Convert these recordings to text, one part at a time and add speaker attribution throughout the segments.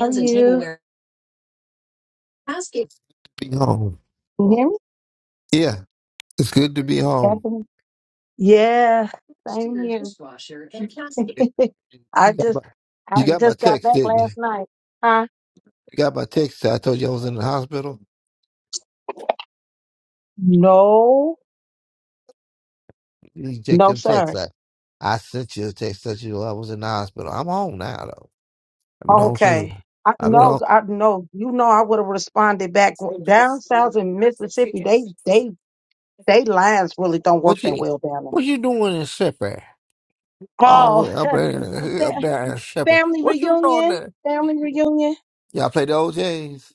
Speaker 1: How are you?
Speaker 2: be home.
Speaker 1: Can you hear me?
Speaker 2: Yeah, it's good to be home.
Speaker 1: Stephanie? Yeah, same
Speaker 2: Yeah.
Speaker 1: here. I
Speaker 2: You got
Speaker 1: just
Speaker 2: my, you
Speaker 1: I
Speaker 2: got my
Speaker 1: just got
Speaker 2: text,
Speaker 1: back
Speaker 2: didn't you?
Speaker 1: last night. Huh?
Speaker 2: You got my text. I told you I was in the hospital.
Speaker 1: No,
Speaker 2: You checked
Speaker 1: no,
Speaker 2: them texts.
Speaker 1: sir.
Speaker 2: I, I sent you a text that you I was in the hospital. I'm home now though. I've been home since
Speaker 1: Okay. I,
Speaker 2: I've been
Speaker 1: no,
Speaker 2: home.
Speaker 1: I no. You know, I would have responded back down south in Mississippi. They they they lines really don't work
Speaker 2: What
Speaker 1: that
Speaker 2: you
Speaker 1: well down there.
Speaker 2: what you doing in Shepherd? All the way
Speaker 1: Oh,
Speaker 2: up
Speaker 1: a
Speaker 2: there, up
Speaker 1: fa-
Speaker 2: there in Shepherd.
Speaker 1: family
Speaker 2: What you doing
Speaker 1: reunion,
Speaker 2: there?
Speaker 1: family reunion.
Speaker 2: Y'all play the OJs.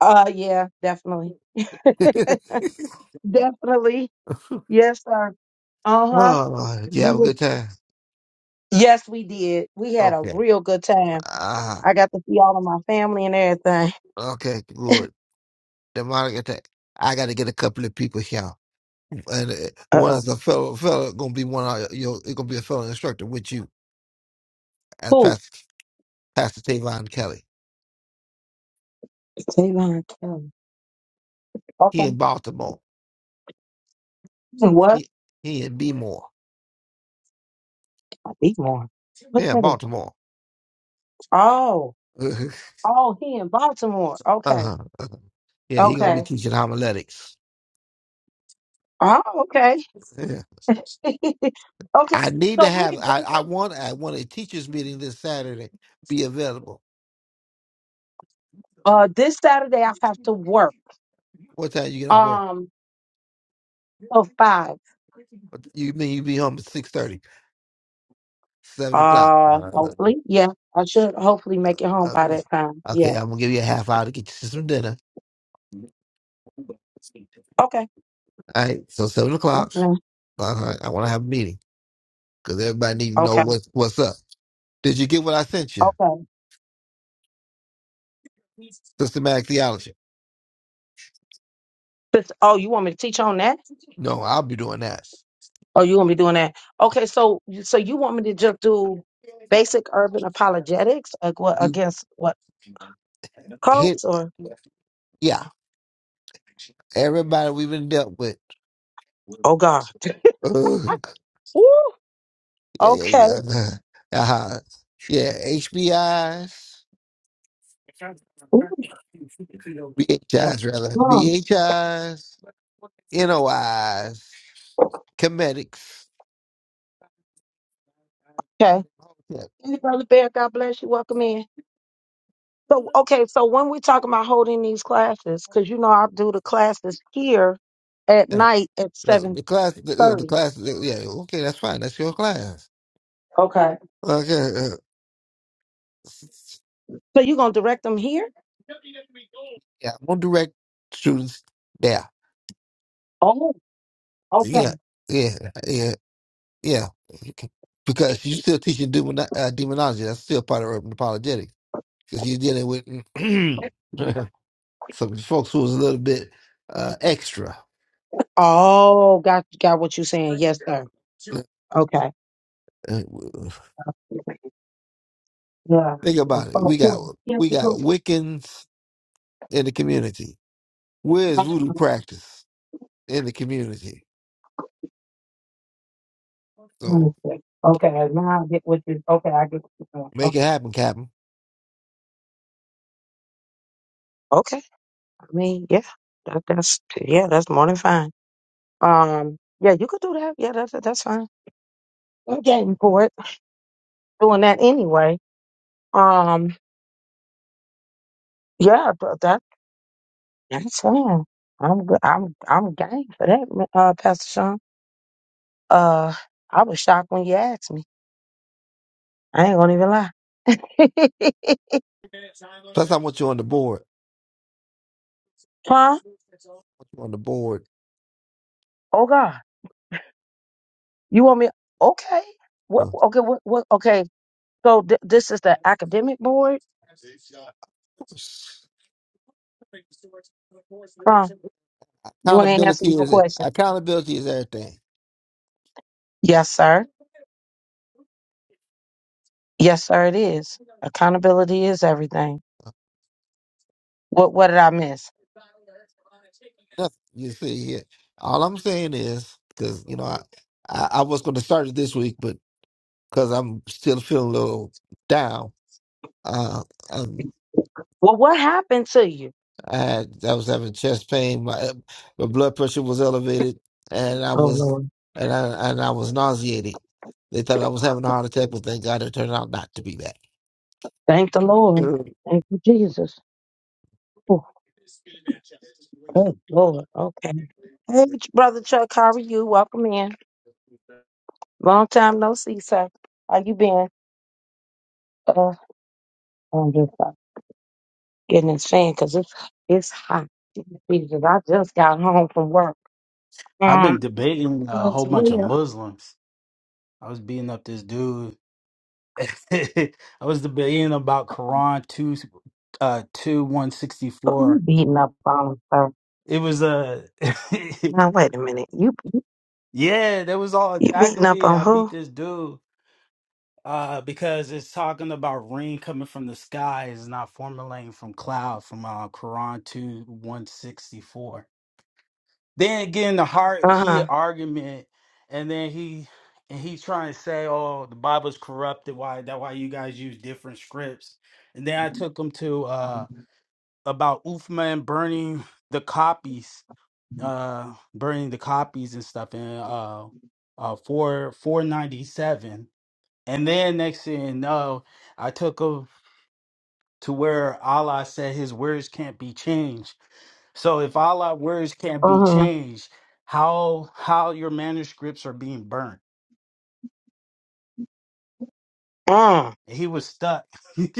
Speaker 1: Uh, yeah, definitely, definitely. Yes, sir. Uh huh.
Speaker 2: oh, you
Speaker 1: We
Speaker 2: have a
Speaker 1: were.
Speaker 2: good time.
Speaker 1: Yes, we did. We had a
Speaker 2: Okay.
Speaker 1: real good time.
Speaker 2: Ah.
Speaker 1: I got to see all of my family and everything.
Speaker 2: Okay, good. Demonic attack. I got to get a couple of people here, and uh, one
Speaker 1: Uh-uh.
Speaker 2: is a fellow fellow gonna be one of your it's gonna be a fellow instructor with you as
Speaker 1: Who?
Speaker 2: Pastor Pastor Tavon Kelly.
Speaker 1: Tavon Kelly.
Speaker 2: He
Speaker 1: Okay.
Speaker 2: in Baltimore.
Speaker 1: What?
Speaker 2: He he in Bmore.
Speaker 1: More. What
Speaker 2: Yeah,
Speaker 1: that is?
Speaker 2: Baltimore.
Speaker 1: Oh.
Speaker 2: uh
Speaker 1: Oh, he in Baltimore. Okay.
Speaker 2: huh. Yeah, he gonna be
Speaker 1: Okay.
Speaker 2: teaching homiletics.
Speaker 1: Oh, okay.
Speaker 2: Yeah.
Speaker 1: okay.
Speaker 2: I need to
Speaker 1: So what
Speaker 2: have. I I
Speaker 1: exactly?
Speaker 2: want I want a teachers meeting this Saturday. Be available.
Speaker 1: Uh, this Saturday I have to work.
Speaker 2: What time you get off work?
Speaker 1: Um, till five.
Speaker 2: You mean you be home at six thirty? Seven o'clock.
Speaker 1: Uh,
Speaker 2: Uh, uh,
Speaker 1: hopefully, yeah. I should hopefully make it home
Speaker 2: uh,
Speaker 1: by
Speaker 2: okay,
Speaker 1: that time.
Speaker 2: Okay,
Speaker 1: Yeah.
Speaker 2: I'm gonna give you a half hour to get you some dinner.
Speaker 1: Okay.
Speaker 2: All right, so seven o'clock. Uh, I want to have a meeting because everybody need to know
Speaker 1: Okay.
Speaker 2: what's what's up. Did you get what I sent you?
Speaker 1: Okay.
Speaker 2: Systematic theology.
Speaker 1: Sis- Oh, you want me to teach on that?
Speaker 2: No, I'll be doing that.
Speaker 1: Oh, you want me doing that? Okay, so so you want me to just do basic urban apologetics ag- what-
Speaker 2: You
Speaker 1: against what
Speaker 2: hit,
Speaker 1: cults or
Speaker 2: yeah. Everybody we've been dealt with.
Speaker 1: oh God.
Speaker 2: Ugh.
Speaker 1: Woo!
Speaker 2: yeah, yeah,
Speaker 1: Okay.
Speaker 2: yeah. Uh, uh-huh. Yeah, HBIs,
Speaker 1: Ooh, thank
Speaker 2: BHIs
Speaker 1: you.
Speaker 2: rather,
Speaker 1: Mm,
Speaker 2: BHIs, NOIs, comedics.
Speaker 1: Okay.
Speaker 2: Yeah.
Speaker 1: Hey, Brother Bear, God bless you. Welcome in. So okay, so when we talking about holding these classes, because you know I do the classes here at night at
Speaker 2: No,
Speaker 1: seven
Speaker 2: the class, the, uh, the
Speaker 1: thirty.
Speaker 2: class, yeah, okay, that's fine. That's your class.
Speaker 1: Okay.
Speaker 2: Okay, uh,
Speaker 1: So you gonna direct them here?
Speaker 2: yeah, I'm gonna direct students there.
Speaker 1: Oh, okay.
Speaker 2: Yeah, yeah, yeah, yeah. Because you're still teaching demon, uh, demonology. That's still part of urban apologetics. Because you're dealing with some folks who's a little bit uh, extra.
Speaker 1: Oh, got got what you saying. Yes, sir.
Speaker 2: Uh,
Speaker 1: Okay.
Speaker 2: uh,
Speaker 1: Yeah.
Speaker 2: Think
Speaker 1: Of
Speaker 2: about it. We
Speaker 1: course.
Speaker 2: got
Speaker 1: Yeah,
Speaker 2: we
Speaker 1: we
Speaker 2: got
Speaker 1: go to
Speaker 2: Wiccans in the community. Where is
Speaker 1: that
Speaker 2: voodoo practice in the community? So,
Speaker 1: Wednesday. Okay, now I get what you. Okay, I get. What you're saying.
Speaker 2: Make it
Speaker 1: Okay.
Speaker 2: happen, Captain.
Speaker 1: Okay. I mean, yeah, that, that's yeah, that's more than fine. Um, yeah, you could do that. Yeah, that's that's fine. I'm game for it. Doing that anyway. Um, yeah, but that that's fine. I'm good. I'm I'm game for that, ma- uh, Pastor Sean. Uh, I was shocked when you asked me. I ain't gonna even lie.
Speaker 2: Plus, I want you on the board.
Speaker 1: huh?
Speaker 2: I want you on the board.
Speaker 1: Oh God. You want me? Okay. What?
Speaker 2: Uh,
Speaker 1: Okay. What? what okay. So th- this is the academic board. Crumb, you ain't answering
Speaker 2: Accountability
Speaker 1: no
Speaker 2: is
Speaker 1: questions.
Speaker 2: accountability is everything.
Speaker 1: Yes, sir. Yes, sir. It is. Accountability is everything. What? What did I miss?
Speaker 2: Nothing you see here. All I'm saying is because you know I, I I was going to start it this week, but because I'm still feeling a little down. Uh, um,
Speaker 1: Well, what happened to you?
Speaker 2: I had, I was having chest pain. My uh, my blood pressure was elevated, and I
Speaker 1: Oh
Speaker 2: was
Speaker 1: Lord.
Speaker 2: and I and I was nauseated. They thought I was having a heart attack, but thank God it turned out not to be that.
Speaker 1: Thank the Lord. Thank you, Jesus. Oh, good Lord. Okay. Hey, Ch- brother Chuck, how are you? Welcome in. Long time no see, sir. How you been? Uh, I'm just uh, getting this fan because it's it's hot. Jesus, I just got home from work.
Speaker 3: I've
Speaker 1: Um,
Speaker 3: been debating a
Speaker 1: as
Speaker 3: whole bunch of
Speaker 1: well,
Speaker 3: Muslims. I was beating up this dude. I was debating about Quran two uh two one sixty
Speaker 1: who you
Speaker 3: four.
Speaker 1: beating up on? Sir?
Speaker 3: It was a
Speaker 1: Now wait a minute. You
Speaker 3: yeah, they was all
Speaker 1: you beating
Speaker 3: attacking
Speaker 1: up
Speaker 3: me.
Speaker 1: on
Speaker 3: I
Speaker 1: who?
Speaker 3: beat this dude uh because it's talking about rain coming from the sky is not formulating from cloud from uh Quran two one sixty four. then again, the heart
Speaker 1: Uh
Speaker 3: heated
Speaker 1: huh.
Speaker 3: argument and then he and he trying to say oh the bible's corrupted why that why you guys use different scripts and then i took him to uh about Uthman burning the copies uh burning the copies and stuff in uh uh 4 497 and then next thing you know i took him to where allah said his words can't be changed so if all our words can't be
Speaker 1: Uh huh.
Speaker 3: changed, how how your manuscripts are being burnt?
Speaker 1: Mm.
Speaker 3: He was stuck.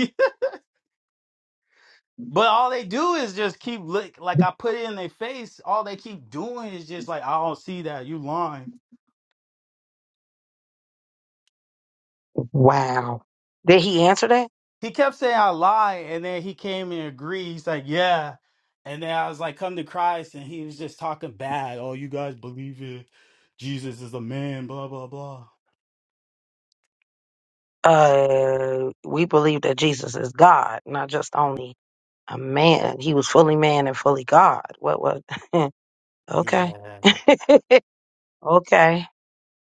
Speaker 3: but all they do is just keep look like I put it in their face. All they keep doing is just like I don't see that you lying.
Speaker 1: Wow. Did he answer that?
Speaker 3: He kept saying I lie, and then he came and agreed. He's like, yeah. And then I was like, come to Christ, and he was just talking bad. Oh, you guys believe it? Jesus is a man. Blah blah blah.
Speaker 1: Uh, we believe that Jesus is God, not just only a man. He was fully man and fully God. What? What?
Speaker 3: Yeah,
Speaker 1: okay. okay.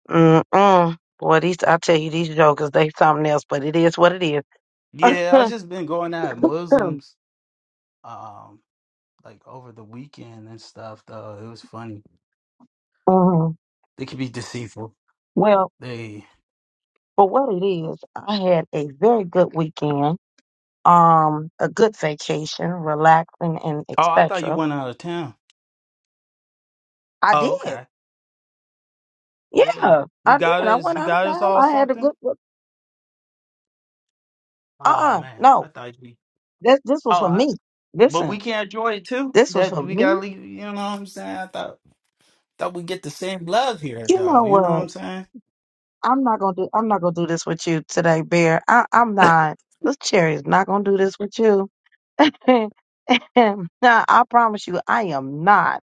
Speaker 1: Mm mm. Boy, these I tell you, these jokers they something else, but it is what it is.
Speaker 3: yeah. I just been going at Muslims. um, like over the weekend and stuff though. It was funny.
Speaker 1: Mhm.
Speaker 3: They could be deceitful.
Speaker 1: Well,
Speaker 3: They
Speaker 1: for what it is, I had a very good weekend, um, a good vacation, relaxing and
Speaker 3: Oh, I thought you
Speaker 1: etc.
Speaker 3: went out of town.
Speaker 1: I
Speaker 3: Oh,
Speaker 1: did.
Speaker 3: okay. Yeah.
Speaker 1: Yeah,
Speaker 3: You
Speaker 1: I did.
Speaker 3: got
Speaker 1: I
Speaker 3: us
Speaker 1: went
Speaker 3: you
Speaker 1: out of
Speaker 3: got us
Speaker 1: town.
Speaker 3: all
Speaker 1: I had a
Speaker 3: something?
Speaker 1: good uh
Speaker 3: Oh
Speaker 1: uh
Speaker 3: man.
Speaker 1: no.
Speaker 3: I thought you
Speaker 1: This this
Speaker 3: Oh
Speaker 1: was for
Speaker 3: I,
Speaker 1: me.
Speaker 3: but
Speaker 1: Listen,
Speaker 3: we can't enjoy it too.
Speaker 1: this was
Speaker 3: That
Speaker 1: for
Speaker 3: we
Speaker 1: me.
Speaker 3: gotta leave you know what I'm saying? I thought thought we get the same love here
Speaker 1: You know
Speaker 3: though. You know
Speaker 1: what?
Speaker 3: what I'm
Speaker 1: I'm not gonna do I'm not gonna do this with you today, Bear. I, I'm not this cherry is not gonna do this with you. nah, I promise you, I am not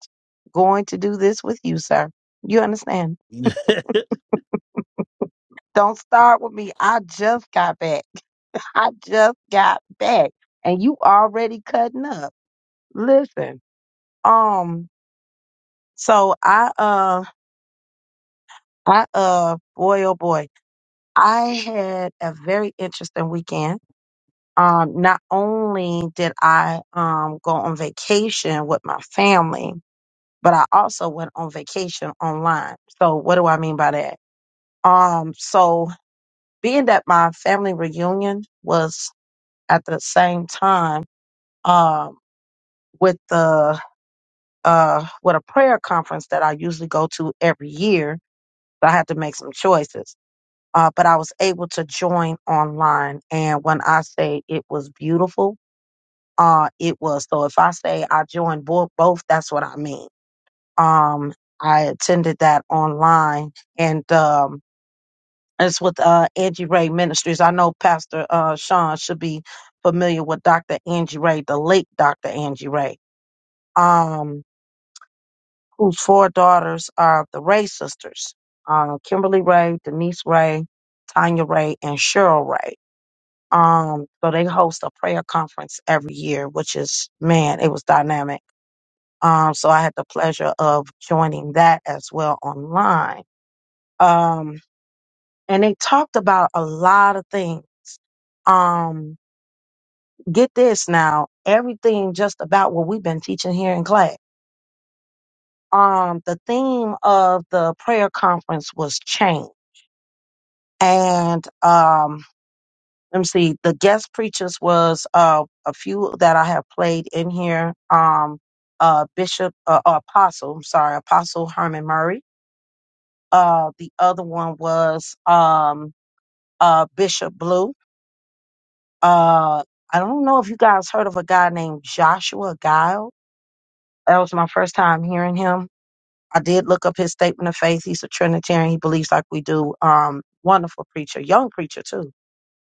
Speaker 1: going to do this with you, sir. You understand?
Speaker 3: saying?
Speaker 1: Don't start with me. I just got back. I just got back. And you already cutting up. Listen. Um, so I uh I uh boy oh boy. I had a very interesting weekend. Um, not only did I um go on vacation with my family, but I also went on vacation online. So what do I mean by that? Um, so being that my family reunion was at the same time um, with the uh, with a prayer conference that I usually go to every year. But I had to make some choices. Uh, but I was able to join online, and when I say it was beautiful, uh, it was. So if I say I joined both, both that's what I mean. Um, I attended that online, and um, it's with uh, Angie Ray Ministries. I know Pastor uh, Sean should be familiar with Dr. Angie Ray, the late Dr. Angie Ray. Um, whose four daughters are the Ray sisters, uh, Kimberly Ray, Denise Ray, Tanya Ray, and Cheryl Ray. Um, so they host a prayer conference every year, which is, man, it was dynamic. Um, so I had the pleasure of joining that as well online. Um, and they talked about a lot of things. Um, get this now, everything just about what we've been teaching here in class. Um, the theme of the prayer conference was change and um let me see the guest preachers was uh a few that i have played in here um uh bishop uh, uh, apostle I'm sorry apostle herman murray uh the other one was um uh bishop blue uh i don't know if you guys heard of a guy named joshua guile that was my first time hearing him i did look up his statement of faith he's a trinitarian he believes like we do um wonderful preacher young preacher too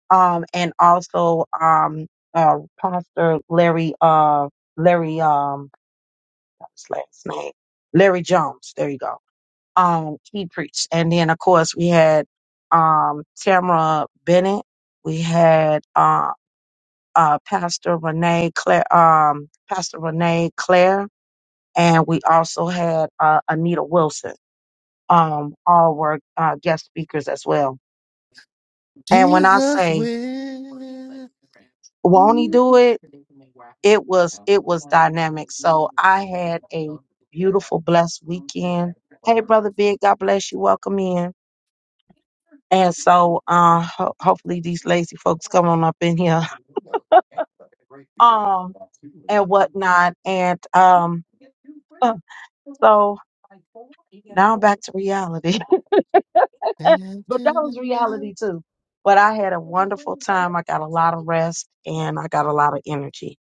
Speaker 1: um, and also um, uh, Pastor Larry uh, Larry um, what was his last name Larry Jones. There you go. Um, he preached, and then of course we had um, Tamara Bennett. We had uh, uh, Pastor Renee Claire, um, Pastor Renee Claire, and we also had uh, Anita Wilson. Um, all were uh, guest speakers as well. And when I
Speaker 2: Jesus
Speaker 1: say
Speaker 2: will.
Speaker 1: won't he do it? it was it was dynamic. So I had a beautiful, blessed weekend. Hey, brother Big, God bless you. Welcome in. And so, uh, ho- hopefully these lazy folks come on up in here, um, and whatnot. And um, uh, so now I'm back to reality. but that was reality too. But I had a wonderful time. I got a lot of rest and I got a lot of energy.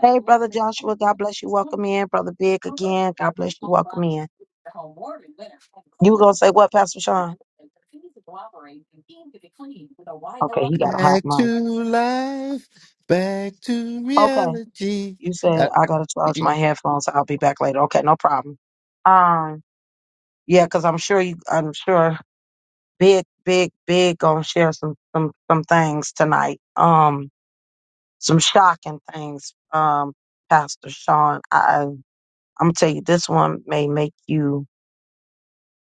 Speaker 1: Hey, brother Joshua, God bless you. Welcome in, brother Big again. God bless you. Welcome in. You were gonna say what, Pastor Sean? Okay, he got a hot mic. Okay, you
Speaker 2: Uh,
Speaker 1: said I gotta charge my headphones. I'll be back later. Okay, no problem. Um, yeah, because I'm sure you, I'm sure big, big, big gonna share some some some things tonight. Um, some shocking things. Um, Pastor Sean, I I'm gonna tell you this one may make you.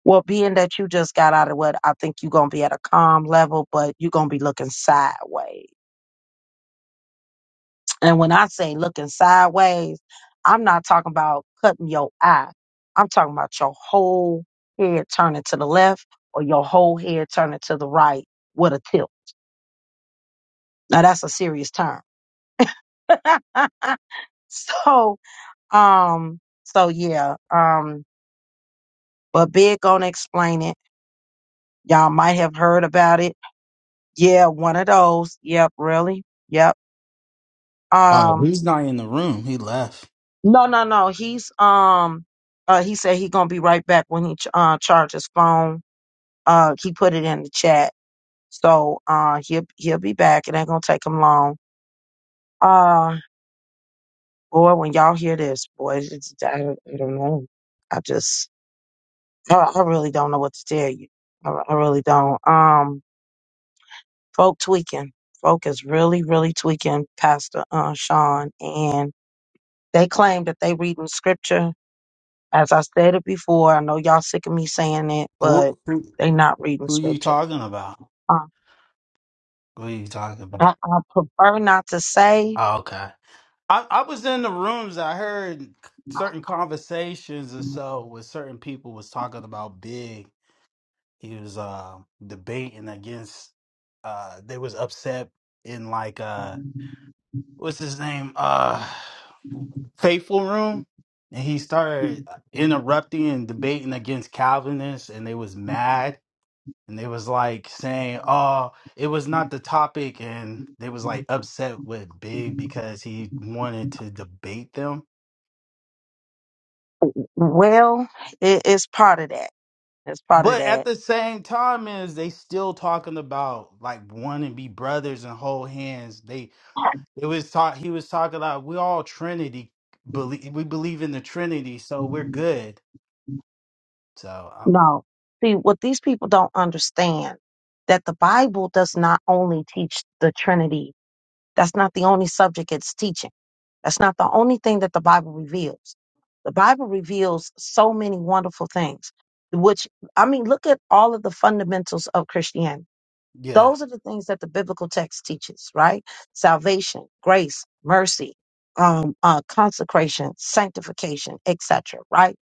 Speaker 1: Well, being that you just got out of what I think you're gonna be at a calm level, but you're gonna be looking sideways And when I say looking sideways, I'm not talking about cutting your eye. I'm talking about your whole head turning to the left or your whole head turning to the right with a tilt. Now that's a serious term. so, um, so yeah, um, but big gonna explain it. Y'all might have heard about it. Yeah, one of those. Yep, really. Yep.
Speaker 3: Oh,
Speaker 1: Um,
Speaker 3: he's not in the room. He left.
Speaker 1: no, no, no. He's um, uh, he said he gonna be right back when he ch- uh charge his phone Uh, he put it in the chat. So uh, he'll he'll be back. It ain't gonna take him long. Uh, boy, when y'all hear this, boy, it's, I, don't- I don't know. I just I, I really don't know what to tell you. I, I really don't. Um, folk tweaking. Folk is really really tweaking, Pastor uh, Sean, and they claim that they reading scripture. As I stated before, I know y'all sick of me saying it,
Speaker 3: Who,
Speaker 1: but
Speaker 3: who,
Speaker 1: they not reading
Speaker 3: who you
Speaker 1: scripture.
Speaker 3: talking about?
Speaker 1: Uh,
Speaker 3: Who you talking about?
Speaker 1: I, I prefer not to say
Speaker 3: Oh, okay. I, I was in the rooms. I heard certain conversations or so where certain people was talking about Big. He was uh, debating against. Uh, they was upset in like uh, what's his name? Uh, Faithful Room, and he started interrupting and debating against Calvinists, and they was mad. And they was like saying, "Oh, it was not the topic," and they was like upset with Big because he wanted to debate them
Speaker 1: Well, it, it's part of that. It's part of
Speaker 3: But at
Speaker 1: that.
Speaker 3: the same time, is they still talking about like wanting to be brothers and hold hands. They it was taught he was talking about we all Trinity believe we believe in the Trinity, so we're good. So um,
Speaker 1: No. See, what these people don't understand that the Bible does not only teach the Trinity. That's not the only subject it's teaching. That's not the only thing that the Bible reveals. The Bible reveals so many wonderful things, which, I mean, look at all of the fundamentals of Christianity.
Speaker 3: yeah,
Speaker 1: Those are the things that the biblical text teaches, right? Salvation, grace, mercy, um, uh, consecration, sanctification, etc. Right?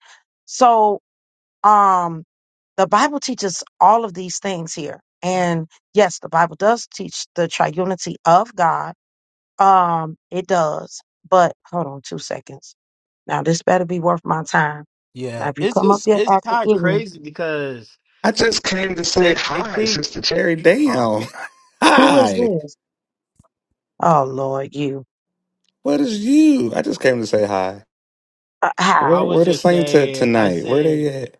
Speaker 1: So um, the Bible teaches all of these things here, and yes, the Bible does teach the triunity of God. Um, it does, but hold on two seconds. Now this better be worth my time. Now
Speaker 3: yeah,
Speaker 1: if you
Speaker 3: it's
Speaker 1: come up
Speaker 3: just
Speaker 1: here
Speaker 3: it's
Speaker 1: acting
Speaker 3: kind of
Speaker 1: ignorant,
Speaker 3: crazy because
Speaker 4: I just came to say
Speaker 3: they they
Speaker 4: hi,
Speaker 3: think.
Speaker 4: Sister Cherry.
Speaker 3: Oh,
Speaker 4: Damn.
Speaker 1: who is
Speaker 4: Hi.
Speaker 1: this? Oh Lord, you.
Speaker 4: What is you? I just came to say hi.
Speaker 1: Uh,
Speaker 3: I
Speaker 4: Where
Speaker 1: hi.
Speaker 3: was
Speaker 4: where the
Speaker 3: just
Speaker 4: saints at
Speaker 3: saying. I
Speaker 4: tonight? Where
Speaker 3: said
Speaker 4: they at?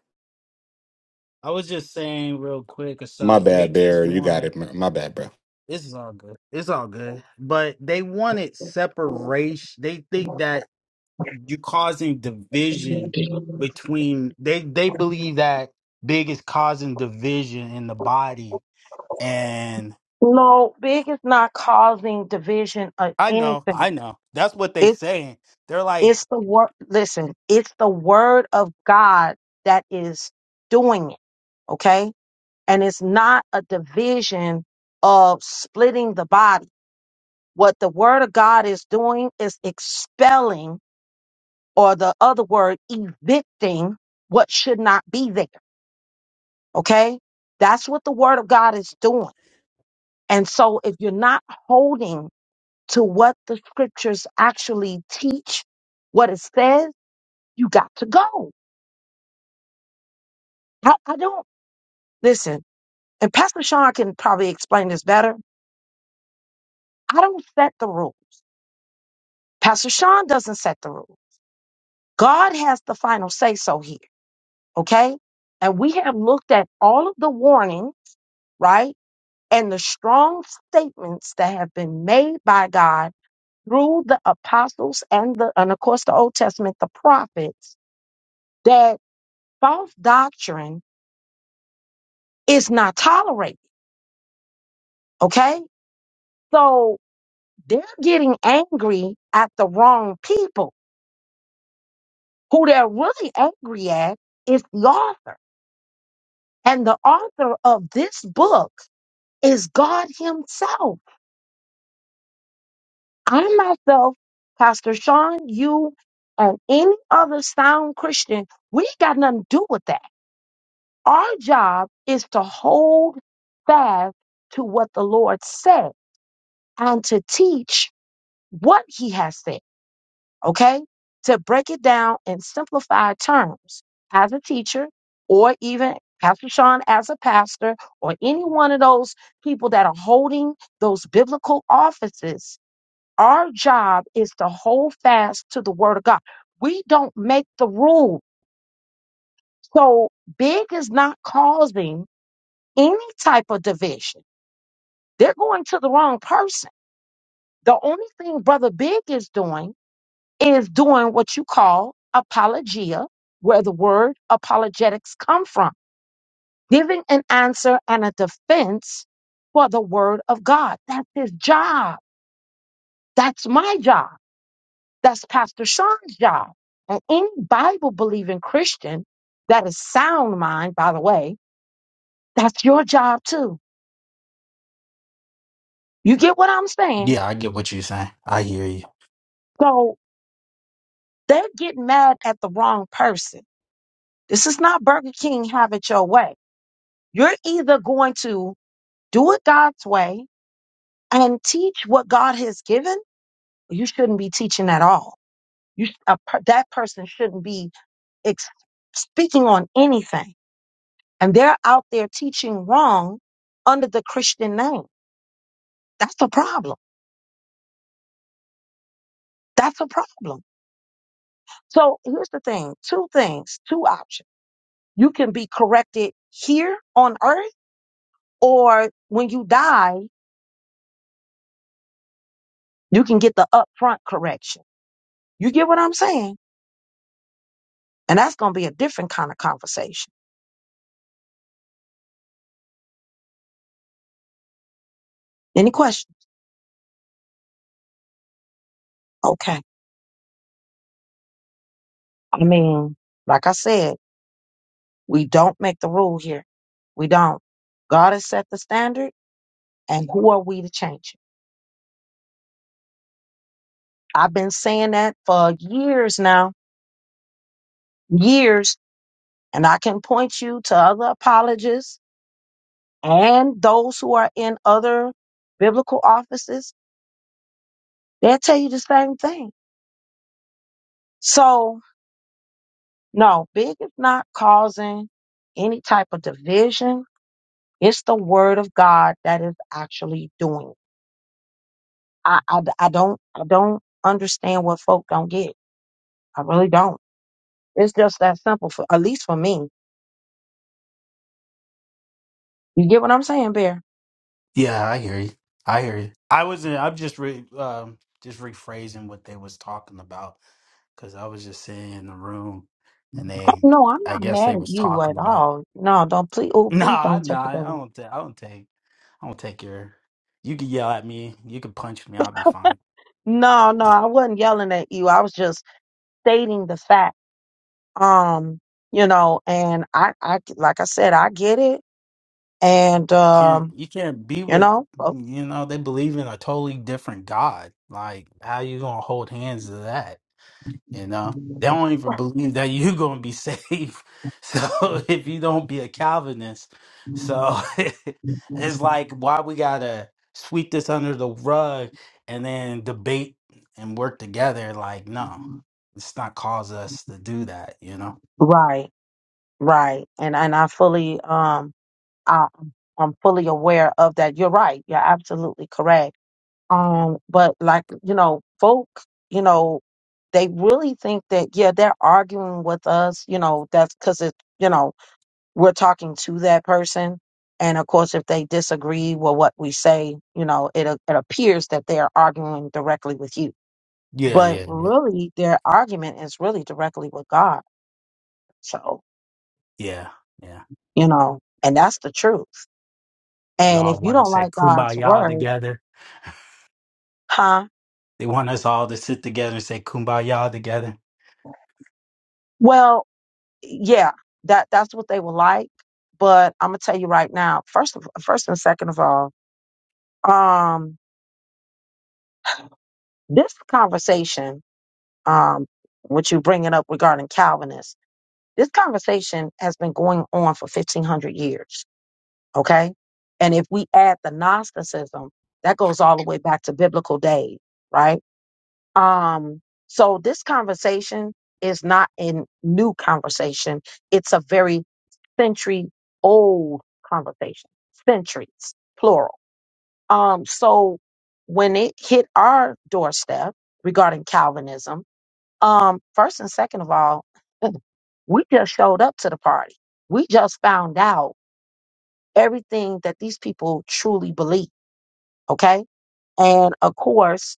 Speaker 3: I was just saying real quick or
Speaker 4: My
Speaker 3: so. They
Speaker 4: bad,
Speaker 3: just
Speaker 4: Bear. You got
Speaker 3: want
Speaker 4: it. My my bad, bro.
Speaker 3: this is all good. It's all good. But they wanted separation. They think that you're causing division between they they believe that big is causing division in the body and
Speaker 1: No, big is not causing division of
Speaker 3: i know
Speaker 1: anything.
Speaker 3: i know that's what they
Speaker 1: It's
Speaker 3: saying they're like
Speaker 1: it's the word. Listen, it's the word of God that is doing it. Okay, and it's not a division of splitting the body. What the word of God is doing is expelling, or the other word, evicting what should not be there. Okay, that's what the word of God is doing. And so, if you're not holding to what the scriptures actually teach, what it says, you got to go. I, I don't listen, and Pastor Sean can probably explain this better. I don't set the rules. Pastor Sean doesn't set the rules. God has the final say so here, okay? And we have looked at all of the warning, right? And the strong statements that have been made by God through the apostles and the and of course the Old Testament, the prophets, that false doctrine It's not tolerated. Okay. So they're getting angry at the wrong people. Who they're really angry at is the author. And the author of this book is God Himself. I myself, Pastor Sean, you, and any other sound Christian, we ain't got nothing to do with that. Our job is to hold fast to what the Lord said and to teach what He has said. okay? To break it down in simplified terms as a teacher or even Pastor Sean as a pastor or any one of those people that are holding those biblical offices, our job is to hold fast to the word of God. We don't make the rules. So big is not causing any type of division. They're going to the wrong person. The only thing Brother Big is doing is doing what you call apologia, where the word apologetics come from, giving an answer and a defense for the word of God. That's his job. That's my job. That's Pastor Sean's job. And any Bible believing Christian that is sound mind, by the way, that's your job too. You get what I'm saying?
Speaker 3: yeah i get what you're saying i hear you
Speaker 1: So they're getting mad at the wrong person. This is not Burger King have it your way. You're either going to Do it God's way and teach what God has given. You shouldn't be teaching at all. You sh- a, per- that person shouldn't be ex- speaking on anything. And they're out there teaching wrong under the Christian name. That's a problem. That's a problem. So here's the thing two things, two options. You can be corrected here on earth, or when you die, you can get the upfront correction. You get what I'm saying? And that's going to be a different kind of conversation. Any questions? Okay. I mean, like I said, we don't make the rule here. We don't. God has set the standard, and who are we to change it? I've been saying that for years now, years, and I can point you to other apologists and those who are in other biblical offices. They'll tell you the same thing. So, no, big is not causing any type of division. It's the word of God that is actually doing. it. I, I, I don't I don't understand what folk don't get. I really don't. It's just that simple. For at least for me, you get what I'm saying, Bear.
Speaker 3: yeah i hear you i hear you i wasn't i'm just re, um just rephrasing what they was talking about because i was just sitting in the room and
Speaker 1: Oh,
Speaker 3: they
Speaker 1: no, I'm
Speaker 3: i
Speaker 1: not
Speaker 3: guess they
Speaker 1: mad at
Speaker 3: was
Speaker 1: you
Speaker 3: talking
Speaker 1: at
Speaker 3: about
Speaker 1: all. No, don't please. Oh, please
Speaker 3: nah
Speaker 1: don't take it
Speaker 3: nah
Speaker 1: that
Speaker 3: i
Speaker 1: way.
Speaker 3: don't think i don't think I don't take your. You can yell at me. You can punch me. I'll be fine.
Speaker 1: No, no, I wasn't yelling at you. I was just stating the fact. Um, you know, and I, I like I said, I get it, and
Speaker 3: Can't
Speaker 1: um,
Speaker 3: you can't be
Speaker 1: you
Speaker 3: with
Speaker 1: know, oh,
Speaker 3: you know they believe in a totally different God. Like how you gonna hold hands to that? You know they don't even believe that you gonna be saved. So if you don't be a Calvinist, so it's like why we gotta sweep this under the rug and then debate and work together. Like no, it's not cause us to do that. You know?
Speaker 1: right, right, and and I fully um um, I'm fully aware of that. You're right. You're absolutely correct. Um, but like you know, folk, you know, they really think that yeah, they're arguing with us. You know, that's because it, you know, we're talking to that person, and of course, if they disagree with what we say, you know, it a- it appears that they are arguing directly with you.
Speaker 3: Yeah,
Speaker 1: But
Speaker 3: yeah, yeah.
Speaker 1: really, their argument is really directly with God. So
Speaker 3: Yeah, yeah.
Speaker 1: you know, and that's the truth.
Speaker 3: We
Speaker 1: And if
Speaker 3: all
Speaker 1: you
Speaker 3: want to
Speaker 1: don't
Speaker 3: say
Speaker 1: like God's
Speaker 3: kumbaya
Speaker 1: word,
Speaker 3: together.
Speaker 1: huh?
Speaker 3: They want us all to sit together and say kumbaya together.
Speaker 1: Well, yeah, that that's what they were like. But I'm gonna tell you right now, first of first and second of all, um, this conversation, um, what you bringing up regarding Calvinists, this conversation has been going on for 1,500 years. Okay, and if we add the Gnosticism, that goes all the way back to biblical days, right? Um, so this conversation is not a new conversation. It's a very century old conversation, centuries, plural. Um, so when it hit our doorstep regarding Calvinism, um, first and second of all, we just showed up to the party. We just found out everything that these people truly believe. Okay. And of course,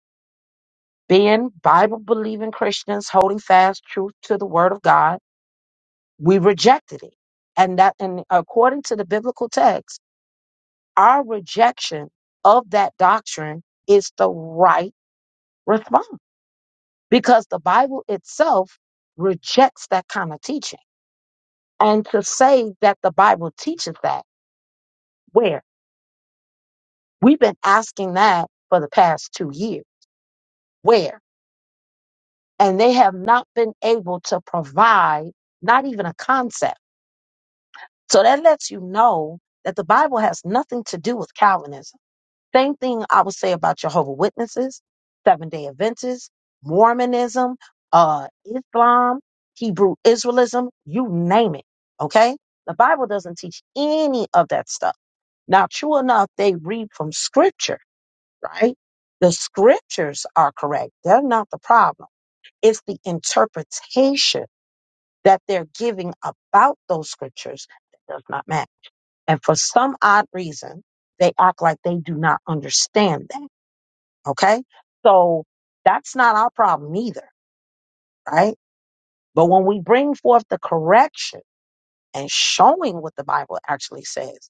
Speaker 1: being Bible believing Christians holding fast truth to the word of God, we rejected it. And that and according to the biblical text, our rejection of that doctrine is the right response because the Bible itself rejects that kind of teaching. And to say that the Bible teaches that, where? We've been asking that for the past two years. Where? And they have not been able to provide not even a concept. So that lets you know that the Bible has nothing to do with Calvinism. Same thing I would say about Jehovah Witnesses, Seventh Day Adventists, Mormonism, uh, Islam, Hebrew Israelism, you name it. Okay, the Bible doesn't teach any of that stuff. Now, true enough, they read from Scripture, right? The Scriptures are correct; they're not the problem. It's the interpretation that they're giving about those Scriptures that does not matter. And for some odd reason, they act like they do not understand that Okay. So that's not our problem either, right? But when we bring forth the correction and showing what the Bible actually says,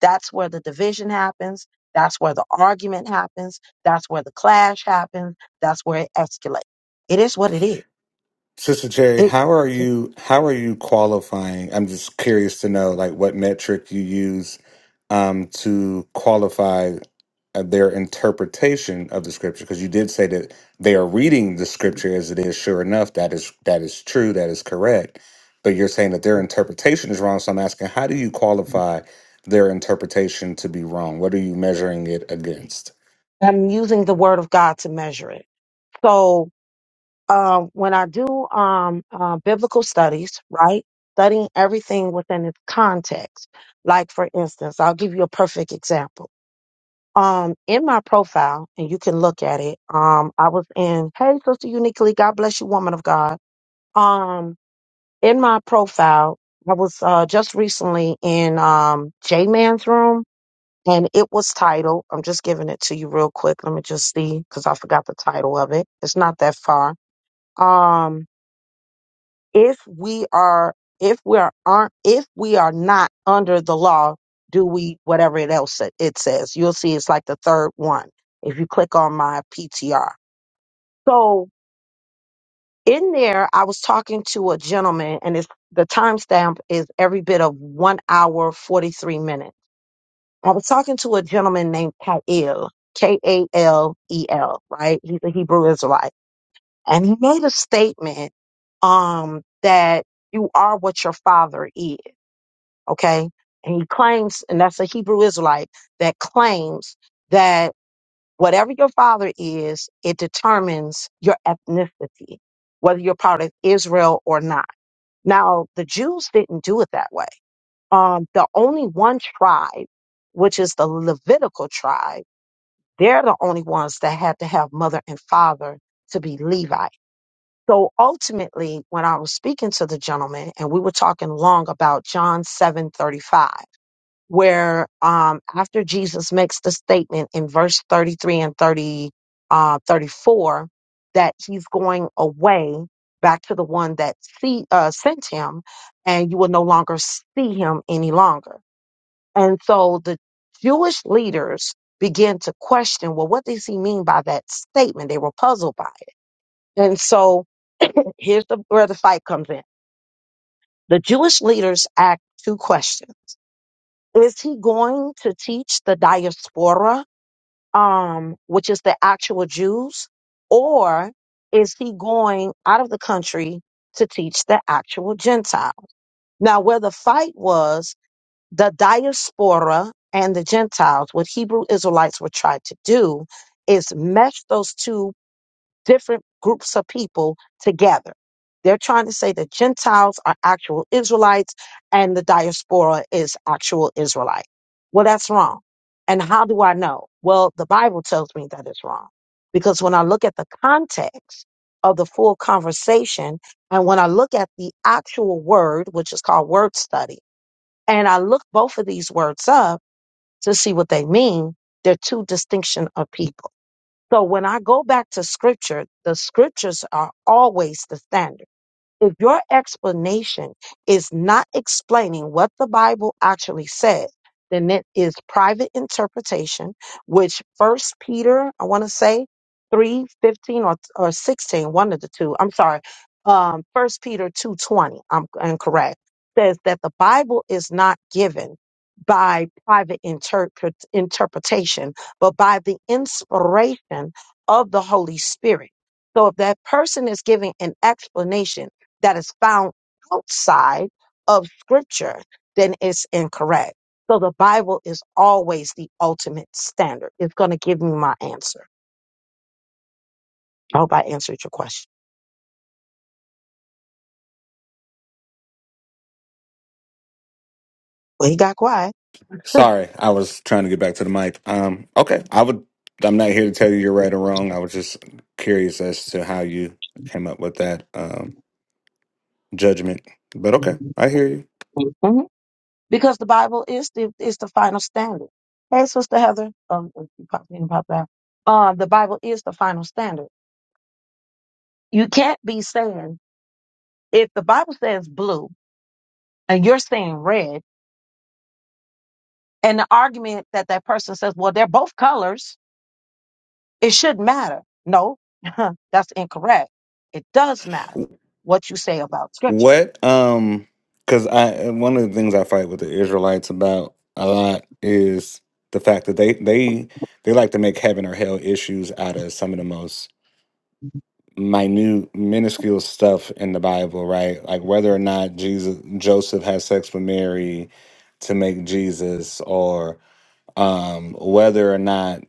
Speaker 1: that's where the division happens. That's where the argument happens. That's where the clash happens. That's where it escalates. It is what it is.
Speaker 4: Sister Jerry,
Speaker 1: It,
Speaker 4: how are you how are you qualifying? I'm just curious to know like what metric you use um to qualify uh, their interpretation of the scripture because you did say that they are reading the scripture as it is sure enough that is that is true that is correct but you're saying that their interpretation is wrong so I'm asking how do you qualify their interpretation to be wrong what are you measuring it against
Speaker 1: I'm using the word of God to measure it. So, um, when I do um, uh, biblical studies, right, studying everything within its context. Like for instance, I'll give you a perfect example. Um, in my profile, and you can look at it. Um, I was in Hey Sister Uniquely, God bless you, woman of God. Um, in my profile, I was uh, just recently in um, J Man's room. And it was titled, I'm just giving it to you real quick. Let me just see, because I forgot the title of it. It's not that far. Um, if we are if we are aren't if we are not under the law do we whatever it else sa- it says you'll see it's like the third one if you click on my ptr so in there i was talking to a gentleman and it's the timestamp is every bit of one hour 43 minutes i was talking to a gentleman named kael k-a-l-e-l right he's a hebrew israelite and he made a statement um that you are what your father is okay? And he claims, and that's a Hebrew Israelite that claims that whatever your father is, it determines your ethnicity, whether you're part of Israel or not. Now, the Jews didn't do it that way. Um, the only one tribe, which is the Levitical tribe, they're the only ones that had to have mother and father to be Levite. So ultimately, when I was speaking to the gentleman and we were talking long about John 7:35 where um, after Jesus makes the statement in verse 33 and 30, uh, 34 that he's going away back to the one that see, uh, sent him, and you will no longer see him any longer. And so the Jewish leaders began to question, well, what does he mean by that statement? They were puzzled by it. And so here's the, where the fight comes in. The Jewish leaders asked two questions. Is he going to teach the diaspora um, which is the actual Jews, or is he going out of the country to teach the actual Gentile? Now, where the fight was, the diaspora and the Gentiles, what Hebrew Israelites would try to do is mesh those two different groups of people together. They're trying to say the Gentiles are actual Israelites and the diaspora is actual Israelite. Well, that's wrong. And how do I know? Well, the Bible tells me that it's wrong because when I look at the context of the full conversation and when I look at the actual word, which is called word study, and I look both of these words up to see what they mean, they're two distinction of people. So when I go back to scripture, the scriptures are always the standard. If your explanation is not explaining what the Bible actually said, then it is private interpretation, which first Peter, I want to say, 3 15 or, or sixteen, one of the two, I'm sorry, um, first Peter two twenty, I'm incorrect, says that the Bible is not given by private interpret, interpretation, but by the inspiration of the Holy Spirit. So if that person is giving an explanation, that is found outside of scripture, then it's incorrect. So the Bible is always the ultimate standard. It's going to give me my answer. I hope I answered your question. Well, he got quiet.
Speaker 4: Sorry, I was trying to get back to the mic. Um, okay, I would. I'm not here to tell you you're right or wrong. I was just curious as to how you came up with that um, judgment. But okay, I hear you.
Speaker 1: Mhm. Because the Bible is the is the final standard. Hey, Sister Heather, um, you popped in, popped out. Uh, the Bible is the final standard. You can't be saying if the Bible says blue and you're saying red, and the argument that that person says, well, they're both colors It shouldn't matter. No, that's incorrect. It does matter what you say about scripture,
Speaker 4: What? Um, because I one of the things I fight with the Israelites about a lot is the fact that they they they like to make heaven or hell issues out of some of the most minute minuscule stuff in the bible right like whether or not jesus joseph had sex with mary to make jesus or um whether or not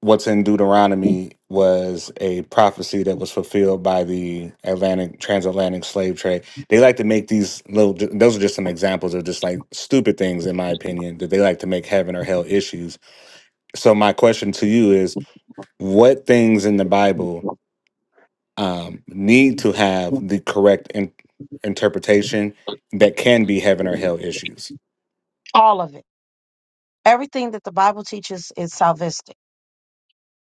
Speaker 4: what's in deuteronomy was a prophecy that was fulfilled by the atlantic transatlantic slave trade they like to make these little those are just some examples of just like stupid things in my opinion that they like to make heaven or hell issues so my question to you is what things in the bible um, need to have the correct in- interpretation that can be heaven or hell issues,
Speaker 1: all of it. Everything that the Bible teaches is salvistic.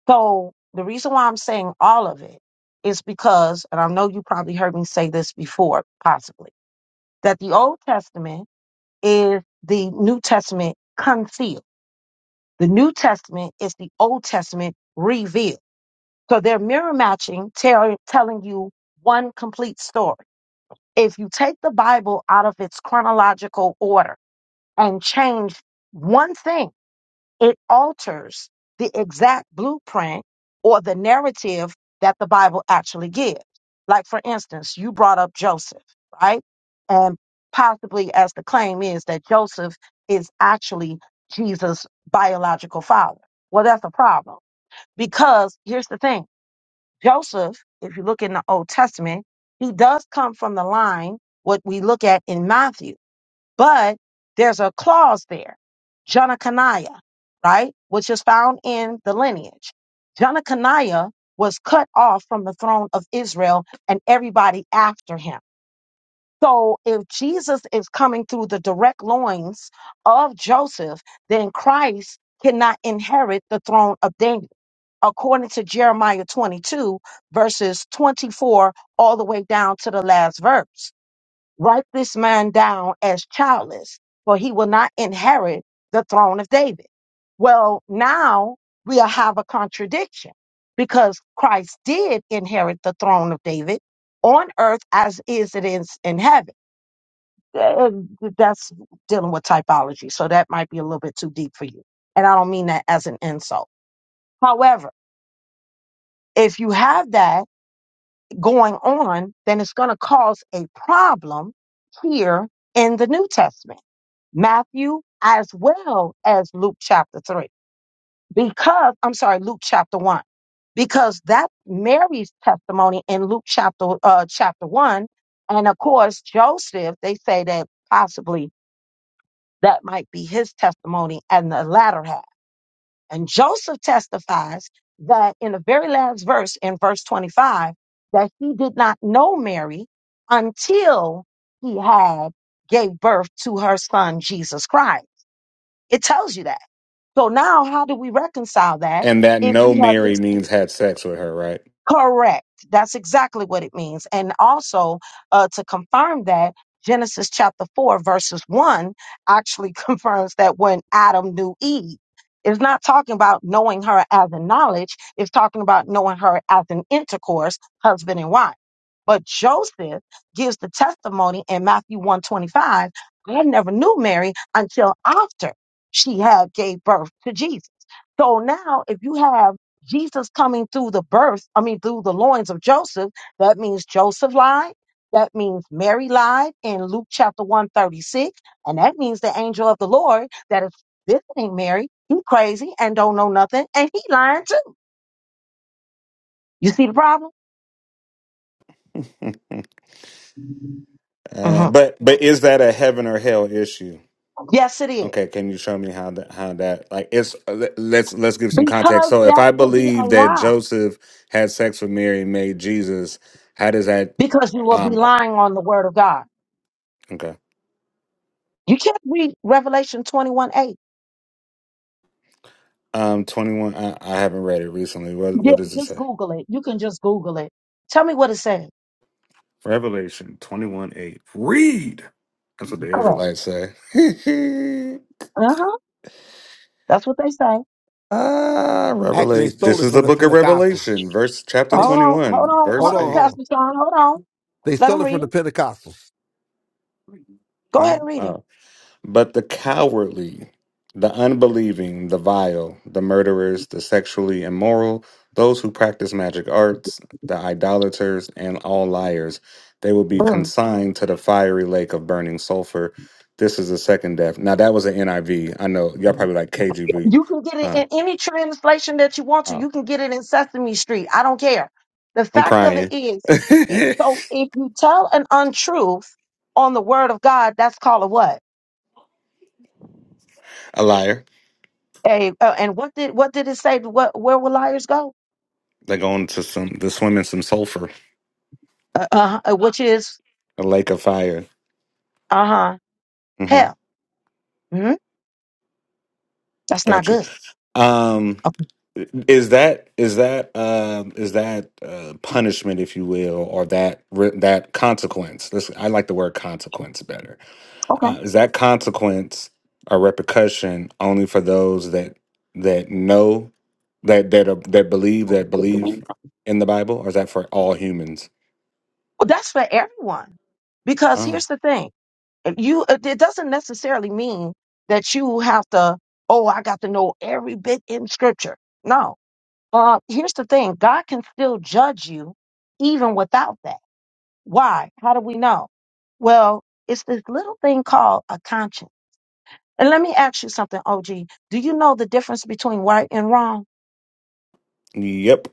Speaker 1: So the reason why I'm saying all of it is because, and I know you probably heard me say this before, possibly, that the Old Testament is the New Testament concealed. The New Testament is the Old Testament revealed. So they're mirror matching, tell, telling you one complete story If you take the Bible out of its chronological order and change one thing, it alters the exact blueprint or the narrative that the Bible actually gives. Like, for instance, you brought up Joseph, right? And possibly as the claim is that Joseph is actually Jesus' biological father. Well, that's a problem because here's the thing Joseph, if you look in the Old Testament, he does come from the line what we look at in Matthew, but there's a clause there, Jonakaniah, right, which is found in the lineage. Jonakaniah was cut off from the throne of Israel and everybody after him. So if Jesus is coming through the direct loins of Joseph, then Christ cannot inherit the throne of David according to Jeremiah 22, verses 24 all the way down to the last verse. Write this man down as childless, for he will not inherit the throne of David. Well, now we have a contradiction because Christ did inherit the throne of David on earth as is it is in heaven. Uh, That's dealing with typology, so that might be a little bit too deep for you. And I don't mean that as an insult. However, if you have that, going on, then it's going to cause a problem here in the New Testament, Matthew as well as Luke chapter 3. Because, I'm sorry, Luke chapter 1. Because that Mary's testimony in Luke chapter uh, chapter 1, and of course, Joseph, they say that possibly that might be his testimony and the latter half. And Joseph testifies that in the very last verse, in verse 25, that he did not know Mary until he had gave birth to her son, Jesus Christ. It tells you that. So now how do we reconcile that
Speaker 4: and that
Speaker 1: if
Speaker 4: no
Speaker 1: we have
Speaker 4: Mary
Speaker 1: this?
Speaker 4: means had sex with her, right?
Speaker 1: Correct. That's exactly what it means. And also, uh, to confirm that, Genesis chapter 4, verses 1 actually confirms that when Adam knew Eve, it's not talking about knowing her as a knowledge, it's talking about knowing her as an intercourse, husband and wife. But Joseph gives the testimony in Matthew 125, I never knew Mary until after she had gave birth to Jesus. So now if you have Jesus coming through the birth, I mean, through the loins of Joseph, that means Joseph lied. That means Mary lied in Luke chapter 136. And that means the angel of the Lord that is visiting Mary. He crazy and don't know nothing. And he lying too. You see the problem?
Speaker 4: Uh,
Speaker 1: Mhm.
Speaker 4: but but is that a heaven or hell issue?
Speaker 1: Yes, it is.
Speaker 4: Okay, can you show me how that how that like it's uh, let's let's give some context.
Speaker 1: Because
Speaker 4: So if
Speaker 1: that
Speaker 4: I
Speaker 1: will be a
Speaker 4: believe that
Speaker 1: lie.
Speaker 4: Joseph had sex with Mary and made Jesus, how does that
Speaker 1: Because you will be
Speaker 4: um
Speaker 1: lying on the word of God.
Speaker 4: okay
Speaker 1: You can't read Revelation 21 8.
Speaker 4: um twenty one? I, I haven't read it recently. What
Speaker 1: Yeah,
Speaker 4: what does it
Speaker 1: just
Speaker 4: say?
Speaker 1: Google it. You can just Google it. Tell me what it says.
Speaker 4: Revelation 21 8. Read. That's what the
Speaker 1: Correct.
Speaker 4: Israelites say.
Speaker 1: Uh-huh. That's what they say.
Speaker 4: ah,
Speaker 2: Actually, they
Speaker 4: Revelation.
Speaker 2: stole
Speaker 4: This
Speaker 2: it
Speaker 4: is
Speaker 2: from
Speaker 4: the
Speaker 2: the
Speaker 4: book of Revelation,
Speaker 2: Pentecostals.
Speaker 4: verse chapter
Speaker 2: They
Speaker 1: Hold
Speaker 2: s-
Speaker 1: on, hold
Speaker 4: 21,
Speaker 1: on,
Speaker 2: hold
Speaker 4: verse
Speaker 1: hold on,
Speaker 2: on,
Speaker 4: 8.
Speaker 2: hold
Speaker 1: Pastor
Speaker 2: on.
Speaker 1: Sean. Hold on.
Speaker 2: They
Speaker 1: Let
Speaker 2: stole
Speaker 1: them
Speaker 2: it from
Speaker 1: read
Speaker 2: the
Speaker 1: it.
Speaker 2: Pentecostals.
Speaker 1: Go
Speaker 4: Huh?
Speaker 1: ahead and read it.
Speaker 4: Oh. But the cowardly, the unbelieving, the vile, the murderers, the sexually immoral, those who practice magic arts, the idolaters, and all liars, they will be
Speaker 1: Mm.
Speaker 4: consigned to the fiery lake of burning sulfur. This is the second death. Now that was an NIV. I V. I know y'all probably like KGV.
Speaker 1: You can get it
Speaker 4: Huh?
Speaker 1: in any translation that you want to.
Speaker 4: Oh,
Speaker 1: You can get it in Sesame Street. I don't care. The
Speaker 4: I'm
Speaker 1: fact of it
Speaker 4: crying.
Speaker 1: is, it,
Speaker 4: a
Speaker 1: so if you tell an untruth on the word of God, that's called a what?
Speaker 4: liar.
Speaker 1: A, uh, and what did what did it say? What where will liars go?
Speaker 4: They're going to some. They're swimming some sulfur,
Speaker 1: Uh, uh-huh, uh which is
Speaker 4: a lake of fire.
Speaker 1: uh huh
Speaker 4: hmm
Speaker 1: hell. Mhm. That's not
Speaker 4: Got you.
Speaker 1: good.
Speaker 4: Um.
Speaker 1: Okay.
Speaker 4: Is that is that um is that uh, punishment, if you will, or that re- that consequence? This, I like the word consequence better.
Speaker 1: okay.
Speaker 4: Uh, is that consequence a repercussion only for those that that know that that are, that believe that believe in the Bible, or is that for all humans?
Speaker 1: Well, that's for everyone because
Speaker 4: Oh,
Speaker 1: here's the thing. you it it doesn't necessarily mean that you have to oh i got to know every bit in scripture no uh here's the thing god can still judge you even without that why how do we know well it's this little thing called a conscience and let me ask you something og do you know the difference between right and wrong
Speaker 4: yep.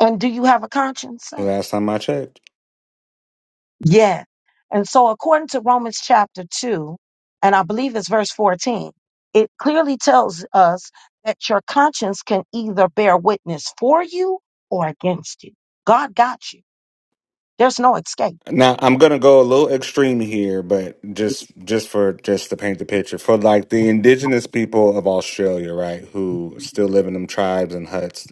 Speaker 1: and do you have a conscience sir
Speaker 4: Last time I checked.
Speaker 1: Yes. And so, according to Romans chapter 2, and I believe it's verse 14, it clearly tells us that your conscience can either bear witness for you or against you. God got you. There's no escape.
Speaker 4: Now I'm gonna go a little extreme here, but just just for just to paint the picture for like the indigenous people of Australia, right, who still live in them tribes and huts.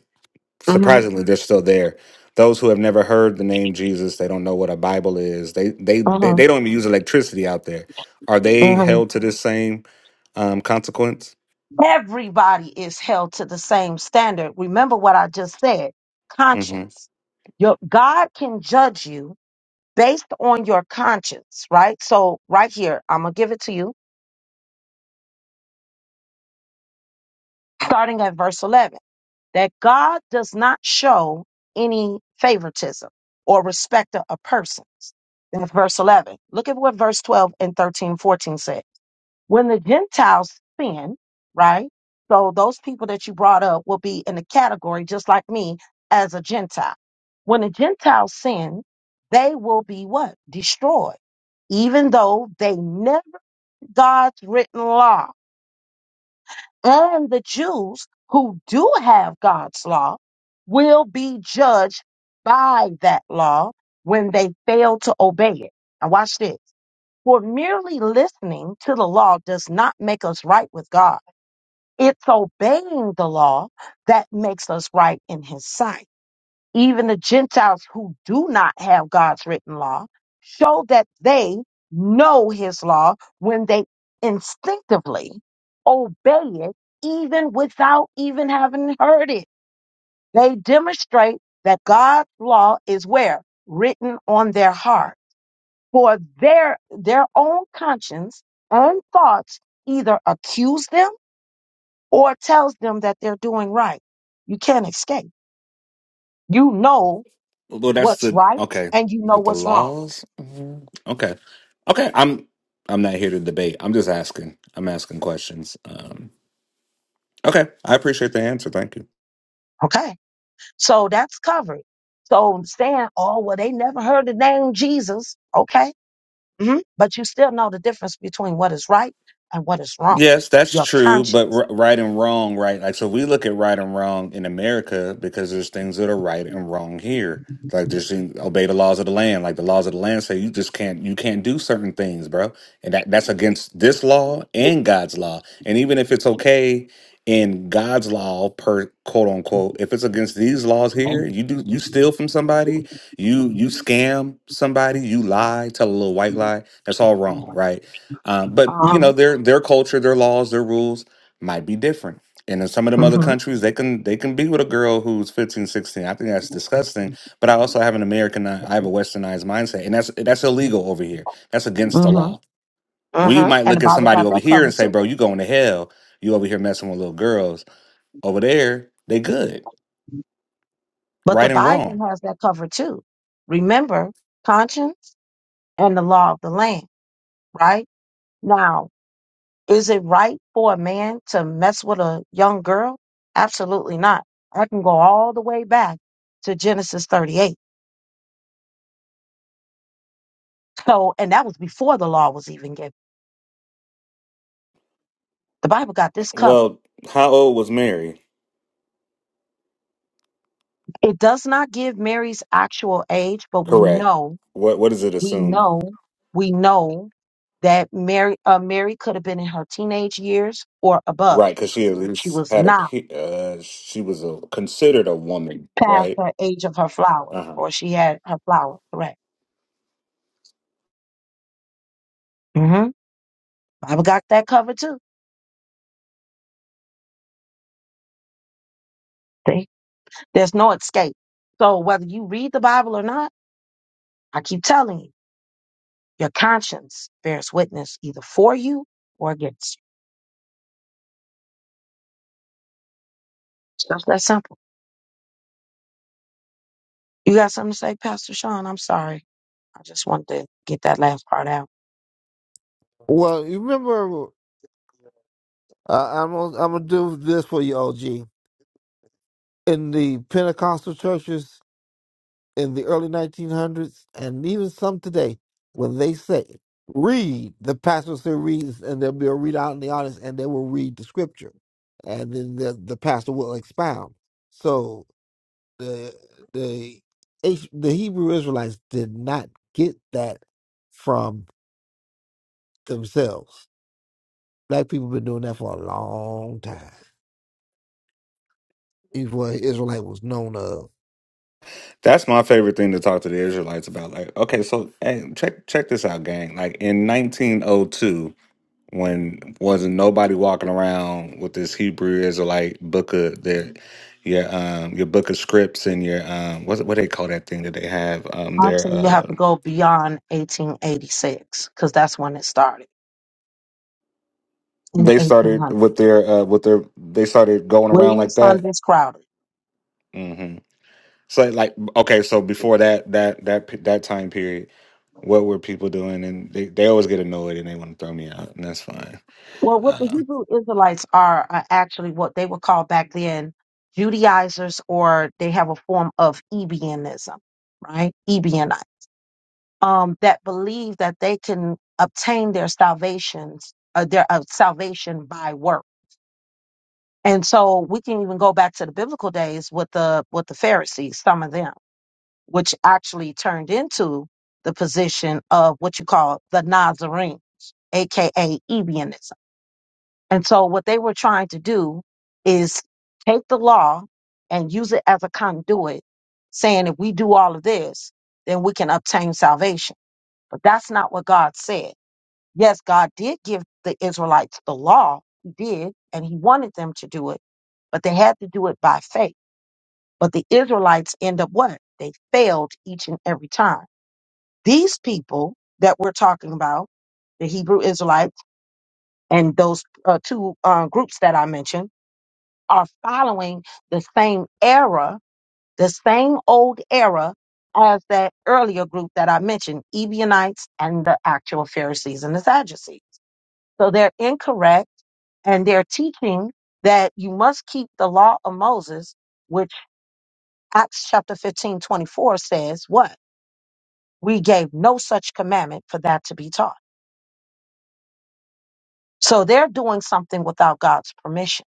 Speaker 1: Mhm.
Speaker 4: Surprisingly, they're still there. Those who have never heard the name Jesus, they don't know what a Bible is. They they they,
Speaker 1: Mhm.
Speaker 4: they don't even use electricity out there. Are they
Speaker 1: Mhm.
Speaker 4: held to this same um, consequence?
Speaker 1: Everybody is held to the same standard. Remember what I just said
Speaker 4: Mm-hmm.
Speaker 1: conscience. Your, God can judge you based on your conscience, right? So, right here, I'm going to give it to you, starting at verse 11. that God does not show any favoritism or respecter of persons. In verse 11. Look at what verse 12 and 13 and 14 said. When the Gentiles sin, right? So those people that you brought up will be in the category, just like me, as a Gentile. When the Gentiles sin, they will be what? Destroyed, even though they never God's written law and the Jews who do have God's law will be judged by that law when they fail to obey it. Now, watch this. For merely listening to the law does not make us right with God. It's obeying the law that makes us right in His sight even the Gentiles who do not have God's written law, show that they know his law when they instinctively obey it, even without even having heard it. They demonstrate that God's law is where? Written on their heart. For their, their own conscience and thoughts either accuse them or tells them that they're doing right. You can't escape. You know
Speaker 4: Well, that's
Speaker 1: what's
Speaker 4: the
Speaker 1: right
Speaker 4: okay,
Speaker 1: and you know
Speaker 4: but the
Speaker 1: what's wrong.
Speaker 4: laws. Mhm. Okay, okay. I'm I'm not here to debate. I'm just asking. I'm asking questions. Um, okay, I appreciate the answer. Thank you.
Speaker 1: Okay. So that's covered. So saying, oh, well, they never heard the name Jesus. Okay. hmm But you still know the difference between what is right and what is wrong.
Speaker 4: Yes, that's
Speaker 1: Your
Speaker 4: true, but
Speaker 1: conscience.
Speaker 4: r- right and wrong, right? Like, so we look at right and wrong in America because there's things that are right and wrong here. Like, just in- obey the laws of the land. Like the laws of the land say you just can't, you can't do certain things, bro. And that that's against this law and God's law. And even if it's okay in God's law, per quote unquote, if it's against these laws here, you do you steal from somebody, you you scam somebody, you lie, tell a little white lie. That's all wrong, right? Uh, but you
Speaker 1: Uh-huh.
Speaker 4: know their their culture, their laws, their rules might be different. And in some of them
Speaker 1: hmm
Speaker 4: other countries, they can they can be with a girl who's 15, 16. I think that's disgusting. But I also have an American, I have a westernized mindset, and that's that's illegal over here. That's against the
Speaker 1: hmm
Speaker 4: law. We
Speaker 1: hmm
Speaker 4: might
Speaker 1: And the
Speaker 4: look at
Speaker 1: Bible
Speaker 4: somebody
Speaker 1: got
Speaker 4: over
Speaker 1: that
Speaker 4: here and
Speaker 1: covered
Speaker 4: say,
Speaker 1: too.
Speaker 4: "Bro, you going to hell? You over here messing with little girls over there? They good,
Speaker 1: But the
Speaker 4: right and
Speaker 1: Bible
Speaker 4: wrong."
Speaker 1: has that covered too. Remember conscience and the law of the land, right? Now, Is it right for a man to mess with a young girl? Absolutely not. I can go all the way back to Genesis 38. So, and that was before the law was even given. The Bible got this covered.
Speaker 4: Well, how old was Mary?
Speaker 1: It does not give Mary's actual age, but we
Speaker 4: Correct.
Speaker 1: know,
Speaker 4: What what does it
Speaker 1: we
Speaker 4: assume?
Speaker 1: know, we know that Mary, uh, Mary could have been in her teenage years or above.
Speaker 4: Right, because she at
Speaker 1: She
Speaker 4: least
Speaker 1: was
Speaker 4: had a
Speaker 1: not
Speaker 4: pe- uh, she was a, considered a woman,
Speaker 1: past
Speaker 4: right?
Speaker 1: her age of her flower,
Speaker 4: Uh-huh.
Speaker 1: or she had her flower, correct? Mm-hmm. Bible got that covered too. There's no escape. So whether you read the Bible or not, I keep telling you, your conscience bears witness either for you or against you. It's Just that simple. You got something to say, Pastor Sean? I'm sorry. I just wanted to get that last part out.
Speaker 2: Well, you remember, uh, I'm gonna, I'm gonna do this for you, OG. In the Pentecostal churches in the early 1900s, and even some today, when they say read, the pastor will say read, and there'll be a read out in the audience, and they will read the scripture, and then the the pastor will expound. So the the H- the Hebrew Israelites did not get that from themselves. Black people been doing that for a long time. It's what Israelite was known of.
Speaker 4: That's my favorite thing to talk to the Israelites about. Like, okay, so hey, check check this out, gang. Like in 1902, when wasn't nobody walking around with this Hebrew Israelite book of their your um your book of scripts and your um what's it- what they call that thing that they have um their
Speaker 1: Actually, you have
Speaker 4: uh
Speaker 1: to go beyond 1886 because that's when it started in the
Speaker 4: they started
Speaker 1: 1800s.
Speaker 4: with their uh with their they started going around
Speaker 1: William
Speaker 4: like that.
Speaker 1: Saunders Crowder.
Speaker 4: Mm-hmm. So like okay, so before that that that pe- that time period, what were people doing? And they, they always get annoyed and they want to throw me out, and that's fine.
Speaker 1: Well, what the
Speaker 4: Um,
Speaker 1: Hebrew Israelites are, are actually what they were called back then Judaizers, or they have a form of Ebionism, right? Ebionite, um, that believe that they can obtain their salvations, uh, their uh, salvation by work. And so we can even go back to the biblical days with the with the Pharisees, some of them, which actually turned into the position of what you call the Nazarene aka Ebionism. And so what they were trying to do is take the law and use it as a conduit, saying if we do all of this, then we can obtain salvation. But that's not what God said. Yes, God did give the Israelites the law. He did, and he wanted them to do it, but they had to do it by faith. But the Israelites end up what? They failed each and every time. These people that we're talking about, the Hebrew Israelites and those uh, two uh, groups that I mentioned, are following the same era, the same old era as that earlier group that I mentioned, Ebionites and the actual Pharisees and the Sadducees. So they're incorrect and they're teaching that you must keep the law of Moses, which Acts chapter 15 24 says what? We gave no such commandment for that to be taught. So they're doing something without God's permission,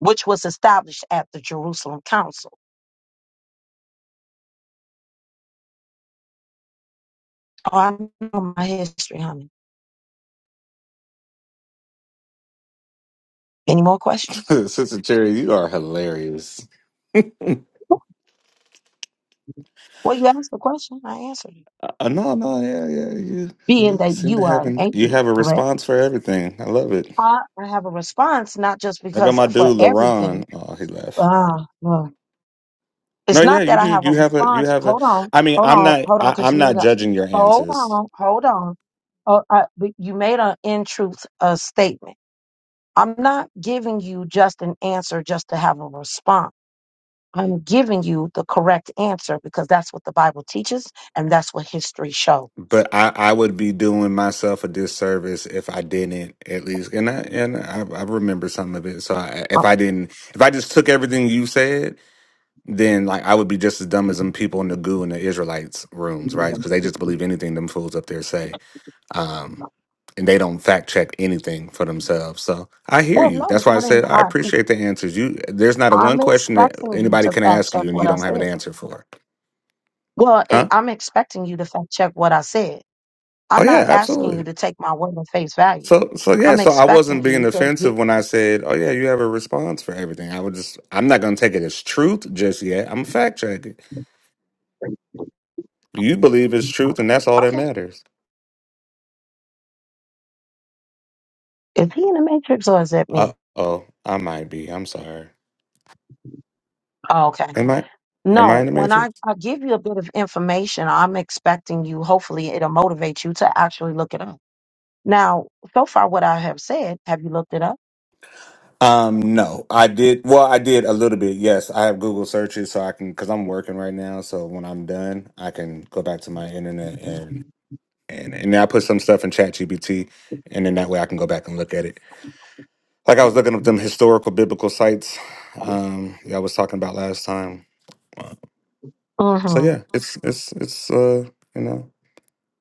Speaker 1: which was established at the Jerusalem Council. Oh, I know my history, honey. Any more questions?
Speaker 4: Sister Cherry, you are hilarious.
Speaker 1: Well, you asked the question, I answered it.
Speaker 4: Uh, no, no, yeah, yeah, you
Speaker 1: Being
Speaker 4: you
Speaker 1: that
Speaker 4: seem to
Speaker 1: you are
Speaker 4: have
Speaker 1: an
Speaker 4: an, you
Speaker 1: atheist,
Speaker 4: have a
Speaker 1: correct?
Speaker 4: response for everything. I love it.
Speaker 1: I, I have a response, not just
Speaker 4: I got
Speaker 1: because
Speaker 4: my
Speaker 1: for
Speaker 4: dude
Speaker 1: everything.
Speaker 4: LaRon. Oh, he left.
Speaker 1: Uh, uh,
Speaker 4: No,
Speaker 1: it's
Speaker 4: yeah,
Speaker 1: not that
Speaker 4: you
Speaker 1: I
Speaker 4: do.
Speaker 1: have a
Speaker 4: You have a you
Speaker 1: response.
Speaker 4: have a.
Speaker 1: Hold on,
Speaker 4: I mean,
Speaker 1: hold
Speaker 4: I'm
Speaker 1: on,
Speaker 4: not
Speaker 1: hold on,
Speaker 4: I,
Speaker 1: because
Speaker 4: I'm
Speaker 1: you made
Speaker 4: not
Speaker 1: a.
Speaker 4: judging your
Speaker 1: Hold
Speaker 4: answers.
Speaker 1: on, hold on. Oh, I, but you made an in truth uh, statement. I'm not giving you just an answer just to have a response. I'm giving you the correct answer because that's what the Bible teaches and that's what history shows.
Speaker 4: but I, I would be doing myself a disservice if I didn't at least, and I and I, I remember some of it. So I, if I didn't, if I just took everything you said, then like I would be just as dumb as them people in the goo in the Israelites rooms, right?
Speaker 1: Well,
Speaker 4: Because they just believe anything them fools up there say, um, and they don't fact check anything for themselves. So I hear you.
Speaker 1: no,
Speaker 4: That's
Speaker 1: it's
Speaker 4: why I
Speaker 1: not. Even,
Speaker 4: said I
Speaker 1: I,
Speaker 4: appreciate the answers. You there's not a one
Speaker 1: I'm
Speaker 4: question that
Speaker 1: expecting you
Speaker 4: anybody
Speaker 1: to
Speaker 4: can
Speaker 1: fact
Speaker 4: ask
Speaker 1: check
Speaker 4: you and
Speaker 1: what
Speaker 4: you
Speaker 1: I
Speaker 4: don't have an
Speaker 1: said.
Speaker 4: answer for,
Speaker 1: Well, i
Speaker 4: huh?
Speaker 1: I'm expecting you to fact check what I said.
Speaker 4: Oh
Speaker 1: I'm
Speaker 4: yeah,
Speaker 1: not asking
Speaker 4: absolutely.
Speaker 1: you to take my word at face value.
Speaker 4: So so yeah,
Speaker 1: I'm
Speaker 4: so I
Speaker 1: expecting
Speaker 4: wasn't being
Speaker 1: you to get
Speaker 4: offensive when I said, "Oh yeah, you have a response for everything." I would just I'm not going to take it as truth just yet. I'm fact checking. Do you believe it's truth and that's all that
Speaker 1: okay.
Speaker 4: matters?
Speaker 1: Is he in the matrix or is that me?
Speaker 4: Uh-oh, I might be. I'm sorry.
Speaker 1: Oh, okay.
Speaker 4: Am I am I
Speaker 1: No,
Speaker 4: in the
Speaker 1: when I,
Speaker 4: matrix?
Speaker 1: I give you a bit of information, I'm expecting you, hopefully, it'll motivate you to actually look it up. Now, so far, what I have said, have you looked it up?
Speaker 4: Um no. I did well, I did a little bit. Yes, I have Google searches so I can cuz I'm working right now, so when I'm done, I can go back to my internet and and and I put some stuff in ChatGPT and then that way I can go back and look at it. Like I was looking up them historical biblical sites um y'all was talking about last time. Uh, So
Speaker 1: Mm
Speaker 4: yeah, it's it's it's uh you know,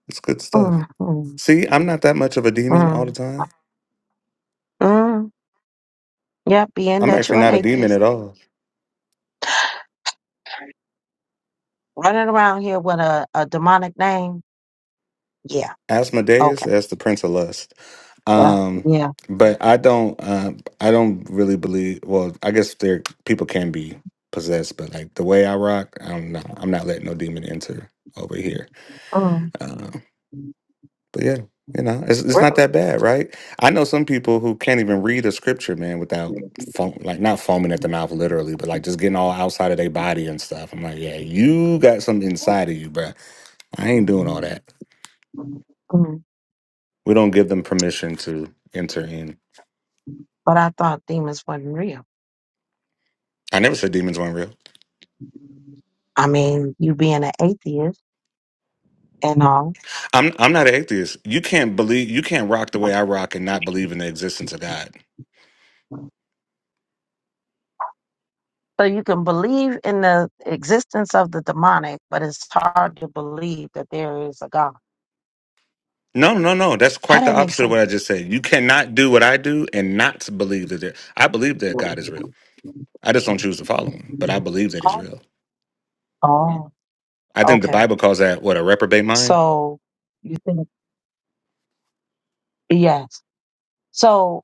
Speaker 4: it's good
Speaker 1: hmm.
Speaker 4: stuff.
Speaker 1: Mm hmm.
Speaker 4: See, I'm not that much of a demon all the
Speaker 1: Mm
Speaker 4: time.
Speaker 1: hmm. Yeah, being
Speaker 4: I'm
Speaker 1: that
Speaker 4: actually
Speaker 1: you're an
Speaker 4: not a demon
Speaker 1: atheist,
Speaker 4: at all.
Speaker 1: running around here with a, a demonic name. Yeah,
Speaker 4: Asmodeus,
Speaker 1: okay.
Speaker 4: that's the prince of lust.
Speaker 1: Uh,
Speaker 4: Um
Speaker 1: yeah.
Speaker 4: but I don't uh, I don't really believe well, I guess there people can be possessed, but like the way I rock, I'm not I'm not letting no demon enter over here.
Speaker 1: Mm,
Speaker 4: Um, But yeah, you know, it's it's not
Speaker 1: really?
Speaker 4: that bad, right? I know some people who can't even read a scripture, man, without foam, like not foaming at the mouth literally, but like just getting all outside of their body and stuff. I'm like, yeah, you got something inside of you, bruh. I ain't doing all that.
Speaker 1: Mm,
Speaker 4: We don't give them permission to enter in.
Speaker 1: but I thought demons wasn't real.
Speaker 4: I never said demons weren't real.
Speaker 1: I mean, you being an atheist and all.
Speaker 4: I'm I'm not an atheist. You can't believe you can't rock the way I rock and not believe in the existence of God.
Speaker 1: So you can believe in the existence of the demonic, but it's hard to believe that there is a God.
Speaker 4: No, no, no. That's
Speaker 1: How
Speaker 4: quite the
Speaker 1: that make
Speaker 4: opposite of what I
Speaker 1: sense?
Speaker 4: just said. You cannot do what I do and not believe that there. I believe that God is real. I just don't choose to follow him, but I believe that he's
Speaker 1: Oh,
Speaker 4: real.
Speaker 1: oh,
Speaker 4: I think the
Speaker 1: okay.
Speaker 4: Bible calls that what a reprobate mind.
Speaker 1: So you think, yes. So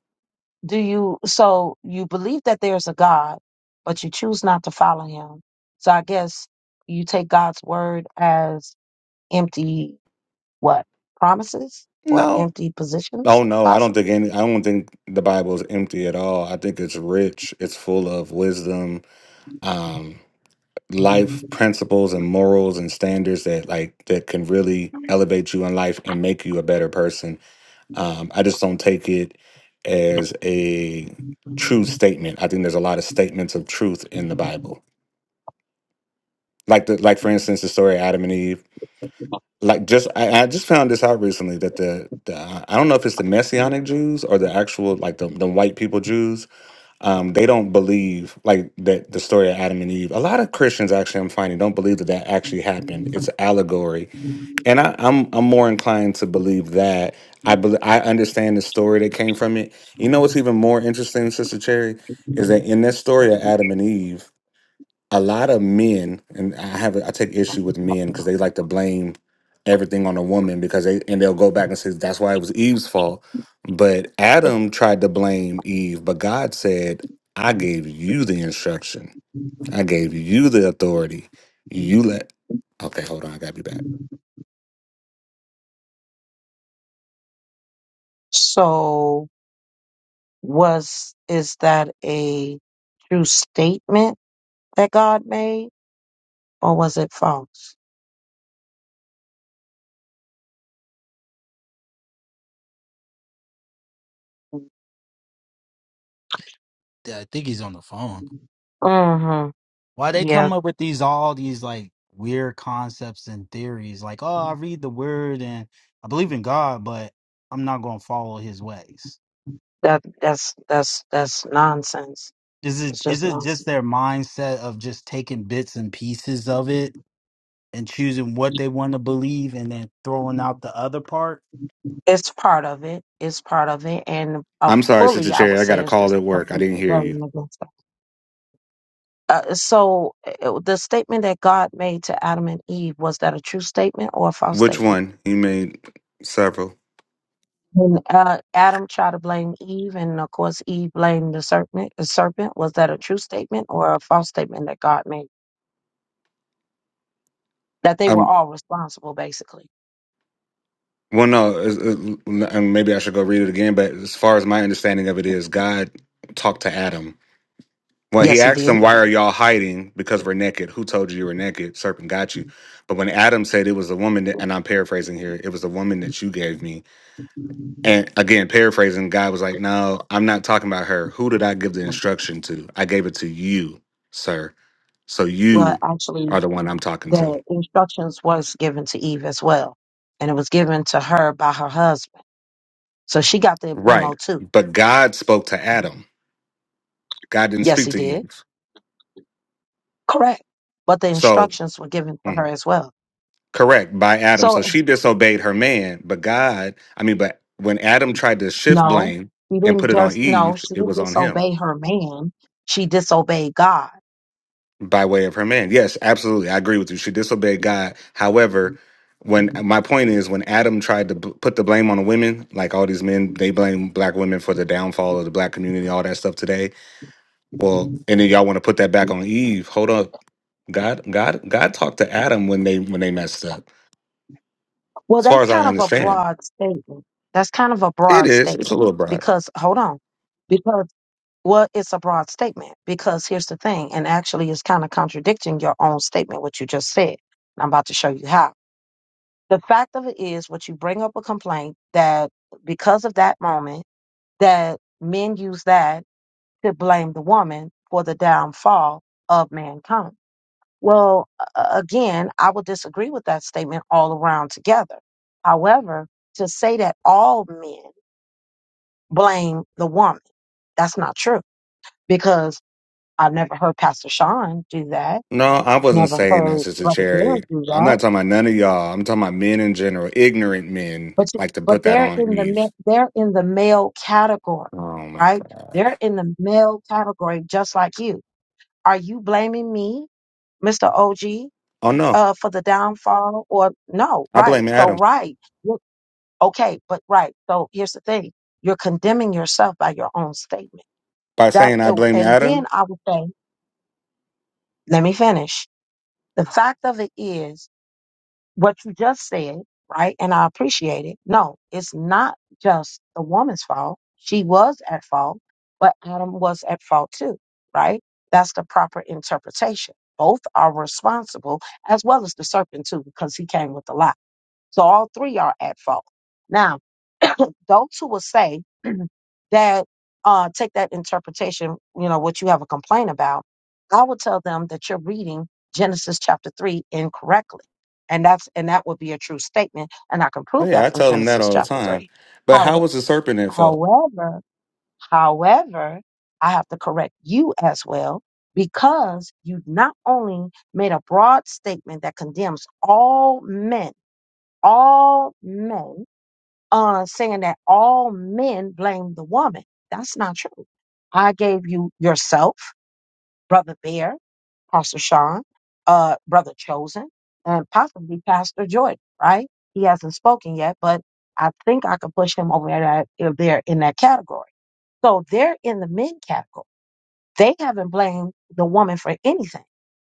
Speaker 1: Do you, so you believe that there's a God, but you choose not to follow him. So I guess you take God's word as empty, what, promises or
Speaker 4: No,
Speaker 1: empty positions,
Speaker 4: oh no, I don't
Speaker 1: possibly?
Speaker 4: think any. I don't think the Bible is empty at all. I think it's rich. It's full of wisdom, um, life principles, and morals and standards that like that can really elevate you in life and make you a better person. Um, I just don't take it as a true statement. I think there's a lot of statements of truth in the Bible. Like the like for instance the story of Adam and Eve like just I, I just found this out recently that the the uh, I don't know if it's the Messianic Jews or the actual like the, the white people Jews um they don't believe like that the story of Adam and Eve a lot of Christians actually I'm finding don't believe that that actually happened it's an allegory and I I'm I'm more inclined to believe that I bel I understand the story that came from it you know what's even more interesting Sister Cherry is that in this story of Adam and Eve a lot of men, and I have I take issue with men because they like to blame everything on a woman because they and they'll go back and say that's why it was Eve's fault. But Adam tried to blame Eve, but God said, "I gave you the instruction. I gave you the authority. You let." Okay, hold on, I gotta be back.
Speaker 1: So was, is that a true statement that God made or was it false?
Speaker 3: Yeah, I think he's on the phone.
Speaker 1: Mm-hmm.
Speaker 3: Why they
Speaker 1: Yeah,
Speaker 3: come up with these all these like weird concepts and theories? Like, oh, I read the word and I believe in God, but I'm not going to follow His ways.
Speaker 1: that, that's, that's, that's nonsense.
Speaker 3: Is it
Speaker 1: It's
Speaker 3: is
Speaker 1: just
Speaker 3: it just
Speaker 1: nonsense.
Speaker 3: their mindset of just taking bits and pieces of it and choosing what they want to believe and then throwing out the other part?
Speaker 1: It's part of it. It's part of it, and uh,
Speaker 4: I'm sorry, Sister
Speaker 1: fully, I
Speaker 4: Cherry.
Speaker 1: would
Speaker 4: I got
Speaker 1: say,
Speaker 4: a
Speaker 1: it's
Speaker 4: call
Speaker 1: just
Speaker 4: at
Speaker 1: a
Speaker 4: work. I
Speaker 1: complete
Speaker 4: didn't hear you.
Speaker 1: rebellion against God. Uh, so, uh, the statement that God made to Adam and Eve was that a true statement or a false
Speaker 4: Which
Speaker 1: statement?
Speaker 4: one? You made several.
Speaker 1: When uh, Adam tried to blame Eve, and of course, Eve blamed the serpent. The serpent was that a true statement or a false statement that God made? That they were all responsible, basically.
Speaker 4: Well, no, it's- it- and maybe I should go read it again. But as far as my understanding of it is, God talked to Adam. Well, he
Speaker 1: Yes, he
Speaker 4: asked
Speaker 1: did.
Speaker 4: him, "Why are y'all hiding? Because we're naked. Who told you you were naked? Serpent got you." But when Adam said, "It was a woman," that, and I'm paraphrasing here, "It was a woman that you gave me," and again paraphrasing, God was like, "No, I'm not talking about her. Who did I give the instruction to? I gave it to you, sir. So
Speaker 1: Well,
Speaker 4: you
Speaker 1: actually.
Speaker 4: are the one I'm talking to,
Speaker 1: the instructions was given to Eve as well, and it was given to her by her husband. So she got the
Speaker 4: right?"
Speaker 1: memo too.
Speaker 4: But God spoke to Adam. God didn't
Speaker 1: Yes,
Speaker 4: speak
Speaker 1: he
Speaker 4: to
Speaker 1: did.
Speaker 4: Eve.
Speaker 1: Correct. But the
Speaker 4: So.
Speaker 1: instructions were given to
Speaker 4: mm-hmm.
Speaker 1: her as well.
Speaker 4: Correct, by Adam. So
Speaker 1: So
Speaker 4: she disobeyed her man, but God, I mean, but when Adam tried to shift
Speaker 1: no,
Speaker 4: blame
Speaker 1: she
Speaker 4: and put
Speaker 1: didn't
Speaker 4: it on
Speaker 1: just no,
Speaker 4: Eve,
Speaker 1: she
Speaker 4: it
Speaker 1: didn't
Speaker 4: was on him
Speaker 1: disobey her man. She disobeyed God.
Speaker 4: by way of her man. Yes, absolutely. I agree with you. She disobeyed God. However, when my point is when Adam tried to b- put the blame on the women, like all these men, they blame black women for the downfall of the black community, all that stuff today. Well, and then y'all want to put that back on Eve. Hold up. God God God talked to Adam when they when they messed up.
Speaker 1: Well,
Speaker 4: As
Speaker 1: that's
Speaker 4: far as I
Speaker 1: kind of a
Speaker 4: understand.
Speaker 1: broad statement. That's kind of a
Speaker 4: It
Speaker 1: broad
Speaker 4: is. It's a
Speaker 1: statement
Speaker 4: little broad.
Speaker 1: because hold on. because. Well, it's a broad statement because here's the thing, and actually, it's kind of contradicting your own statement, what you just said. And I'm about to show you how. The fact of it is, what you bring up a complaint that because of that moment, that men use that to blame the woman for the downfall of mankind. Well, a- again, I would disagree with that statement all around together. However, to say that all men blame the woman, that's not true because. I've never heard Pastor Sean do that.
Speaker 4: No, I
Speaker 1: I've
Speaker 4: wasn't
Speaker 1: never
Speaker 4: saying that,
Speaker 1: heard
Speaker 4: Sister
Speaker 1: Brother
Speaker 4: Cherry.
Speaker 1: Derek do
Speaker 4: I'm
Speaker 1: that.
Speaker 4: not talking about none of y'all. I'm talking about men in general. Ignorant men
Speaker 1: But you-
Speaker 4: like to
Speaker 1: but
Speaker 4: put that
Speaker 1: they're
Speaker 4: on
Speaker 1: in the
Speaker 4: Eve.
Speaker 1: ma- they're in the male category,
Speaker 4: Oh my
Speaker 1: right?
Speaker 4: God.
Speaker 1: They're in the male category, just like you. Are you blaming me, Mister OG,
Speaker 4: Oh no,
Speaker 1: uh, for the downfall? Or no,
Speaker 4: I
Speaker 1: right?
Speaker 4: blame
Speaker 1: So
Speaker 4: Adam.
Speaker 1: right, You're- okay, but right. So here's the thing: you're condemning yourself by your own statement.
Speaker 4: By
Speaker 1: That
Speaker 4: saying I blame
Speaker 1: and then
Speaker 4: Adam?
Speaker 1: I would say, let me finish. The fact of it is. what you just said, right? And I appreciate it. No, it's not just the woman's fault. She was at fault, but Adam was at fault too, right? That's the proper interpretation. Both are responsible, as well as the serpent too, because he came with a lie. So all three are at fault. Now, those who will say that uh, take that interpretation, you know, what you have a complaint about, I would tell them that you're reading Genesis chapter three incorrectly. And that's and that would be a true statement. And I can
Speaker 4: Oh
Speaker 1: prove
Speaker 4: yeah,
Speaker 1: that
Speaker 4: I
Speaker 1: from
Speaker 4: tell them that
Speaker 1: Genesis
Speaker 4: all the
Speaker 1: chapter
Speaker 4: time.
Speaker 1: three.
Speaker 4: But how
Speaker 1: How,
Speaker 4: was the serpent at fault?
Speaker 1: however, however, I have to correct you as well because you not only made a broad statement that condemns all men, all men uh, saying that all men blame the woman. That's not true. I gave you yourself, Brother Bear, Pastor Sean, uh, Brother Chosen, and possibly Pastor Jordan, right? He hasn't spoken yet, but I think I can push him over that, uh, there in that category. So they're in the men category. They haven't blamed the woman for anything.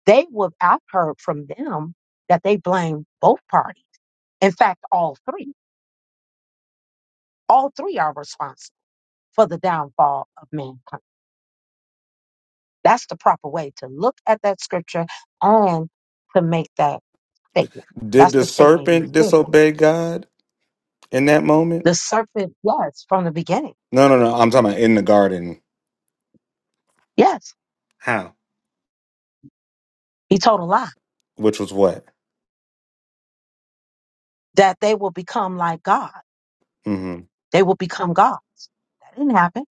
Speaker 1: They would, I've heard from them that they blame both parties. In fact, all three. All three are responsible for the downfall of mankind. That's the proper way to look at that scripture and to make that statement.
Speaker 4: Did
Speaker 1: That's
Speaker 4: the
Speaker 1: the statement you
Speaker 4: serpent
Speaker 1: should make.
Speaker 4: disobey God in that moment?
Speaker 1: The serpent, yes, from the beginning.
Speaker 4: No, no, no. I'm talking about in the garden.
Speaker 1: Yes,
Speaker 4: How?
Speaker 1: he told a lie
Speaker 4: Which was what?
Speaker 1: that they will become like God.
Speaker 4: Mm-hmm.
Speaker 1: They will become gods. That didn't happen.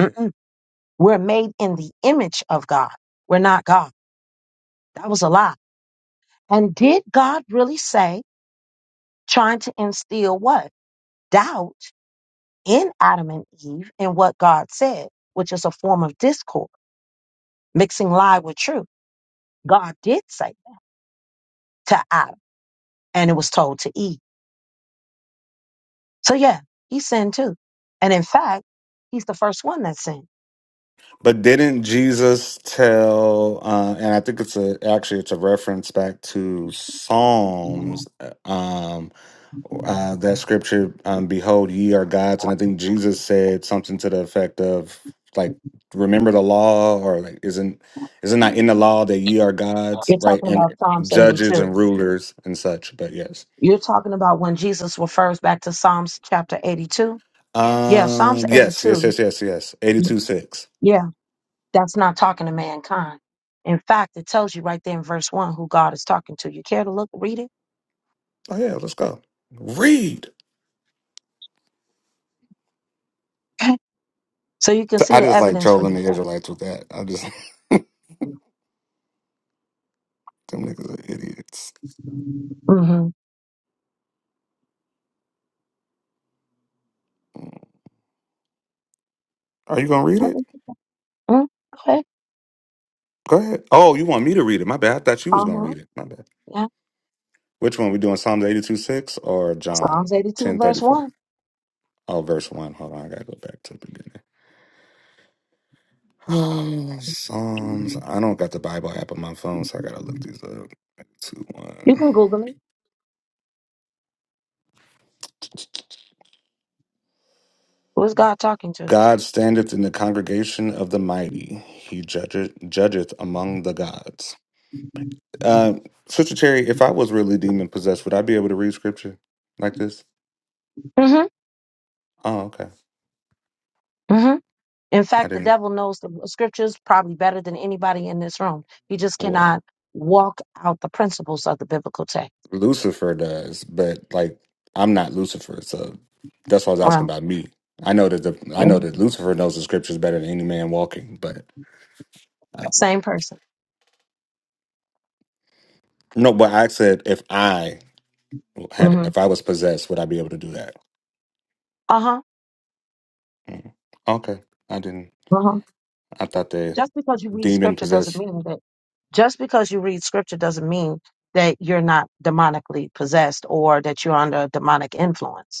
Speaker 1: Mm-mm. We're made in the image of God. We're not God. That was a lie. And did God really say, trying to instill what? Doubt in Adam and Eve in what God said, which is a form of discord mixing lie with truth. God did say that to Adam, and it was told to Eve. So yeah, he sinned too. And in fact, he's the first one that sinned.
Speaker 4: But didn't Jesus tell? Uh, and I think it's a actually it's a reference back to Psalms. uh, Um, uh, that scripture, um, "Behold, ye are gods," and I think Jesus said something to the effect of like, "Remember the law," or like, "Isn't isn't not in the law that ye are gods?"
Speaker 1: You're
Speaker 4: Right,
Speaker 1: talking about
Speaker 4: and
Speaker 1: Psalms
Speaker 4: judges
Speaker 1: 82.
Speaker 4: and rulers and such. But yes,
Speaker 1: You're talking about when Jesus refers back to Psalms chapter 82. Yeah, Psalms
Speaker 4: um, yes, yes,
Speaker 1: 82.
Speaker 4: yes, yes, yes. Eighty-two six.
Speaker 1: Yeah, that's not talking to mankind. In fact, it tells you right there in verse one who God is talking to. You care to look, read it?
Speaker 4: Oh yeah, let's go. Read.
Speaker 1: Okay. so you can
Speaker 4: So,
Speaker 1: see
Speaker 4: I
Speaker 1: the
Speaker 4: just like
Speaker 1: evidence for
Speaker 4: trolling the
Speaker 1: yourself.
Speaker 4: Israelites with that. I just them niggas are idiots.
Speaker 1: Mm-hmm.
Speaker 4: Are you gonna read
Speaker 1: Okay.
Speaker 4: it?
Speaker 1: Mm, okay.
Speaker 4: Go ahead. Oh, you want me to read it? My bad. I thought you was gonna
Speaker 1: Uh-huh.
Speaker 4: read it. My bad.
Speaker 1: Yeah.
Speaker 4: Which one? We doing Psalms eighty two six or John
Speaker 1: Psalms 82,
Speaker 4: ten thirty
Speaker 1: verse
Speaker 4: four?
Speaker 1: 1.
Speaker 4: Oh, verse one. Hold on, I gotta go back to the beginning. Oh, Psalms. I don't got the Bible app on my phone, so I gotta look these up. Two
Speaker 1: You
Speaker 4: one.
Speaker 1: can Google it. Who is God talking to?
Speaker 4: God standeth in the congregation of the mighty. He judgeth judgeth among the gods. Um, Sister Cherry, if I was really demon possessed, would I be able to read scripture like this?
Speaker 1: hmm
Speaker 4: Oh, okay.
Speaker 1: hmm In
Speaker 4: I
Speaker 1: fact, the
Speaker 4: didn't.
Speaker 1: devil knows the scriptures probably better than anybody in this room. He just
Speaker 4: Well,
Speaker 1: cannot walk out the principles of the biblical text.
Speaker 4: Lucifer does, but like I'm not Lucifer, so that's why I was asking
Speaker 1: Wow.
Speaker 4: about me. I know that the I
Speaker 1: yeah,
Speaker 4: know that Lucifer knows the scriptures better than any man walking, but uh,
Speaker 1: same person.
Speaker 4: no. But I said if I had,
Speaker 1: hmm
Speaker 4: if I was possessed, would I be able to do that?
Speaker 1: Uh huh.
Speaker 4: Mm. Okay, I didn't.
Speaker 1: Uh huh.
Speaker 4: I thought the
Speaker 1: Just because you read
Speaker 4: demon
Speaker 1: scripture
Speaker 4: possessed
Speaker 1: doesn't mean that just because you read scripture doesn't mean that you're not demonically possessed or that you're under a demonic influence.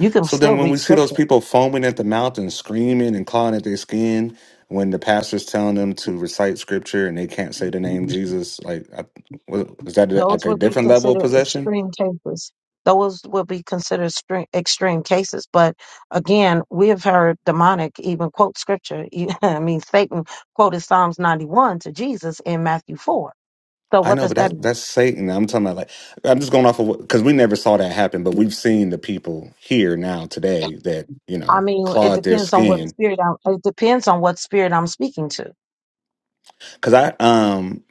Speaker 1: You can
Speaker 4: So then,
Speaker 1: still
Speaker 4: when
Speaker 1: read
Speaker 4: we see those
Speaker 1: scripture.
Speaker 4: people foaming at the mouth and screaming and clawing at their skin, when the pastor's telling them to recite scripture and they can't say the name Jesus, like, I, what- is that like
Speaker 1: Those
Speaker 4: a
Speaker 1: would be
Speaker 4: different level of
Speaker 1: considered
Speaker 4: possession?
Speaker 1: extreme cases. Those would be considered extreme, extreme cases. But again, we have heard demonic even quote scripture. You- I mean, Satan quoted Psalms 91 to Jesus in Matthew 4. So
Speaker 4: I
Speaker 1: what
Speaker 4: know,
Speaker 1: does
Speaker 4: but
Speaker 1: that
Speaker 4: that
Speaker 1: mean?
Speaker 4: that's Satan. I'm talking about like I'm just going off of because we never saw that happen, but we've seen the people here now today that you
Speaker 1: I
Speaker 4: know
Speaker 1: mean,
Speaker 4: claw
Speaker 1: it
Speaker 4: at their
Speaker 1: depends on what
Speaker 4: skin.
Speaker 1: spirit I'm, it depends on what spirit I'm speaking to.
Speaker 4: Because I um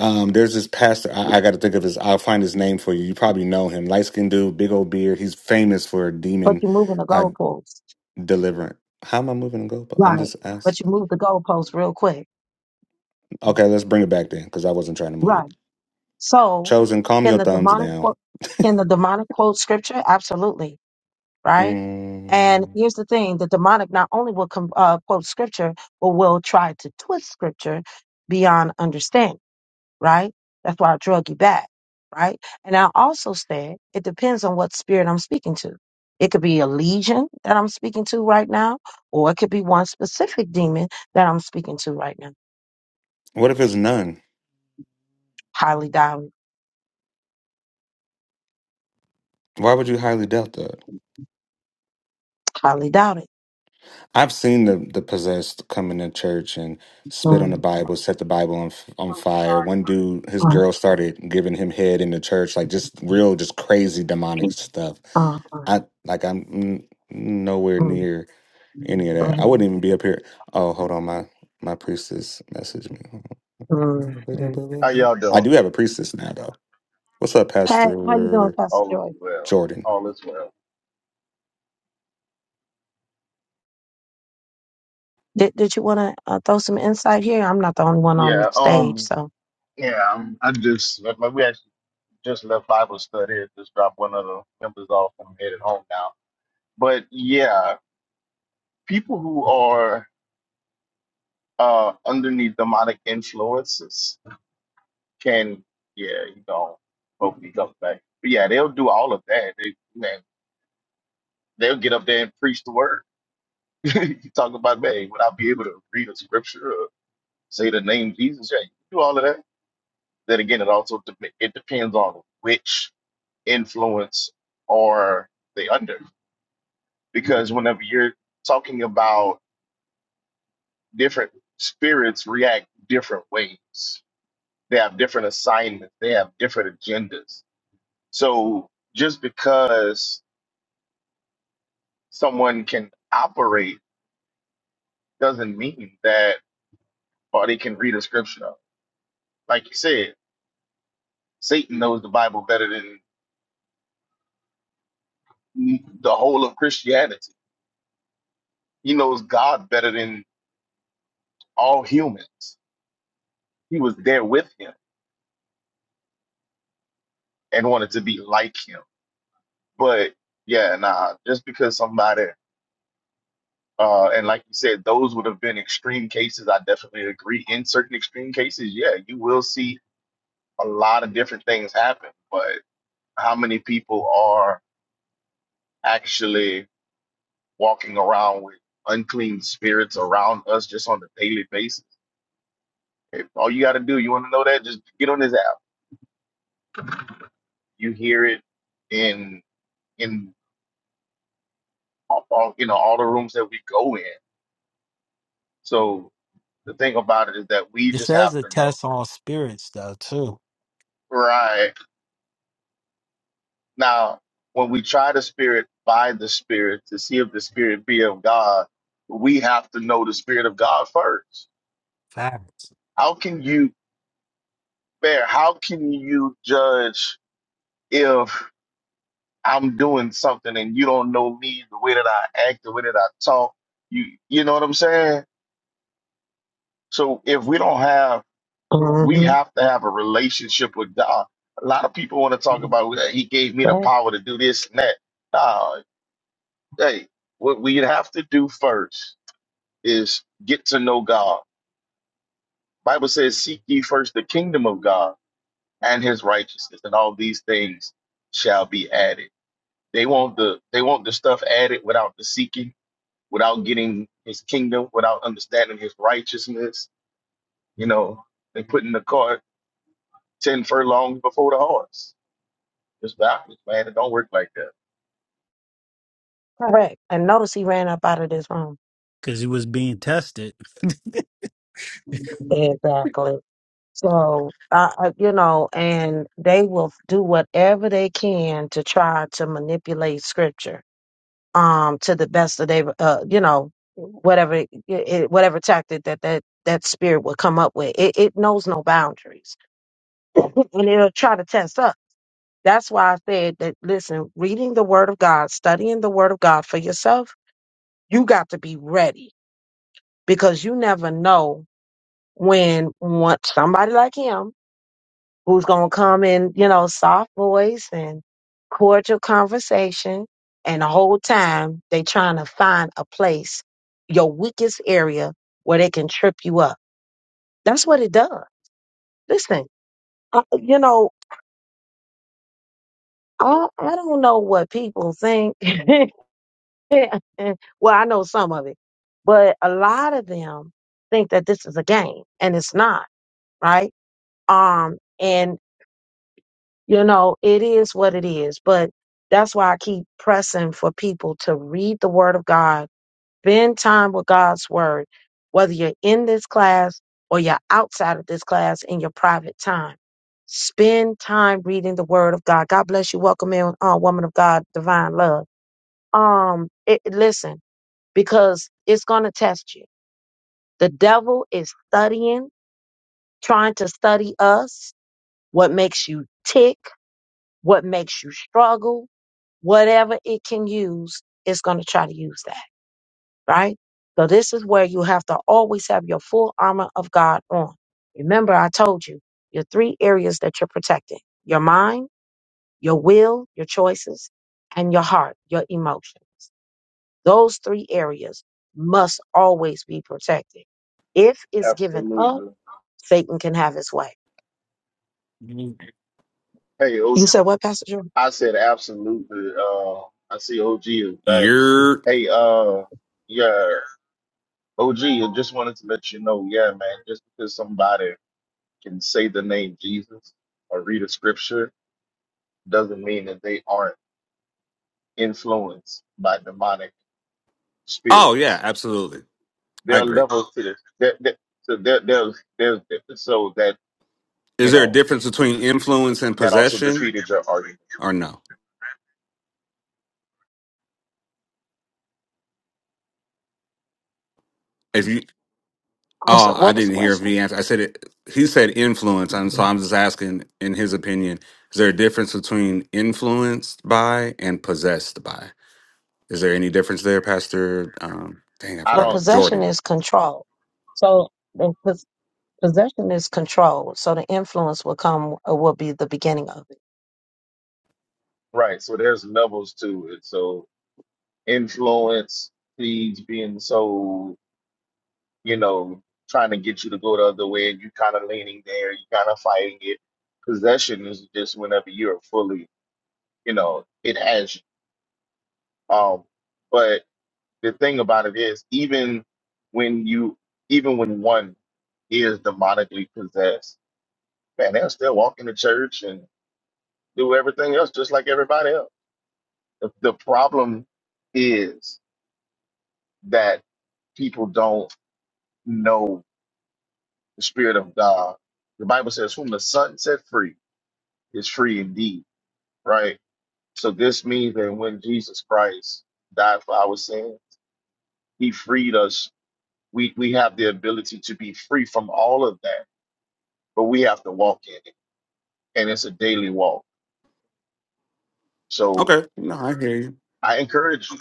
Speaker 4: um there's this pastor I, I got to think of his. I'll find his name for you. You probably know him, light skinned dude, big old beard. He's famous for
Speaker 1: But
Speaker 4: demon.
Speaker 1: you're moving the
Speaker 4: uh,
Speaker 1: goalposts.
Speaker 4: Deliverant. How am I moving the goalpost? I'm
Speaker 1: Right.
Speaker 4: just
Speaker 1: But you
Speaker 4: asking.
Speaker 1: move the goalposts real quick.
Speaker 4: Okay, let's bring it back then because I wasn't trying to move
Speaker 1: Right.
Speaker 4: it.
Speaker 1: So
Speaker 4: Chosen, calm
Speaker 1: can
Speaker 4: your
Speaker 1: the
Speaker 4: thumbs
Speaker 1: demonic
Speaker 4: down.
Speaker 1: quote, can the demonic quote scripture? Absolutely right? And
Speaker 4: Mm,
Speaker 1: here's the thing: the demonic not only will com- uh, quote scripture, but will try to twist scripture beyond understanding, right? That's why I drug you back, right? And I also said it depends on what spirit I'm speaking to. It could be a legion that I'm speaking to right now, or it could be one specific demon that I'm speaking to right now.
Speaker 4: what if it's none?
Speaker 1: Highly doubt it.
Speaker 4: Why would you highly doubt that?
Speaker 1: Highly doubt it.
Speaker 4: I've seen the, the possessed come into church and spit on the
Speaker 1: Mm,
Speaker 4: Bible, set the Bible on, f- on
Speaker 5: so
Speaker 4: fire. One dude, his
Speaker 1: mm,
Speaker 4: girl started giving him head in the church, like just real, just crazy demonic
Speaker 1: mm,
Speaker 4: stuff. I like I'm n- nowhere
Speaker 1: mm,
Speaker 4: near any of that. I
Speaker 1: mm,
Speaker 4: wouldn't even be up here. Oh, hold on, my my priestess messaged me.
Speaker 1: mm, mm.
Speaker 5: How y'all
Speaker 4: I
Speaker 5: doing?
Speaker 4: do have a priestess now, though. What's up,
Speaker 1: Hey, how you doing,
Speaker 4: Pastor
Speaker 1: Pastor
Speaker 5: All is
Speaker 1: Joy?
Speaker 5: well.
Speaker 4: Jordan?
Speaker 5: All is well.
Speaker 1: Did, did you want to uh, throw some insight here? I'm not the only one on the
Speaker 5: Yeah.
Speaker 1: stage,
Speaker 5: Um.
Speaker 1: so.
Speaker 5: Yeah. um, I just like, we actually just left Bible study. I Just dropped one of the members off. I'm headed home now. But yeah, people who are uh underneath demonic influences can yeah you know hopefully come back. But yeah, they'll do all of that. They man, they'll get up there and preach the word. you talk about man, would I be able to read a scripture or say the name Jesus? Yeah, you can do all of that Then again, it also dep it depends on which influence are they under, because whenever you're talking about different spirits react different ways. They have different assignments. They have different agendas. So just because someone can operate doesn't mean that or they can read a scripture. Like you said, Satan knows the Bible better than the whole of Christianity. He knows God better than all humans. he was there with him and wanted to be like him. But yeah, nah, just because somebody uh and like you said, those would have been extreme cases. I definitely agree. In certain extreme cases, yeah, you will see a lot of different things happen. But how many people are actually walking around with unclean spirits around us just on a daily basis? If all you gotta do, you wanna know that, just get on this app. You hear it in in all, all- you know all the rooms that we go in. So the thing about it is that we
Speaker 3: It
Speaker 5: just
Speaker 3: says
Speaker 5: have to
Speaker 3: it
Speaker 5: know.
Speaker 3: tests all spirits though too.
Speaker 5: Right. Now, when we try the spirit by the spirit to see if the spirit be of God, we have to know the spirit of God first.
Speaker 3: Facts.
Speaker 5: How can you bear? How can you judge if I'm doing something and you don't know me, the way that I act, the way that I talk? You you know what I'm saying? So if we don't have We
Speaker 1: hmm
Speaker 5: have to have a relationship with God. A lot of people want to talk about "Well, He gave me the
Speaker 1: Right.
Speaker 5: power to do this and that. Nah, hey, what we have to do first is get to know God. Bible says, "Seek ye first the kingdom of God and His righteousness, and all these things shall be added." They want the they want the stuff added without the seeking, without getting His kingdom, without understanding His righteousness. You know, they putting the cart ten furlongs before the horse It's backwards, man. It don't work like that.
Speaker 1: Correct. And notice he ran up out of this room.
Speaker 3: because he was being tested.
Speaker 1: Exactly. So, uh, uh, you know, and they will do whatever they can to try to manipulate scripture um, to the best of their, uh, you know, whatever it, it- whatever tactic that that that spirit will come up with. It, it knows no boundaries, and it'll try to test us. That's why I said that, listen, reading the Word of God, studying the Word of God for yourself, you got to be ready because you never know when one, somebody like him who's going to come in, you know, soft voice and cordial conversation. And the whole time they trying to find a place, your weakest area where they can trip you up. That's what it does. Listen, I, you know, I, I don't know what people think well, I know some of it, but a lot of them think that this is a game and it's not, right? Um, and you know, it is what it is, but that's why I keep pressing for people to read the word of God, spend time with God's word, whether you're in this class or you're outside of this class in your private time. Spend time reading the word of God. God bless you. Welcome in, uh, woman of God, divine love. Um, it, listen, because it's going to test you. The devil is studying, trying to study us, what makes you tick, what makes you struggle, whatever it can use, it's going to try to use that, right? So this is where you have to always have your full armor of God on. Remember, I told you your three areas that you're protecting your mind, your will, your choices, and your heart, your emotions. Those three areas must always be protected. If it's given up,
Speaker 5: Absolutely.
Speaker 1: Satan can have his way.
Speaker 5: Hey, o- G,
Speaker 1: You said what, Pastor Jordan?
Speaker 5: I said absolutely. Uh, I see OG is back.
Speaker 4: You're.
Speaker 5: Hey, uh, yeah, O. G. I just wanted to let you know, yeah, man, just because somebody can say the name Jesus or read a scripture doesn't mean that they aren't influenced by demonic
Speaker 4: Oh yeah,
Speaker 5: spirits.
Speaker 4: absolutely.
Speaker 5: There
Speaker 4: I
Speaker 5: are
Speaker 4: agree.
Speaker 5: levels to this. There, there, so there, there's, there's, so that, you
Speaker 4: Is there a
Speaker 5: know,
Speaker 4: difference between influence and
Speaker 5: that also
Speaker 4: possession,
Speaker 5: defeated your argument.
Speaker 4: or no? If you,
Speaker 1: I said,
Speaker 4: oh, I
Speaker 1: What was the
Speaker 4: didn't hear if
Speaker 1: question?
Speaker 4: he answered. I said it. He said influence, and so I'm just asking, in his opinion, is there a difference between influenced by and possessed by? Is there any difference there, Pastor? Um, dang, I
Speaker 5: I
Speaker 1: Well,
Speaker 4: forgot
Speaker 5: don't.
Speaker 4: it.
Speaker 1: possession
Speaker 4: Jordan.
Speaker 1: is control. So the pos- possession is control. So the influence will come, uh, will be the beginning of it.
Speaker 5: Right. So there's levels to it. So influence, seeds being sold, you know, trying to get you to go the other way, and you kind of leaning there, you kind of fighting it. Possession is just whenever you're fully, you know, it has you. Um, but the thing about it is, even when you, even when one is demonically possessed, man, they'll still walk in the church and do everything else just like everybody else. The, the problem is. that people don't know the spirit of God. The Bible says, "Whom the Son set free is free indeed." Right. So this means that when Jesus Christ died for our sin, He freed us. We we have the ability to be free from all of that, but we have to walk in it, and it's a daily walk. So
Speaker 4: Okay, no, I hear
Speaker 5: I encourage you.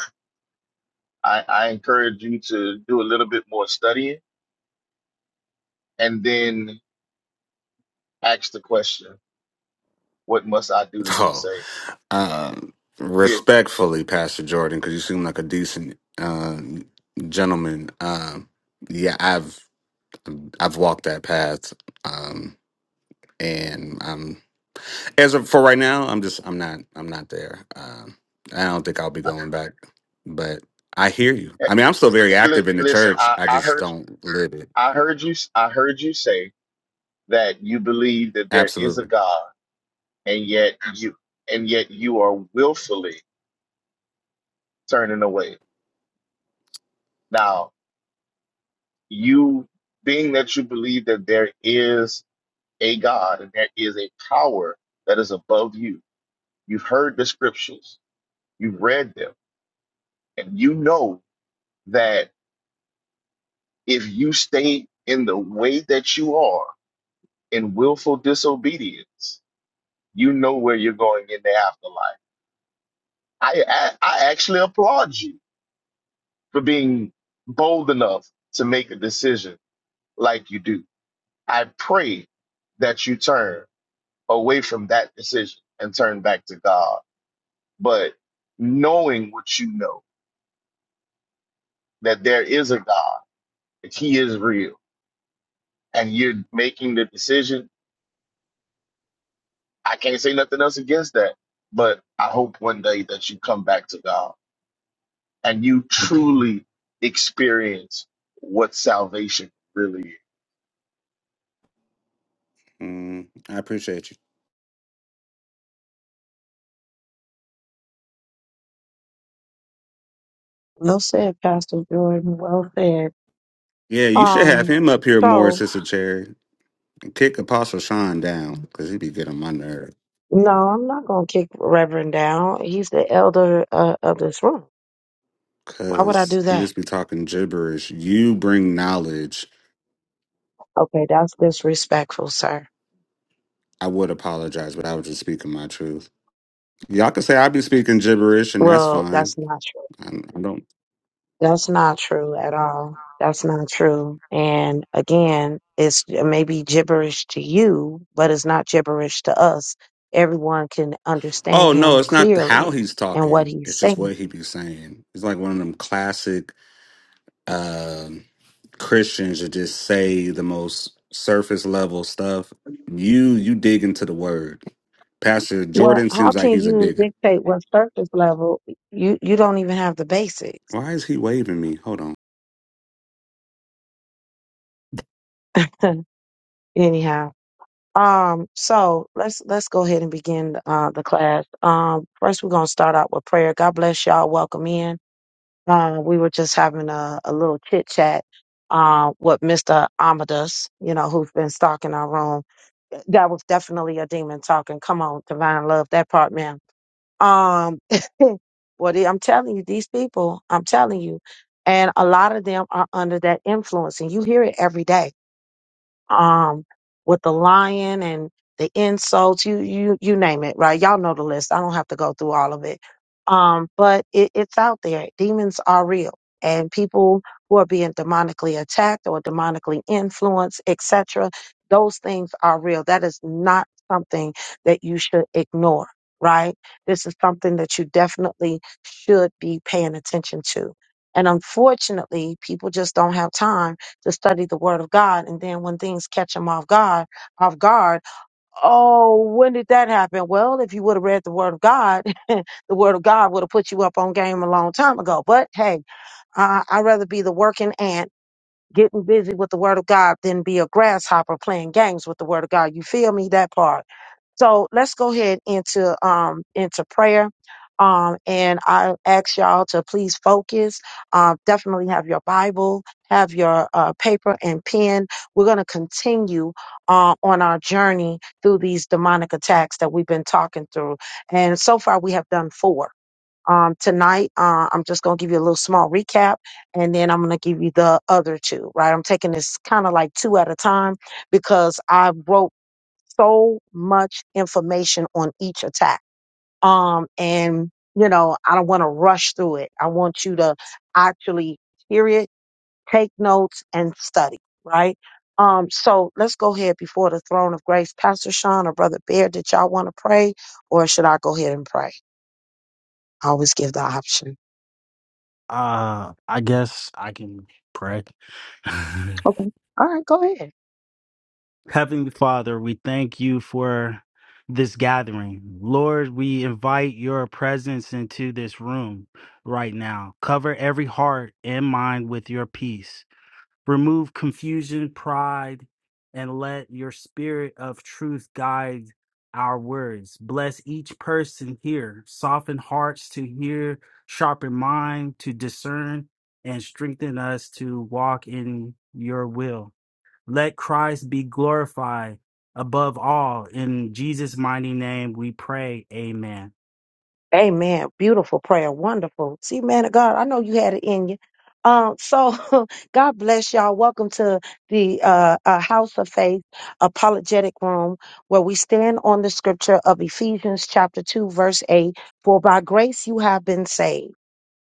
Speaker 5: I, I encourage you to do a little bit more studying, and then ask the question: What must I do to be
Speaker 4: you.
Speaker 5: saved?
Speaker 4: Um, respectfully, Pastor Jordan, because you seem like a decent um, gentleman. Um, yeah, I've I've walked that path, um, and um, as of for right now, I'm just I'm not I'm not there. Um, I don't think I'll be going back, but I hear you.
Speaker 5: Yeah.
Speaker 4: I mean, I'm still very active
Speaker 5: Li-
Speaker 4: in the
Speaker 5: listen,
Speaker 4: church.
Speaker 5: I,
Speaker 4: I
Speaker 5: I
Speaker 4: just
Speaker 5: heard
Speaker 4: don't live it.
Speaker 5: I heard you I heard you say that you believe that there is a
Speaker 4: Absolutely.
Speaker 5: God and yet you and yet you are willfully turning away. Now, you being that you believe that there is a God and there is a power that is above you. You've heard the scriptures, you've read them, and you know that if you stay in the way that you are in willful disobedience, You know where you're going in the afterlife. I, I I actually applaud you for being bold enough to make a decision like you do. I pray that you turn away from that decision and turn back to God. But knowing what you know, that there is a God, that He is real, and you're making the decision, I can't say nothing else against that. But I hope one day that you come back to God and you truly experience what salvation really is.
Speaker 4: Mm, I appreciate you.
Speaker 1: Well said, Pastor Jordan. Well said.
Speaker 4: Yeah, you should have
Speaker 1: Um,
Speaker 4: him up here more,
Speaker 1: so
Speaker 4: Sister Cherry. Kick Apostle Sean down because he'd be getting on my nerves.
Speaker 1: no, I'm not gonna kick Reverend down. He's the elder uh, of this room. Why would I
Speaker 4: Cause
Speaker 1: do
Speaker 4: he
Speaker 1: that?
Speaker 4: just be talking gibberish. You bring knowledge.
Speaker 1: Okay, that's disrespectful, sir.
Speaker 4: I would apologize, but I was just speaking my truth. Y'all can say I be speaking gibberish, and that's
Speaker 1: Well,
Speaker 4: fine.
Speaker 1: that's not true.
Speaker 4: I, I don't.
Speaker 1: That's not true at all. That's not true. And again, it's it may be gibberish to you, but it's not gibberish to us. Everyone can understand
Speaker 4: Oh no,
Speaker 1: him
Speaker 4: it's not
Speaker 1: clearly
Speaker 4: how he's
Speaker 1: and what
Speaker 4: talking.
Speaker 1: he's
Speaker 4: It's just
Speaker 1: saying.
Speaker 4: what he be saying. It's like one of them classic um Christians that just say the most surface level stuff. You you dig into the word. Pastor
Speaker 1: Well,
Speaker 4: Jordan
Speaker 1: how
Speaker 4: seems like
Speaker 1: can
Speaker 4: he's a
Speaker 1: you
Speaker 4: digger.
Speaker 1: dictate what surface level? You you don't even have the basics.
Speaker 4: Why is he waving me? Hold on.
Speaker 1: Anyhow. Um, so let's let's go ahead and begin uh, the class. Um, first we're gonna start out with prayer. God bless y'all. Welcome in. Uh, we were just having a, a little chit chat uh, with Mr. Amadeus, you know, who's been stalking our room. That was definitely a demon talking. Come on, divine love, that part, man. Um, what I'm telling you, these people, I'm telling you, and a lot of them are under that influence, and you hear it every day um, with the lying and the insults, you you you name it, right? Y'all know the list. I don't have to go through all of it. Um, but it, it's out there. Demons are real, and people who are being demonically attacked or demonically influenced, etc. Those things are real. That is not something that you should ignore, right? This is something that you definitely should be paying attention to. And unfortunately, people just don't have time to study the word of God. And then when things catch them off guard, off guard, oh, when did that happen? Well, if you would have read the word of God, the word of God would have put you up on game a long time ago. But hey, I, I'd rather be the working ant getting busy with the word of God than be a grasshopper playing games with the word of God. You feel me? That part. So let's go ahead into um into prayer. Um, and I ask y'all to please focus. Um, definitely have your Bible, have your uh, paper and pen. We're going to continue uh, on our journey through these demonic attacks that we've been talking through. And so far, we have done four um, tonight. Uh, I'm just going to give you a little small recap and then I'm going to give you the other two, right? I'm taking this kind of like two at a time because I wrote so much information on each attack. Um, and, you know, I don't want to rush through it. I want you to actually hear it, take notes, and study, right? Um, so let's go ahead before the throne of grace. Pastor Sean or Brother Bear, did y'all want to pray or should I go ahead and pray? I always give the option.
Speaker 3: uh, I guess I can pray.
Speaker 1: Okay. All right, go ahead.
Speaker 3: Heavenly Father, we thank you for this gathering. Lord, we invite your presence into this room right now. Cover every heart and mind with your peace. Remove confusion, pride, and let your spirit of truth guide our words. Bless each person here. Soften hearts to hear, sharpen mind to discern, and strengthen us to walk in your will. Let Christ be glorified above all. In Jesus' mighty name we pray. Amen.
Speaker 1: Amen. Beautiful prayer. Wonderful. See, man of God, I know you had it in you. Um, so God bless y'all. Welcome to the uh, uh, House of Faith Apologetic Room, where we stand on the scripture of Ephesians chapter 2, verse 8. For by grace you have been saved.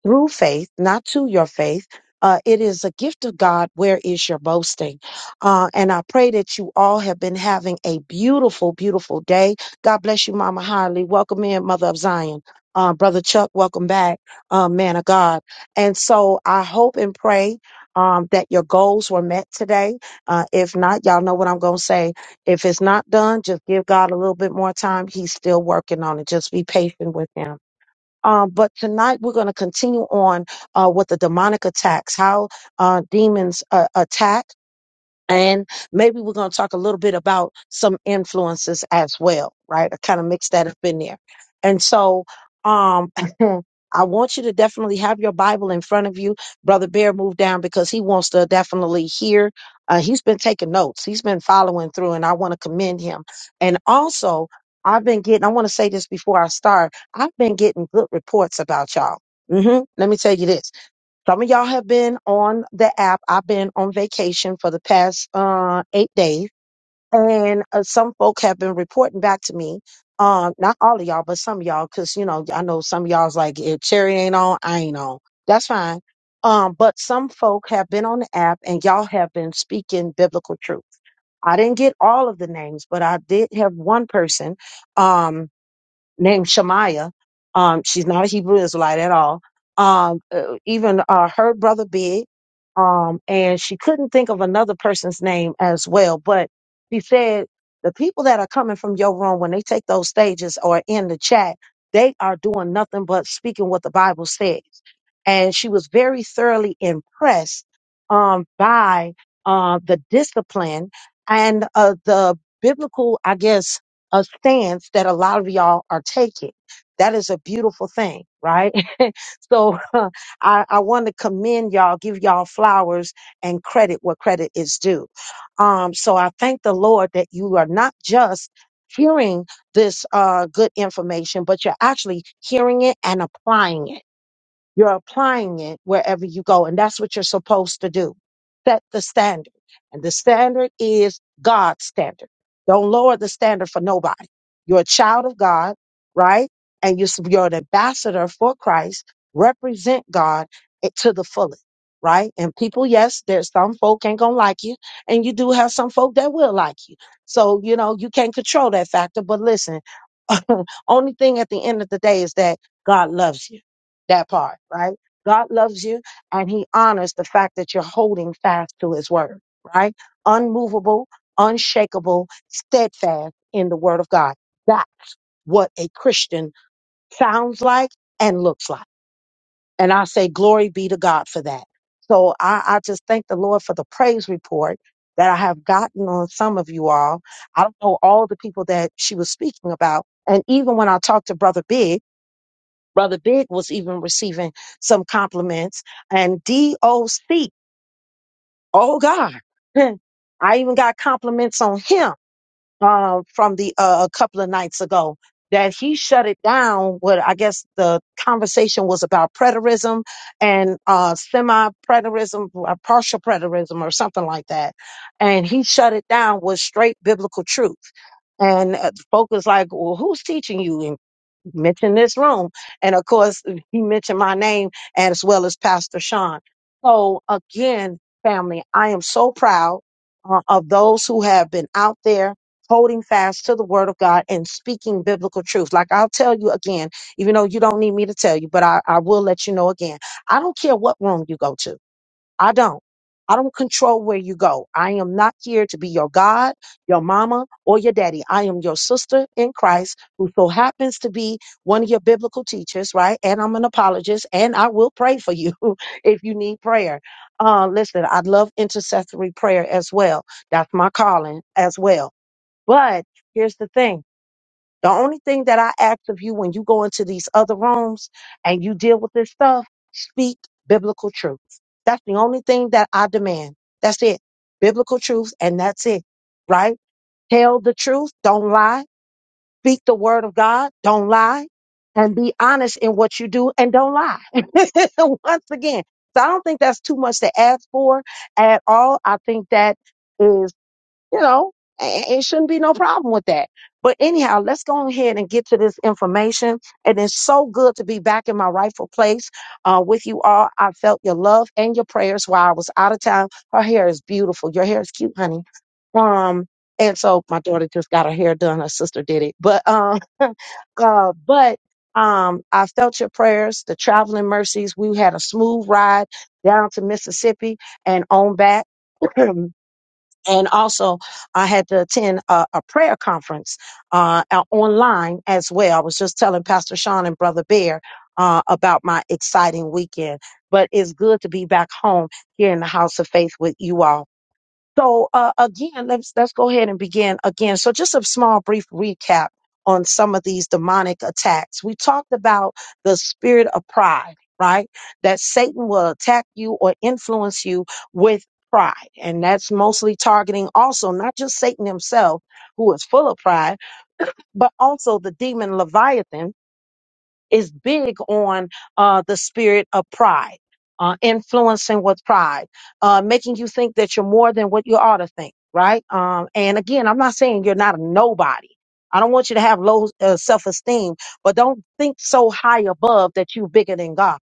Speaker 1: through faith, not to your faith. Uh, it is a gift of God. Where is your boasting? Uh, and I pray that you all have been having a beautiful, beautiful day. God bless you, Mama Harley. Welcome in, Mother of Zion. Uh, Brother Chuck, welcome back, uh, man of God. And so I hope and pray um, that your goals were met today. Uh, if not, y'all know what I'm going to say. If it's not done, just give God a little bit more time. He's still working on it. Just be patient with him. Um, but tonight we're going to continue on uh, with the demonic attacks, how uh, demons uh, attack and maybe we're going to talk a little bit about some influences as well right i kind of mixed that up in there and so um i want you to definitely have your bible in front of you brother bear move down because he wants to definitely hear uh, he's been taking notes he's been following through and i want to commend him and also i've been getting i want to say this before i start i've been getting good reports about y'all hmm let me tell you this some of y'all have been on the app. I've been on vacation for the past uh, eight days, and uh, some folk have been reporting back to me. Um, not all of y'all, but some of y'all, because you know I know some of y'all's like, if Cherry ain't on, I ain't on. That's fine. Um, but some folk have been on the app, and y'all have been speaking biblical truth. I didn't get all of the names, but I did have one person. Um, named Shemaiah. Um, she's not a Hebrew Israelite at all. Um, uh, even uh, her brother Big, um, and she couldn't think of another person's name as well. But she said the people that are coming from your room when they take those stages or in the chat, they are doing nothing but speaking what the Bible says. And she was very thoroughly impressed um, by uh, the discipline and uh, the biblical, I guess, a stance that a lot of y'all are taking. That is a beautiful thing, right? so I, I want to commend y'all, give y'all flowers and credit where credit is due. Um, so I thank the Lord that you are not just hearing this uh, good information, but you're actually hearing it and applying it you're applying it wherever you go. And that's what you're supposed to do. Set the standard. And the standard is God's standard. Don't lower the standard for nobody. You're a child of God, right? And you're, s- you're an ambassador for Christ. Represent God it- to the fullest, right? And people, yes, there's some folk ain't gonna like you. And you do have some folk that will like you. So, you know, you can't control that factor. But listen, Only thing at the end of the day is that God loves you. That part, right? God loves you and he honors the fact that you're holding fast to his word, right? Unmovable, unshakable, steadfast in the word of God. That's what a Christian sounds like and looks like. And I say, glory be to God for that. So I, I just thank the Lord for the praise report that I have gotten on some of you all. I don't know all the people that she was speaking about. And even when I talked to Brother Big, Brother Big was even receiving some compliments. And DOC, oh God, I even got compliments on him uh, from the uh, a couple of nights ago that he shut it down. What I guess the conversation was about preterism and uh, semi-preterism, uh, partial preterism, or something like that, and he shut it down with straight biblical truth. And uh, folk was like, "Well, who's teaching you?" mentioned this room. And of course, uh, he mentioned my name as well as Pastor Sean. So again, family, I am so proud uh, of those who have been out there holding fast to the word of God and speaking biblical truth. Like I'll tell you again, even though you don't need me to tell you, but I, I will let you know again. I don't care what room you go to. I don't. I don't control where you go. I am not here to be your God, your mama, or your daddy. I am your sister in Christ who so happens to be one of your biblical teachers, right? And I'm an apologist and I will pray for you if you need prayer. Uh, listen, I love intercessory prayer as well. That's my calling as well. But here's the thing. The only thing that I ask of you when you go into these other rooms and you deal with this stuff, speak biblical truth. That's the only thing that I demand. That's it. Biblical truth, and that's it. Right? Tell the truth. Don't lie. Speak the word of God. Don't lie. And be honest in what you do and don't lie. Once again. So I don't think that's too much to ask for at all. I think that is you know, a- a- it shouldn't be no problem with that. But anyhow, let's go ahead and get to this information. And it's so good to be back in my rightful place uh, with you all. I felt your love and your prayers while I was out of town. Her hair is beautiful. Your hair is cute, honey. Um, and so my daughter just got her hair done. Her sister did it, but um, uh, but um, I felt your prayers, the traveling mercies. We had a smooth ride down to Mississippi and on back. and also I had to attend a, a prayer conference uh, out- online as well. I was just telling Pastor Sean and Brother Bear uh, about my exciting weekend, but it's good to be back home here in the House of Faith with you all. So uh, again, let's let's go ahead and begin again. So just a small brief recap on some of these demonic attacks. We talked about the spirit of pride, right? That Satan will attack you or influence you with pride. And that's mostly targeting also not just Satan himself, who is full of pride, but also the demon Leviathan is big on uh, the spirit of pride, uh, influencing with pride, uh, making you think that you're more than what you ought to think, right? Um, and again, I'm not saying you're not a nobody. I don't want you to have low uh, self esteem, but don't think so high above that you're bigger than God.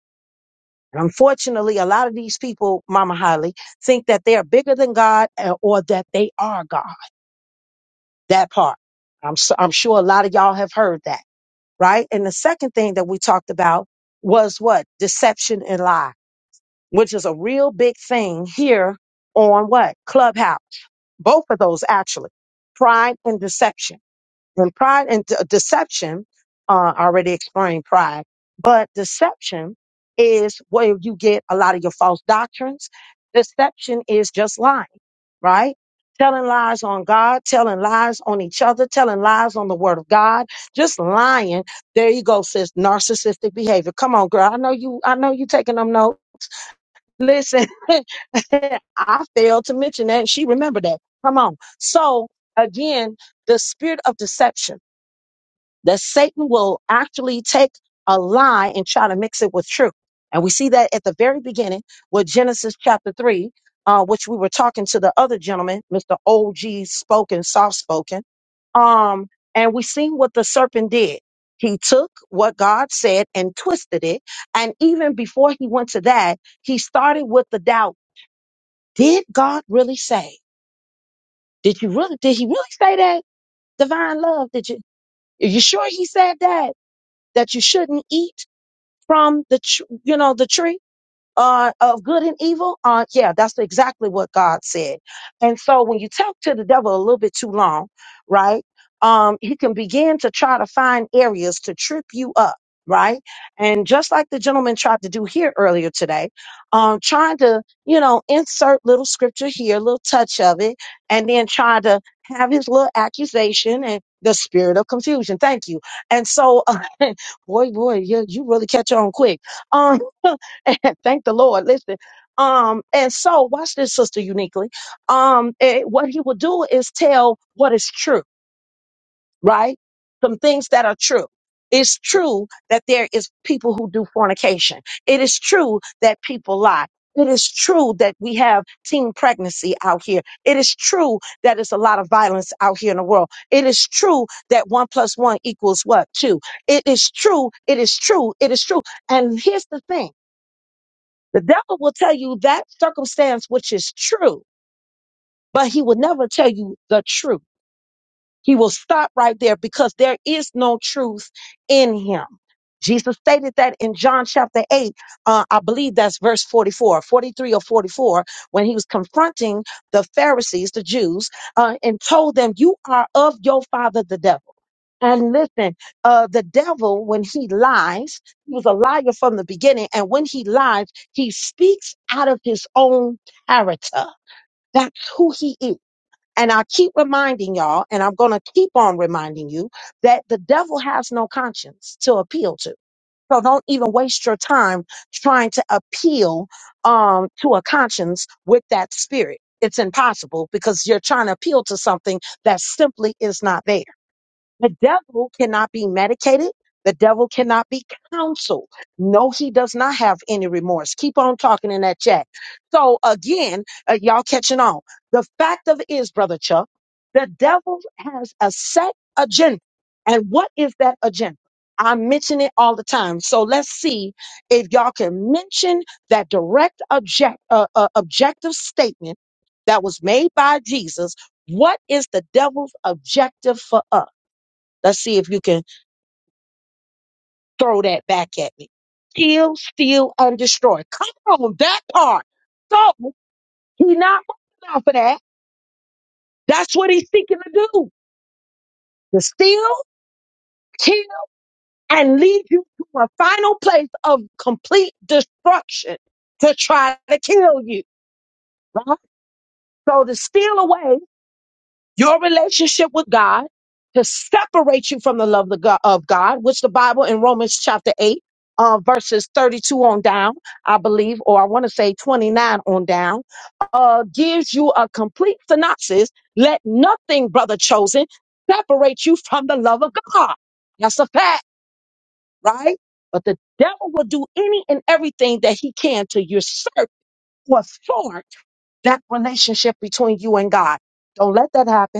Speaker 1: And unfortunately, a lot of these people, Mama Holly, think that they're bigger than God uh, or that they are God. That part. I'm, s- I'm sure a lot of y'all have heard that right? And the second thing that we talked about was what? Deception and lie, which is a real big thing here on what? Clubhouse. Both of those actually. Pride and deception. And pride and de- deception, uh, already exploring pride, but deception is where you get a lot of your false doctrines. Deception is just lying, right? Telling lies on God, telling lies on each other, telling lies on the word of God, just lying. There you go, sis. Narcissistic behavior. Come on, girl. I know you, I know you taking them notes. Listen, I failed to mention that. She remembered that. Come on. So again, the spirit of deception that Satan will actually take a lie and try to mix it with truth. And we see that at the very beginning with Genesis chapter 3, uh, which we were talking to the other gentleman, Mr. OG spoken, soft spoken. Um, and we seen what the serpent did. He took what God said and twisted it. And even before he went to that, he started with the doubt. Did God really say? Did you really, did he really say that? Divine love, did you, are you sure he said that? that you shouldn't eat from the tr- you know the tree uh, of good and evil? Uh, yeah, that's exactly what God said. And so when you talk to the devil a little bit too long, right? Um, he can begin to try to find areas to trip you up, right? And just like the gentleman tried to do here earlier today, um, trying to, you know, insert little scripture here, a little touch of it, and then try to have his little accusation and the spirit of confusion. Thank you. And so, boy, boy, you, you really catch on quick. Um, Thank the Lord. Listen. Um, and so watch this, sister uniquely. Um, eh, what he will do is tell what is true, right? Some things that are true. It's true that there is people who do fornication. It is true that people lie. It is true that we have teen pregnancy out here. It is true that it's a lot of violence out here in the world. It is true that one plus one equals what? Two. It is true. It is true. It is true. And here's the thing. The devil will tell you that circumstance which is true, but he will never tell you the truth. He will stop right there because there is no truth in him. Jesus stated that in John chapter 8, uh, I believe that's verse 44, 43 or 44, when he was confronting the Pharisees, the Jews, uh, and told them, You are of your father, the devil. And listen, uh, the devil, when he lies, he was a liar from the beginning. And when he lies, he speaks out of his own character. That's who he is. And I keep reminding y'all, and I'm going to keep on reminding you, that the devil has no conscience to appeal to. So don't even waste your time trying to appeal um, to a conscience with that spirit. It's impossible because you're trying to appeal to something that simply is not there. The devil cannot be medicated. The devil cannot be counseled. No, he does not have any remorse. Keep on talking in that chat. So again, uh, y'all catching on. The fact of it is, brother Chuck, the devil has a set agenda. And what is that agenda? I mention it all the time. So let's see if y'all can mention that direct object, uh, uh, objective statement that was made by Jesus. What is the devil's objective for us? Let's see if you can throw that back at me. Kill, steal, and destroy. Come on, that part. So he not wrong enough for that. That's what he's seeking to do. To steal, kill, and lead you to a final place of complete destruction to try to kill you. Right? So to steal away your relationship with God to separate you from the love of God, of God, which the Bible in Romans chapter 8, uh, verses 32 on down, I believe, or I want to say 29 on down, uh, gives you a complete synopsis. Let nothing, brother chosen, separate you from the love of God. That's a fact, right? But the devil will do any and everything that he can to usurp or thwart that relationship between you and God. Don't let that happen.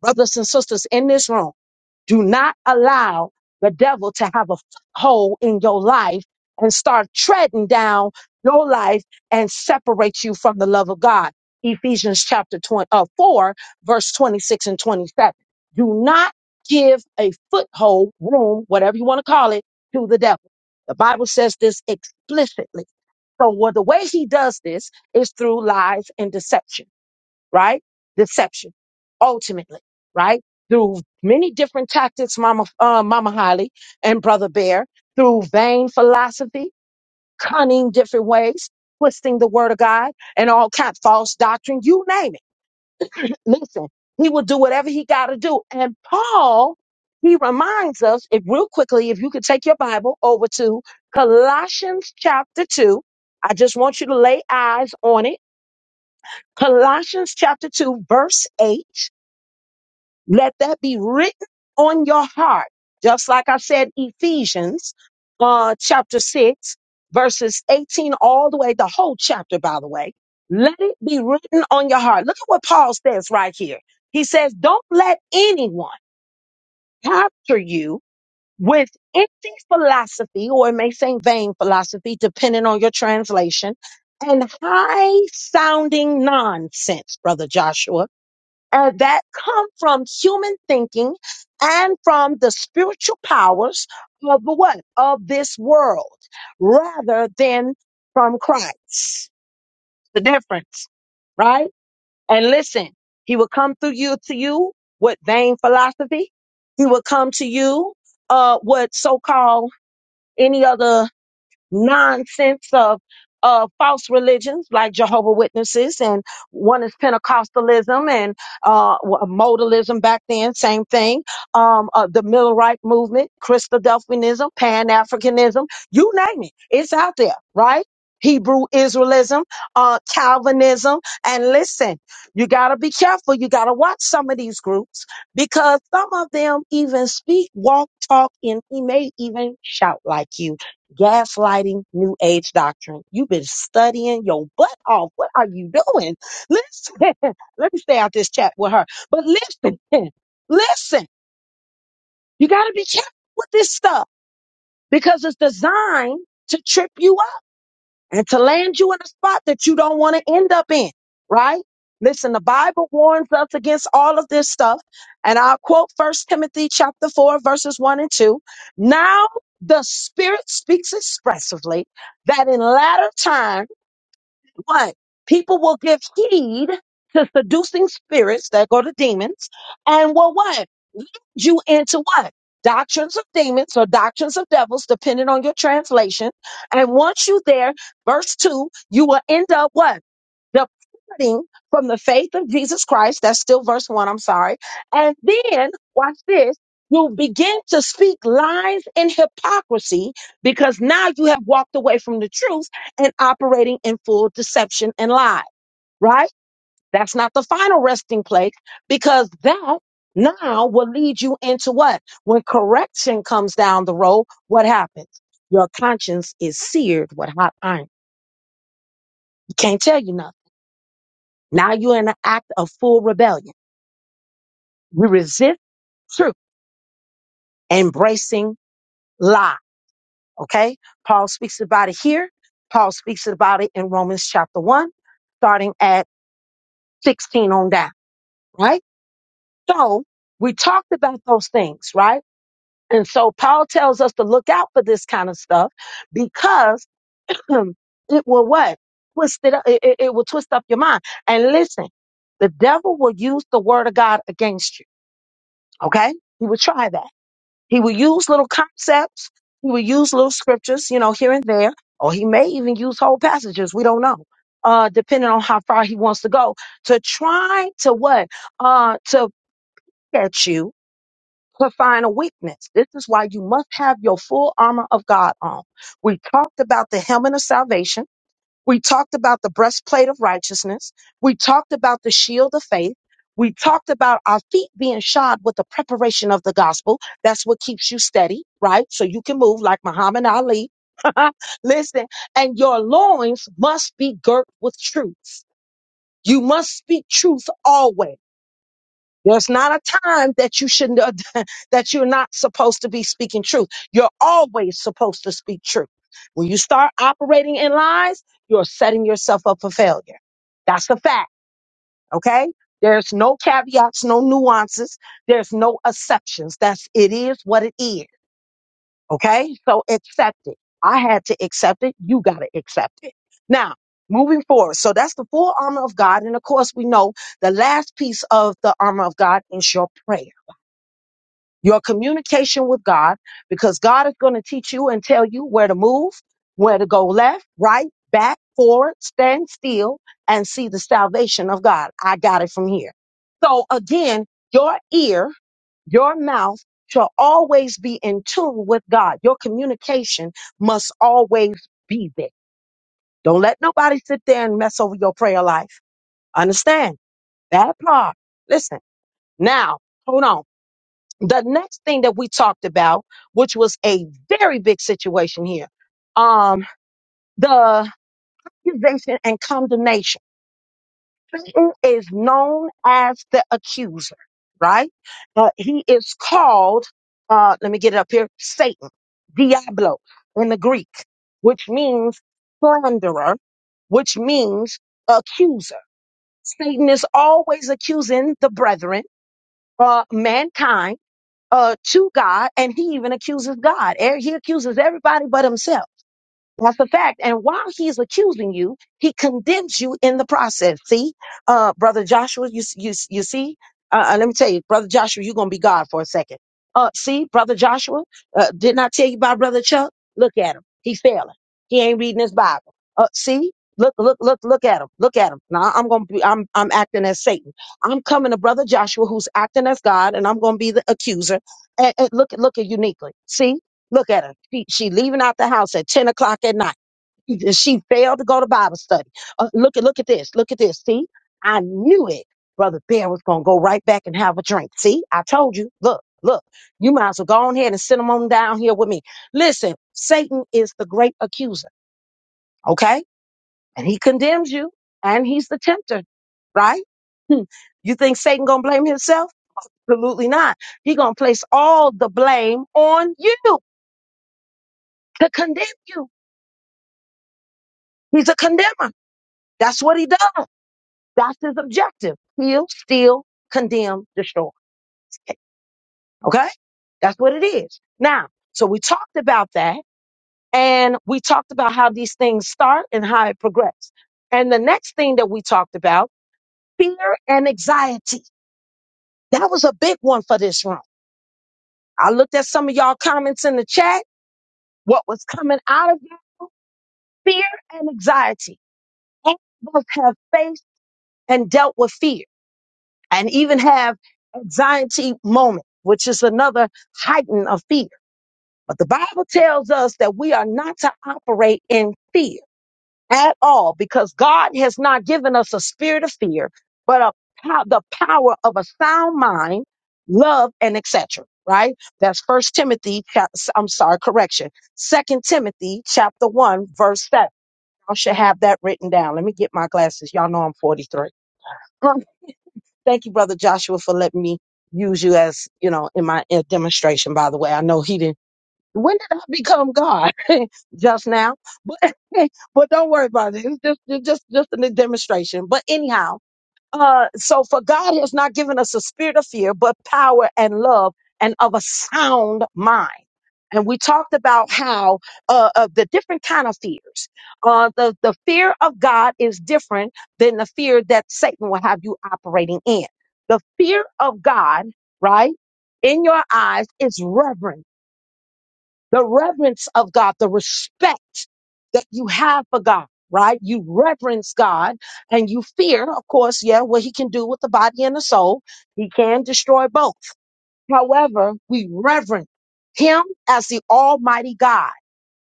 Speaker 1: Brothers and sisters in this room, do not allow the devil to have a hole in your life and start treading down your life and separate you from the love of God. Ephesians chapter 20, uh, 4, verse 26 and 27. Do not give a foothold, room, whatever you want to call it, to the devil. The Bible says this explicitly. So, what the way he does this is through lies and deception right? Deception, ultimately, right? Through many different tactics, Mama, uh, Mama Holly and Brother Bear, through vain philosophy, cunning different ways, twisting the word of God, and all kind false doctrine, you name it. Listen, he will do whatever he got to do. And Paul, he reminds us, if real quickly, if you could take your Bible over to Colossians chapter 2. I just want you to lay eyes on it. Colossians chapter 2, verse 8. Let that be written on your heart. Just like I said, Ephesians uh, chapter 6, verses 18, all the way, the whole chapter, by the way. Let it be written on your heart. Look at what Paul says right here. He says, Don't let anyone capture you with empty philosophy, or it may say vain philosophy, depending on your translation, and high sounding nonsense, Brother Joshua uh, that come from human thinking and from the spiritual powers of the what of this world rather than from christ the difference right and listen he will come through you to you with vain philosophy he will come to you uh with so-called any other nonsense of uh, false religions like Jehovah Witnesses and one is Pentecostalism and uh, w- modalism back then, same thing. Um, uh, the Millerite movement, Christadelphianism, Pan Africanism, you name it, it's out there, right? Hebrew Israelism, uh, Calvinism, and listen, you gotta be careful. You gotta watch some of these groups because some of them even speak, walk, talk, and he may even shout like you gaslighting, new age doctrine. You've been studying your butt off. What are you doing? Listen, let me stay out this chat with her. But listen, listen, you got to be careful with this stuff because it's designed to trip you and to land you in a spot that you don't want to end up in, right? Listen, the Bible warns us against all of this stuff. And I'll quote First Timothy chapter 4, verses 1 and 2. Now the Spirit speaks expressively that in latter time what? People will give heed to seducing spirits that go to demons and will what? Lead you into what? Doctrines of demons or doctrines of devils, depending on your translation. And once you there, verse two, you will end up what? departing from the faith of Jesus Christ. That's still verse one, I'm sorry. And then, watch this, you begin to speak lies and hypocrisy because now you have walked away from the truth and operating in full deception and lie, right? That's not the final resting place because that now will lead you into what? When correction comes down the road, what happens? Your conscience is seared with hot iron. You can't tell you nothing. Now you're in an act of full rebellion. You resist truth, embracing lie. Okay. Paul speaks about it here. Paul speaks about it in Romans chapter one, starting at 16 on down. Right. So we talked about those things, right? And so Paul tells us to look out for this kind of stuff because it will what? Twist it up. It, it it will twist up your mind. And listen, the devil will use the word of God against you. Okay. He will try that. He will use little concepts. He will use little scriptures, you know, here and there, or he may even use whole passages. We don't know, uh, depending on how far he wants to go to try to what, uh, to poke at you to find a weakness. This is why you must have your full armor of God on. We talked about the helmet of salvation. We talked about the breastplate of righteousness. We talked about the shield of faith. We talked about our feet being shod with the preparation of the gospel. That's what keeps you steady, right? So you can move like Muhammad Ali. Listen, and your loins must be girt with truth. You must speak truth always. There's not a time that you should not- that you're not supposed to be speaking truth. You're always supposed to speak truth. When you start operating in lies, you're setting yourself up for failure. That's the fact, okay? There's no caveats, no nuances, there's no exceptions. That's it is what it is, okay? So accept it. I had to accept it, you got to accept it. Now, moving forward. So that's the full armor of God and of course we know the last piece of the armor of God is your prayer your communication with God, because God is going to teach you and tell you where to move, where to go left, right, back, forward, stand still, and see the salvation of God. I got it from here. So again, your ear, your mouth shall always be in tune with God. Your communication must always be there. Don't let nobody sit there and mess over your prayer life. Understand that part. Listen, now, hold on the next thing that we talked about, which was a very big situation here, um, the accusation and condemnation. Satan is known as the accuser, right? Uh, he is called, uh, let me get it up here, Satan, Diablo in the Greek, which means slanderer, which means accuser. Satan is always accusing the brethren, uh, mankind uh, to God, and he even accuses God. Er- He accuses everybody but himself. That's the fact. And while he's accusing you, he condemns you in the process. See, uh, brother Joshua, you you you see. Uh, uh, let me tell you, brother Joshua, you're gonna be God for a second. Uh, see, brother Joshua, uh, didn't I tell you about brother Chuck? Look at him. He failing. He ain't reading his Bible. Uh, see, look, look, look, look at him. Look at him. Now I'm gonna be, I'm, I'm acting as Satan. I'm coming to brother Joshua, who's acting as God, and I'm gonna be the accuser. And, and look, look at uniquely. See. Look at her. She, she leaving out the house at 10 o'clock at night. She failed to go to Bible study. Uh, look at look at this. Look at this. See, I knew it. Brother Bear was gonna go right back and have a drink. See, I told you. Look, look. You might as well go on ahead and send him on down here with me. Listen, Satan is the great accuser. Okay, and he condemns you, and he's the tempter, right? Hmm. You think Satan gonna blame himself? Absolutely not. He gonna place all the blame on you to condemn you. He's a condemner. That's what he does. That's his objective. He'll steal, condemn, destroy. Okay? That's what it is. Now, so we talked about that and we talked about how these things start and how it progresses. And the next thing that we talked about, fear and anxiety. That was a big one for this room. I looked at some of y'all comments in the chat, what was coming out of you, fear and anxiety. All of us have faced and dealt with fear. and even have anxiety moment, which is another heighten of fear. But the Bible tells us that we are not to operate in fear at all because God has not given us a spirit of fear, but a, pow- the power of a sound mind, love, and etc. Right? That's First Timothy. chap- I'm sorry, correction. Second Timothy, chapter one, verse seven. I should have that written down. Let me get my glasses. Y'all know I'm 43. Thank you, brother Joshua, for letting me use you as you know in my uh, demonstration. By the way, I know he didn't. When did I become God? just now, but but don't worry about it. It's just it's just just a demonstration. But anyhow, uh, so for God has not given us a spirit of fear, but power and love and of a sound mind and we talked about how uh, of the different kind of fears uh, the, the fear of god is different than the fear that satan will have you operating in the fear of god right in your eyes is reverent the reverence of god the respect that you have for god right you reverence god and you fear of course yeah what he can do with the body and the soul he can destroy both However, we reverence him as the Almighty God.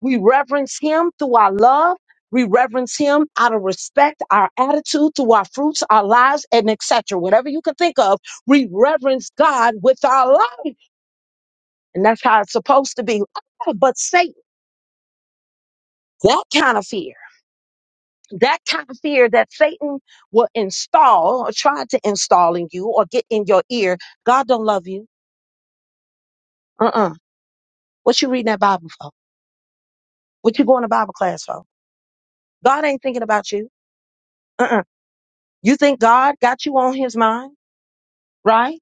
Speaker 1: We reverence him through our love. We reverence him out of respect, our attitude, through our fruits, our lives, and etc. Whatever you can think of, we reverence God with our life. And that's how it's supposed to be. Ah, But Satan, that kind of fear, that kind of fear that Satan will install or try to install in you or get in your ear, God don't love you. Uh-uh. What you reading that Bible for? What you going to Bible class for? God ain't thinking about you. Uh-uh. You think God got you on his mind, right?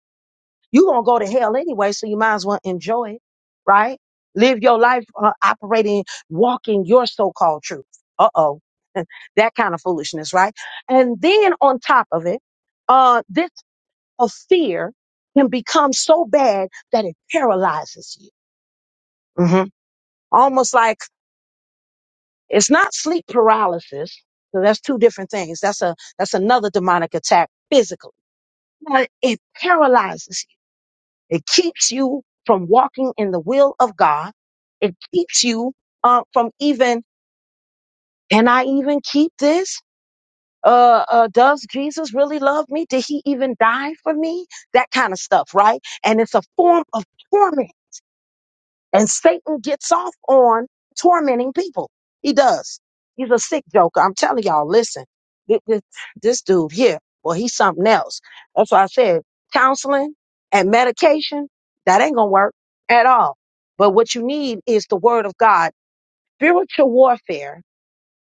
Speaker 1: you going to go to hell anyway, so you might as well enjoy it, right? Live your life uh, operating, walking your so called truth. Uh oh. that kind of foolishness, right? And then on top of it, uh, this of fear can become so bad that it paralyzes you. hmm Almost like it's not sleep paralysis. So that's two different things. That's a, that's another demonic attack physically Now, it paralyzes you. It keeps you from walking in the will of God. It keeps you uh, from even, can I even keep this? Uh, uh, does Jesus really love me? Did he even die for me? That kind of stuff, right? And it's a form of torment And Satan gets off on tormenting people. He does. He's a sick joker. I'm telling y'all, listen, this, this, this dude here, well, he's something else. That's why I said counseling and medication, that ain't going to work at all. But what you need is the word of God. Spiritual warfare,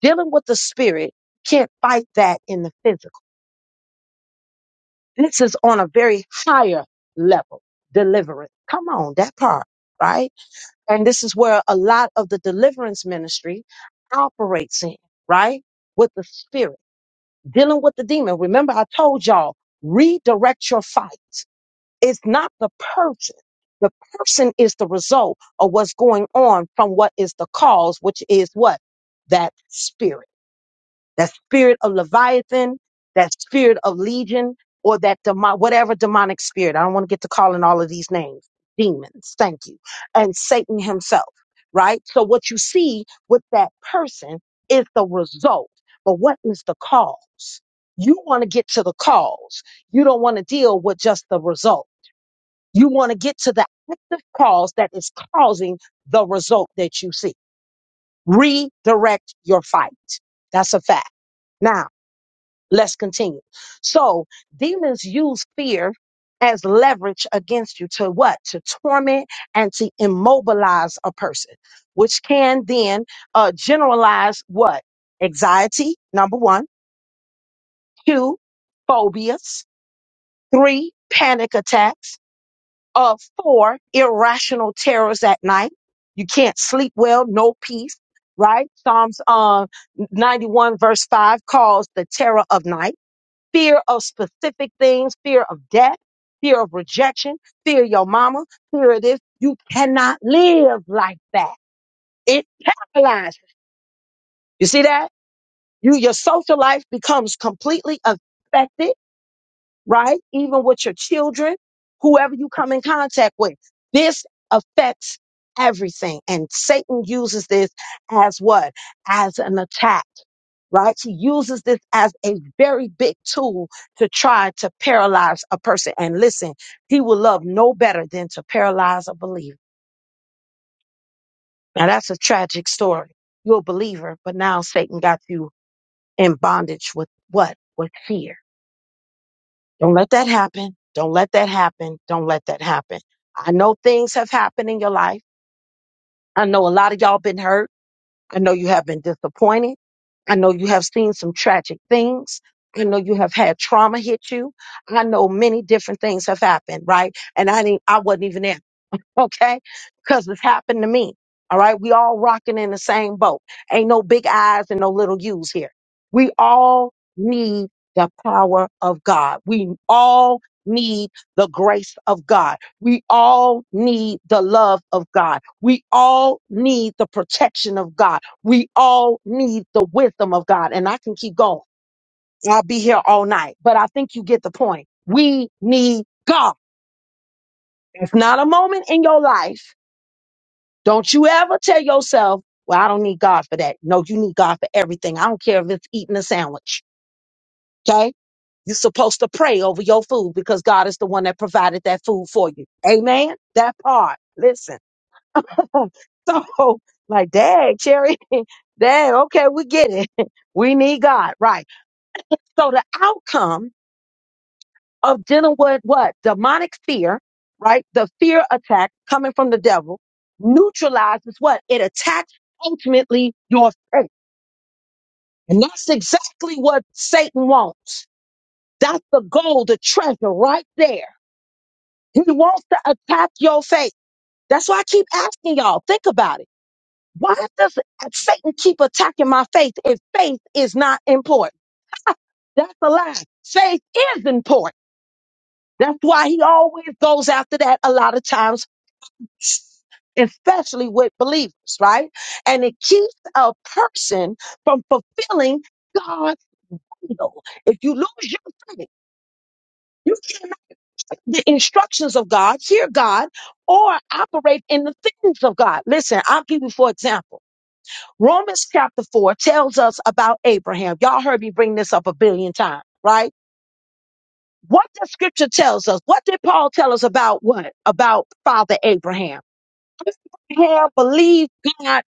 Speaker 1: dealing with the spirit, can't fight that in the physical. This is on a very higher level, deliverance. Come on, that part, right? And this is where a lot of the deliverance ministry operates in, right? With the spirit, dealing with the demon. Remember, I told y'all, redirect your fight. It's not the person. The person is the result of what's going on from what is the cause, which is what? That spirit that spirit of Leviathan, that spirit of Legion, or that demo- whatever demonic spirit. I don't want to get to calling all of these names. Demons, thank you. And Satan himself, right? So what you see with that person is the result. But what is the cause? You want to get to the cause. You don't want to deal with just the result. You want to get to the active cause that is causing the result that you see. Redirect your fight. That's a fact. Now. Let's continue. So demons use fear as leverage against you to what? To torment and to immobilize a person, which can then uh, generalize what? Anxiety, number one. Two, phobias. Three, panic attacks. Uh, four, irrational terrors at night. You can't sleep well, no peace, right? Psalms uh, 91 verse 5 calls the terror of night fear of specific things, fear of death, fear of rejection, fear of your mama, fear of this. You cannot live like that. It paralyzes. You see that? You, your social life becomes completely affected right? Even with your children, whoever you come in contact with. This affects everything. And Satan uses this as what? As an attack, right? He uses this as a very big tool to try to paralyze a person. And listen, he will love no better than to paralyze a believer. Now that's a tragic story. You're a believer, but now Satan got you in bondage with what? With fear Don't let that happen. Don't let that happen. Don't let that happen. I know things have happened in your life. I know a lot of y'all been hurt. I know you have been disappointed. I know you have seen some tragic things. I know you have had trauma hit you. I know many different things have happened, right? And I didn't, I wasn't even there. okay? Because it's happened to me. All right. We all rocking in the same boat. Ain't no big eyes and no little U's here. We all need the power of God. We all need the grace of God. We all need the love of God. We all need the protection of God. We all need the wisdom of God. And I can keep going. I'll be here all night, but I think you get the point. We need God. It's not a moment in your life don't you ever tell yourself, well, I don't need God for that. No, you need God for everything. I don't care if it's eating a sandwich. Okay. You're supposed to pray over your food because God is the one that provided that food for you. Amen. That part. Listen. so, like, dang, Cherry, dang, okay, we get it. We need God. Right. So, the outcome of dealing with what? Demonic fear, right? The fear attack coming from the devil neutralizes what? It attacks ultimately your faith. And that's exactly what Satan wants. That's the goal, the treasure right there. He wants to attack your faith. That's why I keep asking y'all, think about it. Why does Satan keep attacking my faith if faith is not important? That's a lie. Faith is important. That's why he always goes after that a lot of times, especially with believers, right? And it keeps a person from fulfilling God's will. If you lose your faith, you can't the instructions of God, hear God, or operate in the things of God. Listen, I'll give you, for example, Romans chapter 4 tells us about Abraham. Y'all heard me bring this up a billion times, right? What the scripture tells us, what did Paul tell us about what? About Father Abraham. Abraham believed God.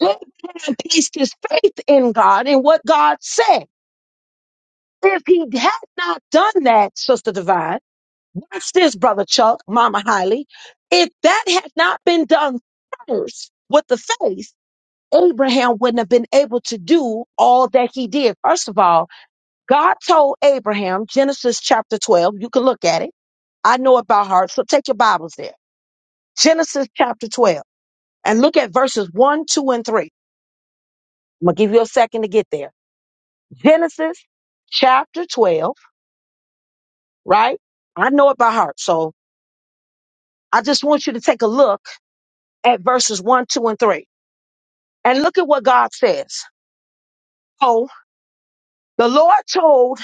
Speaker 1: Abraham placed his faith in God and what God said. If he had not done that, Sister Divine, Watch this, Brother Chuck, Mama Hiley. If that had not been done first with the faith, Abraham wouldn't have been able to do all that he did. First of all, God told Abraham, Genesis chapter 12, you can look at it. I know it by heart, so take your Bibles there. Genesis chapter 12, and look at verses 1, 2, and 3. I'm going to give you a second to get there. Genesis chapter 12, right? I know it by heart, so I just want you to take a look at verses 1, 2, and 3. And look at what God says. Oh, the Lord told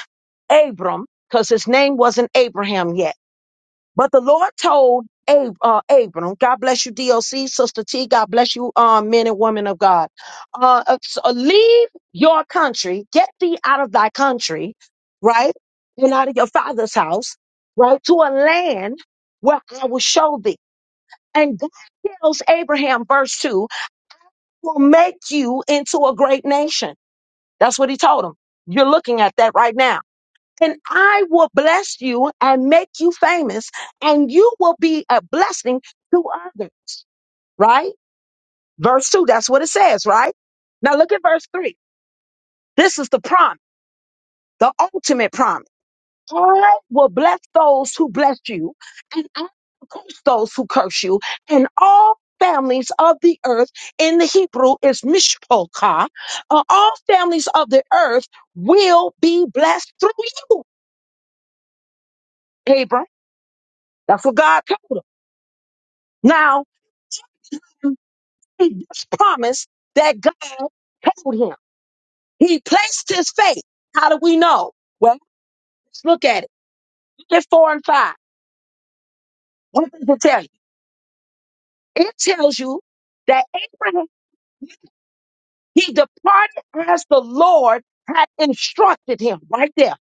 Speaker 1: Abram, because his name wasn't Abraham yet, but the Lord told Ab- uh, Abram, God bless you, DOC, Sister T, God bless you, uh, men and women of God. Uh, uh, so leave your country, get thee out of thy country, right? And out of your father's house, right? To a land where I will show thee. And God tells Abraham, verse 2, will make you into a great nation. That's what he told him. You're looking at that right now. And I will bless you and make you famous, and you will be a blessing to others. Right? Verse 2, that's what it says, right? Now look at verse 3. This is the promise, the ultimate promise. I will bless those who bless you, and I will curse those who curse you. And all families of the earth in the Hebrew is mishpokah. Uh, all families of the earth will be blessed through you, Abram. That's what God told him. Now, he just promised that God told him. He placed his faith. How do we know? Well, let's look at it. Look at four and five. What does it tell you? It tells you that Abraham He departed as the Lord had instructed him right there.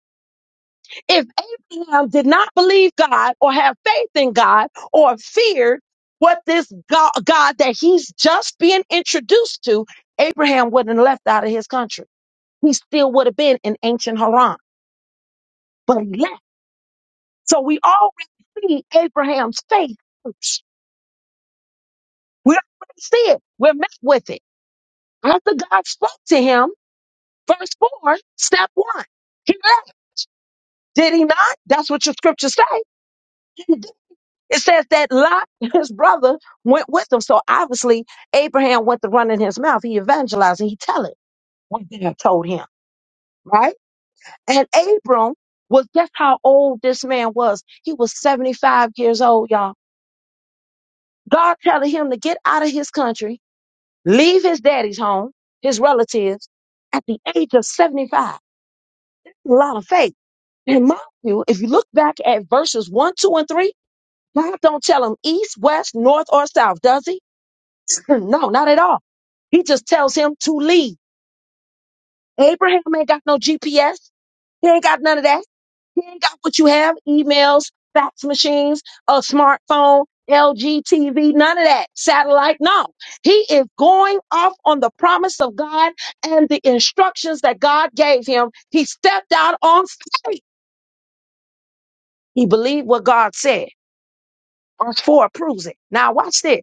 Speaker 1: If Abraham did not believe God or have faith in God or feared what this God, God that he's just being introduced to, Abraham wouldn't have left out of his country. He still would have been in ancient Haran, but he left. So we already see Abraham's faith first. We already see it. We're met with it. After God spoke to him, verse 4, step 1, he left. Did he not? That's what your scriptures say. It says that Lot, his brother, went with him. So obviously, Abraham went to run in his mouth. He evangelized and he tell it what God told him, right? And Abram was guess how old this man was? He was 75 years old, y'all. God telling him to get out of his country, leave his daddy's home, his relatives, at the age of 75. A lot of faith. And mind you, if you look back at verses 1, 2, and 3, God don't tell him east, west, north, or south, does he? no, not at all. He just tells him to lead. Abraham ain't got no GPS. He ain't got none of that. He ain't got what you have emails, fax machines, a smartphone, LG TV, none of that, satellite. No, he is going off on the promise of God and the instructions that God gave him. He stepped out on faith. He believed what God said. Verse 4 proves it. Now, watch this.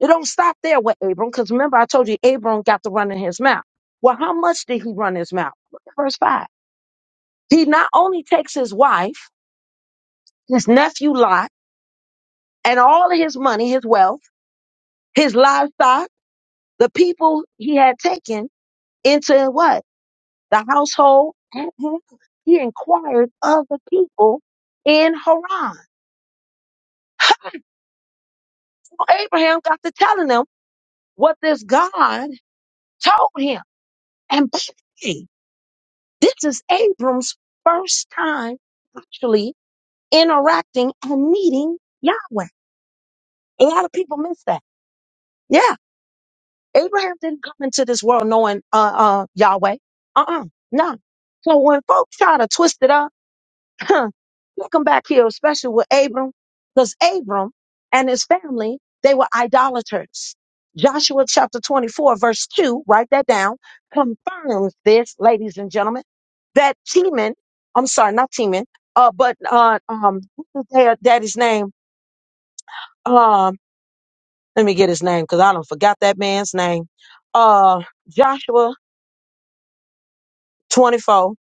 Speaker 1: It don't stop there with Abram, because remember I told you Abram got to run in his mouth. Well, how much did he run his mouth? Look at verse five. He not only takes his wife, his nephew Lot, and all of his money, his wealth, his livestock, the people he had taken into what? The household at hand. He inquired of the people in Haran. Abraham got to telling them what this God told him. And by the way, This is Abram's first time actually interacting and meeting Yahweh. A lot of people miss that. Yeah, Abraham didn't come into this world knowing uh, uh, Yahweh. Uh uh no. So when folks try to twist it up huh, we'll come back here, especially with Abram, because Abram and his family, they were idolaters. Joshua chapter 24, verse 2, write that down, confirms this, ladies and gentlemen, that Teman, I'm sorry, not Teman, uh, but uh, um, what's his dad- daddy's name? Um, let me get his name because I don't forgot that man's name. Uh, Joshua 24.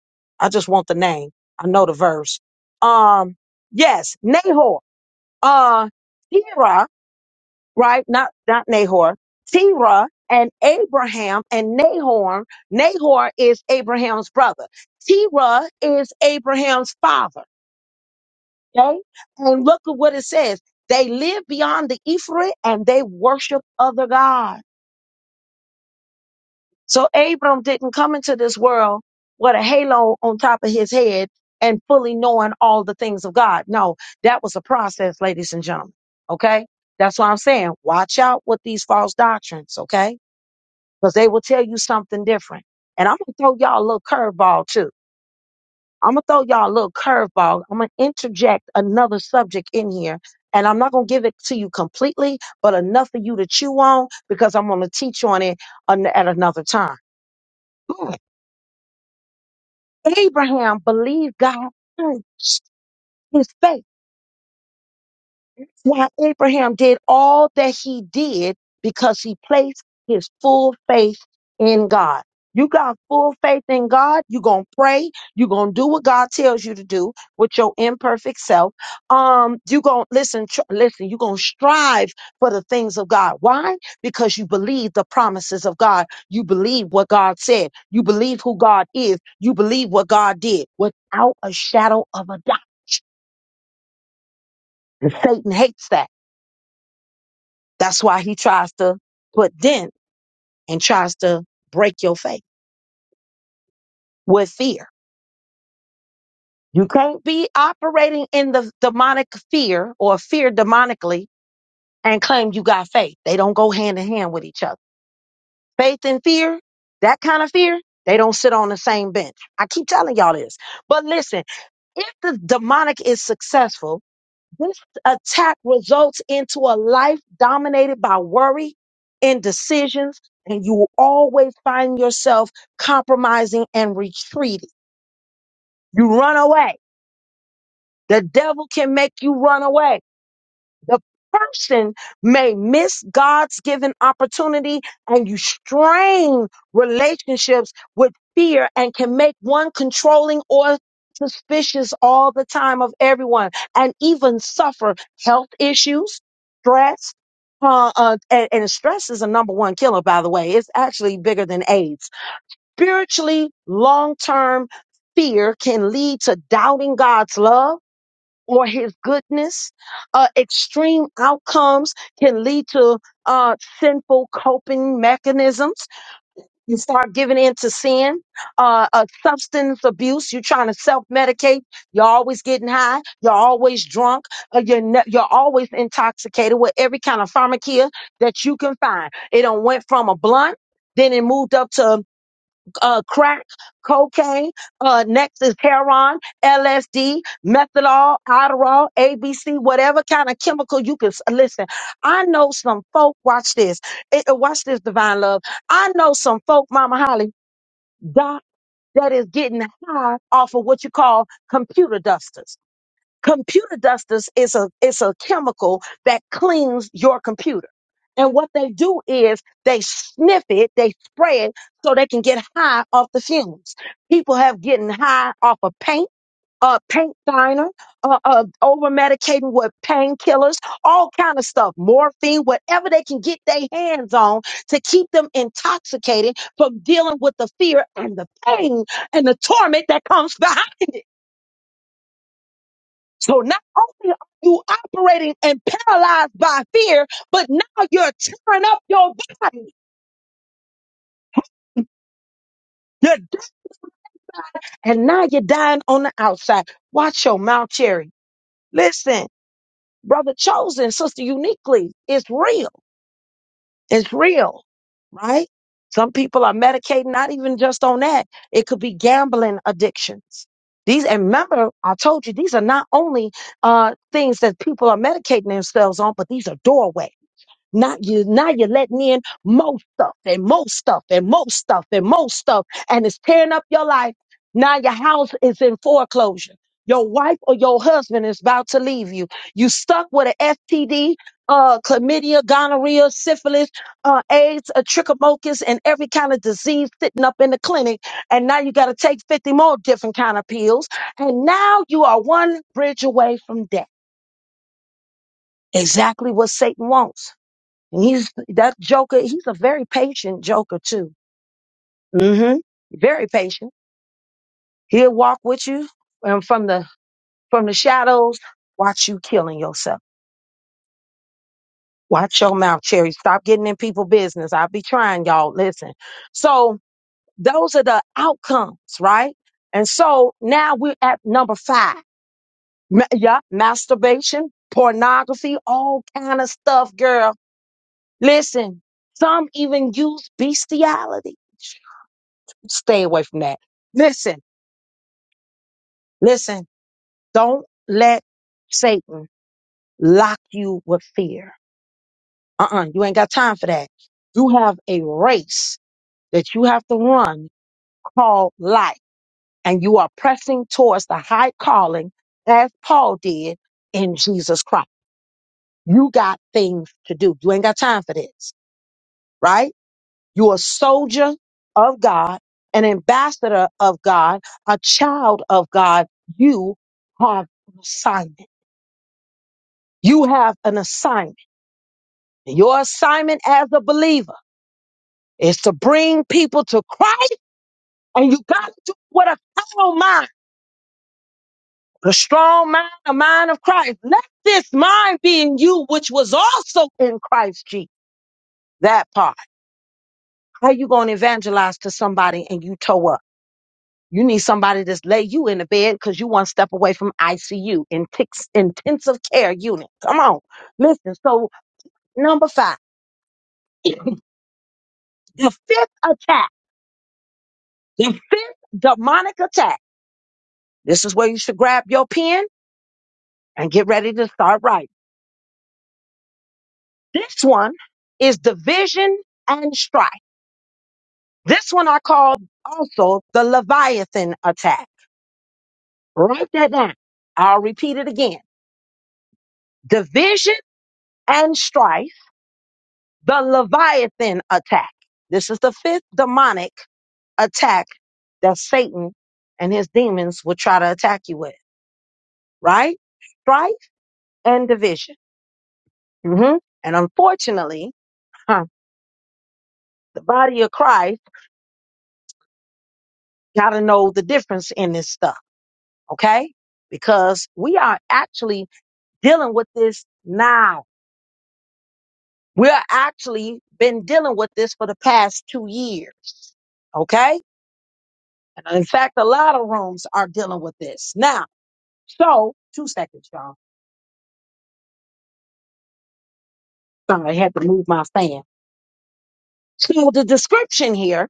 Speaker 1: I just want the name. I know the verse. Um, yes, Nahor. uh Terah, right? Not not Nahor. Terah and Abraham and Nahor. Nahor is Abraham's brother. Terah is Abraham's father. Okay? And look at what it says. They lived beyond the Ephraim and they worship other gods. So Abram didn't come into this world with a halo on top of his head and fully knowing all the things of God. No, that was a process, ladies and gentlemen. Okay? That's why I'm saying watch out with these false doctrines, okay? Because they will tell you something different. And I'm gonna throw y'all a little curveball too. I'm gonna throw y'all a little curveball. I'm gonna interject another subject in here. And I'm not gonna give it to you completely, but enough for you to chew on because I'm gonna teach on it an- at another time. Abraham believed God touched his faith why Abraham did all that he did because he placed his full faith in God. You got full faith in God, you're gonna pray, you're gonna do what God tells you to do with your imperfect self. Um, you gonna listen, tr- listen, you're gonna strive for the things of God. Why? Because you believe the promises of God, you believe what God said, you believe who God is, you believe what God did without a shadow of a doubt. Satan hates that. That's why he tries to put dent and tries to break your faith with fear. You can't be operating in the demonic fear or fear demonically and claim you got faith. They don't go hand in hand with each other. Faith and fear, that kind of fear, they don't sit on the same bench. I keep telling y'all this. But listen, if the demonic is successful, This attack results into a life dominated by worry, indecisions, and you will always find yourself compromising and retreating. You run away. The devil can make you run away. The person may miss God's given opportunity and you strain relationships with fear and can make one controlling or suspicious all the time of everyone and even suffer health issues, stress. Uh, uh, and, and stress is a number one killer, by the way. It's actually bigger than AIDS. Spiritually, long term fear can lead to doubting God's love or his goodness. Uh, extreme outcomes can lead to uh, sinful coping mechanisms. You start giving in to sin, uh, uh, substance abuse. You're trying to self medicate. You're always getting high. You're always drunk. Uh, you're, ne- you're always intoxicated with every kind of pharmacia that you can find. It done went from a blunt. Then it moved up to uh, crack, cocaine. Uh, next is heroin, LSD, methadone, Adderall, ABC, whatever kind of chemical you can s- listen. I know some folk. Watch this. It, uh, watch this, divine love. I know some folk, Mama Holly, doc, that is getting high off of what you call computer dusters. Computer dusters is a is a chemical that cleans your computer. And what they do is they sniff it, they spray it so they can get high off the fumes. People have getting high off of paint, uh, paint thinner, uh, uh, over medicating with painkillers, all kind of stuff, morphine, whatever they can get their hands on to keep them intoxicated from dealing with the fear and the pain and the torment that comes behind. So not only are you operating and paralyzed by fear, but now you're tearing up your body. You're di- and now you're dying on the outside. Watch your mouth, Cherry. Listen, brother chosen, sister uniquely, it's real. It's real, right? Some people are medicating, not even just on that. It could be gambling addictions. These, and remember, I told you, these are not only uh, things that people are medicating themselves on, but these are doorways Now you, now you're letting in more stuff and more stuff and more stuff and more stuff, and it's tearing up your life. Now your house is in foreclosure. Your wife or your husband is about to leave you. You stuck with an STD, uh, chlamydia, gonorrhea, syphilis, uh, AIDS, a trichomocus, and every kind of disease sitting up in the clinic. And now you got to take 50 more different kind of pills. And now you are one bridge away from death. Exactly what Satan wants. And he's that joker. He's a very patient joker too. hmm Very patient. He'll walk with you um, from the from the shadows. Watch you killing yourself. Watch your mouth, Cherry. Stop getting in people' business. I'll be trying, y'all. Listen. So those are the outcomes, right? And so now we're at number five. Ma- yeah, masturbation, pornography, all kind of stuff, girl. Listen. Some even use bestiality. stay away from that. Listen, listen, don't let Satan lock you with fear. Uh-uh, you ain't got time for that. You have a race that you have to run called life, and you are pressing towards the high calling as Paul did in Jesus Christ. You got things to do. You ain't got time for this, right? You're a soldier of God, an ambassador of God, a child of God. You have an assignment. You have an assignment. And Your assignment as a believer is to bring people to Christ, and you got to do it with a carnal mind, the strong mind, the mind of Christ. Let this mind be in you, which was also in Christ Jesus. That part. How you gonna evangelize to somebody and you toe up? You need somebody that's lay you in the bed because you one step away from ICU, intense- intensive care unit. Come on, listen. So number five, the fifth attack. The fifth demonic attack. This is where you should grab your pen and get ready to start writing. This one is division and strife. This one I call also the Leviathan attack. Write that down. I'll repeat it again. Division and strife, the Leviathan attack. This is the fifth demonic attack that Satan and his demons will try to attack you with, right? Strife and division. hmm And unfortunately, huh? The body of Christ got to know the difference in this stuff, okay? Because we are actually dealing with this now. We're actually been dealing with this for the past two years, okay? And in fact, a lot of rooms are dealing with this now. So, two seconds, y'all. Sorry, I had to move my fan. So the description here,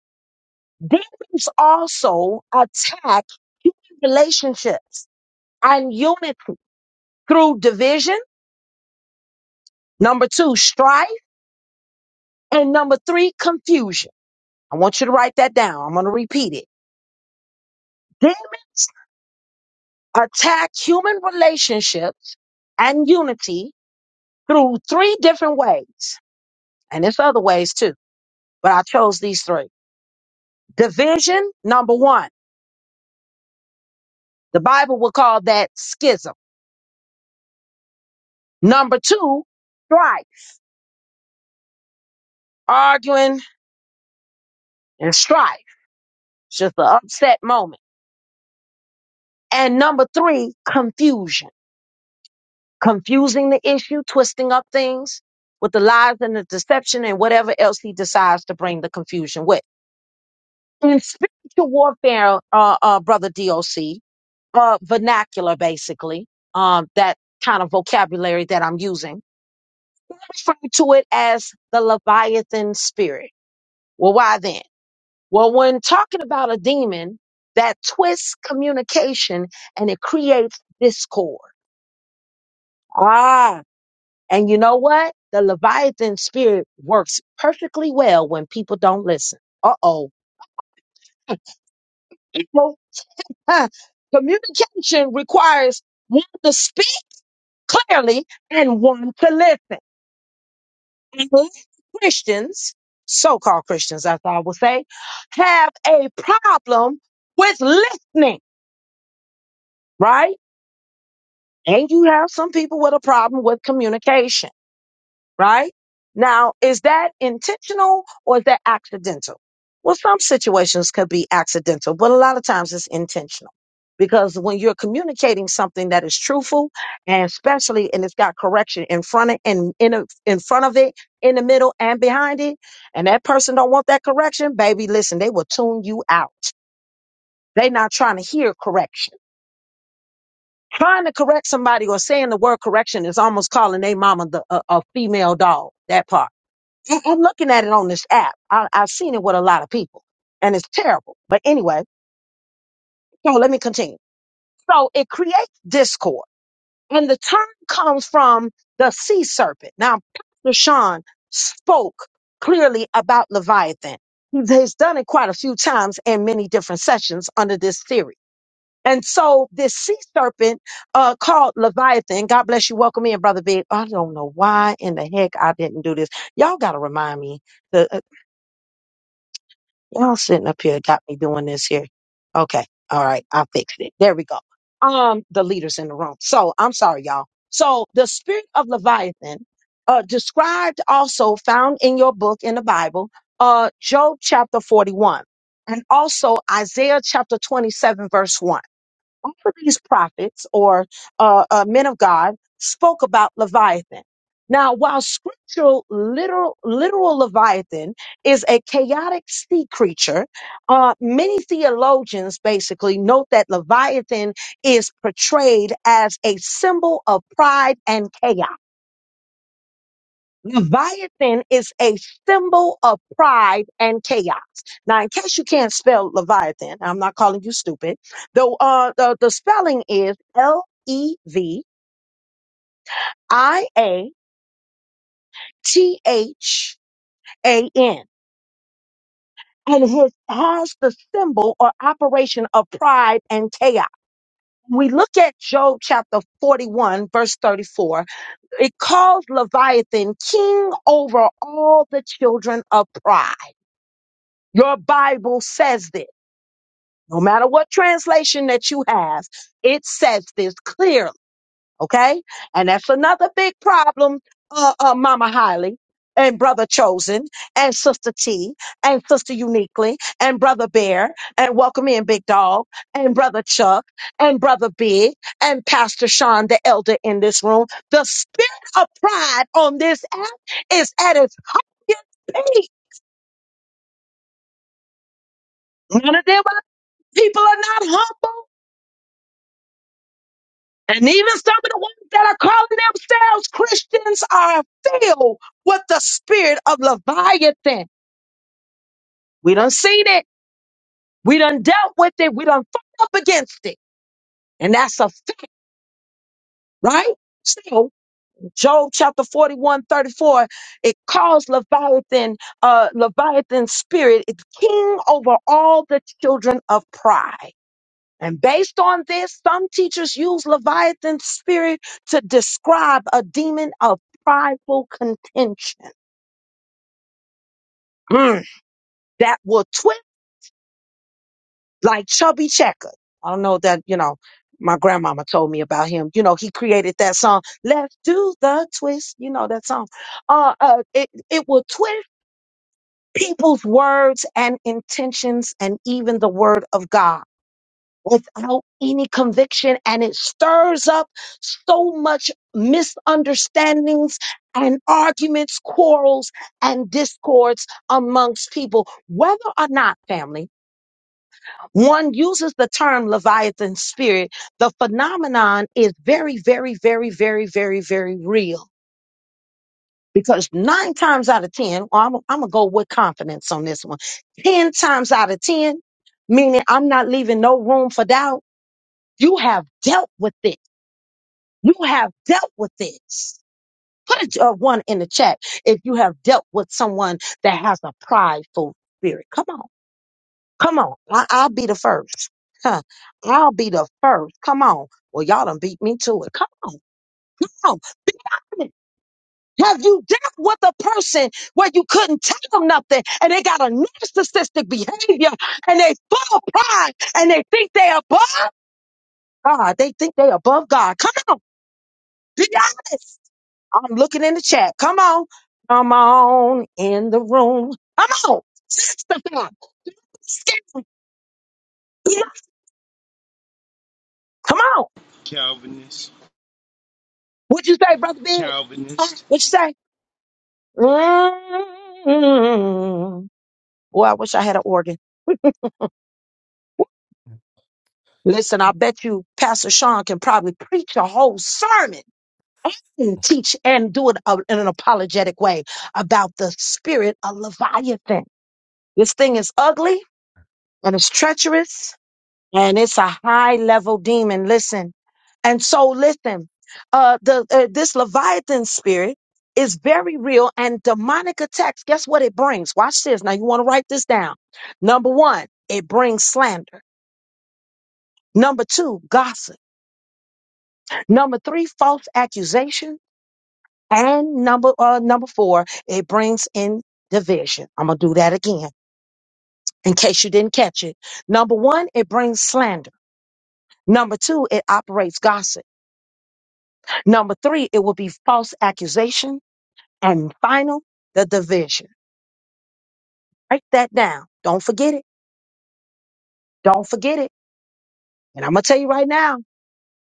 Speaker 1: demons also attack human relationships and unity through division. Number two, strife And number three, confusion. I want you to write that down. I'm going to repeat it. Demons attack human relationships and unity through three different ways. And there's other ways too, but I chose these three. Division, number one. The Bible will call that schism. Number two, strife, arguing and strife. It's just an upset moment. And number three, confusion. confusing the issue, twisting up things with the lies and the deception and whatever else he decides to bring the confusion with. In spiritual warfare, uh, uh, brother DOC, uh, vernacular basically, um, that kind of vocabulary that I'm using, I refer to it as the Leviathan spirit. Well, why then? Well, when talking about a demon, that twists communication and it creates discord. Ah, And you know what? The Leviathan spirit works perfectly well when people don't listen. Uh oh. Huh. Communication requires one to speak clearly and one to listen. And Christians, so called Christians, that's all I will say, have a problem with listening, right? And you have some people with a problem with communication. right? Now, is that intentional or is that accidental? Well, some situations could be accidental, but a lot of times it's intentional because when you're communicating something that is truthful and especially and it's got correction in front of in in, a- in front of it, in the middle and behind it, and that person don't want that correction, baby, listen, they will tune you out. they not trying to hear correction. Trying to correct somebody or saying the word correction is almost calling their mama the, a, a female dog. That part I'm looking at it on this app. I, I've seen it with a lot of people, and it's terrible. But anyway, so let me continue. So it creates discord, and the term comes from the sea serpent. Now, Pastor Sean spoke clearly about Leviathan. He's he's done it quite a few times in many different sessions under this theory. And so this sea serpent uh, called Leviathan, God bless you, welcome in, Brother Big. I don't know why in the heck I didn't do this. Y'all got to remind me Y'all sitting up here got me doing this here. Okay. All right. I fixed it. There we go. Um, the leaders in the room. So I'm sorry, y'all. So the spirit of Leviathan, uh, described also found in your book in the Bible, uh, Job chapter 41 and also Isaiah chapter 27 verse 1. All of these prophets or uh, uh, men of God spoke about Leviathan. Now, while scriptural literal, literal Leviathan is a chaotic sea creature, uh, many theologians basically note that Leviathan is portrayed as a symbol of pride and chaos. Leviathan is a symbol of pride and chaos. Now, in case you can't spell Leviathan, I'm not calling you stupid. Though uh, the the spelling is L E V I A T H A N, and it has the symbol or operation of pride and chaos. We look at Job chapter 41, verse 34. It calls Leviathan king over all the children of pride. Your Bible says this. No matter what translation that you have, it says this clearly, okay? And that's another big problem, uh, uh, Mama Hiley and Brother Chosen and Sister T and Sister Uniquely and Brother Bear and Welcome In Big Dog and Brother Chuck and Brother Big and Pastor Sean, the elder in this room. The spirit of pride on this app is at its highest peak. None of them other people are not humble. And even some of the ones that are calling themselves Christians are filled with the spirit of Leviathan. We done seen it. We done dealt with it. We done fought up against it. And that's a fact, right? So Job chapter 41 34, it calls Leviathan, uh, Leviathan spirit, it's king over all the children of pride. And based on this, some teachers use Leviathan's spirit to describe a demon of prideful contention Mm. that will twist like Chubby Checker. I don't know that, you know, my grandmama told me about him. You know, he created that song, Let's Do the Twist. You know that song. Uh, uh, it, it will twist people's words and intentions and even the word of God. without any conviction and it stirs up so much misunderstandings and arguments, quarrels and discords amongst people, whether or not family one uses the term Leviathan spirit. The phenomenon is very, very, very, very, very, very real because nine times out of 10, well, I'm, I'm going to go with confidence on this one. 10 times out of 10, meaning I'm not leaving no room for doubt. You have dealt with it You have dealt with this. Put a, a one in the chat if you have dealt with someone that has a prideful spirit. Come on. Come on. I, I'll be the first. Huh. I'll be the first. Come on. Well, y'all done beat me to it. Come on. Come on. Be honest. Have you dealt with a person where you couldn't tell them nothing and they got a narcissistic behavior and they full of pride and they think they above God? They think they above God. Come on. Be honest. I'm looking in the chat. Come on. Come on in the room. Come on. Testify. Scared. Yeah. Come on.
Speaker 6: Calvinist,
Speaker 1: What you say, brother Big?
Speaker 6: Calvinist.
Speaker 1: Huh? What you say? mm Boy, I wish I had an organ. Listen, I bet you Pastor Sean can probably preach a whole sermon and teach and do it uh, in an apologetic way about the spirit of Leviathan. This thing is ugly and it's treacherous and it's a high level demon listen and so listen uh the uh, this leviathan spirit is very real and demonic attacks guess what it brings watch this now you want to write this down number one it brings slander number two gossip number three false accusation and number uh number four it brings in division i'm gonna do that again in case you didn't catch it number one it brings slander number two it operates gossip Number three, it will be false accusation. And final, the division. Write that down. Don't forget it. Don't forget it. And I'm going to tell you right now,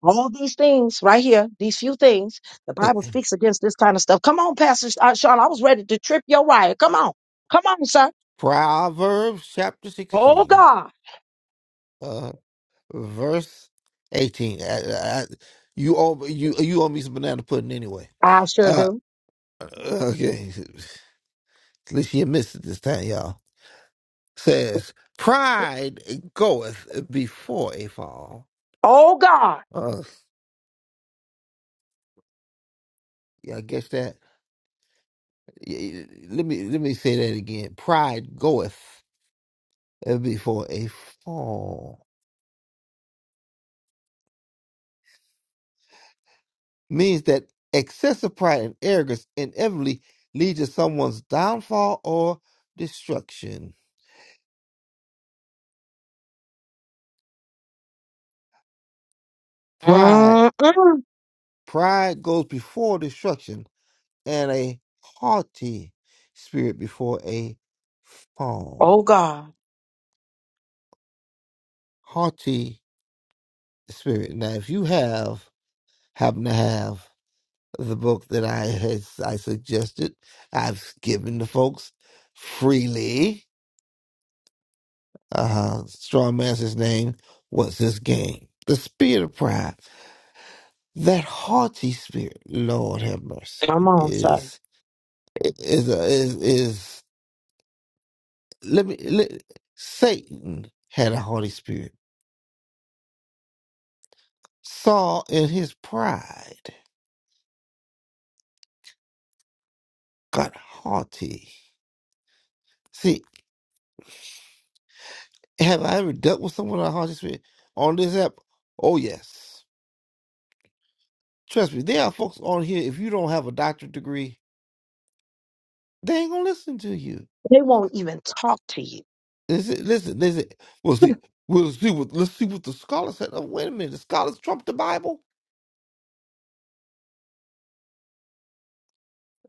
Speaker 1: all these things right here, these few things, the
Speaker 2: Eh,
Speaker 1: Bible
Speaker 2: eh,
Speaker 1: speaks against this kind of stuff. Come on, Pastor uh, Sean. I was ready to trip your wire. Come on. Come on, sir.
Speaker 2: Proverbs chapter
Speaker 1: Oh,
Speaker 2: sixteen,
Speaker 1: God.
Speaker 2: uh, verse eighteen. I, I, you owe you you owe me some banana pudding anyway.
Speaker 1: I sure
Speaker 2: Uh,
Speaker 1: do.
Speaker 2: Okay, at least you missed it this time, y'all. Says, pride goeth before a fall.
Speaker 1: Oh, God.
Speaker 2: Uh, yeah, I guess that. y- y- Let me let me say that again. Pride goeth before a fall means that excessive pride and arrogance inevitably lead to someone's downfall or destruction. Pride
Speaker 1: Mm-mm.
Speaker 2: pride goes before destruction, and a haughty spirit before a fall.
Speaker 1: Oh, God.
Speaker 2: Haughty spirit. Now, if you have happen to have the book that I has I suggested, I've given to folks freely. Uh, strong man's his name. What's his game? The spirit of pride. That haughty spirit. Lord have mercy.
Speaker 1: Come on, sir.
Speaker 2: Is is is is. Let me. Let, Satan had a haughty spirit Saul in his pride got haughty. See, have I ever dealt with someone with a haughty spirit on this app? Oh yes. Trust me, there are folks on here. If you don't have a doctorate degree, they ain't gonna listen to you.
Speaker 1: They won't even talk to you.
Speaker 2: Listen, listen, listen. Well, see, we'll see what. Let's see what the scholar said. Oh, wait a minute, the scholars trump the Bible.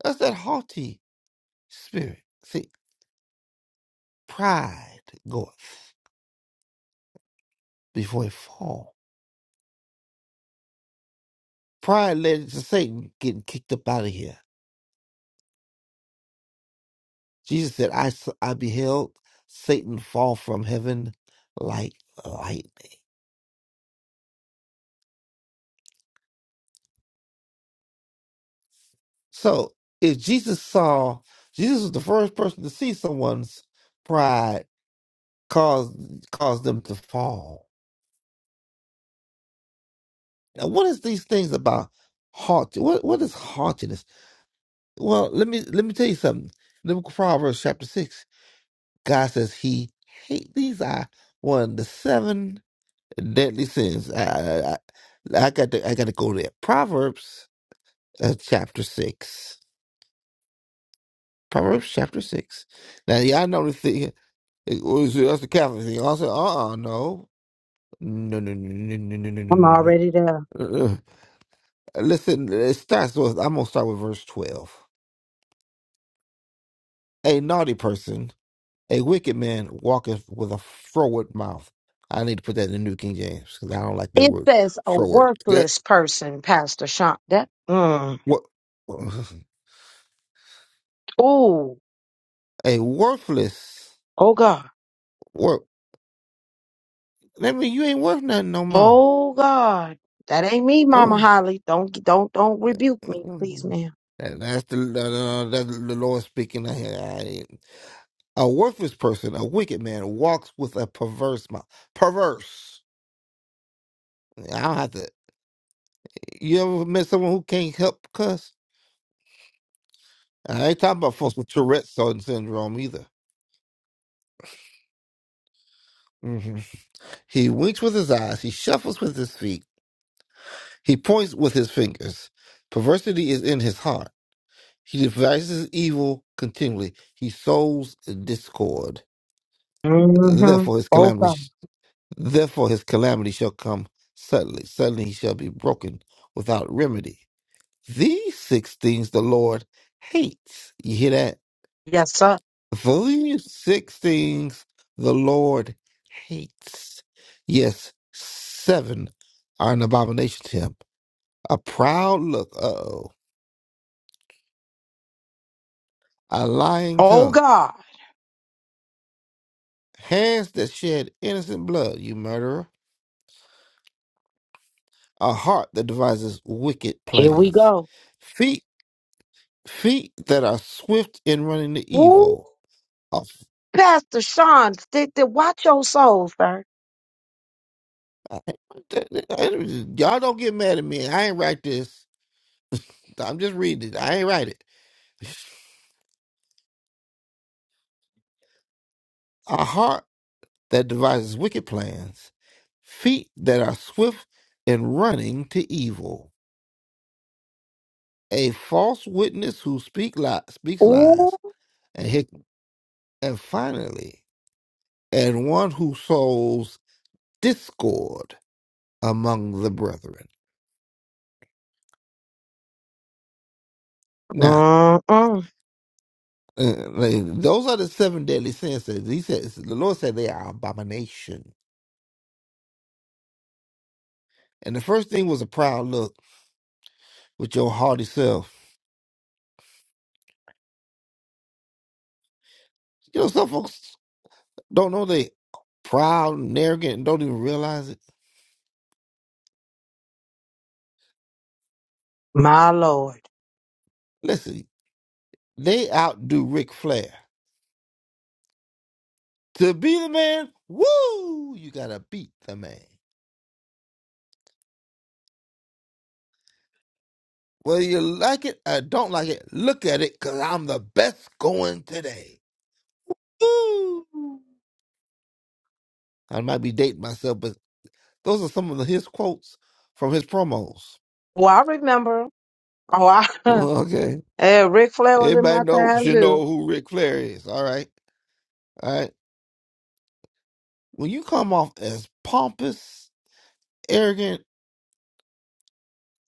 Speaker 2: That's that haughty spirit. See, pride goeth before a fall. Pride led to Satan getting kicked up out of here. Jesus said, I, s- I beheld Satan fall from heaven like lightning. So if Jesus saw, Jesus was the first person to see someone's pride cause cause them to fall. Now, what is these things about haughty? What what is haughtiness? Well, let me let me tell you something. In the book of Proverbs, chapter six, God says He hate these are one of the seven deadly sins. I I, I I got to I got to go there. Proverbs uh, chapter 6. Proverbs chapter 6. Now, y'all know the thing. It was, that's the Catholic thing. I said, uh uh no. No, no, no, no, no, no, no,
Speaker 1: I'm
Speaker 2: no,
Speaker 1: already there.
Speaker 2: no. no. Uh, uh. Listen, it starts with, I'm going to start with verse 12. A naughty person, a wicked man, walketh with a froward mouth. I need to put that in the New King James because I don't like that
Speaker 1: It
Speaker 2: word,
Speaker 1: says a
Speaker 2: froward. Good.
Speaker 1: workless person, Pastor Shonda. Mm.
Speaker 2: What?
Speaker 1: Ooh,
Speaker 2: A worthless,
Speaker 1: oh God,
Speaker 2: work. That mean you ain't worth nothing no more.
Speaker 1: oh God, that ain't me, Mama
Speaker 2: Uh,
Speaker 1: Holly. Don't don't don't rebuke me, please,
Speaker 2: Mhm.
Speaker 1: ma'am.
Speaker 2: That- That's the uh, that's the Lord speaking. I, I, a worthless person, a wicked man, walks with a perverse mouth. Perverse. I don't have to. You ever met someone who can't help cuss? I ain't talking about folks with Tourette's syndrome either. hmm He winks with his eyes. He shuffles with his feet. He points with his fingers. Perversity is in his heart. He devises evil continually. He sows discord.
Speaker 1: Mm-hmm.
Speaker 2: Therefore, his
Speaker 1: Oh God,
Speaker 2: calamity. Therefore his calamity shall come suddenly. Suddenly he shall be broken without remedy. These six things the Lord hates. You hear that?
Speaker 1: yes sir.
Speaker 2: These six things the Lord hates. Yes, seven are an abomination to him. A proud look, uh oh. A lying
Speaker 1: Oh
Speaker 2: tongue.
Speaker 1: God,
Speaker 2: Hands that shed innocent blood, you murderer. A heart that devises wicked
Speaker 1: here we
Speaker 2: plans.
Speaker 1: go.
Speaker 2: Feet Feet that are swift in running to
Speaker 1: Ooh,
Speaker 2: evil. Oh,
Speaker 1: Pastor Sean, th- th- watch your soul, sir.
Speaker 2: I- I- I- y'all don't get mad at me. I ain't write this. I'm just reading it. I ain't write it. A heart that devises wicked plans. Feet that are swift in running to evil. A false witness who speak li- speaks
Speaker 1: Ooh,
Speaker 2: lies. And, hic- and finally, and one who sows discord among the brethren. Now.
Speaker 1: Mm-mm.
Speaker 2: Uh, like, those are the seven deadly sins that he says the Lord said they are abomination. And the first thing was a proud look with your haughty self. You know, some folks don't know they proud and arrogant and don't even realize it.
Speaker 1: my Lord.
Speaker 2: Listen, they outdo Ric Flair. To be the man, woo, you gotta beat the man. Whether you like it or don't like it, look at it, cause I'm the best going today. Woo! I might be dating myself, but Those are some of the, his quotes from his promos.
Speaker 1: Well, I remember. Oh, I,
Speaker 2: Okay.
Speaker 1: eh, Ric Flair was in my
Speaker 2: Everybody knows
Speaker 1: time
Speaker 2: you
Speaker 1: too.
Speaker 2: know who Ric Flair is. All right. All right. When you come off as pompous, arrogant,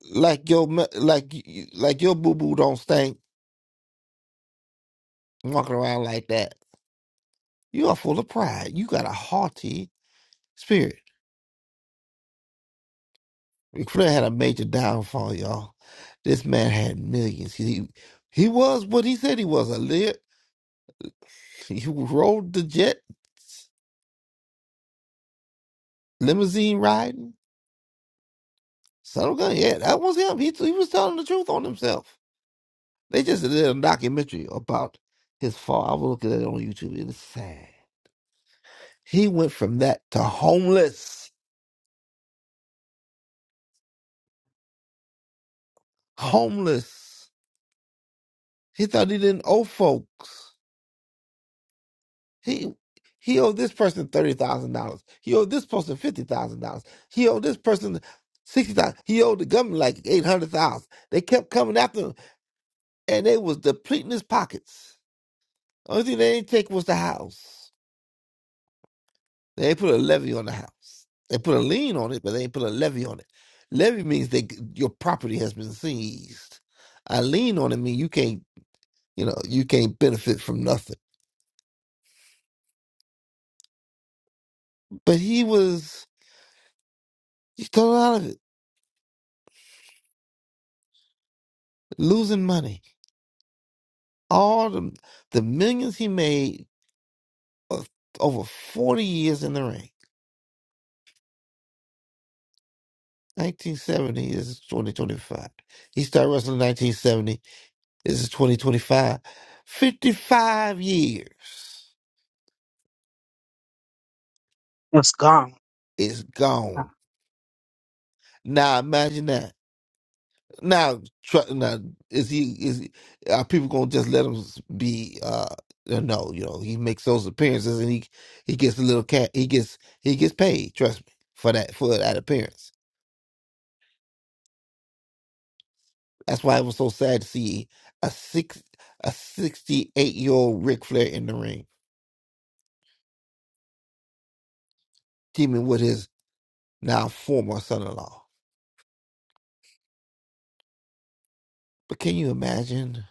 Speaker 2: like your me- like you- like your boo boo don't stink, walking around like that, you are full of pride. You got a haughty spirit. Ric Flair had a major downfall, y'all. This man had millions. He he was what he said he was a lit. He rode the jet, limousine riding. Subtle Gun, yeah, that was him. He he was telling the truth on himself. They just did a documentary about his fall. I was looking at it on YouTube. It is sad. He went from that to homeless. Homeless. He thought he didn't owe folks. He he owed this person thirty thousand dollars. He owed this person fifty thousand dollars. He owed this person sixty thousand. He owed the government like eight hundred thousand. They kept coming after him, and they was depleting his pockets. Only thing they didn't take was the house. They ain't put a levy on the house. They put a lien on it, but they ain't put a levy on it. Levy means they your property has been seized. A lien on it means you can't, you know, you can't benefit from nothing. But he was he thrown out of it, losing money. All the the millions he made of, over forty years in the ring. 1970 is 2025. He started wrestling in 1970. This is 2025. 55 years
Speaker 1: It's gone.
Speaker 2: is gone Now imagine that. Now, try, now is he is he- are people gonna just let him be? uh No, you know he makes those appearances and he he gets a little cat. He gets he gets paid. Trust me for that for that appearance. That's why it was so sad to see a six a sixty eight year old Ric Flair in the ring teaming with his now former son in law. But can you imagine?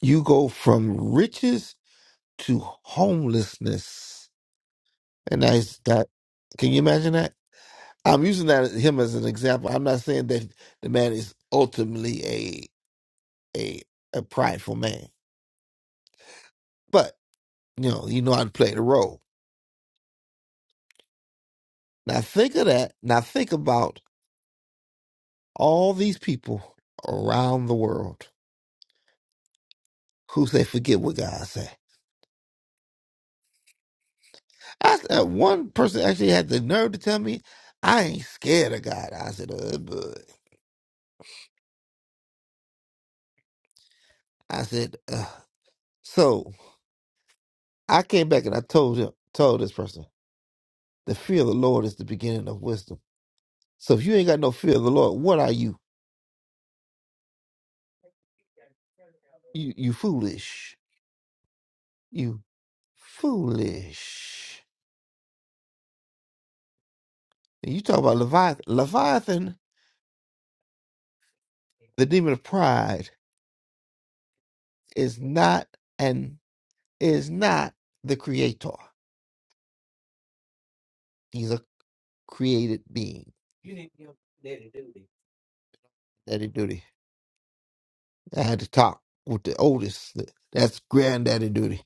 Speaker 2: You go from riches to homelessness, and that's that. Can you imagine that? I'm using that him as an example. I'm not saying that the man is ultimately a a a prideful man, but you know, you know how to play the role. Now think of that. Now think about all these people around the world who say forget what God said. I uh, one person actually had the nerve to tell me, "I ain't scared of God." I said, "Uh, but I said, uh. so." I came back and I told him, told this person, "The fear of the Lord is the beginning of wisdom." So if you ain't got no fear of the Lord, what are you? You you foolish. You foolish. And you talk about Leviathan. Leviathan, the demon of pride, is not and is not the creator. He's a created being. Daddy duty. I had to talk with the oldest. That's granddaddy duty.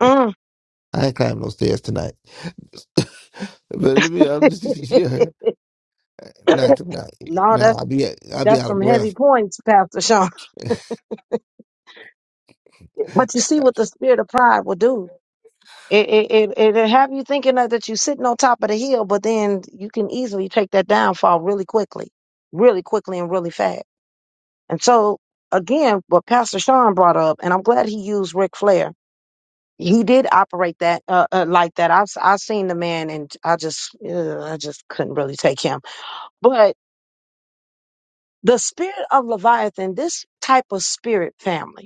Speaker 2: I ain't climbing those stairs tonight. but let me. I'm just yeah. Not tonight.
Speaker 1: no,
Speaker 2: No,
Speaker 1: that's
Speaker 2: I'll be I'll be
Speaker 1: that's
Speaker 2: out of
Speaker 1: some heavy
Speaker 2: breath.
Speaker 1: points, Pastor Sean. But you see what the spirit of pride will do. It it it, it'll have you thinking that, that you're sitting on top of the hill, but then you can easily take that downfall really quickly, really quickly and really fast. And so again, what Pastor Sean brought up, and I'm glad he used Ric Flair. He did operate that uh, uh, like that. I've I seen the man, and I just uh, I just couldn't really take him. But the spirit of Leviathan, this type of spirit family.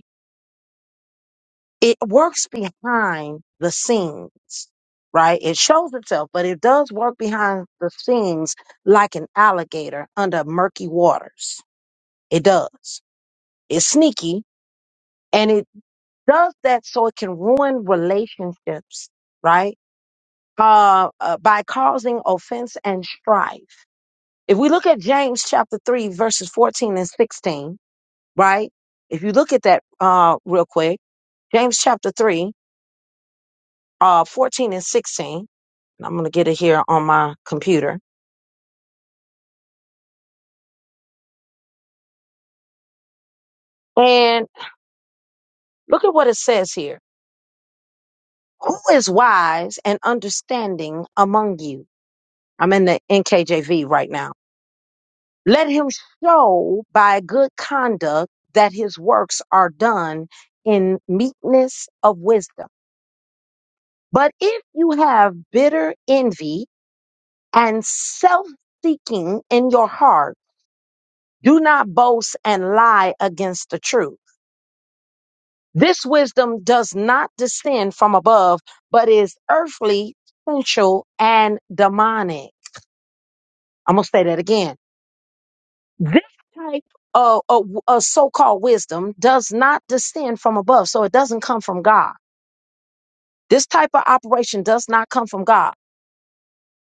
Speaker 1: it works behind the scenes, right? It shows itself, but it does work behind the scenes like an alligator under murky waters. It does. It's sneaky and it does that so it can ruin relationships, right? Uh, uh, by causing offense and strife. If we look at James chapter 3, verses 14 and 16, right? If you look at that uh, real quick, James chapter 3, uh, 14 and 16, and I'm going to get it here on my computer. And look at what it says here. Who is wise and understanding among you? I'm in the NKJV right now. Let him show by good conduct that his works are done in meekness of wisdom. But if you have bitter envy and self seeking in your heart, do not boast and lie against the truth. This wisdom does not descend from above, but is earthly, sensual, and demonic. I'm going to say that again. This type of, of, of so called wisdom does not descend from above, so it doesn't come from God. This type of operation does not come from God,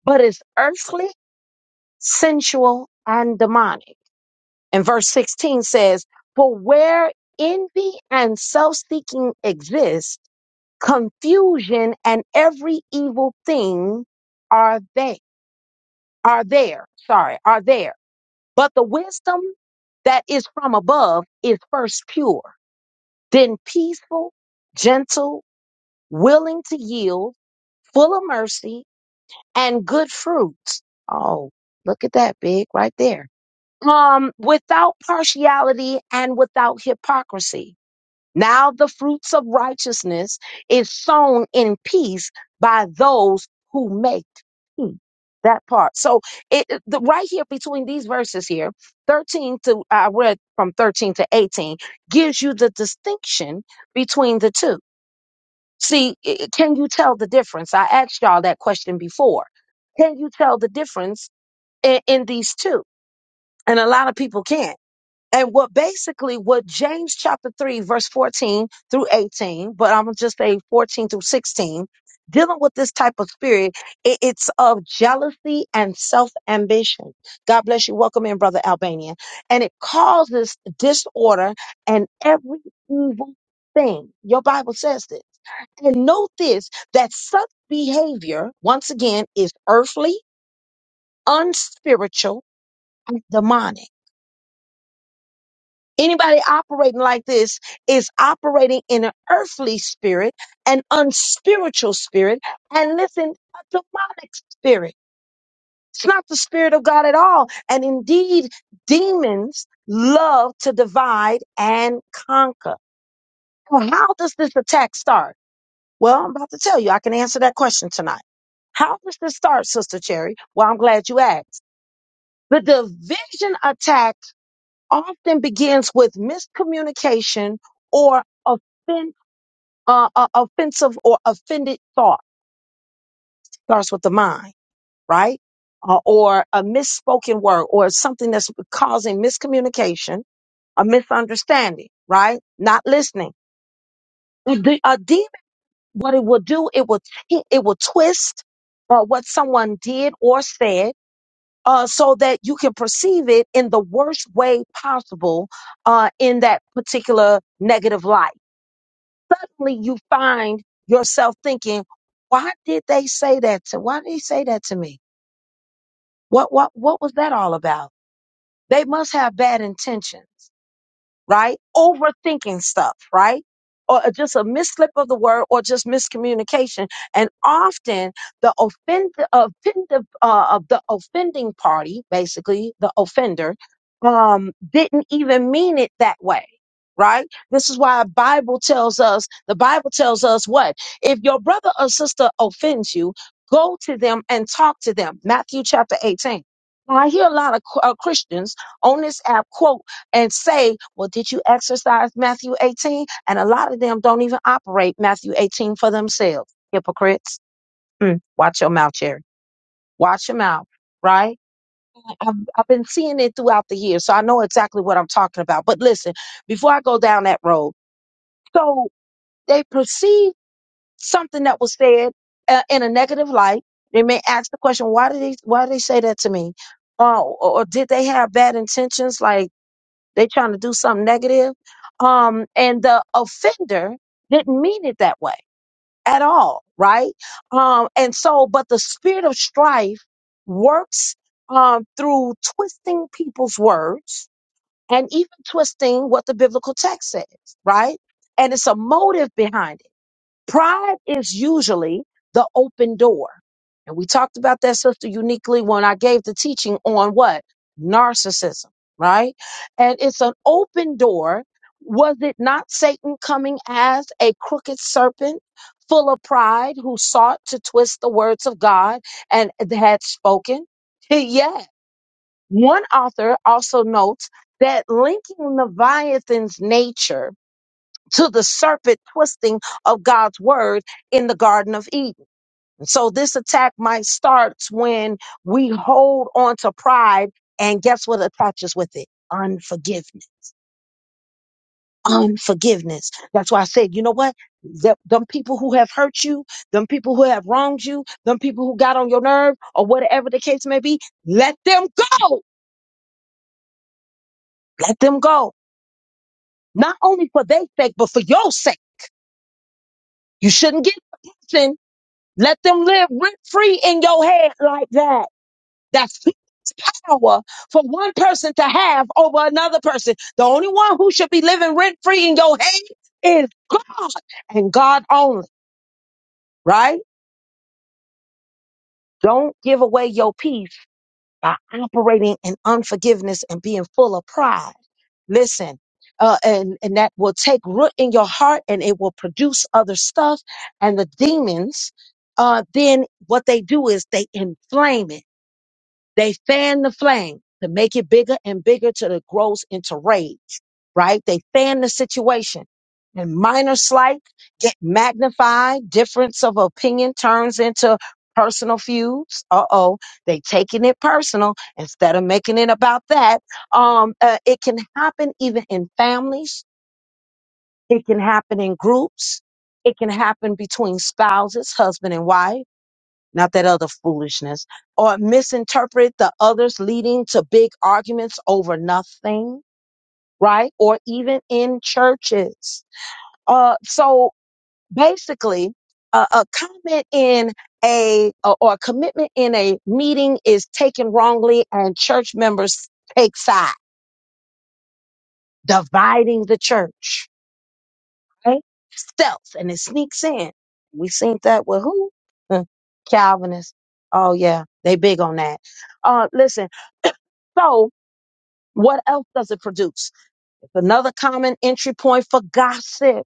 Speaker 1: but is earthly, sensual, and demonic. And verse 16 says, For where envy and self seeking exist, confusion and every evil thing are they are there sorry are there but the wisdom that is from above is first pure then peaceful gentle willing to yield full of mercy and good fruits oh look at that big right there um without partiality and without hypocrisy Now the fruits of righteousness is sown in peace by those who make peace. That part. So it it- the, right here between these verses here, 13 to I read from 13 to 18 gives you the distinction between the two. See, i- i- can you tell the difference? I asked y'all that question before. Can you tell the difference in, in these two? And a lot of people can't. And what basically what James chapter 3, verse 14 through 18, but I'm gonna just say 14 through 16, dealing with this type of spirit, it- it's of jealousy and self-ambition. God bless you. Welcome in, Brother Albanian. And it causes disorder and every evil thing. Your Bible says this. And note this that such behavior, once again, is earthly, unspiritual, and demonic. Anybody operating like this is operating in an earthly spirit, an unspiritual spirit, and listen, a demonic spirit. It's not the spirit of God at all. And indeed, demons love to divide and conquer. Well, how does this attack start? Well, I'm about to tell you, I can answer that question tonight. How does this start, Sister Cherry? Well, I'm glad you asked. The division attack often begins with miscommunication or offen- uh, uh, offensive or offended thought. Starts with the mind, right? Uh, or a misspoken word or something that's causing miscommunication, a misunderstanding, right? Not listening. A de- a demon, what it will do, it will, t- it will twist uh, what someone did or said uh, so that you can perceive it in the worst way possible uh, in that particular negative light suddenly you find yourself thinking, why did they say that to why did he say that to me? What what what was that all about? They must have bad intentions right? Overthinking stuff, right? Or uh, just a mislip of the word or just miscommunication. And often the offend, offensive, uh, of the offending party, basically the offender, um, didn't even mean it that way. Right? This is why the Bible tells us, the Bible tells us what? If your brother or sister offends you, go to them and talk to them. Matthew chapter 18. Now, I hear a lot of qu- uh, Christians on this app quote and say, Well, did you exercise Matthew 18? And a lot of them don't even operate Matthew 18 for themselves. Hypocrites. Mm, watch your mouth, Cherry. Watch your mouth, right? I- I've, I've been seeing it throughout the years, so I know exactly what I'm talking about. But listen, before I go down that road, so they perceive something that was said uh, in a negative light. They may ask the question, why did they, why did they say that to me? Oh, or or did they have bad intentions? Like, They trying to do something negative. Um, and the offender didn't mean it that way at all, right? Um, and so, but the spirit of strife works um, through twisting people's words and even twisting what the biblical text says, right? And it's a motive behind. it. Pride is usually the open door. And we talked about that, Sister, uniquely when I gave the teaching on what? Narcissism, right? And it's an open door. Was it not Satan coming as a crooked serpent full of pride who sought to twist the words of God and had spoken? Yet, one author also notes that linking Leviathan's nature to the serpent twisting of God's word in the Garden of Eden. So this attack might start when we hold on to pride, and guess what attaches with it? Unforgiveness. Unforgiveness. That's why I said, you know what? That them people who have hurt you, them people who have wronged you, them people who got on your nerve, or whatever the case may be, let them go. Let them go. Not only for their sake, but for your sake. You shouldn't get Let them live rent free in your head like that. That's power for one person to have over another person. The only one who should be living rent free in your head is God and God only, right? Don't give away your peace by operating in unforgiveness and being full of pride. Listen, uh, and, and that will take root in your heart and it will produce other stuff. And the demons, uh, then what they do is they inflame it They fan the flame to make it bigger and bigger till it grows into rage, right? They fan the situation. And minor slight get magnified. Difference of opinion turns into personal feuds. Uh oh. They taking it personal instead of making it about that. Um, uh, it can happen even in families. It can happen in groups. It can happen between spouses, husband and wife not that other foolishness, or misinterpret the others leading to big arguments over nothing, right? Or even in churches. Uh, so basically, a, a comment in a uh, or a commitment in a meeting is taken wrongly, and church members take sides, dividing the church, right? Stealth, and it sneaks in. We seen that with who? Calvinists. Oh yeah, they big on that. Uh, listen. So, what else does it produce? It's another common entry point for gossip.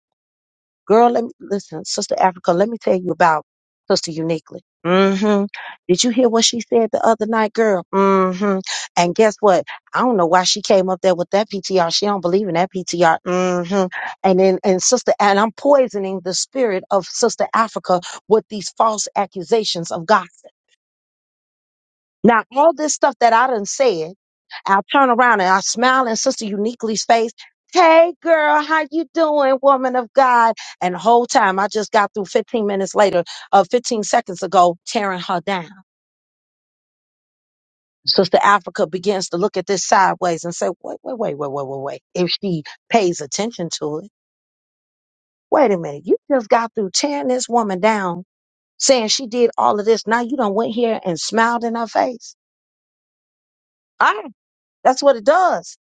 Speaker 1: Girl, let me listen, Sister Africa, let me tell you about Sister Uniquely. hmm Did you hear what she said the other night, girl? hmm And guess what? I don't know why she came up there with that PTR. She don't believe in that PTR. hmm And then and Sister and I'm poisoning the spirit of Sister Africa with these false accusations of gossip. Now, all this stuff that I done said I'll turn around and I smile in Sister Uniquely's face. Hey girl, how you doing, woman of God? And the whole time I just got through 15 minutes later, uh, 15 seconds ago, tearing her down. Sister Africa begins to look at this sideways and say, wait, wait, wait, wait, wait, wait, wait. If she pays attention to it, wait a minute. You just got through tearing this woman down, saying she did all of this. Now you done went here and smiled in her face. That's what it does.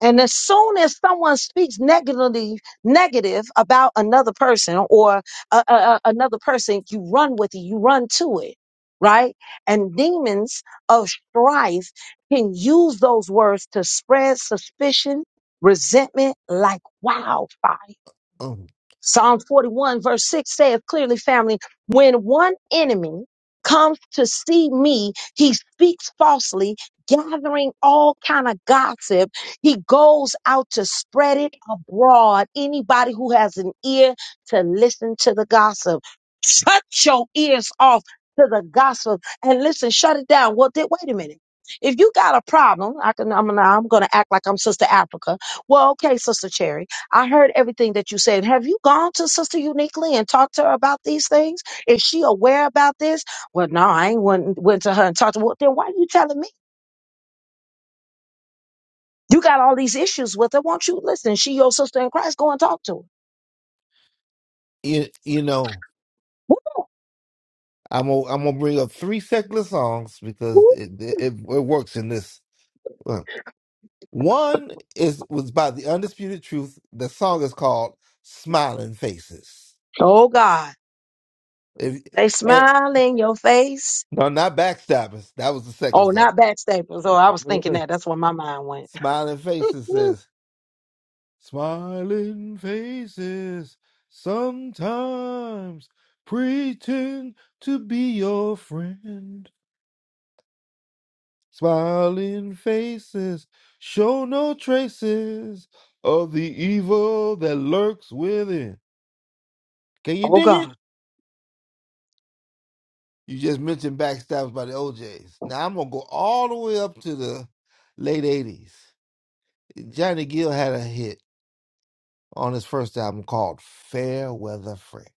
Speaker 1: And as soon as someone speaks negatively, negative about another person or uh, uh, uh, another person, you run with it, you run to it, right? And demons of strife can use those words to spread suspicion, resentment like wildfire.
Speaker 2: Um,
Speaker 1: Psalm 41, verse 6 saith clearly, family, when one enemy comes to see me, he speaks falsely, gathering all kind of gossip. He goes out to spread it abroad. Anybody who has an ear to listen to the gossip, shut your ears off to the gossip and listen, shut it down. Well, then, wait a minute. If you got a problem, I can, I'm, I'm going to act like I'm Sister Africa. Well, okay, Sister Cherry. I heard everything that you said. Have you gone to Sister Uniquely and talked to her about these things? Is she aware about this? Well, no, I ain't went, went to her and talked to her. Well, then why are you telling me? You got all these issues with her. Won't you listen? She your sister in Christ. Go and talk to her.
Speaker 2: you, you know,
Speaker 1: Whoop,
Speaker 2: I'm gonna I'm gonna bring up three secular songs because
Speaker 1: whoop.
Speaker 2: it it, it it works in this. Look, One is was by the Undisputed Truth. The song is called "Smiling Faces."
Speaker 1: Oh God.
Speaker 2: If,
Speaker 1: They
Speaker 2: and,
Speaker 1: smile in your face.
Speaker 2: no, not backstabbers. That was the second
Speaker 1: Oh,
Speaker 2: song.
Speaker 1: not backstabbers. Oh, I was thinking that. That's where my mind went.
Speaker 2: Smiling Faces says, "Smiling faces sometimes pretend to be your friend." Smiling faces show no traces of the evil that lurks within. Can you
Speaker 1: Oh
Speaker 2: dig it?
Speaker 1: God.
Speaker 2: You just mentioned backstabs by the OJs. Now I'm gonna go all the way up to the late '80s. Johnny Gill had a hit on his first album called "Fair Weather Friend,"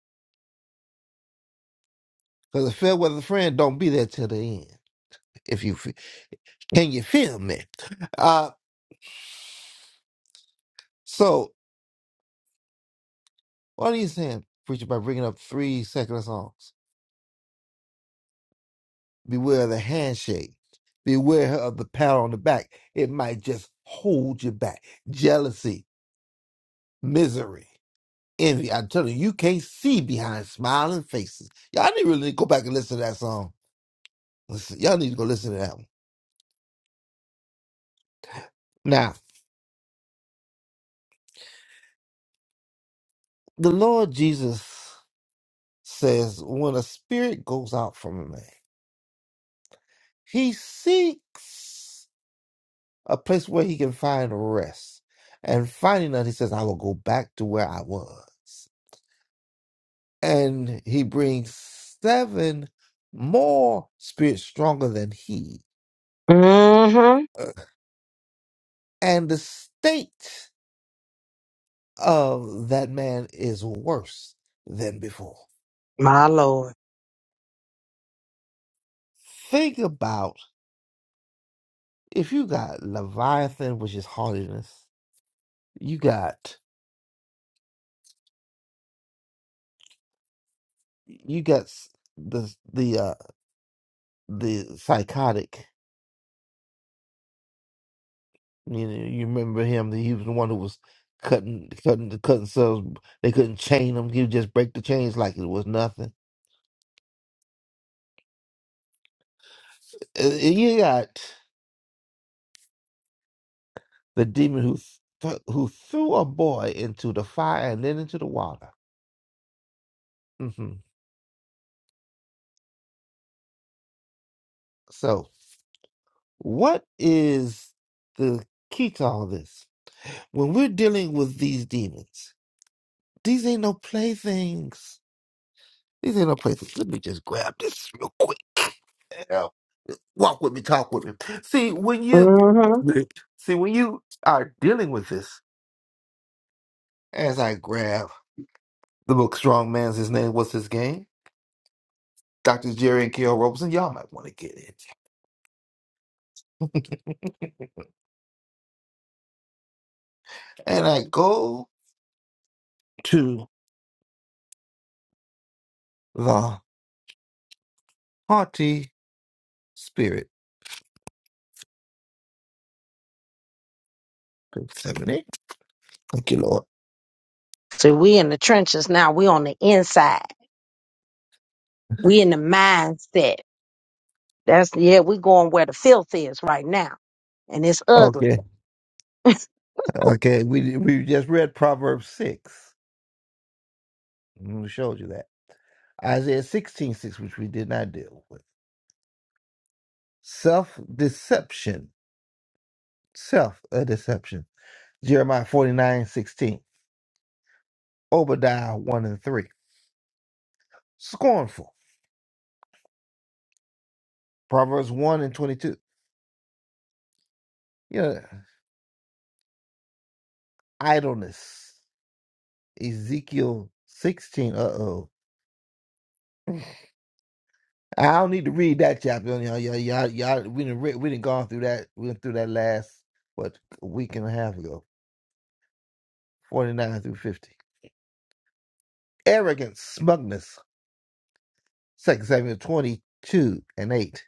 Speaker 2: because a fair weather friend don't be there till the end. If you fe- can, you feel me. Uh, so what are you saying, preacher, by bringing up three secular songs? Beware of the handshake. Beware of the pat on the back. It might just hold you back. Jealousy, misery, envy. I'm telling you, you can't see behind smiling faces. Y'all need really go back and listen to that song. Listen, y'all need to go listen to that one. Now, the Lord Jesus says, when a spirit goes out from a man, he seeks a place where he can find rest. And finding that, he says, I will go back to where I was. and he brings seven more spirits stronger than he.
Speaker 1: Mm-hmm.
Speaker 2: Uh, And the state of that man is worse than before.
Speaker 1: My Lord.
Speaker 2: Think about if you got Leviathan, which is haughtiness, you got you got s- the the uh the psychotic. You know, you remember him? He was the one who was cutting cutting cutting cells. They couldn't chain him. He would just break the chains like it was nothing Uh, You got the demon who th- who threw a boy into the fire and then into the water. hmm So, what is the key to all this? When we're dealing with these demons, these ain't no playthings. These ain't no playthings. Let me just grab this real quick. Yeah. Walk with me, talk with me. See when you
Speaker 1: Mm-hmm.
Speaker 2: see when you are dealing with this. As I grab the book, Strong Man's his name. What's his game? Doctors Jerry and K.O. Robeson, y'all might want to get it. and I go to the haughty spirit. Page 78. Thank you, Lord.
Speaker 1: See, we in the trenches now. We on the inside. We in the mindset. That's yeah, we going where the filth is right now. And it's ugly.
Speaker 2: Okay, okay. We we just read Proverbs 6. Mm, We showed you that. Isaiah sixteen six, which we did not deal with. Self deception. Self a deception. Jeremiah forty nine sixteen. Obadiah 1 and 3. Scornful. Proverbs 1 and 22. You know, idleness. Ezekiel 16. Uh oh. I don't need to read that chapter. Y'all, y'all, y'all, y'all we didn't we didn't gone through that. We went through that last what a week and a half ago. 49 through 50. Arrogance, smugness. Second Samuel 22 and 8.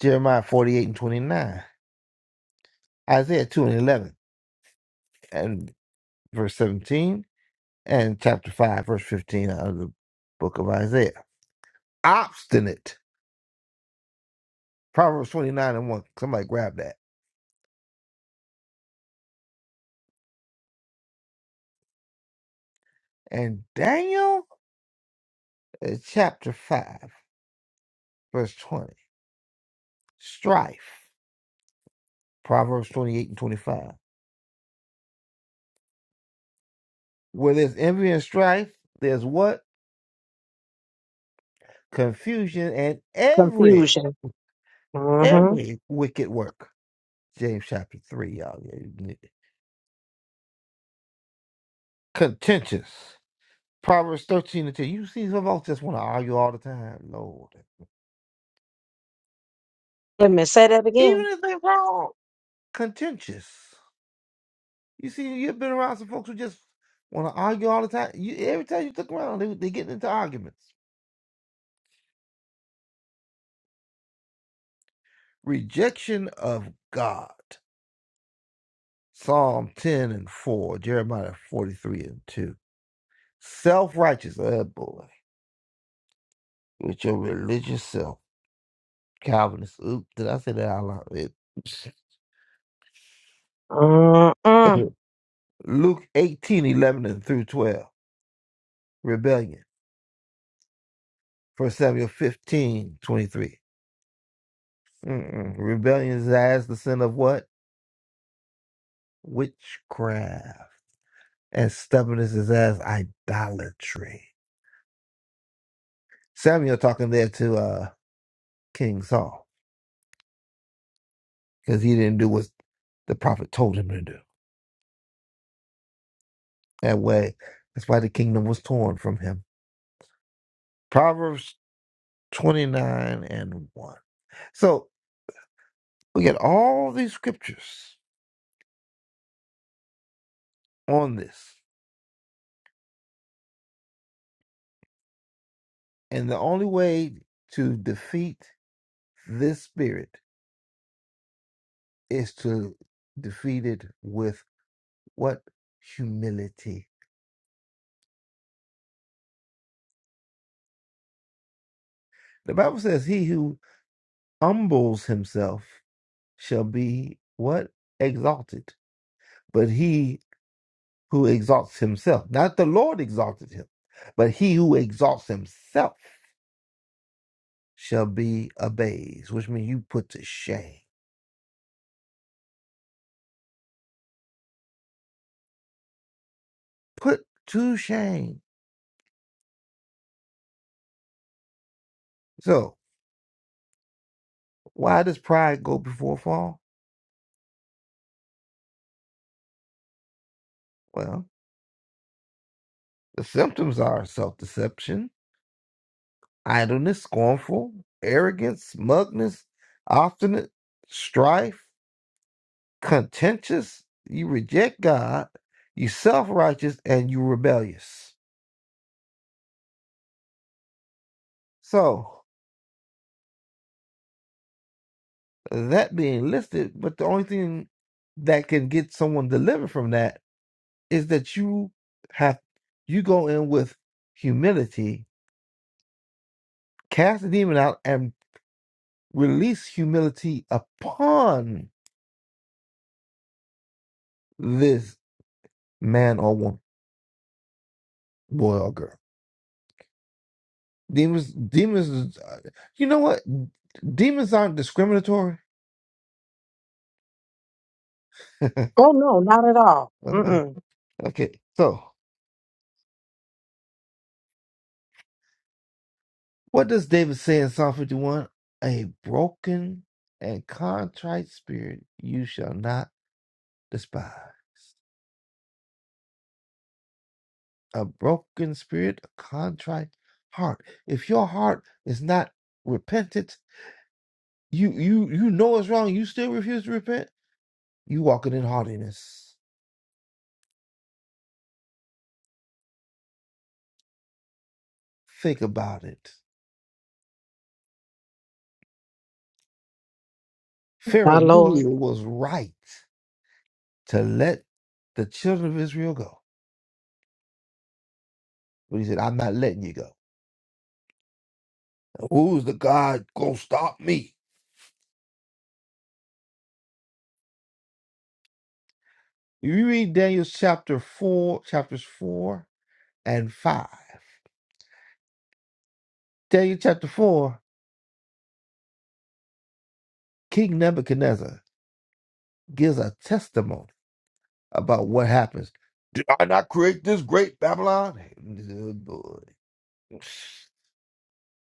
Speaker 2: Jeremiah 48 and 29. Isaiah 2 and 11 and verse 17 and chapter 5 verse 15 out of the book of Isaiah. Obstinate. Proverbs 29 and 1. Somebody grab that. And Daniel uh, chapter 5, verse 20. Strife, Proverbs 28 and 25. Where there's envy and strife, there's what? Confusion and every,
Speaker 1: Confusion. Mm-hmm.
Speaker 2: every wicked work. James chapter 3, y'all. Yeah, you need it. Contentious. Proverbs 13 and 10. You see, some folks just want to argue all the time, Lord.
Speaker 1: Let me say that again.
Speaker 2: Even if they're wrong, contentious. You see, you've been around some folks who just want to argue all the time. You, every time you look around, they, they get into arguments. Rejection of God. Psalm 10 and 4, Jeremiah 43 and 2. Self righteous, oh boy, with your religious self. Calvinist. Oop, did I say that out loud? It-
Speaker 1: Uh-uh.
Speaker 2: Luke 18 11 and through 12. Rebellion. First Samuel 15 23. Mm-mm. Rebellion is as the sin of what? Witchcraft. And stubbornness is as idolatry. Samuel talking there to uh, King Saul. because he didn't do what the prophet told him to do. That way, that's why the kingdom was torn from him. Proverbs 29 and 1. So we get all these scriptures on this. And the only way to defeat this spirit is to defeat it with what? Humility. The Bible says, He who humbles himself shall be what? Exalted. But he who exalts himself. Not the Lord exalted him, but he who exalts himself shall be abased, which means you put to shame. Put to shame. So, why does pride go before fall? Well, the symptoms are self deception, idleness, scornful, arrogance, smugness, obstinate, strife, contentious. You reject God, you self righteous, and you rebellious. So, that being listed, but the only thing that can get someone delivered from that is that you have you go in with humility, cast the demon out, and release humility upon this man or woman, boy or girl. Demons, demons. is- uh, You know what? Demons aren't discriminatory.
Speaker 1: Oh no, not at all. Mm-mm.
Speaker 2: okay, so What does David say in Psalm 51? A broken and contrite spirit you shall not despise. A broken spirit, a contrite heart. If your heart is not repentant, you you you know it's wrong, you still refuse to repent, you walking in haughtiness. Think about it. Pharaoh
Speaker 1: Our
Speaker 2: knew
Speaker 1: Lord.
Speaker 2: it was right to let the children of Israel go. But he said, I'm not letting you go. Who's the God gonna stop me? If you read Daniel chapter 4, chapters 4 and 5, Daniel chapter 4, King Nebuchadnezzar gives a testimony about what happens. Did I not create this great Babylon? Oh, boy.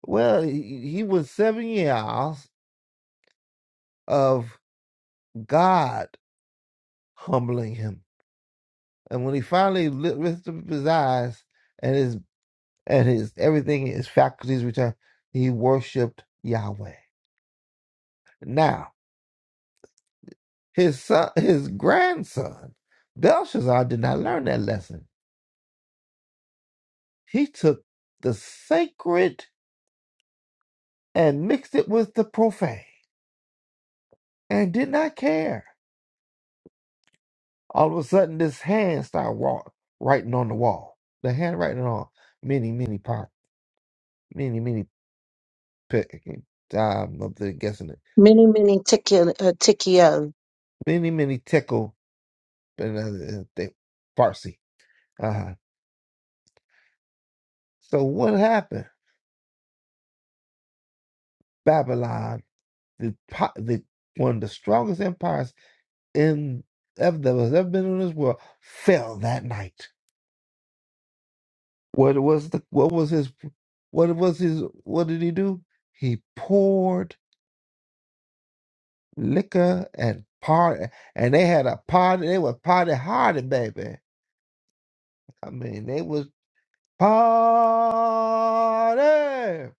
Speaker 2: Well, he, he was seven years of God humbling him. And when he finally li- lifted up his eyes and his and his everything, his faculties returned, he worshiped Yahweh. now. His son, his grandson, Belshazzar, did not learn that lesson. He took the sacred and mixed it with the profane and did not care. All of a sudden, this hand started wa- writing on the wall. The handwriting on many, many pop, many, many pick. I'm up there guessing it.
Speaker 1: Many, many tikio. Uh, tikio.
Speaker 2: Many, many tickle. And uh, they, Farsi. Uh-huh. So what happened? Babylon, the po- the one of the strongest empires in ever that was ever been in this world fell that night. What was the what was his what was his what did he do? He poured liquor and party and they had a party they were party harding baby. I mean they was party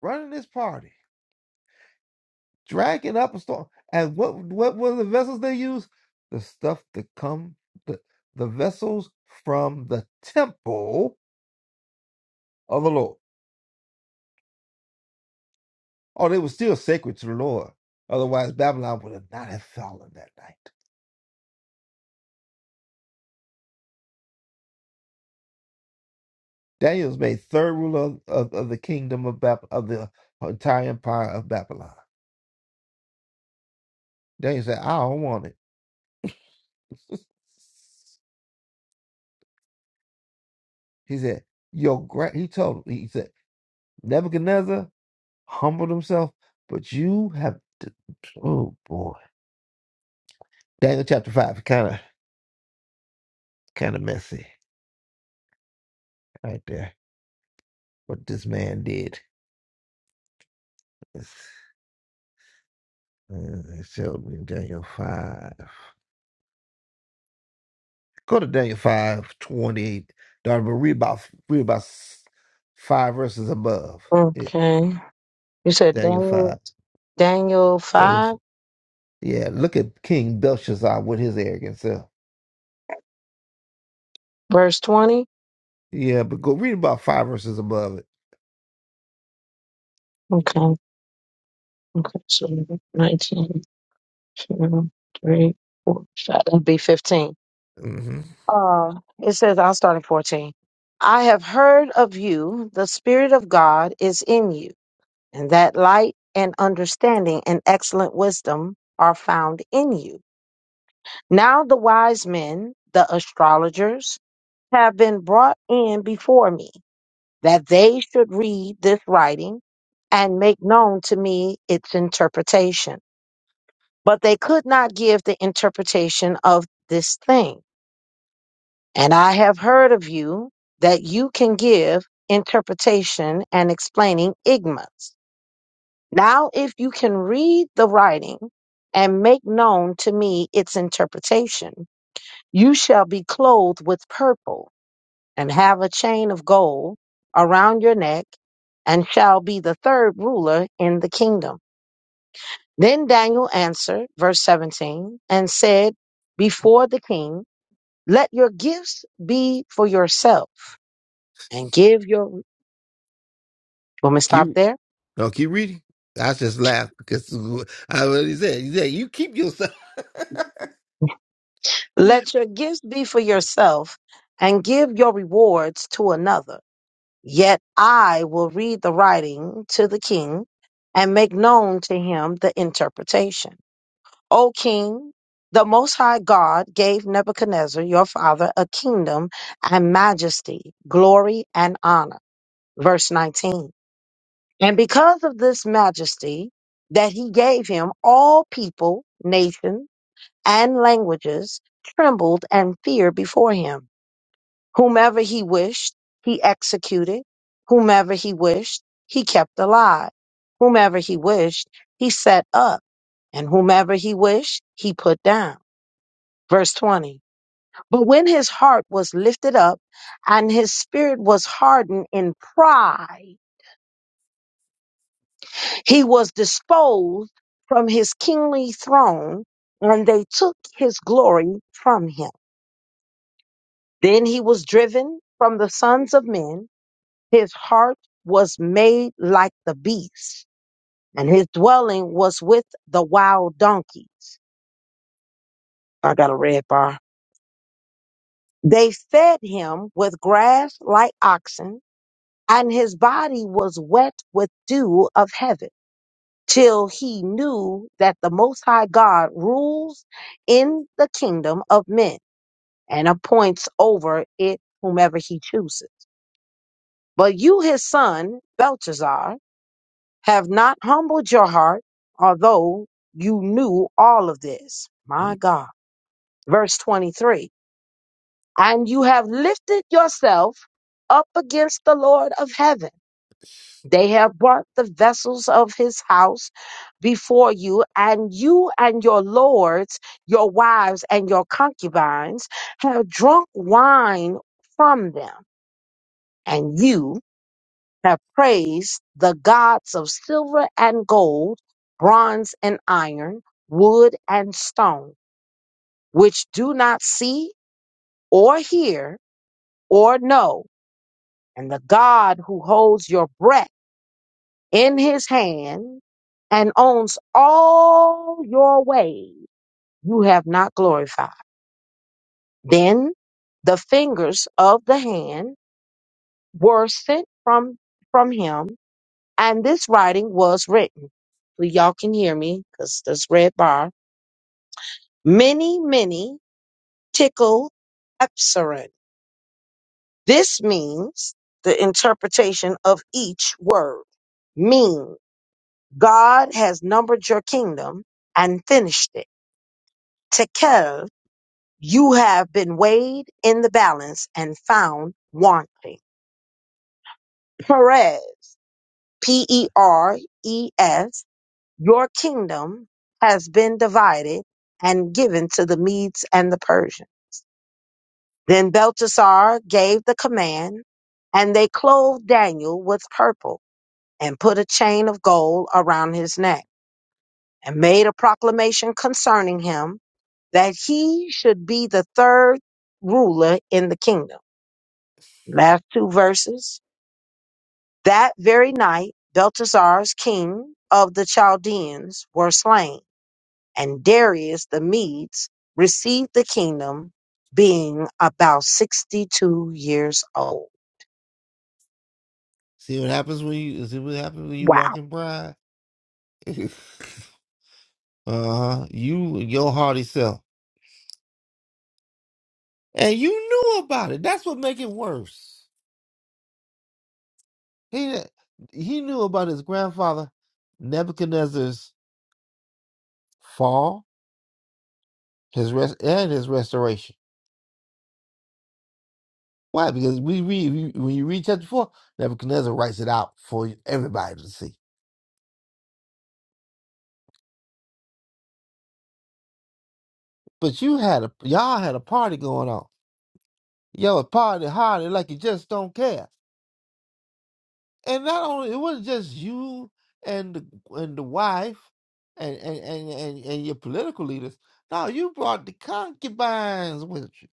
Speaker 2: running this party, dragging up a storm. And what what were the vessels they used? The stuff that come the, the vessels from the temple of the Lord. Oh, they were still sacred to the Lord. Otherwise, Babylon would have not have fallen that night. Daniel was made third ruler of, of, of the kingdom of Bab- of the entire empire of Babylon. Daniel said, "I don't want it." he said, "Your great." He told him, he said, "Nebuchadnezzar humbled himself, but you have." To, oh boy, Daniel chapter five, kind of kind of messy right there. What this man did. It's- uh, It showed me in Daniel five. Go to Daniel five twenty eight, daughter, but read about read about s- five verses above. It,
Speaker 1: Okay. You said
Speaker 2: Daniel
Speaker 1: Daniel
Speaker 2: five.
Speaker 1: Daniel
Speaker 2: That was,
Speaker 1: five,
Speaker 2: yeah, look at King Belshazzar with his arrogant self.
Speaker 1: verse twenty?
Speaker 2: Yeah, but go read about five verses above it.
Speaker 1: Okay. Okay. So nineteen, two, three, four, five. That'd be fifteen.
Speaker 2: hmm
Speaker 1: Uh it says I'll start at fourteen. I have heard of you, the Spirit of God is in you, and that light and understanding and excellent wisdom are found in you. Now the wise men, the astrologers, have been brought in before me, that they should read this writing and make known to me its interpretation. But they could not give the interpretation of this thing. And I have heard of you that you can give interpretation and explaining ignorance. Now, if you can read the writing and make known to me its interpretation, You shall be clothed with purple, and have a chain of gold around your neck, and shall be the third ruler in the kingdom. Then Daniel answered, verse 17, and said before the king, Let your gifts be for yourself, and give your. You want me to stop
Speaker 2: Keep
Speaker 1: there?
Speaker 2: no, keep reading. I just laughed because I what he said. He said you keep yourself.
Speaker 1: Let your gifts be for yourself, and give your rewards to another Yet I will read the writing to the king and make known to him the interpretation. O king, the Most High God gave Nebuchadnezzar your father a kingdom and majesty, glory and honor. Verse 19. And because of this majesty that he gave him, all people, nations, and languages trembled and feared before him. Whomever he wished, he executed. Whomever he wished, he kept alive. Whomever he wished, he set up. And whomever he wished, he put down. Verse 20. But when his heart was lifted up and his spirit was hardened in pride, he was disposed from his kingly throne and they took his glory from him. Then he was driven from the sons of men His heart was made like the beast, and his dwelling was with the wild donkeys. I got a red bar. They fed him with grass like oxen, and his body was wet with dew of heaven, till he knew that the Most High God rules in the kingdom of men and appoints over it whomever he chooses. But you, his son, Belshazzar, have not humbled your heart, although you knew all of this. My God. Verse 23 And you have lifted yourself up against the Lord of heaven. They have brought the vessels of his house before you, and you and your lords, your wives, and your concubines have drunk wine from them, and you have praised the gods of silver and gold, bronze and iron, wood and stone, which do not see or hear or know, and the God who holds your breath in his hand and owns all your ways, you have not glorified. Then the fingers of the hand were sent from, from him And this writing was written. So y'all can hear me because this red bar. Many, many tickle epsilon. This means the interpretation of each word. Mean God has numbered your kingdom and finished it. Tekel, you have been weighed in the balance and found wanting. Perez, P E R E S. Your kingdom has been divided and given to the Medes and the Persians. Then Belteshazzar gave the command, and they clothed Daniel with purple and put a chain of gold around his neck and made a proclamation concerning him that he should be the third ruler in the kingdom. Last two verses. That very night, Belteshazzar's king of the Chaldeans were slain and Darius the Medes received the kingdom being about 62 years old.
Speaker 2: see what happens when you see what happens when you walk
Speaker 1: Wow.
Speaker 2: in pride. uh huh. You your haughty self. And you knew about it. That's what make it worse. He he knew about his grandfather Nebuchadnezzar's fall, his rest and his restoration. Why? Because we read when you read chapter four, Nebuchadnezzar writes it out for everybody to see. But you had a y'all had a party going on. Yo, a party hardy like you just don't care. and not only it wasn't just you and the, and the wife and and, and and and your political leaders. No, you brought the concubines with you,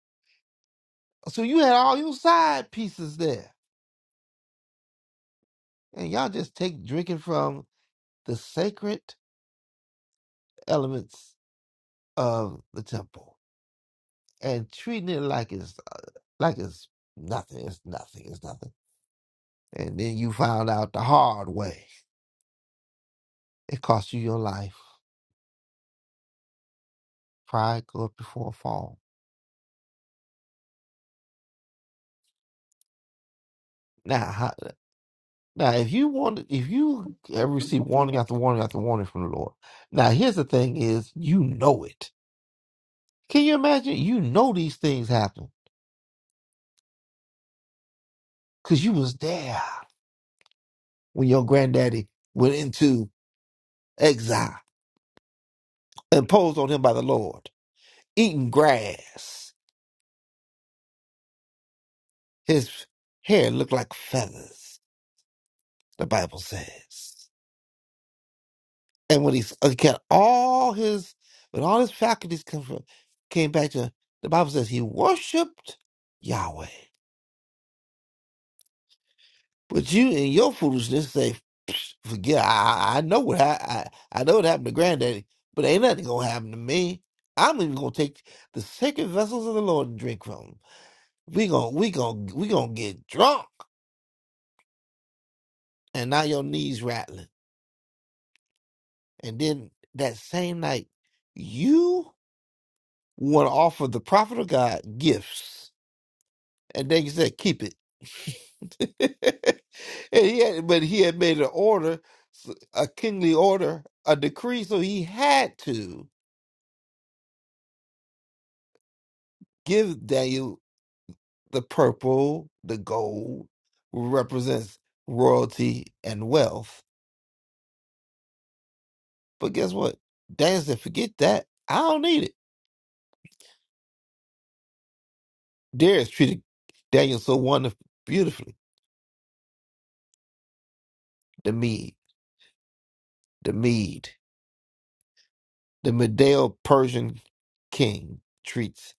Speaker 2: so you had all your side pieces there, and y'all just take drinking from the sacred elements of the temple and treating it like it's uh, like it's nothing. It's nothing. It's nothing. And then you found out the hard way. It cost you your life. Pride go up before a fall. Now, how, Now, if you want, if you ever receive warning after warning after warning from the Lord, now here's the thing: is you know it. Can you imagine? You know these things happen because you was there when your granddaddy went into exile, imposed on him by the Lord, eating grass. His hair looked like feathers. The Bible says, and when he s- he got all his, when all his faculties come from, came back to the Bible says he worshipped Yahweh. But you and your foolishness say, "Psh, forget. I, I I know what hap- I, I know what happened to Granddaddy, but ain't nothing gonna happen to me. I'm even gonna take the sacred vessels of the Lord and drink from 'em. We gonna we gonna we gonna get drunk, and now your knees rattling. And then that same night, you want to offer the prophet of God gifts And they said, keep it. and he had, but he had made an order, s- a kingly order, a decree, so he had to give Daniel the purple, the gold, represents royalty and wealth. But guess what? Daniel said, forget that. I don't need it. Darius treated Daniel so wonderfully, beautifully. The Mede, the Mede, the Medeo Persian king treats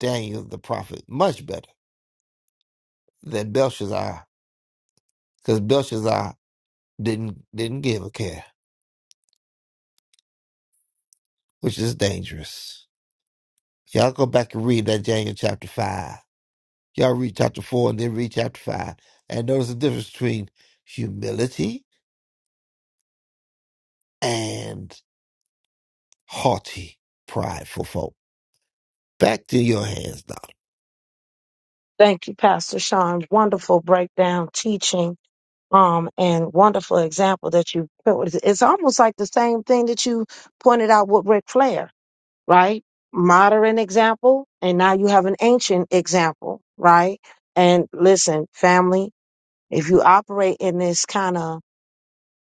Speaker 2: Daniel the prophet much better than Belshazzar, because Belshazzar didn't didn't give a care, which is dangerous. Y'all go back and read that Daniel chapter five. Y'all read chapter four and then read chapter five, and notice the difference between humility and haughty, prideful folk. Back to your hands, now.
Speaker 1: Thank you, Pastor Sean. Wonderful breakdown, teaching, um, and wonderful example that you put. It's almost like the same thing that you pointed out with Ric Flair, right? Modern example, and now you have an ancient example, right? And listen, family, if you operate in this kind of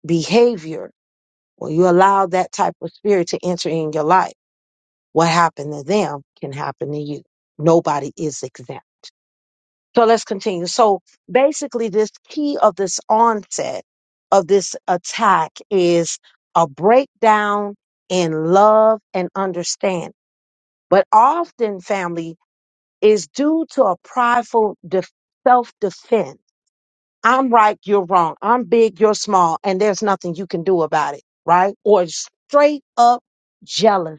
Speaker 1: behavior, When you allow that type of spirit to enter in your life, what happened to them can happen to you. Nobody is exempt. So let's continue. So basically, this key of this onset of this attack is a breakdown in love and understanding. But often, family is due to a prideful def self defense. I'm right, you're wrong. I'm big, you're small, and there's nothing you can do about it, right? Or straight up jealousy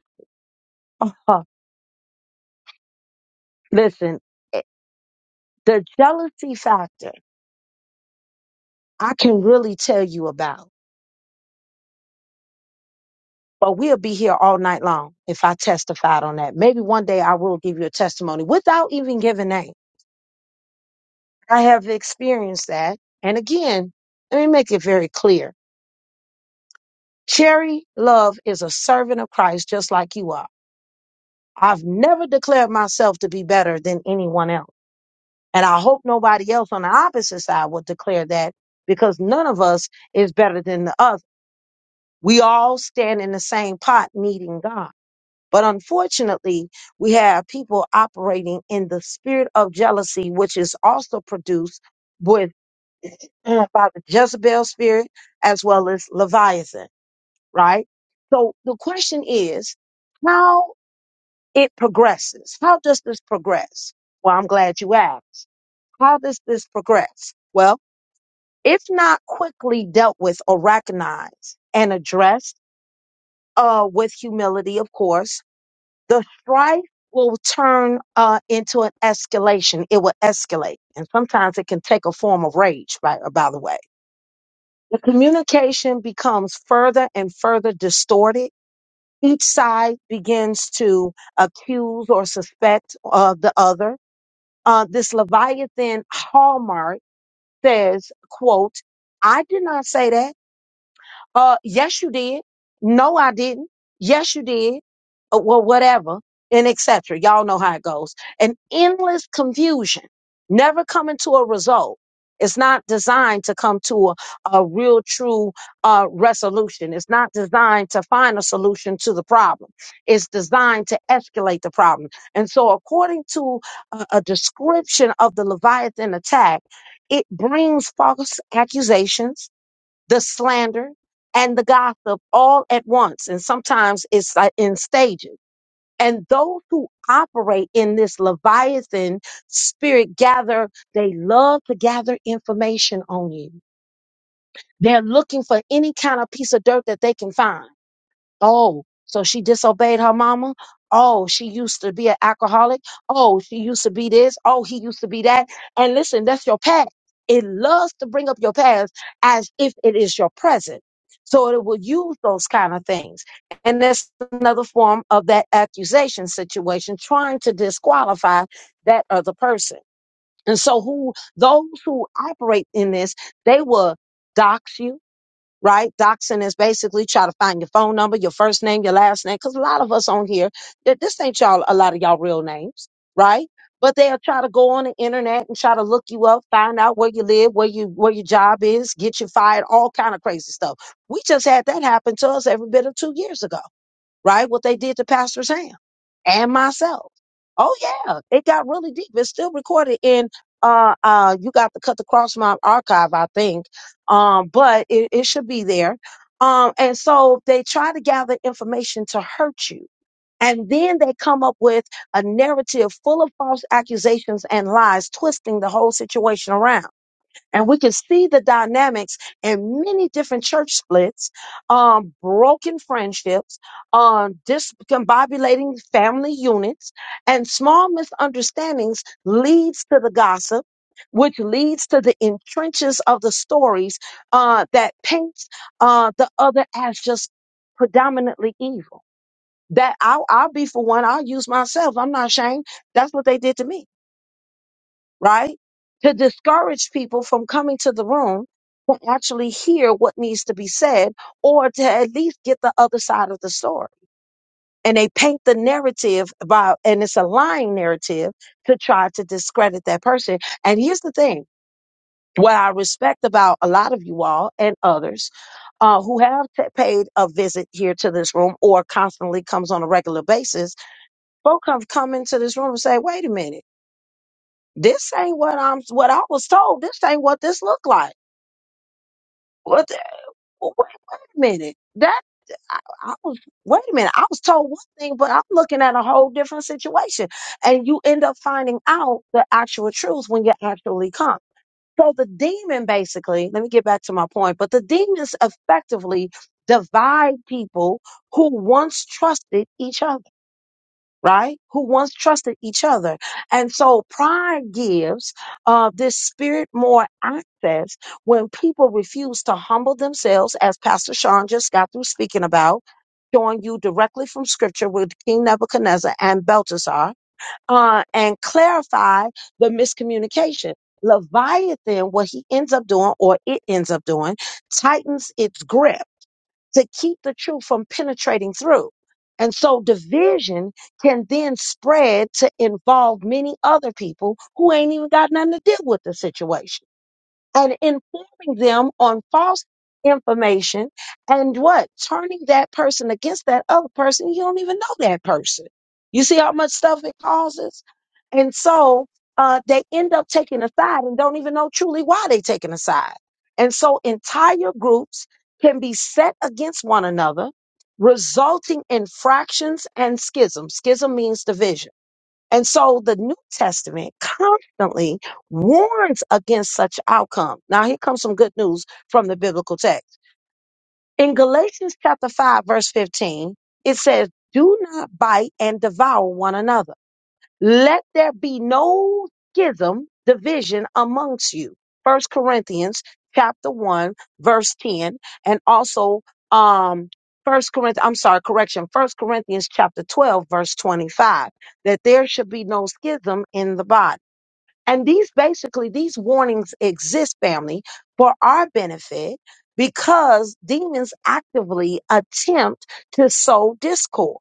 Speaker 1: Oh, listen, eh, the jealousy factor, I can really tell you about, but we'll be here all night long if I testified on that. Maybe one day I will give you a testimony without even giving name. I have experienced that. And again, let me make it very clear. Cherry Love is a servant of Christ just like you are. I've never declared myself to be better than anyone else. And I hope nobody else on the opposite side will declare that because none of us is better than the other We all stand in the same pot needing God. But unfortunately, we have people operating in the spirit of jealousy, which is also produced with uh, by the Jezebel spirit as well as Leviathan, right? So the question is how it progresses. How does this progress? Well, I'm glad you asked. How does this progress? Well, if not quickly dealt with or recognized and addressed, uh, with humility, of course, the strife will turn uh, into an escalation. It will escalate. And sometimes it can take a form of rage, by, uh, by the way. The communication becomes further and further distorted. Each side begins to accuse or suspect uh, the other. Uh, this Leviathan hallmark says, quote, I did not say that. Uh, yes, you did. No, I didn't. Yes, you did. Uh, well, whatever, and etc. Y'all know how it goes. An endless confusion, never coming to a result. It's not designed to come to a, a real, true uh, resolution. It's not designed to find a solution to the problem. It's designed to escalate the problem. And so, according to a, a description of the Leviathan attack, it brings false accusations the slander and the gossip all at once. And sometimes it's uh, in stages. And those who operate in this Leviathan spirit gather, they love to gather information on you. They're looking for any kind of piece of dirt that they can find. Oh, so she disobeyed her mama? Oh, she used to be an alcoholic. Oh, she used to be this. Oh, he used to be that. And listen, that's your past. It loves to bring up your past as if it is your present. So it will use those kind of things. And that's another form of that accusation situation, trying to disqualify that other person. And so who those who operate in this, they will dox you right? Doxing is basically try to find your phone number, your first name, your last name, because a lot of us on here, th- this ain't y'all, a lot of y'all real names, right? But they'll try to go on the internet and try to look you up, find out where you live, where you where your job is, get you fired, all kind of crazy stuff. We just had that happen to us every bit of two years ago right? What they did to Pastor Sam and myself. Oh yeah, it got really deep. It's still recorded in uh uh you got to cut the cross my archive, I think. Um, but it, it should be there. Um, and so they try to gather information to hurt you. And then they come up with a narrative full of false accusations and lies, twisting the whole situation around. And we can see the dynamics in many different church splits, um, broken friendships, um, discombobulating family units, and small misunderstandings leads to the gossip, which leads to the entrenches of the stories uh, that paints uh, the other as just predominantly evil. That I'll, I'll be for one. I'll use myself. I'm not ashamed. That's what they did to me right? To discourage people from coming to the room to actually hear what needs to be said or to at least get the other side of the story. And they paint the narrative about, and it's a lying narrative to try to discredit that person. And here's the thing what I respect about a lot of you all and others uh, who have t- paid a visit here to this room or constantly comes on a regular basis, folk have come into this room and say, wait a minute. This ain't what I'm what I was told. This ain't what this looked like. What the, wait, wait a minute. That I, I was wait a minute. I was told one thing, but I'm looking at a whole different situation. And you end up finding out the actual truth when you actually come. So the demon basically, let me get back to my point, but the demons effectively divide people who once trusted each other right? Who once trusted each other. And so pride gives uh, this spirit more access when people refuse to humble themselves, as Pastor Sean just got through speaking about, showing you directly from scripture with King Nebuchadnezzar and Belteshazzar, uh, and clarify the miscommunication. Leviathan, what he ends up doing, or it ends up doing, tightens its grip to keep the truth from penetrating through. And so division can then spread to involve many other people who ain't even got nothing to do with the situation and informing them on false information and what turning that person against that other person you don't even know that person you see how much stuff it causes and so uh, they end up taking a side and don't even know truly why they taking a side and so entire groups can be set against one another resulting in fractions and schism schism means division and so the New Testament constantly warns against such outcome. Now here comes some good news from the biblical text. In Galatians chapter 5 verse 15, it says, "Do not bite and devour one another." Let there be no schism, division amongst you. First Corinthians chapter one, verse 10, and also, um, First Corinthians, I'm sorry, correction, First Corinthians chapter 12, verse 25, that there should be no schism in the body. And these basically, these warnings exist, family, for our benefit because demons actively attempt to sow discord.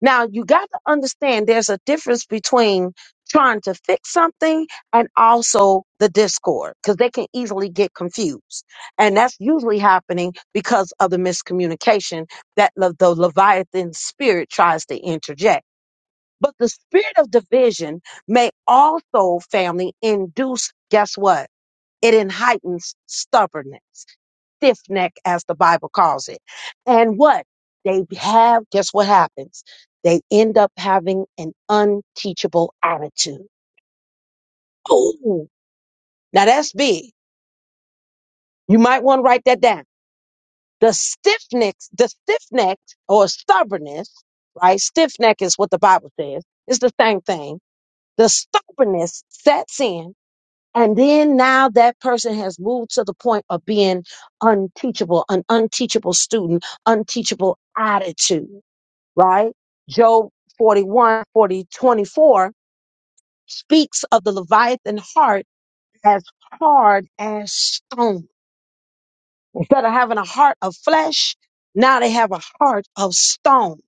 Speaker 1: Now, you got to understand there's a difference between trying to fix something and also the discord because they can easily get confused. And that's usually happening because of the miscommunication that le- the Leviathan spirit tries to interject. But the spirit of division may also, family, induce, guess what? It heightens stubbornness stiff neck, as the Bible calls it. And what they have, guess what happens? They end up having an unteachable attitude. Oh, now that's big. You might want to write that down. The stiff neck, the stiff neck or stubbornness, right? Stiff neck is what the Bible says. It's the same thing. The stubbornness sets in. And then now that person has moved to the point of being unteachable, an unteachable student, unteachable attitude. right? Job 41, 40 24 speaks of the Leviathan heart as hard as stone. Instead of having a heart of flesh, now they have a heart of stone,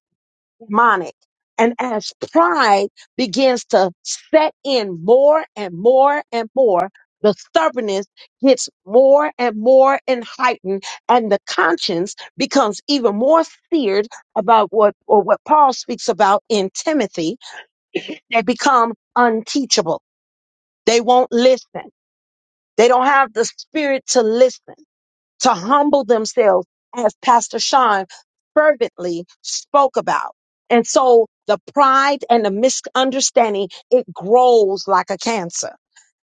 Speaker 1: demonic. And as pride begins to set in more and more and more, the stubbornness gets more and more and heightened, and the conscience becomes even more seared about what or what Paul speaks about in Timothy They become unteachable. They won't listen. They don't have the spirit to listen, to humble themselves, as Pastor Sean fervently spoke about. And so the pride and the misunderstanding, it grows like a cancer.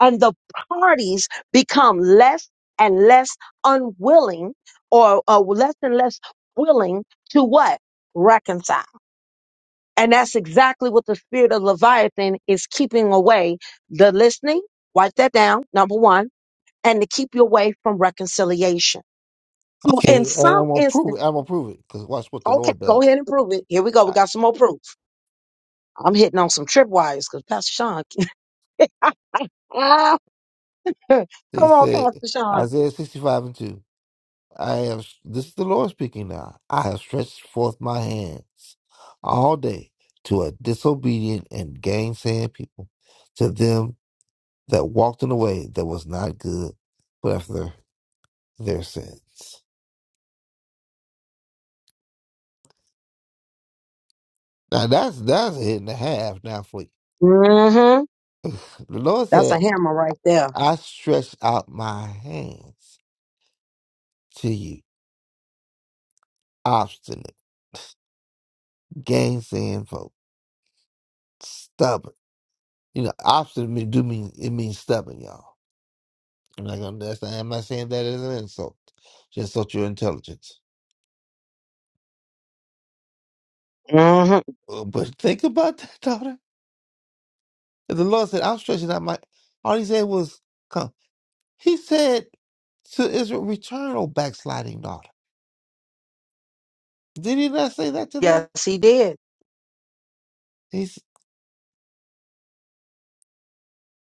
Speaker 1: And the parties become less and less unwilling or uh, less and less willing to what? Reconcile and that's exactly what the spirit of Leviathan is keeping away the listening. Write that down, number one, and to keep you away from reconciliation. So In
Speaker 2: Okay, and
Speaker 1: some
Speaker 2: I'm gonna prove
Speaker 1: instance,
Speaker 2: it. I'm gonna prove it because watch what the
Speaker 1: okay,
Speaker 2: Lord
Speaker 1: go
Speaker 2: does.
Speaker 1: ahead and prove it. Here we go. We
Speaker 2: I-
Speaker 1: got some more proof. I'm hitting on some tripwires because Pastor Sean. Ah, Come
Speaker 2: He
Speaker 1: on,
Speaker 2: said
Speaker 1: Pastor Sean.
Speaker 2: Isaiah 65 and 2. I have, this is the Lord speaking now. I have stretched forth my hands all day to a disobedient and gainsaying people, to them that walked in a way that was not good, but after their sins. Now that's that's a hit and a half now for you.
Speaker 1: Mm-hmm.
Speaker 2: The Lord
Speaker 1: That's a
Speaker 2: said,
Speaker 1: hammer right there.
Speaker 2: I stretched out my hands to you, obstinate, gainsaying folk, stubborn. You know, obstinate mean- do mean it means stubborn, y'all I'm not gonna. That's, I'm not saying that as an insult. Just insult your intelligence.
Speaker 1: Mm-hmm.
Speaker 2: Uh, But think about that, daughter. And the Lord said, "I'm stretching out my." All He said was, "Come." He said to Israel, "Return, O backsliding daughter." Did He not say that to
Speaker 1: Yes,
Speaker 2: them?
Speaker 1: he did.
Speaker 2: He s-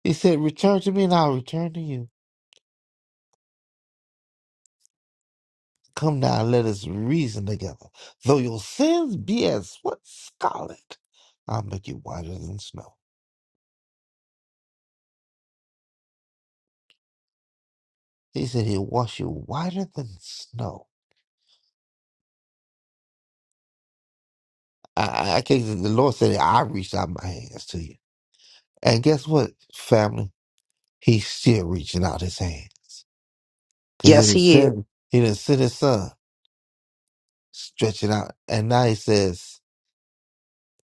Speaker 2: He said, "Return to me, and I'll return to you." Come now, let us reason together. Though your sins be as what scarlet, I'll make you whiter than snow. He said, He'll wash you whiter than snow I, I think that the Lord said, I reached out my hands to you. And guess what, family? He's still reaching out his hand. Because he
Speaker 1: Yes,
Speaker 2: done
Speaker 1: he is.
Speaker 2: sent, he done sent his son stretching out. And now he says,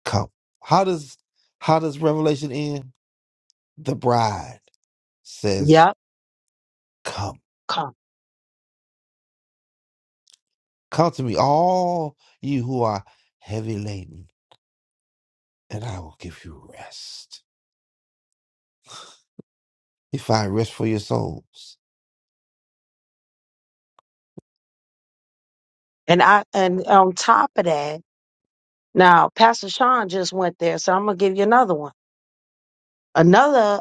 Speaker 2: Come. How does how does Revelation end? The bride says,
Speaker 1: Yep.
Speaker 2: Come.
Speaker 1: Come.
Speaker 2: Come to me, all you who are heavy laden, and I will give you rest. You find rest for your souls.
Speaker 1: And I and on top of that. Now, Pastor Sean just went there, so I'm going to give you another one. Another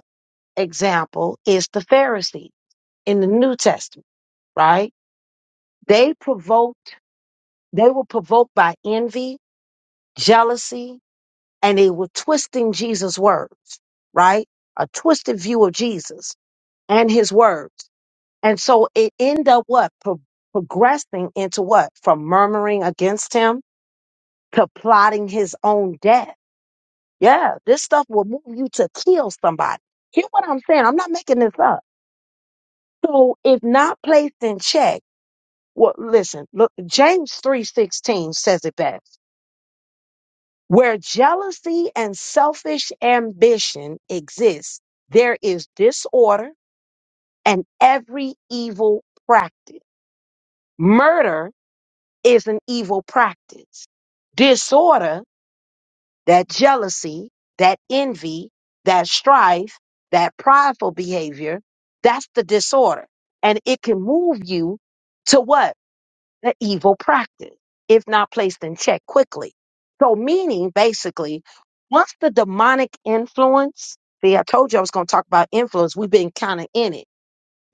Speaker 1: example is the Pharisees in the New Testament, right? They provoked, they were provoked by envy, jealousy, and they were twisting Jesus' words, right? A twisted view of Jesus and his words. And so it ended up what? Pro- progressing into what? From murmuring against him to plotting his own death Yeah, this stuff will move you to kill somebody. Hear what I'm saying? I'm not making this up. So if not placed in check, well, listen, look, James 3.16 says it best. Where jealousy and selfish ambition exists, there is disorder and every evil practice. Murder is an evil practice. Disorder. that jealousy, that envy, that strife, that prideful behavior, that's the disorder. And it can move you to what? The evil practice, if not placed in check quickly. So, meaning basically, once the demonic influence, see, I told you I was going to talk about influence. We've been kind of in it.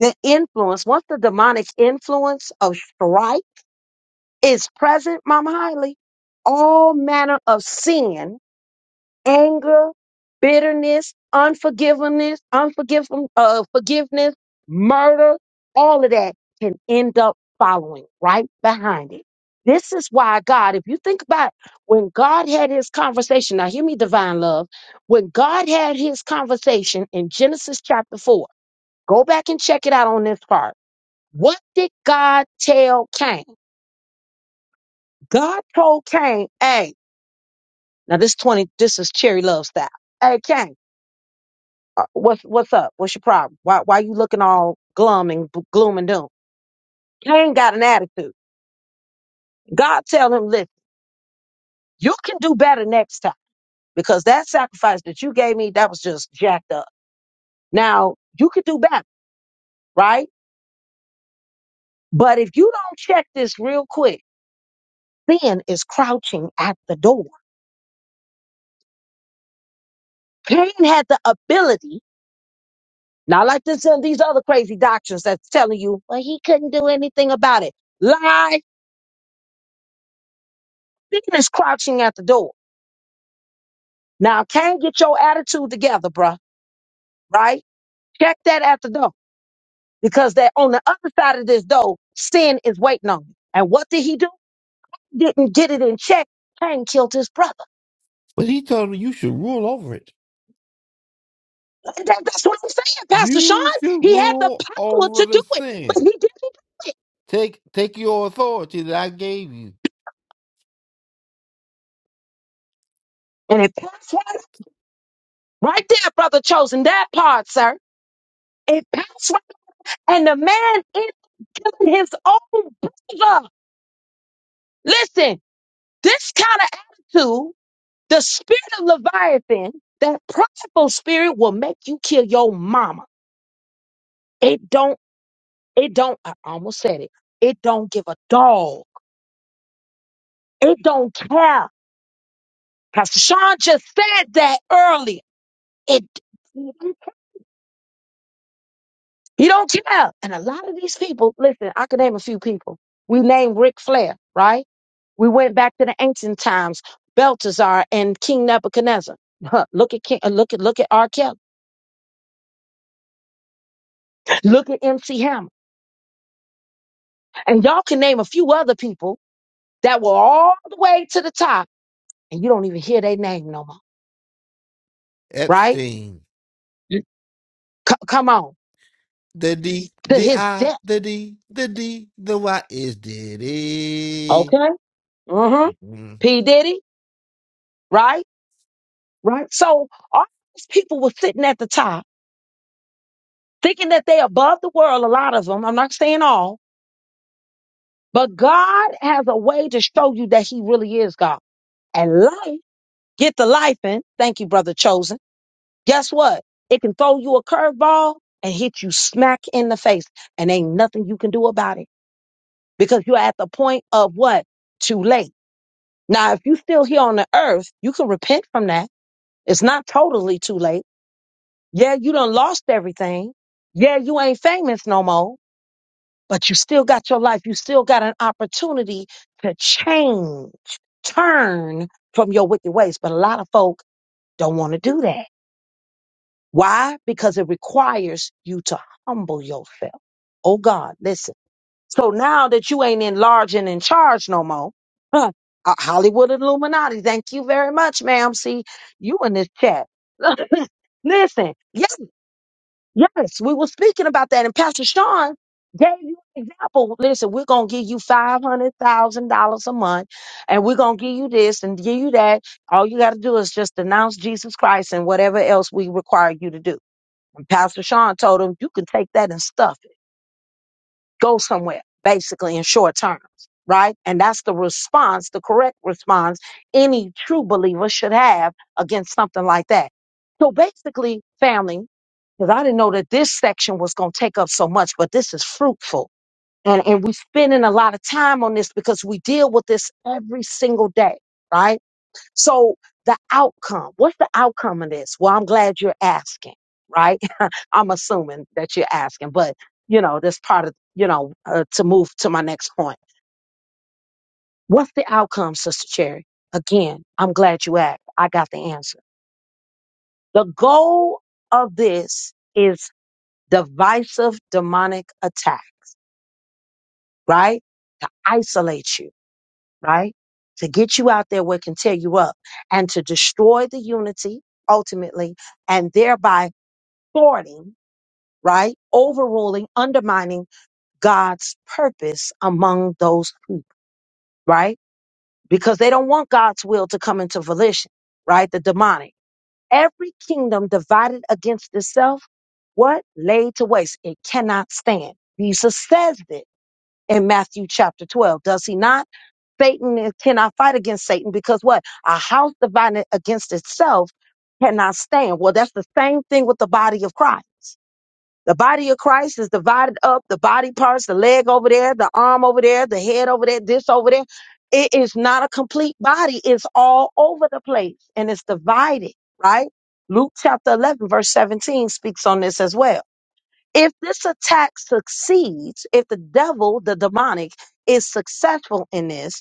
Speaker 1: The influence, once the demonic influence of strife is present, Mama Hiley, all manner of sin anger, bitterness, unforgiveness, unforgiven, uh, forgiveness, murder, all of that can end up following right behind it. This is why God, if you think about when God had his conversation, now hear me, divine love. When God had his conversation in Genesis chapter 4, go back and check it out on this part. What did God tell Cain? God told Cain, hey, now this 20, this is cherry love style. Hey, Cain. Uh, What's what's up? What's your problem? Why why you looking all glum and b- gloom and doom? Cain got an attitude. God tell him, listen, you can do better next time because that sacrifice that you gave me that was just jacked up. Now you could do better, right? But if you don't check this real quick, sin is crouching at the door. Cain had the ability, not like this and these other crazy doctrines that's telling you, well, he couldn't do anything about it. Lie. Sin is crouching at the door. Now, Cain, get your attitude together, bruh, right? Check that at the door because that on the other side of this door, sin is waiting on you. And what did he do? Didn't get it in check. Cain killed his brother.
Speaker 2: But he told me you should rule over it.
Speaker 1: That- that's what I'm saying, Pastor
Speaker 2: You
Speaker 1: Sean.
Speaker 2: should
Speaker 1: He had the
Speaker 2: rule
Speaker 1: power
Speaker 2: over
Speaker 1: to do
Speaker 2: the
Speaker 1: it, but he
Speaker 2: sin.
Speaker 1: didn't do it.
Speaker 2: Take take your authority that I gave you.
Speaker 1: And it passed right, right there, brother chosen that part, sir. It passed right. And the man is killing his own brother. Listen, this kind of attitude The spirit of Leviathan, that prideful spirit will make you kill your mama. It don't, it don't, I almost said it. It don't give a dog. It don't care. Pastor Sean just said that earlier. It, he don't care. And a lot of these people, listen, I could name a few people. We named Ric Flair, right? We went back to the ancient times, Belteshazzar and King Nebuchadnezzar. Look at King, uh, look at look at R. Kelly. Look at MC Hammer. And y'all can name a few other people that were all the way to the top and you don't even hear their name no more, right?
Speaker 2: Epstein.
Speaker 1: You- c- come on,
Speaker 2: The D,
Speaker 1: to
Speaker 2: the
Speaker 1: his
Speaker 2: I,
Speaker 1: death.
Speaker 2: the D, the D, the Y is Diddy.
Speaker 1: Okay. Mm-hmm.
Speaker 2: Mhm.
Speaker 1: P. Diddy, right? Right. So all these people were sitting at the top thinking that they above the world, a lot of them. I'm not saying all, but God has a way to show you that he really is God. And life, get the life in. Thank you, brother Chosen guess what? It can throw you a curveball and hit you smack in the face, and ain't nothing you can do about it because you're at the point of what? Too late. Now, if you still here on the earth, you can repent from that. It's not totally too late. Yeah, you done lost everything. Yeah, you ain't famous no more, but you still got your life. You still got an opportunity to change, turn from your wicked ways. But a lot of folk don't want to do that. Why? Because it requires you to humble yourself. Oh God, listen. So now that you ain't in large and in charge no more, huh, uh, Hollywood Illuminati, thank you very much, ma'am. See, you in this chat. Listen, yes, yes, we were speaking about that, and Pastor Sean gave you an example. Listen, we're gonna give you five hundred thousand dollars a month, and we're gonna give you this and give you that. All you gotta do is just announce Jesus Christ and whatever else we require you to do. And Pastor Sean told him, you can take that and stuff it. Go somewhere, basically, in short terms, right? And that's the response, the correct response any true believer should have against something like that. So basically, family, because I didn't know that this section was going to take up so much, but this is fruitful. And, and we're spending a lot of time on this because we deal with this every single day, right? So the outcome, what's the outcome of this? Well, I'm glad you're asking, right? I'm assuming that you're asking, but you know, that's part of, you know, uh, to move to my next point. What's the outcome, Sister Cherry? Again, I'm glad you asked. I got the answer. The goal of this is divisive demonic attack, right? To isolate you, right? To get you out there where it can tear you up and to destroy the unity ultimately and thereby thwarting, right? Overruling, undermining God's purpose among those people, right? Because they don't want God's will to come into volition, right? The demonic. Every kingdom divided against itself, what? Laid to waste. It cannot stand. Jesus says it in Matthew chapter 12, does he not? Satan is- cannot fight against Satan because what? A house divided against itself cannot stand. Well, that's the same thing with the body of Christ the body of Christ is divided up, the body parts, the leg over there, the arm over there, the head over there, this over there. It is not a complete body. It's all over the place and it's divided, right? Luke chapter 11, verse 17 speaks on this as well. If this attack succeeds, if the devil, the demonic, is successful in this,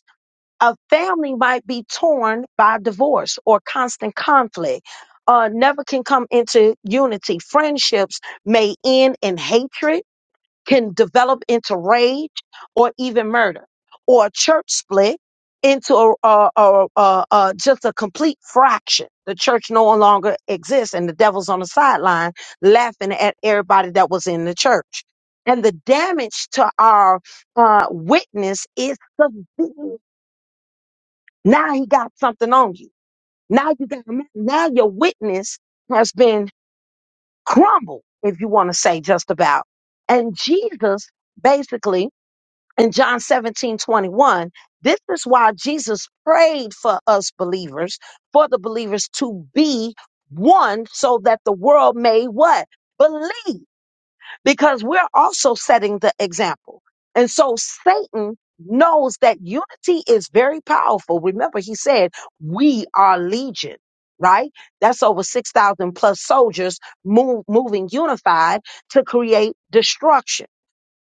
Speaker 1: a family might be torn by divorce or constant conflict. Uh, never can come into unity. Friendships may end in hatred, can develop into rage or even murder, or a church split into a, a, a, a, a just a complete fraction. The church no longer exists, and the devil's on the sideline laughing at everybody that was in the church. And the damage to our uh, witness is severe now he got something on you. Now you got now your witness has been crumbled, if you want to say just about. And Jesus basically in John 17 21, this is why Jesus prayed for us believers, for the believers to be one so that the world may what? Believe because we're also setting the example. And so Satan knows that unity is very powerful. Remember, he said, We are legion, right? That's over 6,000 plus soldiers move, moving unified to create destruction.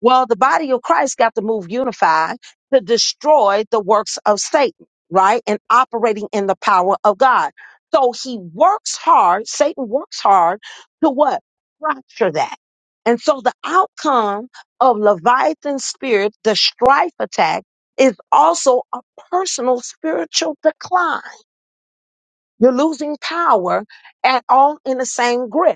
Speaker 1: Well, the body of Christ got to move unified to destroy the works of Satan, right? And operating in the power of God. So he works hard, Satan works hard to what? Fracture that. And so the outcome of Leviathan's spirit, the strife attack, is also a personal spiritual decline. You're losing power at all in the same grip.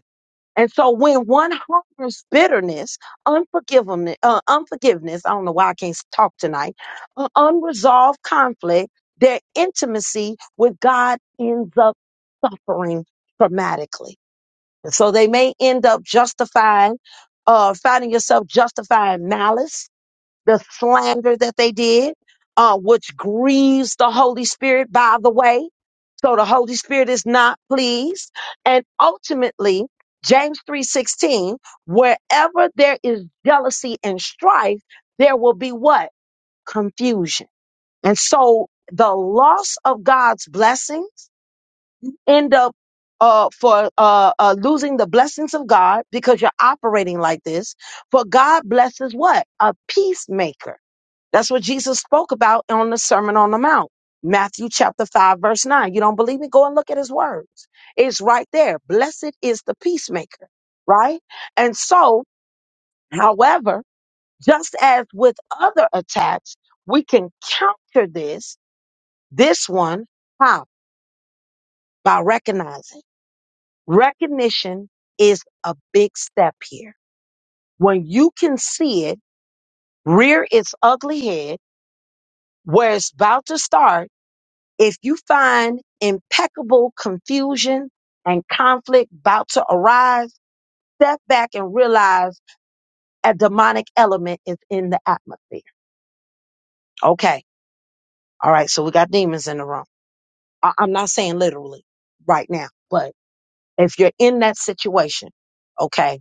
Speaker 1: And so when one harbors bitterness, unforgiveness, uh, unforgiveness, I don't know why I can't s- talk tonight, uh, unresolved conflict, their intimacy with God ends up suffering dramatically. And so they may end up justifying, uh, finding yourself justifying malice, the slander that they did, uh, which grieves the Holy Spirit, by the way so the Holy Spirit is not pleased. And ultimately, James 3:16, wherever there is jealousy and strife, there will be what? Confusion. And so the loss of God's blessings end up uh, for uh, uh, losing the blessings of God because you're operating like this. For God blesses what? A peacemaker. That's what Jesus spoke about on the Sermon on the Mount. Matthew chapter 5, verse 9. You don't believe me? Go and look at his words. It's right there. Blessed is the peacemaker, right? And so, however, just as with other attacks, we can counter this, this one, how? By recognizing. Recognition is a big step here. When you can see it rear its ugly head where it's about to start If you find impeccable confusion and conflict about to arise, step back and realize a demonic element is in the atmosphere. Okay. All right. So we got demons in the room. I- I'm not saying literally right now, but if you're in that situation, okay.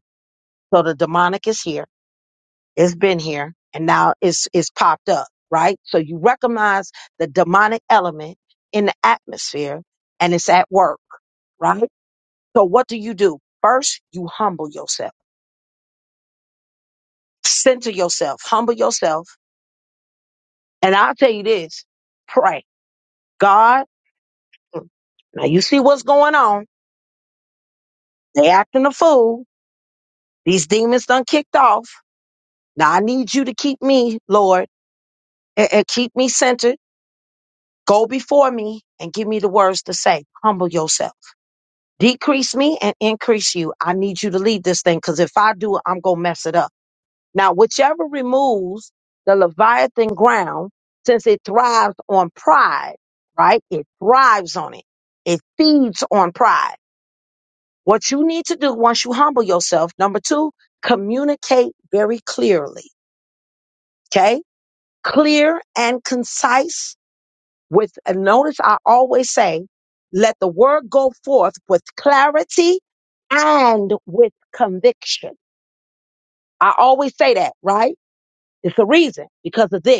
Speaker 1: So the demonic is here. It's been here and now it's, it's popped up, right? So you recognize the demonic element in the atmosphere and it's at work, right? So what do you do? First, you humble yourself. Center yourself. Humble yourself. And I'll tell you this. Pray. God, now you see what's going on. They acting a fool. These demons done kicked off. Now I need you to keep me, Lord, and, and keep me centered. Go before me and give me the words to say. Humble yourself. Decrease me and increase you. I need you to lead this thing because if I do it, I'm going to mess it up. Now, whichever removes the Leviathan ground, since it thrives on pride, right? It thrives on it. It feeds on pride. What you need to do once you humble yourself, number two, communicate very clearly. Okay. Clear and concise with, and notice I always say, let the word go forth with clarity and with conviction. I always say that, right? It's a reason because of this.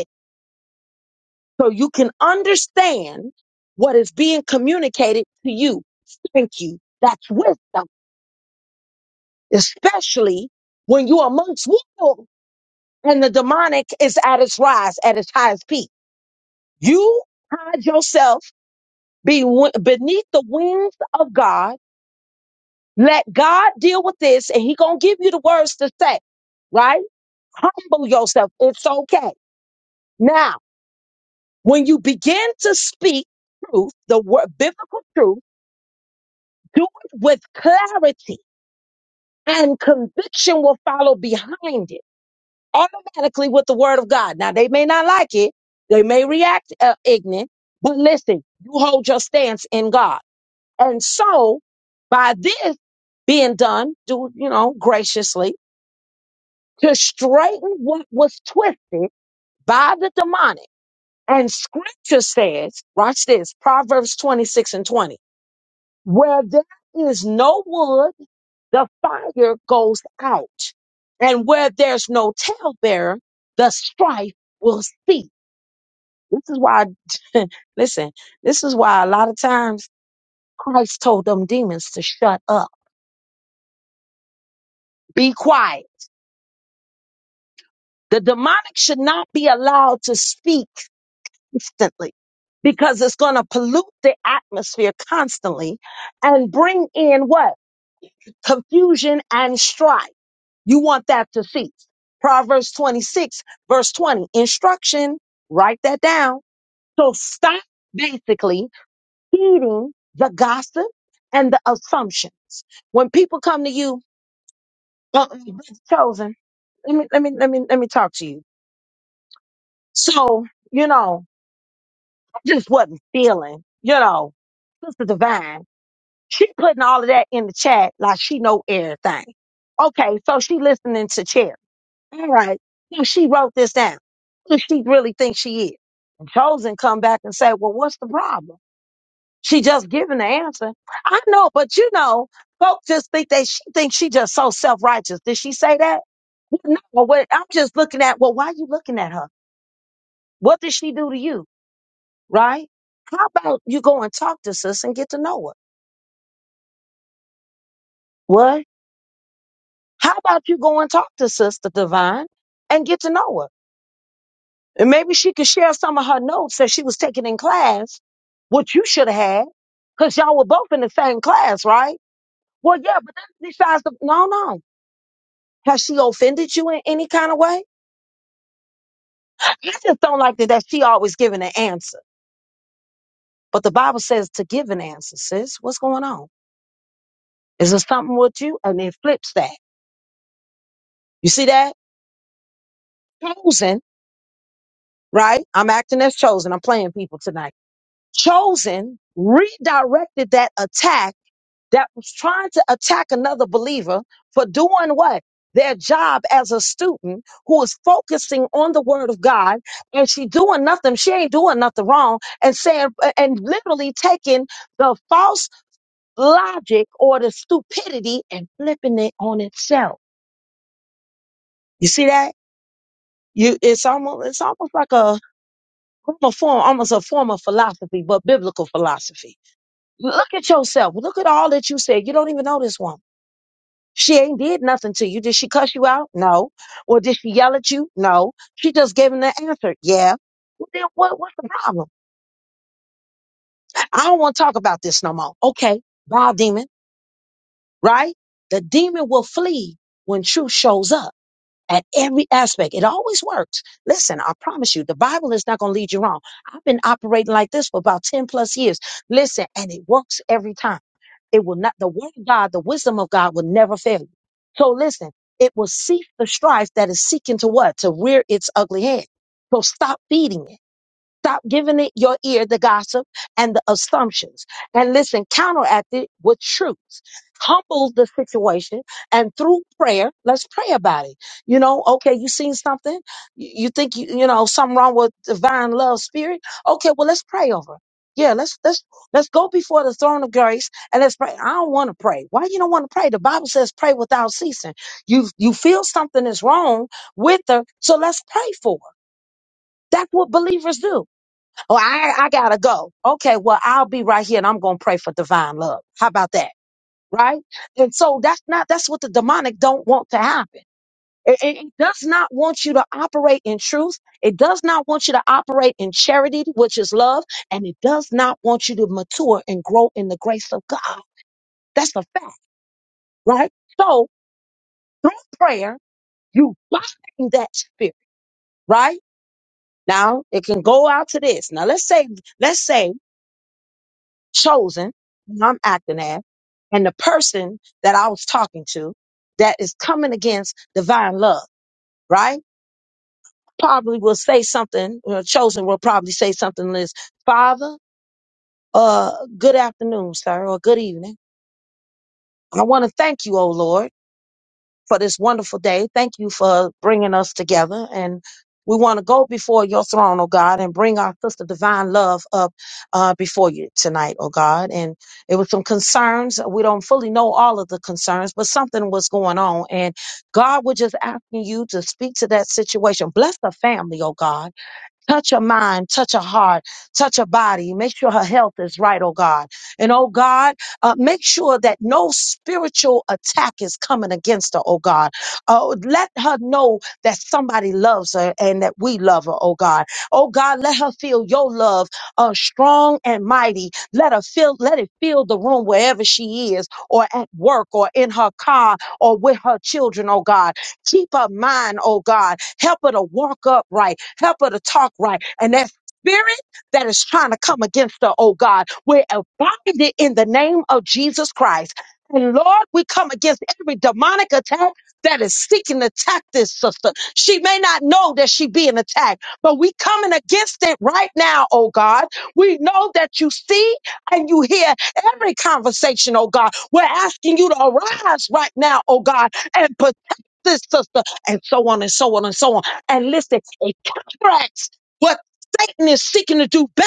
Speaker 1: so you can understand what is being communicated to you. Thank you. That's wisdom, especially when you're amongst wolves and the demonic is at its rise, at its highest peak. You hide yourself be beneath the wings of God. Let God deal with this and he going to give you the words to say, right? Humble yourself. It's okay. Now, when you begin to speak truth, the word, biblical truth, Do it with clarity and conviction will follow behind it automatically with the word of God. Now, they may not like it. They may react uh, ignorant, but listen, you hold your stance in God. And so by this being done, do, you know, graciously to straighten what was twisted by the demonic. And scripture says, watch this, Proverbs 26 and 20, where there is no wood, the fire goes out. And where there's no talebearer, the strife will cease. This is why, listen, this is why a lot of times Christ told them demons to shut up, be quiet. The demonic should not be allowed to speak instantly because it's going to pollute the atmosphere constantly and bring in what? Confusion and strife. You want that to cease. Proverbs 26, verse 20, instruction, write that down. So stop basically heeding the gossip and the assumptions. When people come to you, uh, chosen, let me, let me, let me, let me talk to you. So, you know, I just wasn't feeling, you know, Sister Divine, she putting all of that in the chat like she know everything. Okay, so she listening to Cherry. All right. Who she wrote this down? Who she really thinks she is? And Chosen come back and say, well, what's the problem? She just giving the answer. I know, but you know, folks just think that she thinks she just so self-righteous. Did she say that? Well, No, what I'm just looking at, well, why you looking at her? What did she do to you? Right? How about you go and talk to sis and get to know her? What? How about you go and talk to sister divine and get to know her? And maybe she could share some of her notes that she was taking in class, which you should have had, because y'all were both in the same class, right? Well, yeah, but that's besides the, no, no. Has she offended you in any kind of way? I I just don't like that, that she always giving an answer. But the Bible says to give an answer, sis. What's going on? Is there something with you? And it flips that. You see that? Chosen, right? I'm acting as chosen. I'm playing people tonight. Chosen redirected that attack that was trying to attack another believer for doing what? Their job as a student who is focusing on the word of God and she doing nothing, she ain't doing nothing wrong and saying and literally taking the false logic or the stupidity and flipping it on itself. You see that? You it's almost it's almost like a form, form almost a form of philosophy, but biblical philosophy. Look at yourself. Look at all that you said. You don't even know this woman. She ain't did nothing to you. Did she cuss you out? No. Or did she yell at you? No. She just gave him the answer. Yeah. Well, then what, what's the problem? I don't want to talk about this no more. Okay. Bye, demon. Right? The demon will flee when truth shows up at every aspect. It always works. Listen, I promise you, the Bible is not going to lead you wrong. I've been operating like this for about 10 plus years. Listen, and it works every time. It will not, the word of God, the wisdom of God will never fail you. So listen, it will cease the strife that is seeking to what? To rear its ugly head. So stop feeding it. Stop giving it your ear, the gossip and the assumptions. And listen, counteract it with truth. Humble the situation and through prayer, let's pray about it. You know, okay, you seen something? You you think you, you know, something wrong with divine love spirit? Okay, well, let's pray over. it. Yeah, let's let's let's go before the throne of grace and let's pray. I don't want to pray. Why you don't want to pray? The Bible says pray without ceasing. You you feel something is wrong with her, so let's pray for her. That's what believers do. Oh, I, I gotta go. Okay, well, I'll be right here and I'm gonna pray for divine love. How about that? Right? And so that's not that's what the demonic don't want to happen. It, it it does not want you to operate in truth. It does not want you to operate in charity, which is love, and it does not want you to mature and grow in the grace of God. That's a fact, right? So through prayer, you bind that spirit, right? Now it can go out to this. Now let's say, let's say chosen, who I'm acting as, and the person that I was talking to that is coming against divine love, right? Probably will say something, or chosen will probably say something like this, Father, uh, good afternoon, sir, or good evening. I want to thank you, O Lord. for this wonderful day. Thank you for bringing us together. And we want to go before your throne, oh God, and bring our sister divine love up uh, before you tonight, oh God. And it was some concerns. We don't fully know all of the concerns, but something was going on. And God, we're just asking you to speak to that situation. Bless the family, oh God. Touch a mind, touch a heart, touch a body. Make sure her health is right, oh God. And oh God, uh, make sure that no spiritual attack is coming against her, oh God. Uh, let her know that somebody loves her and that we love her, oh God. Oh God, let her feel your love, uh, strong and mighty. Let her feel, let it fill the room wherever she is, or at work, or in her car, or with her children, oh God. Keep her mind, oh God. Help her to walk upright. Help her to talk right. And that spirit that is trying to come against her, oh God, we bind it in the name of Jesus Christ. And Lord, we come against every demonic attack that is seeking to attack this sister. She may not know that she being attacked, but we coming against it right now, oh God. We know that you see and you hear every conversation, oh God. We're asking you to arise right now, oh God, and this sister, and so on and so on and so on. And listen, it counteracts what Satan is seeking to do bad.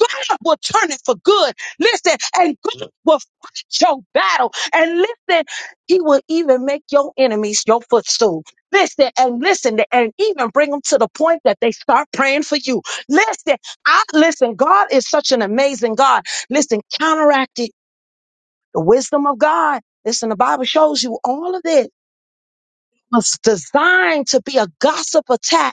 Speaker 1: God will turn it for good. Listen, and God will fight your battle. And listen, He will even make your enemies your footstool. Listen and listen and even bring them to the point that they start praying for you. Listen, I listen. God is such an amazing God. Listen, counteract it. The wisdom of God. Listen, the Bible shows you all of this was designed to be a gossip attack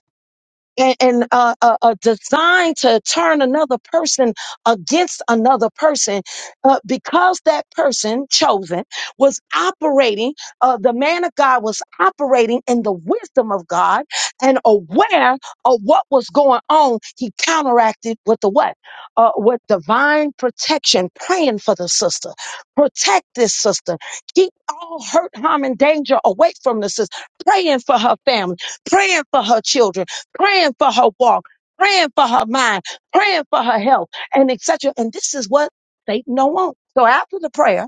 Speaker 1: and, and uh, uh, uh, designed to turn another person against another person uh, because that person chosen was operating uh, the man of god was operating in the wisdom of god and aware of what was going on he counteracted with the what uh, with divine protection praying for the sister protect this sister keep all hurt harm and danger away from the sister praying for her family praying for her children praying for her walk, praying for her mind, praying for her health, and etc. And this is what Satan don't want. So after the prayer,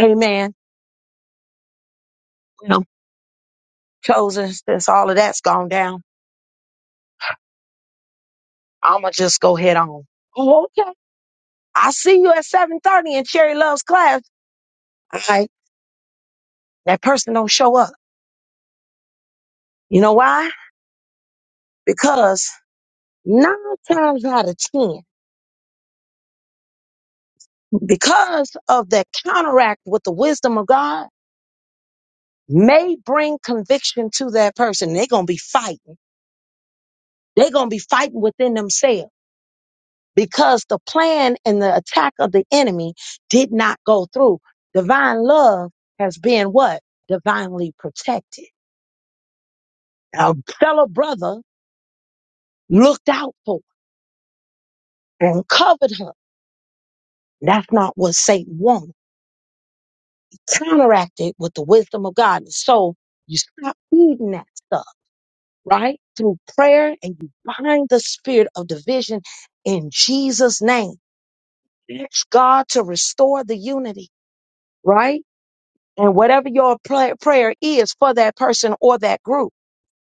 Speaker 1: amen, you know, chosen, since all of that's gone down, I'ma just go head on. Oh, okay. I see you at 7.30 in Cherry Love's class. All right. That person don't show up. You know why? Because nine times out of ten, because of that counteract with the wisdom of God, may bring conviction to that person. They're gonna be fighting. They're going to be fighting within themselves because the plan and the attack of the enemy did not go through. Divine love has been what? Divinely protected. A fellow brother looked out for her and covered her. That's not what Satan wanted. He Counteracted with the wisdom of God. And So you stop feeding that stuff, right? Through prayer and you bind the spirit of division in Jesus' name. Ask God to restore the unity, right? and whatever your pla- prayer is for that person or that group.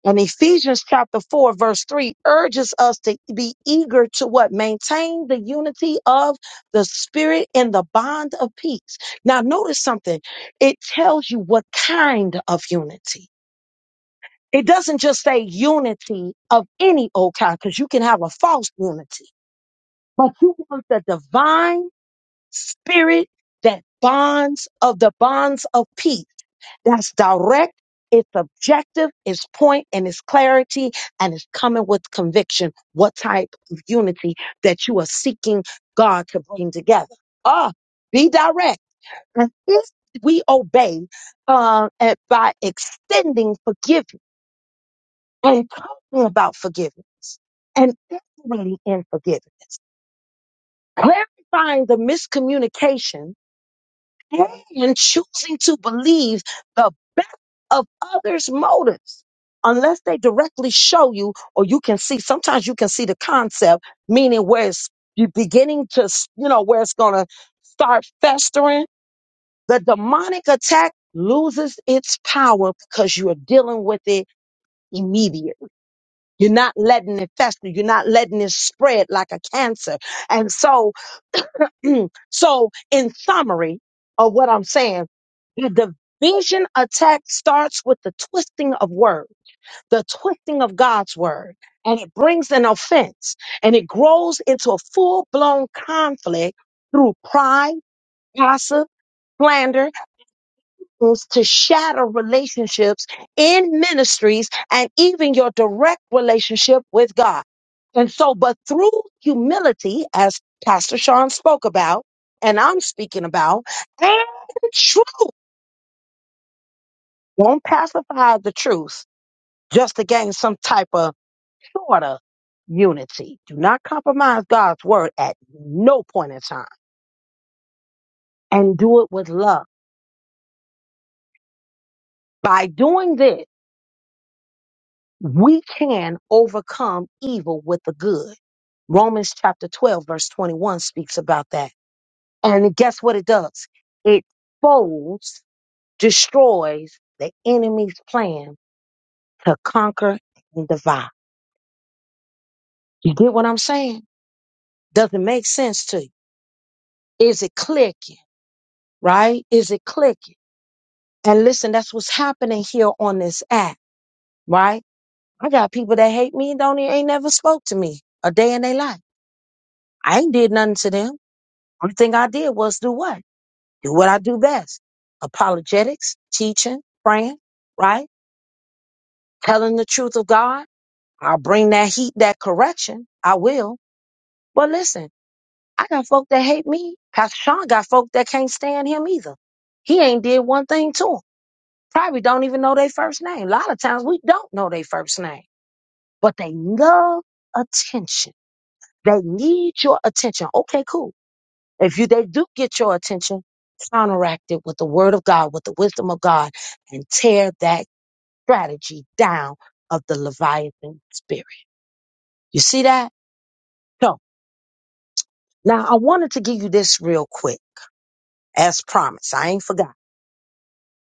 Speaker 1: And Ephesians chapter 4 verse 3 urges us to be eager to what? Maintain the unity of the spirit in the bond of peace. Now notice something. It tells you what kind of unity. It doesn't just say unity of any old kind because you can have a false unity, but you want the divine spirit that bonds of the bonds of peace that's direct, it's objective, it's point, and it's clarity, and it's coming with conviction. What type of unity that you are seeking God to bring together? Ah, be direct. And if we obey uh, and by extending forgiveness and talking about forgiveness and operating in forgiveness, clarifying the miscommunication and choosing to believe the best of others' motives unless they directly show you or you can see sometimes you can see the concept meaning where it's you beginning to s- you know where it's going to start festering the demonic attack loses its power because you're dealing with it immediately you're not letting it fester. You're not letting it spread like a cancer. And so, so in summary of what I'm saying, the division attack starts with the twisting of word, the twisting of God's word, and it brings an offense and it grows into a full blown conflict through pride, gossip, slander, to shatter relationships in ministries and even your direct relationship with God. And so, but through humility, as Pastor Sean spoke about, and I'm speaking about, and truth, don't pacify the truth just to gain some type of sort of unity. Do not compromise God's word at no point in time and do it with love. By doing this, We can overcome evil with the good. Romans chapter 12, verse 21 speaks about that. And guess what it does? It folds, destroys the enemy's plan to conquer and divide. You get what I'm saying? does it make sense to you. Is it clicking? Right? Is it clicking? And listen, that's what's happening here on this app, right? I got people that hate me, don't ain't never spoke to me a day in their life. I ain't did nothing to them. Only thing I did was do what? Do what I do best. Apologetics, teaching, praying, right? Telling the truth of God. I'll bring that heat, that correction. I will. But listen, I got folk that hate me. Pastor Sean got folk that can't stand him either. He ain't did one thing to them. Probably don't even know their first name. A lot of times we don't know their first name, but they love attention. They need your attention. Okay, cool. If you they do get your attention, counteract it with the word of God, with the wisdom of God, and tear that strategy down of the Leviathan spirit. You see that? So now I wanted to give you this real quick, as promised. I ain't forgot.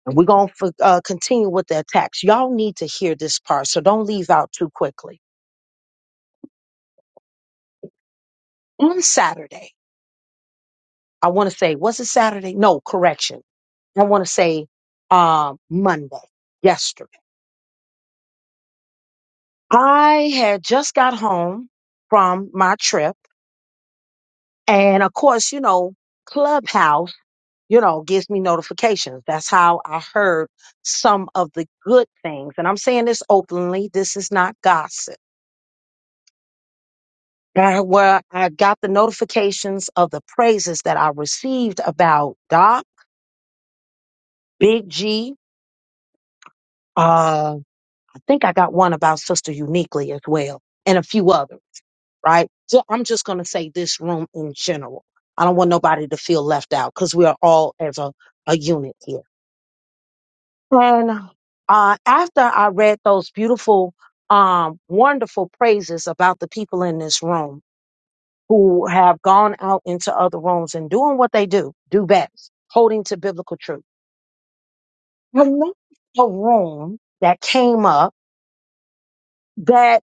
Speaker 1: And we're going to uh, continue with the attacks. Y'all need to hear this part, so don't leave out too quickly. On Saturday, I want to say, was it Saturday? No, correction. I want to say um, Monday, yesterday. I had just got home from my trip. And of course, you know, Clubhouse, you know, gives me notifications. That's how I heard some of the good things. And I'm saying this openly. This is not gossip. Uh, Where I got the notifications of the praises that I received about Doc, Big G. Uh, I think I got one about Sister Uniquely as well and a few others. right? So I'm just going to say this room in general. I don't want nobody to feel left out because we are all as a, a unit here. And uh, after I read those beautiful, um, wonderful praises about the people in this room who have gone out into other rooms and doing what they do, do best, holding to biblical truth. I noticed a room that came up that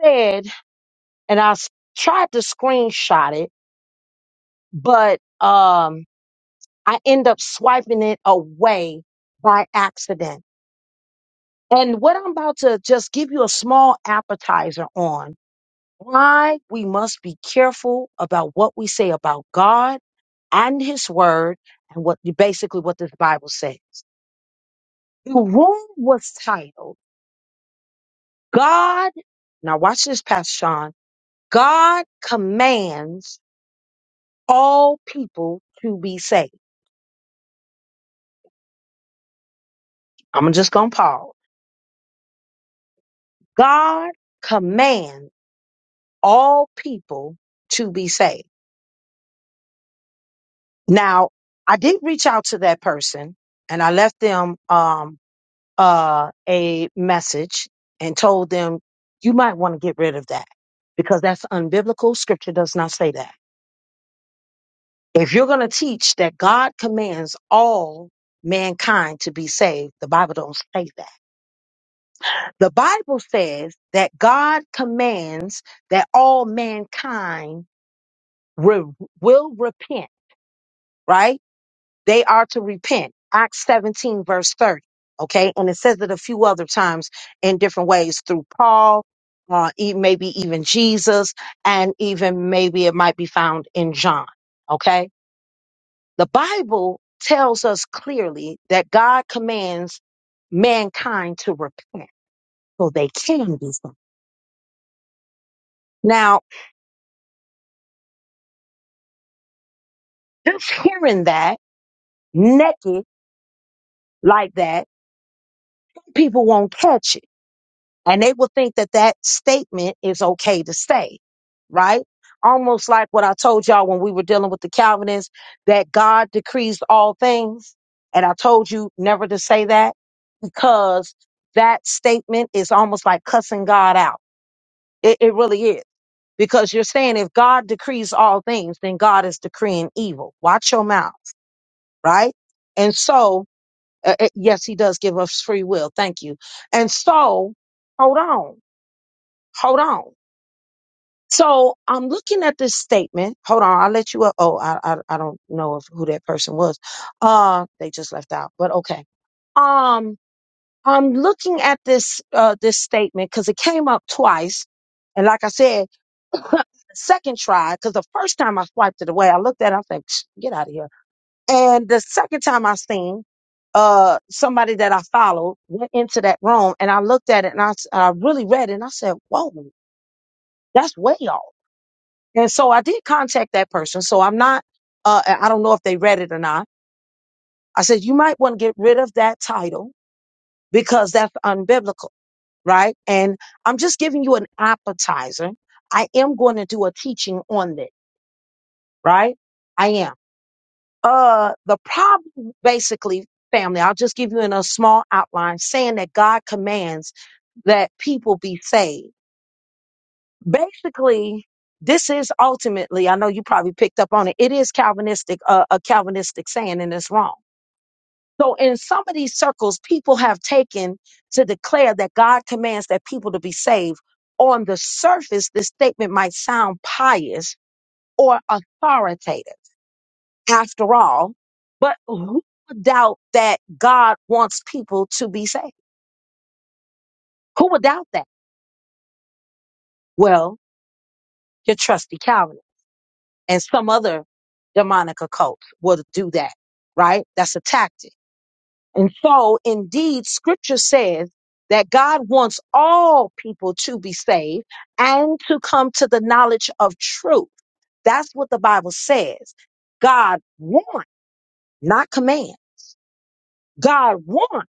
Speaker 1: said, and I s- tried to screenshot it, but um, I end up swiping it away by accident. And what I'm about to just give you a small appetizer on why we must be careful about what we say about God and his word and what basically what this Bible says. The room was titled God. Now watch this, Pastor Sean. God commands all people to be saved. I'm just going to pause. God commands all people to be saved. Now, I did reach out to that person and I left them um, uh, a message and told them, you might want to get rid of that because that's unbiblical. Scripture does not say that. If you're going to teach that God commands all mankind to be saved, the Bible don't say that. The Bible says that God commands that all mankind re- will repent, right? They are to repent. Acts 17, verse 30. Okay. And it says it a few other times in different ways through Paul, uh, e- maybe even Jesus, and even maybe it might be found in John. Okay. The Bible tells us clearly that God commands mankind to repent so they can do something. Now, just hearing that naked like that, people won't catch it And they will think that that statement is okay to say, right? Almost like what I told y'all when we were dealing with the Calvinists that God decrees all things. And I told you never to say that because that statement is almost like cussing God out. It, it really is. Because you're saying if God decrees all things, then God is decreeing evil. Watch your mouth, right? And so, uh, uh, yes, he does give us free will. Thank you. And so, hold on, hold on So I'm looking at this statement. Hold on, I'll let you up. Oh, I, I I don't know if who that person was. Uh, they just left out. But okay. Um, I'm looking at this uh this statement because it came up twice, and like I said, the second try because the first time I swiped it away, I looked at it. I think, get out of here. And the second time I seen uh somebody that I followed went into that room, and I looked at it and I s- I really read it and I said, whoa, that's way off. And so I did contact that person. So I'm not, uh, I don't know if they read it or not. I said, you might want to get rid of that title because that's unbiblical, right? And I'm just giving you an appetizer. I am going to do a teaching on this, right? I am. Uh, the problem basically, family, I'll just give you in a small outline saying that God commands that people be saved basically this is ultimately i know you probably picked up on it it is calvinistic uh, a calvinistic saying and it's wrong so in some of these circles people have taken to declare that god commands that people to be saved on the surface this statement might sound pious or authoritative after all but who would doubt that god wants people to be saved who would doubt that well your trusty calvinist and some other demonic occult will do that, right? That's a tactic. And so, indeed, scripture says that God wants all people to be saved and to come to the knowledge of truth. That's what the Bible says. God wants, not command. God wants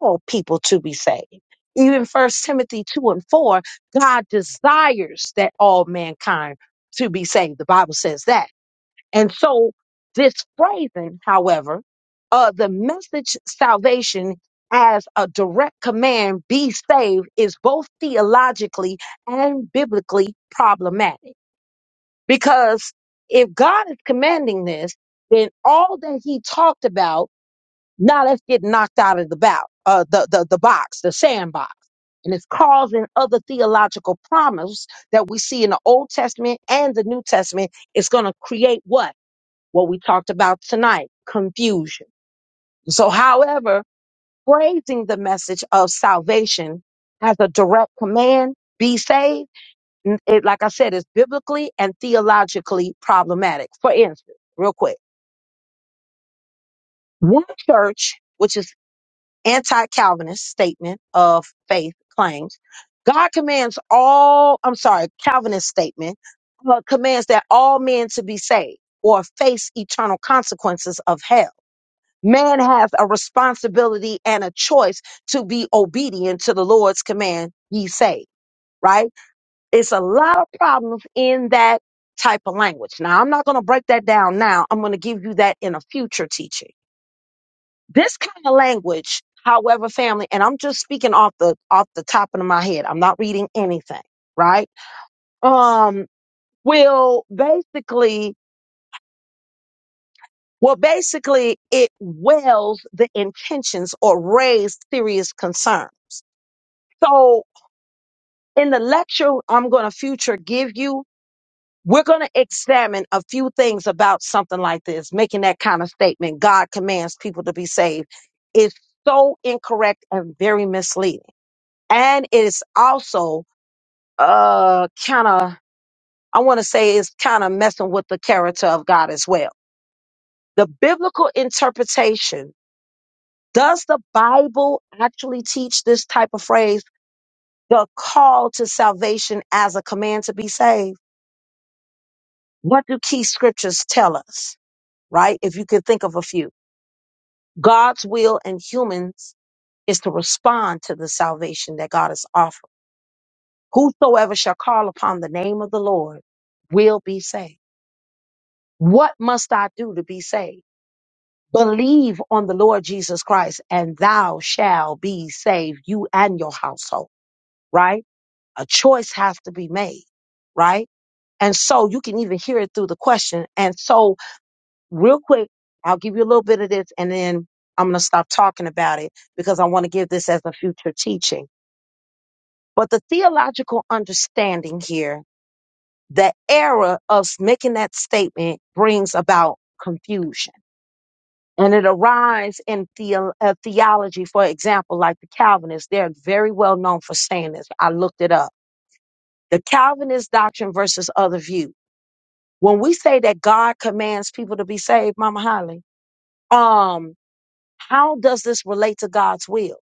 Speaker 1: all people to be saved. Even First Timothy 2 and 4, God desires that all mankind to be saved. The Bible says that. And so this phrasing, however, uh, the message salvation as a direct command, be saved, is both theologically and biblically problematic. Because if God is commanding this, then all that he talked about, now let's get knocked out of the, bow, uh, the, the, the box, the sandbox. And it's causing other theological problems that we see in the Old Testament and the New Testament. It's going to create what? what we talked about tonight confusion. So, however, praising the message of salvation as a direct command, be saved, n- it, like I said, is biblically and theologically problematic. For instance, real quick, one church, which is anti Calvinist statement of faith claims, God commands all, I'm sorry, Calvinist statement uh, commands that all men to be saved or face eternal consequences of hell. Man has a responsibility and a choice to be obedient to the Lord's command, ye say, right? It's a lot of problems in that type of language. Now, I'm not going to break that down now. I'm going to give you that in a future teaching. This kind of language, however, family, and I'm just speaking off the off the top of my head. I'm not reading anything, right? Um, will basically well, basically, it wells the intentions or raised serious concern. So, in the lecture I'm going to future give you, we're going to examine a few things about something like this, making that kind of statement God commands people to be saved is so incorrect and very misleading. And it's also uh kind of I want to say it's kind of messing with the character of God as well. The biblical interpretation, does the Bible actually teach this type of phrase, the call to salvation as a command to be saved? What do key scriptures tell us, right? If you could think of a few, God's will and humans is to respond to the salvation that God is offering. Whosoever shall call upon the name of the Lord will be saved. What must I do to be saved? Believe on the Lord Jesus Christ and thou shall be saved, you and your household, right? A choice has to be made, right? And so you can even hear it through the question. And so real quick, I'll give you a little bit of this and then I'm going to stop talking about it because I want to give this as a future teaching. But the theological understanding here, the error of making that statement brings about confusion. And it arises in theo- uh, theology, for example, like the Calvinists. They're very well known for saying this. I looked it up. The Calvinist doctrine versus other view. When we say that God commands people to be saved, Mama Holly, um, How does this relate to God's will?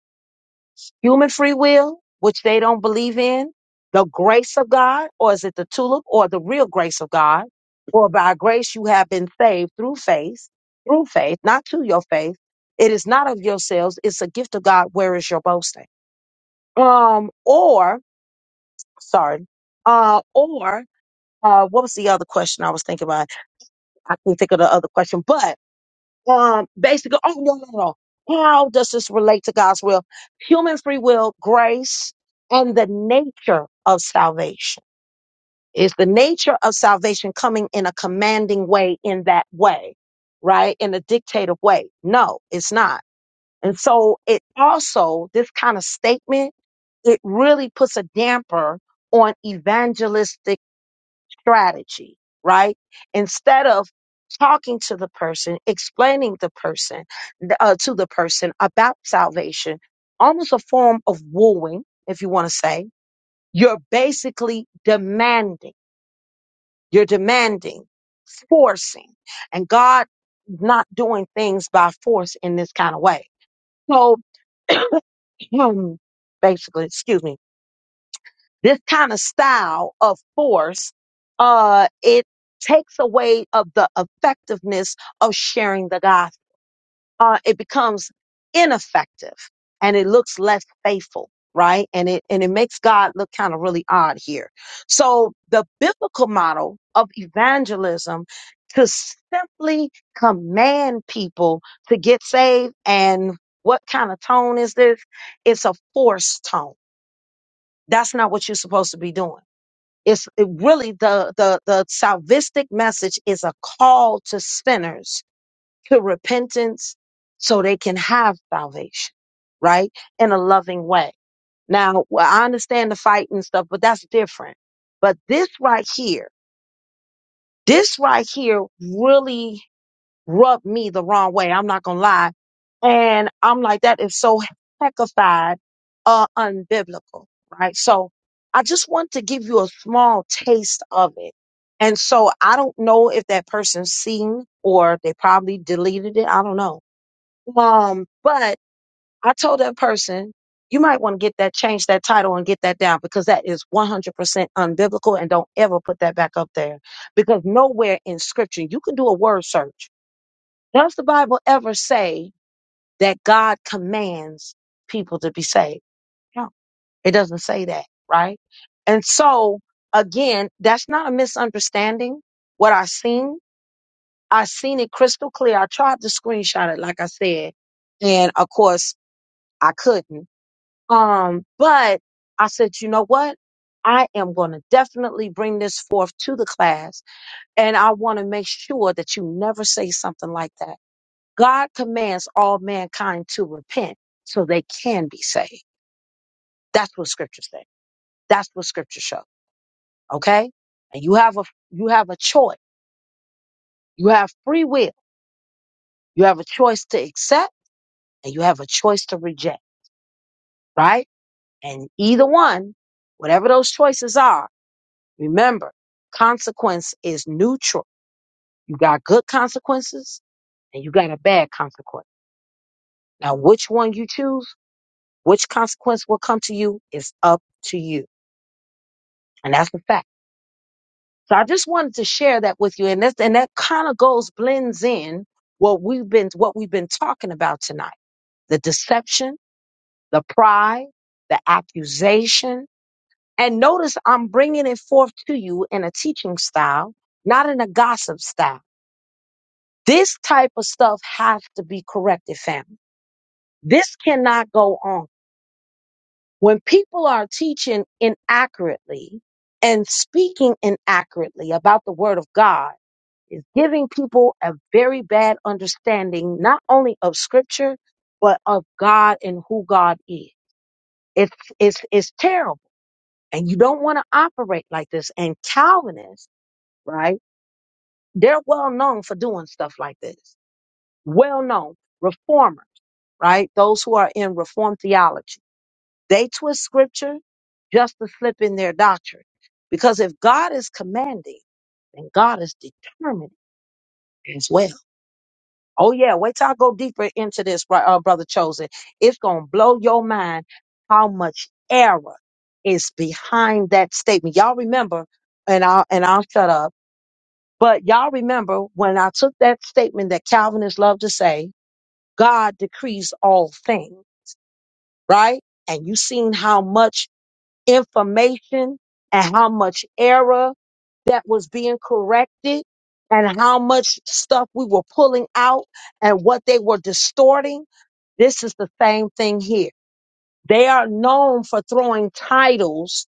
Speaker 1: Human free will, which they don't believe in, the grace of God, or is it the tulip or the real grace of God? For by grace you have been saved through faith, through faith, not to your faith. It is not of yourselves, it's a gift of God. Where is your boasting? Um, or sorry, uh, or uh, what was the other question I was thinking about? I can think of the other question, but um, basically, oh, no, no, no. How does this relate to God's will? Human free will, grace, and the nature of salvation. Is the nature of salvation coming in a commanding way in that way, right? In a dictative way? No, it's not. And so it also, this kind of statement, it really puts a damper on evangelistic strategy, right? Instead of talking to the person, explaining the person uh, to the person about salvation, almost a form of wooing, if you want to say, you're basically demanding. You're demanding, forcing, and God is not doing things by force in this kind of way. So, basically, excuse me. This kind of style of force, uh, it takes away of the effectiveness of sharing the gospel. Uh, it becomes ineffective and it looks less faithful, right? And it, and it makes God look kind of really odd here. So the biblical model of evangelism to simply command people to get saved and what kind of tone is this? It's a forced tone. That's not what you're supposed to be doing. It's it really the, the, the salvistic message is a call to sinners to repentance so they can have salvation, right? In a loving way. Now, well, I understand the fight and stuff, but that's different. But this right here, this right here really rubbed me the wrong way. I'm not gonna lie. And I'm like, that is so heckified, uh, unbiblical, right? So I just want to give you a small taste of it. And so I don't know if that person seen or they probably deleted it. I don't know. Um, but I told that person, you might want to get that, change that title and get that down because that is 100% unbiblical and don't ever put that back up there because nowhere in scripture, you can do a word search does the Bible ever say that God commands people to be saved? No, it doesn't say that, right? And so, again, that's not a misunderstanding. What I seen, I seen it crystal clear. I tried to screenshot it, like I said, and of course, I couldn't. Um, but I said, you know what? I am going to definitely bring this forth to the class, and I want to make sure that you never say something like that God commands all mankind to repent so they can be saved. That's what scripture says. That's what scripture shows. Okay? And you have a you have a choice. You have free will. You have a choice to accept and you have a choice to reject, right? And either one, whatever those choices are, remember, consequence is neutral. You got good consequences and you got a bad consequence. Now, which one you choose, which consequence will come to you is up to you. And that's the fact. So I just wanted to share that with you, and that's and that kind of goes blends in what we've been what we've been talking about tonight: the deception, the pride, the accusation. And notice I'm bringing it forth to you in a teaching style, not in a gossip style. This type of stuff has to be corrected, family. This cannot go on. When people are teaching inaccurately and speaking inaccurately about the word of God is giving people a very bad understanding not only of scripture but of God and who God is. It's it's it's terrible. And you don't want to operate like this. And Calvinists, right? They're well known for doing stuff like this. Well known. Reformers, right? Those who are in reformed theology. They twist scripture just to slip in their doctrine. Because if God is commanding, then God is determining as well. Oh yeah, wait till I go deeper into this, bro- uh, brother chosen. It's gonna blow your mind how much error is behind that statement. Y'all remember, and I'll and I'll shut up. But y'all remember when I took that statement that Calvinists love to say, God decrees all things, right? And you seen how much information and how much error that was being corrected and how much stuff we were pulling out and what they were distorting this is the same thing here. They are known for throwing titles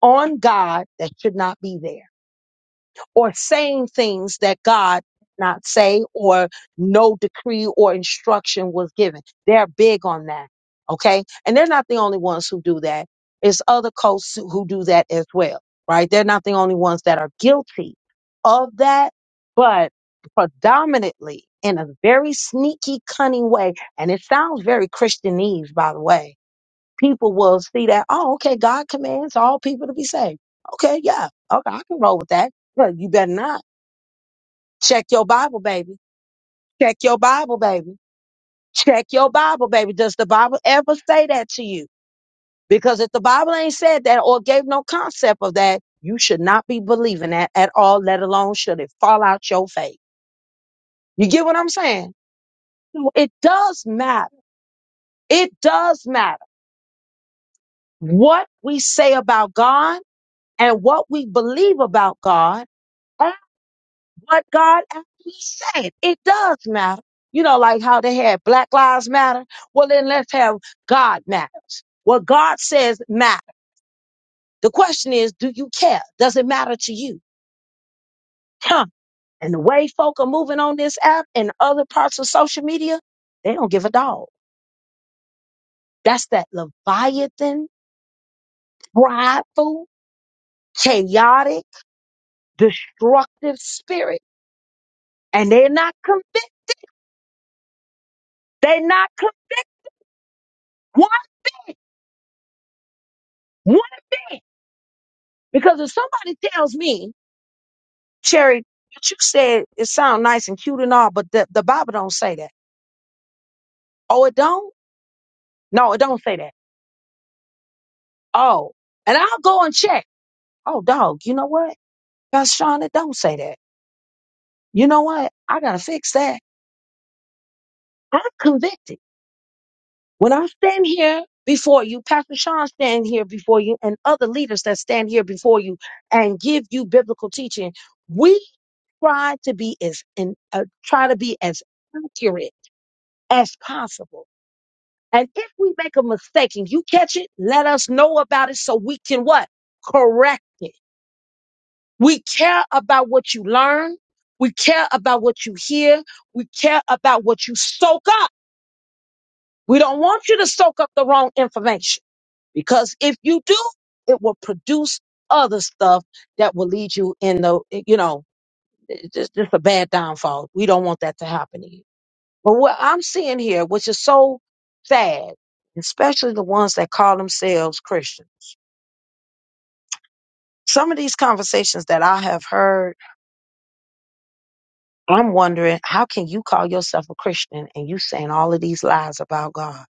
Speaker 1: on God that should not be there or saying things that God did not say or no decree or instruction was given. They're big on that. Okay. And they're not the only ones who do that. It's other cults who who do that as well, right? They're not the only ones that are guilty of that, but predominantly in a very sneaky, cunning way. And it sounds very Christianese, by the way people will see that, oh, okay, God commands all people to be saved. Okay, yeah, okay, I can roll with that. But you better not. Check your Bible, baby. Check your Bible, baby. Check your Bible, baby. Does the Bible ever say that to you? Because if the Bible ain't said that or gave no concept of that, you should not be believing that at all, let alone should it fall out your faith. You get what I'm saying? So It does matter. It does matter what we say about God and what we believe about God what God actually said. It does matter. You know, like how they had Black Lives Matter. Well, then let's have God matters. What God says matters. The question is, do you care? Does it matter to you? Huh. And the way folk are moving on this app and other parts of social media, they don't give a dog. That's that Leviathan, prideful, chaotic, destructive spirit. And they're not convinced. They're not convinced. One, one Because if somebody tells me, Sherry, what you said it sound nice and cute and all, but the, the Bible don't say that. Oh, it don't? No, it don't say that. Oh. And I'll go and check. Oh, dog, you know what? Pastor Sean, it don't say that. You know what? I gotta fix that. I'm convicted. When I stand here before you, Pastor Sean stand here before you, and other leaders that stand here before you and give you biblical teaching, we try to be as in uh, try to be as accurate as possible And if we make a mistake and you catch it, let us know about it so we can what? Correct it. We care about what you learn. We care about what you hear. We care about what you soak up. We don't want you to soak up the wrong information because if you do, it will produce other stuff that will lead you in the, you know, it's just, just a bad downfall. We don't want that to happen to you. But what I'm seeing here, which is so sad, especially the ones that call themselves Christian, some of these conversations that I have heard, I'm wondering, how can you call yourself a Christian and you saying all of these lies about God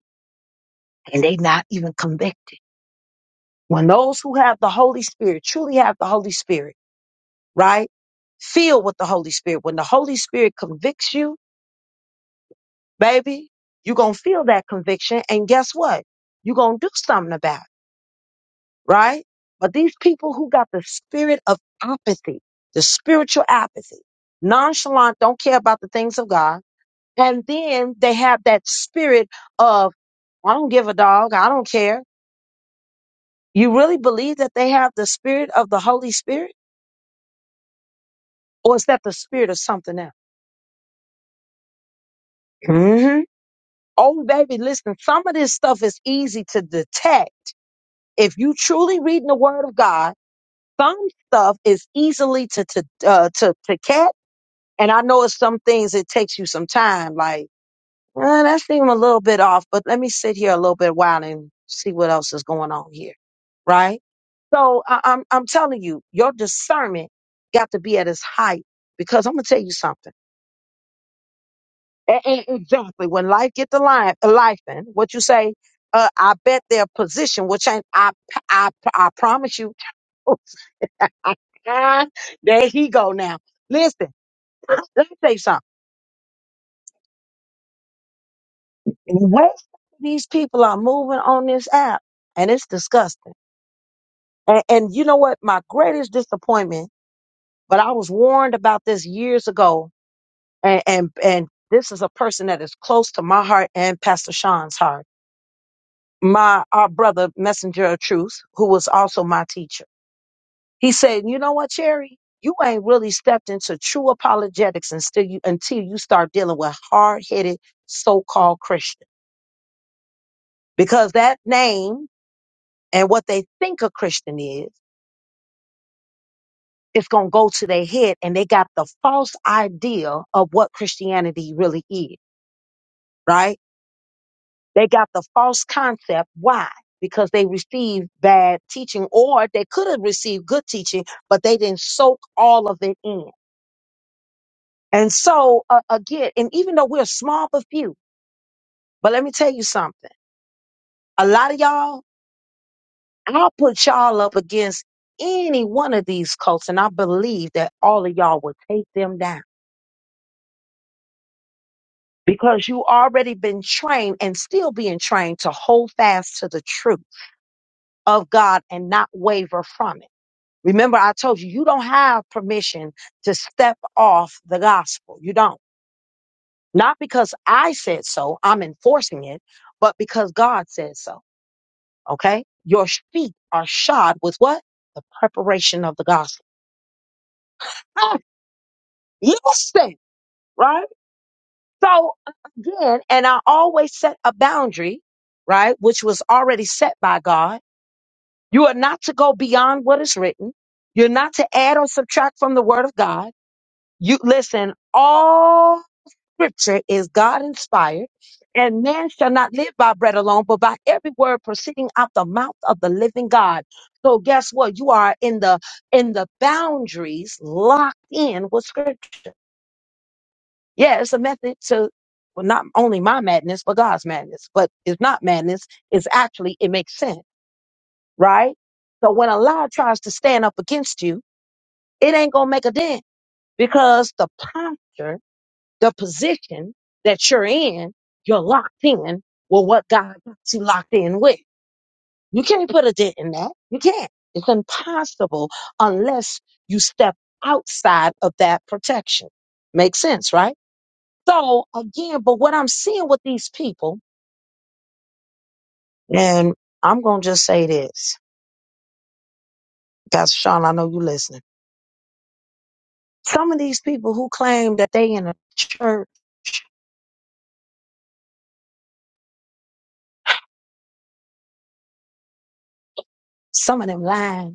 Speaker 1: and they not even convicted? When those who have the Holy Spirit truly have the Holy Spirit, right? Feel with the Holy Spirit. When the Holy Spirit convicts you, baby, you're going to feel that conviction. And guess what? You're going to do something about it. right? But these people who got the spirit of apathy, the spiritual apathy, nonchalant, don't care about the things of God, and then they have that spirit of, I don't give a dog, I don't care. You really believe that they have the spirit of the Holy Spirit? Or is that the spirit of something else? hmm Oh, baby, listen, some of this stuff is easy to detect. If you truly reading the word of God, some stuff is easily to, to, uh, to, to catch And I know it's some things it takes you some time. Like eh, that seemed a little bit off, but let me sit here a little bit while and see what else is going on here, right? So I, I'm I'm telling you, your discernment got to be at its height because I'm gonna tell you something. A- a- exactly when life get the line, life in what you say. Uh, I bet their position will change. I I I promise you. there he go now. Listen, let me say something. And the way these people are moving on this app, and it's disgusting. And, and you know what? My greatest disappointment, but I was warned about this years ago, and, and and this is a person that is close to my heart and Pastor Sean's heart. My our brother, messenger of truth, who was also my teacher. He said, "You know what, Cherry? You ain't really stepped into true apologetics until you until you start dealing with hard headed so called Christians, because that name." and what they think a Christian is, it's going to go to their head and they got the false idea of what Christianity really is, right? They got the false concept. Why? Because they received bad teaching or they could have received good teaching, but they didn't soak all of it in. And so, uh, again, and even though we're a small but few, but let me tell you something. A lot of y'all, I'll put y'all up against any one of these cults and I believe that all of y'all will take them down because you already been trained and still being trained to hold fast to the truth of God and not waver from it. Remember, I told you, you don't have permission to step off the gospel. You don't. Not because I said so, I'm enforcing it, but because God said so. Okay? Your feet are shod with what? The preparation of the gospel. Ah, Listen, right? So again, and I always set a boundary, right? Which was already set by God You are not to go beyond what is written. You're not to add or subtract from the word of God. You listen, all scripture is God inspired, and man shall not live by bread alone, but by every word proceeding out the mouth of the living God. So guess what? You are in the in the boundaries locked in with scripture. Yeah, it's a method to well, not only my madness, but God's madness. But it's not madness, it's actually it makes sense, right? So when a lie tries to stand up against you, it ain't gonna make a dent because the posture, the position that you're in, you're locked in with what God got you locked in with. You can't put a dent in that. You can't. It's impossible unless you step outside of that protection. Makes sense, right? So again, but what I'm seeing with these people, and I'm gonna just say this, Pastor Sean, I know you listening. Some of these people who claim that they in a church, some of them lying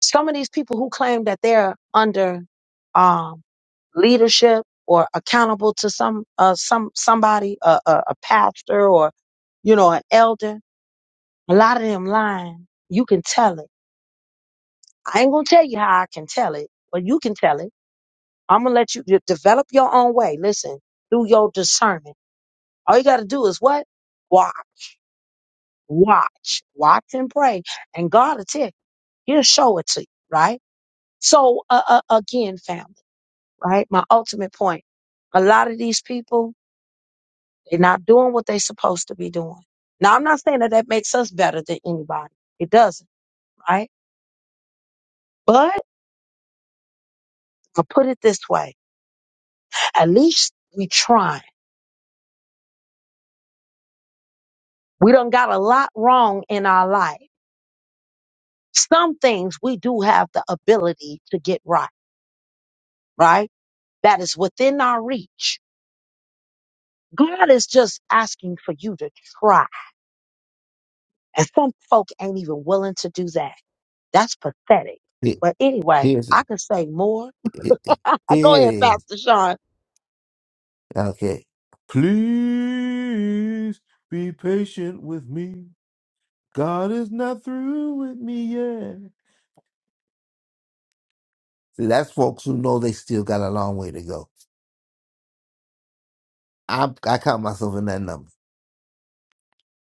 Speaker 1: Some of these people who claim that they're under um, leadership or accountable to some uh, some somebody, a, a, a pastor or you know an elder, a lot of them lying. You can tell it. I ain't gonna tell you how I can tell it, but you can tell it. I'm gonna let you de- develop your own way. Listen through your discernment. All you gotta do is what Watch, watch, watch and pray, and God will tell. you. He'll show it to you, right? So uh, uh, again, family. right? My ultimate point. A lot of these people, they're not doing what they're supposed to be doing. Now, I'm not saying that that makes us better than anybody. It doesn't, right? But I'll put it this way. At least we trying. We done got a lot wrong in our life. Some things we do have the ability to get right, right? That is within our reach. God is just asking for you to try. And some folk ain't even willing to do that. That's pathetic.
Speaker 2: He-
Speaker 1: But anyway,
Speaker 2: Here's he-
Speaker 1: I could say more
Speaker 2: here it
Speaker 1: Go ahead,
Speaker 2: is.
Speaker 1: Pastor Sean.
Speaker 2: Okay. Please be patient with me. God is not through with me yet. See, that's folks who know they still got a long way to go. I I count myself in that number.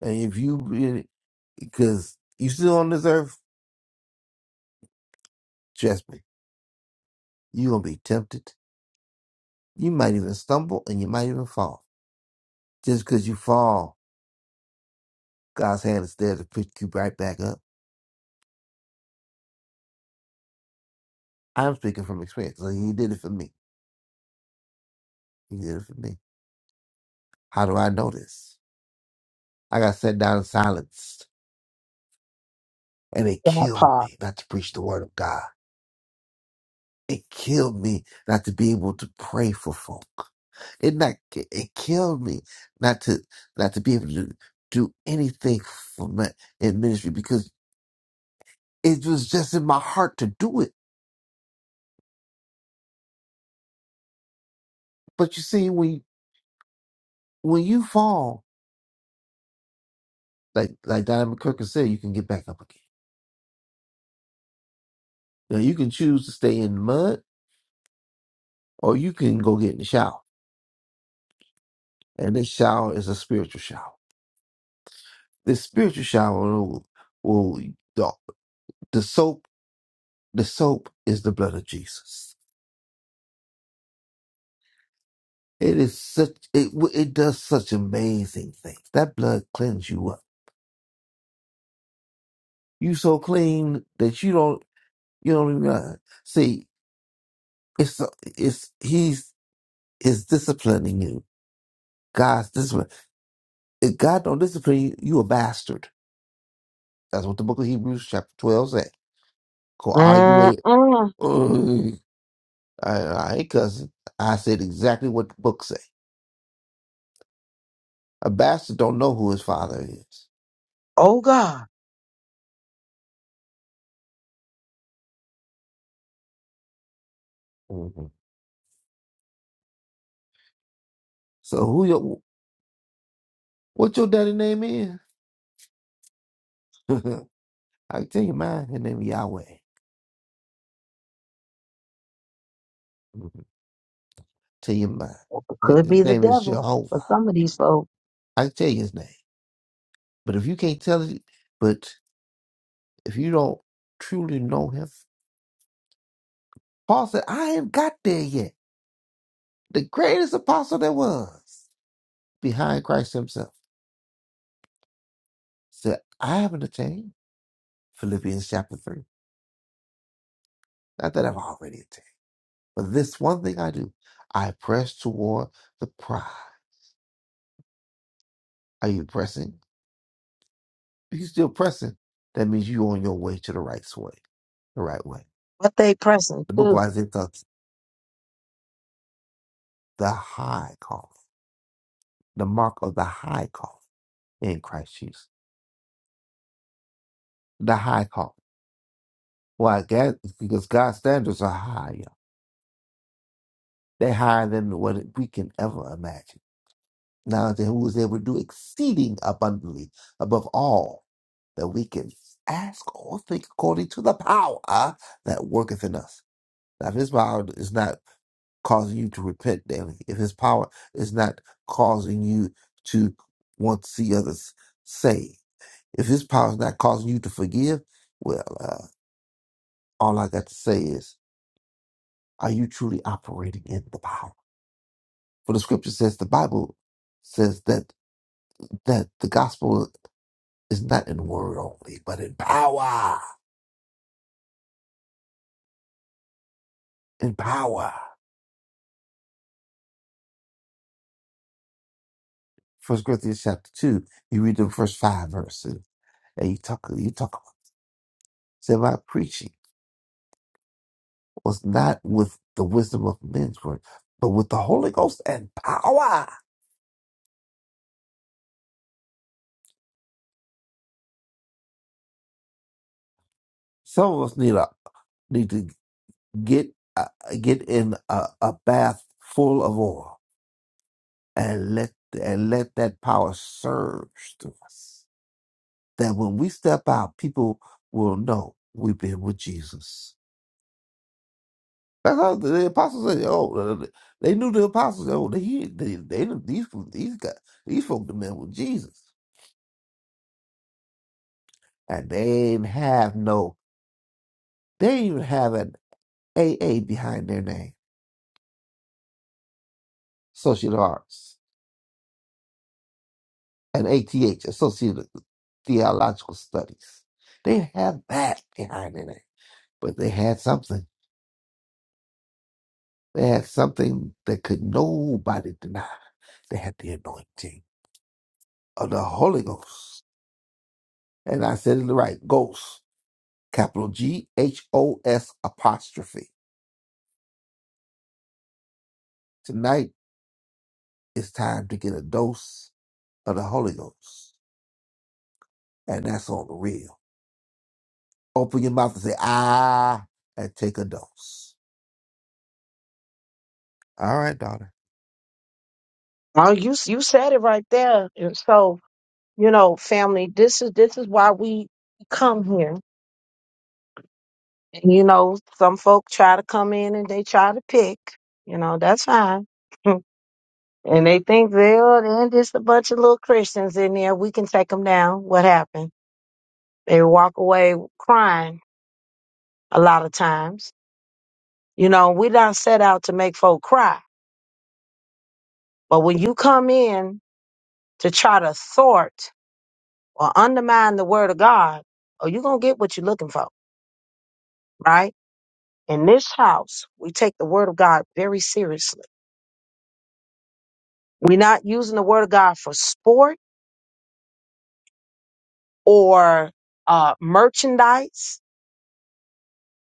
Speaker 2: And if you, because you still on this earth, trust me, you're gonna be tempted. You might even stumble, and you might even fall. Just because you fall, God's hand is there to pick you right back up. I'm speaking from experience. Like, he did it for me. He did it for me. How do I know this? I got set down and silenced. And it
Speaker 1: That
Speaker 2: killed
Speaker 1: part.
Speaker 2: me not to preach the word of God. It killed me not to be able to pray for folk. It not it killed me not to not to be able to do anything for my, in ministry because it was just in my heart to do it. But you see, when when you fall, like like Diana McCurkin said, you can get back up again. Now you can choose to stay in the mud or you can go get in the shower. And this shower is a spiritual shower. The spiritual shower will, will the, the soap. The soap is the blood of Jesus. It is such it w- it does such amazing things. That blood cleans you up. You so clean that you don't you don't even realize. see. It's it's he's is disciplining you. God's discipline. If God don't discipline you, you a bastard. That's what the book of Hebrews chapter twelve said. Go argue with it.
Speaker 1: Mm-mm.
Speaker 2: Ugh. I, I ain't cussing. I said exactly what the book said. A bastard don't know who his father is.
Speaker 1: Oh God.
Speaker 2: hmm So who your what your daddy name is? I can tell you mine. His name is Yahweh. hmm Tell you mine. His
Speaker 1: Could
Speaker 2: his
Speaker 1: be the
Speaker 2: name is
Speaker 1: devil for
Speaker 2: Jehovah.
Speaker 1: some of these folks,
Speaker 2: I can tell you his name. But if you can't tell it, but if you don't truly know him, Paul said, I ain't got there yet. The greatest apostle there was behind Christ himself said, I haven't attained. Philippians chapter 3. Not that I've already attained. But this one thing I do, I press toward the prize. Are you pressing? If you're still pressing, that means you're on your way to the right way, the right way.
Speaker 1: but they pressing
Speaker 2: The book of
Speaker 1: too.
Speaker 2: Isaiah talks the high calling, the mark of the high calling in Christ Jesus. The high calling. Why? God, because God's standards are higher. They're higher than what we can ever imagine. Now, unto who is able to do exceeding abundantly above all that we can ask or think according to the power uh, that worketh in us. Now, if his power is not causing you to repent daily, if his power is not causing you to want to see others saved, if his power is not causing you to forgive, well, uh, all I got to say is, are you truly operating in the power? For the scripture says, the Bible says that that the gospel is not in word only, but in power. In power. First Corinthians chapter two, you read the first five verses, and you talk you talk about say my preaching was not with the wisdom of men's word, but with the Holy Ghost and power. Some of us need a need to get uh, get in a, a bath full of oil and let and let that power surge through us. That when we step out, people will know we've been with Jesus. That's how the apostles said. Oh, uh, uh, they knew the apostles. Oh, they he- they, they these these guys these folk the men with Jesus, and they ain't have no. They ain't even have an AA behind their name, Associate of Arts, an ATH, Associate of Theological Studies. They didn't have that behind their name, but they had something. They had something that could nobody deny. They had the anointing of the Holy Ghost, and I said it right, ghost. capital G H O S apostrophe. Tonight it's time to get a dose of the Holy Ghost, and that's on the real. Open your mouth and say ah, and take a dose. All right, daughter.
Speaker 1: Oh, you you said it right there. And so, you know, family, this is this is why we come here. And, you know, some folk try to come in and they try to pick. You know, that's fine. and they think they're, they're just a bunch of little Christians in there. We can take them down. What happened? They walk away crying a lot of times You know, we don't set out to make folk cry. But when you come in to try to thwart or undermine the word of God, oh, you're going to get what you're looking for, right? In this house, we take the word of God very seriously. We're not using the word of God for sport or uh, merchandise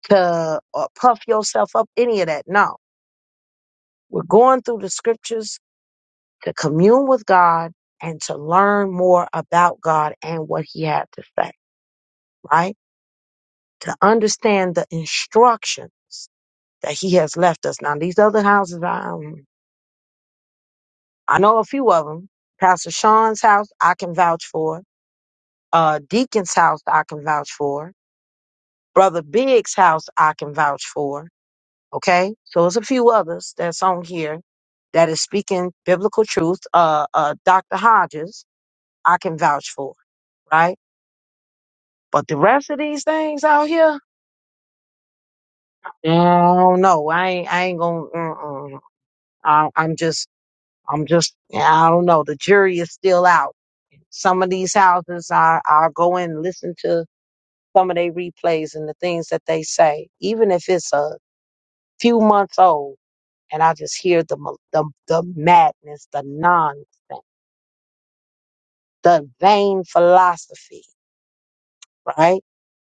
Speaker 1: to uh, puff yourself up, any of that. No, we're going through the scriptures to commune with God and to learn more about God and what he had to say, right? to understand the instructions that he has left us. Now, these other houses, I, um, I know a few of them. Pastor Sean's house, I can vouch for. Uh, Deacon's house, I can vouch for. Brother Big's house, I can vouch for. Okay, so it's a few others that's on here that is speaking biblical truth. Uh, uh, Dr. Hodges, I can vouch for. Right, but the rest of these things out here, I don't know. I ain't, I ain't gonna. Uh-uh. I, I'm just I'm just, I don't know. The jury is still out. Some of these houses, I, I'll go in and listen to some of their replays and the things that they say, even if it's a few months old. And I just hear the, mal- the, the madness, the nonsense, the vain philosophy, right?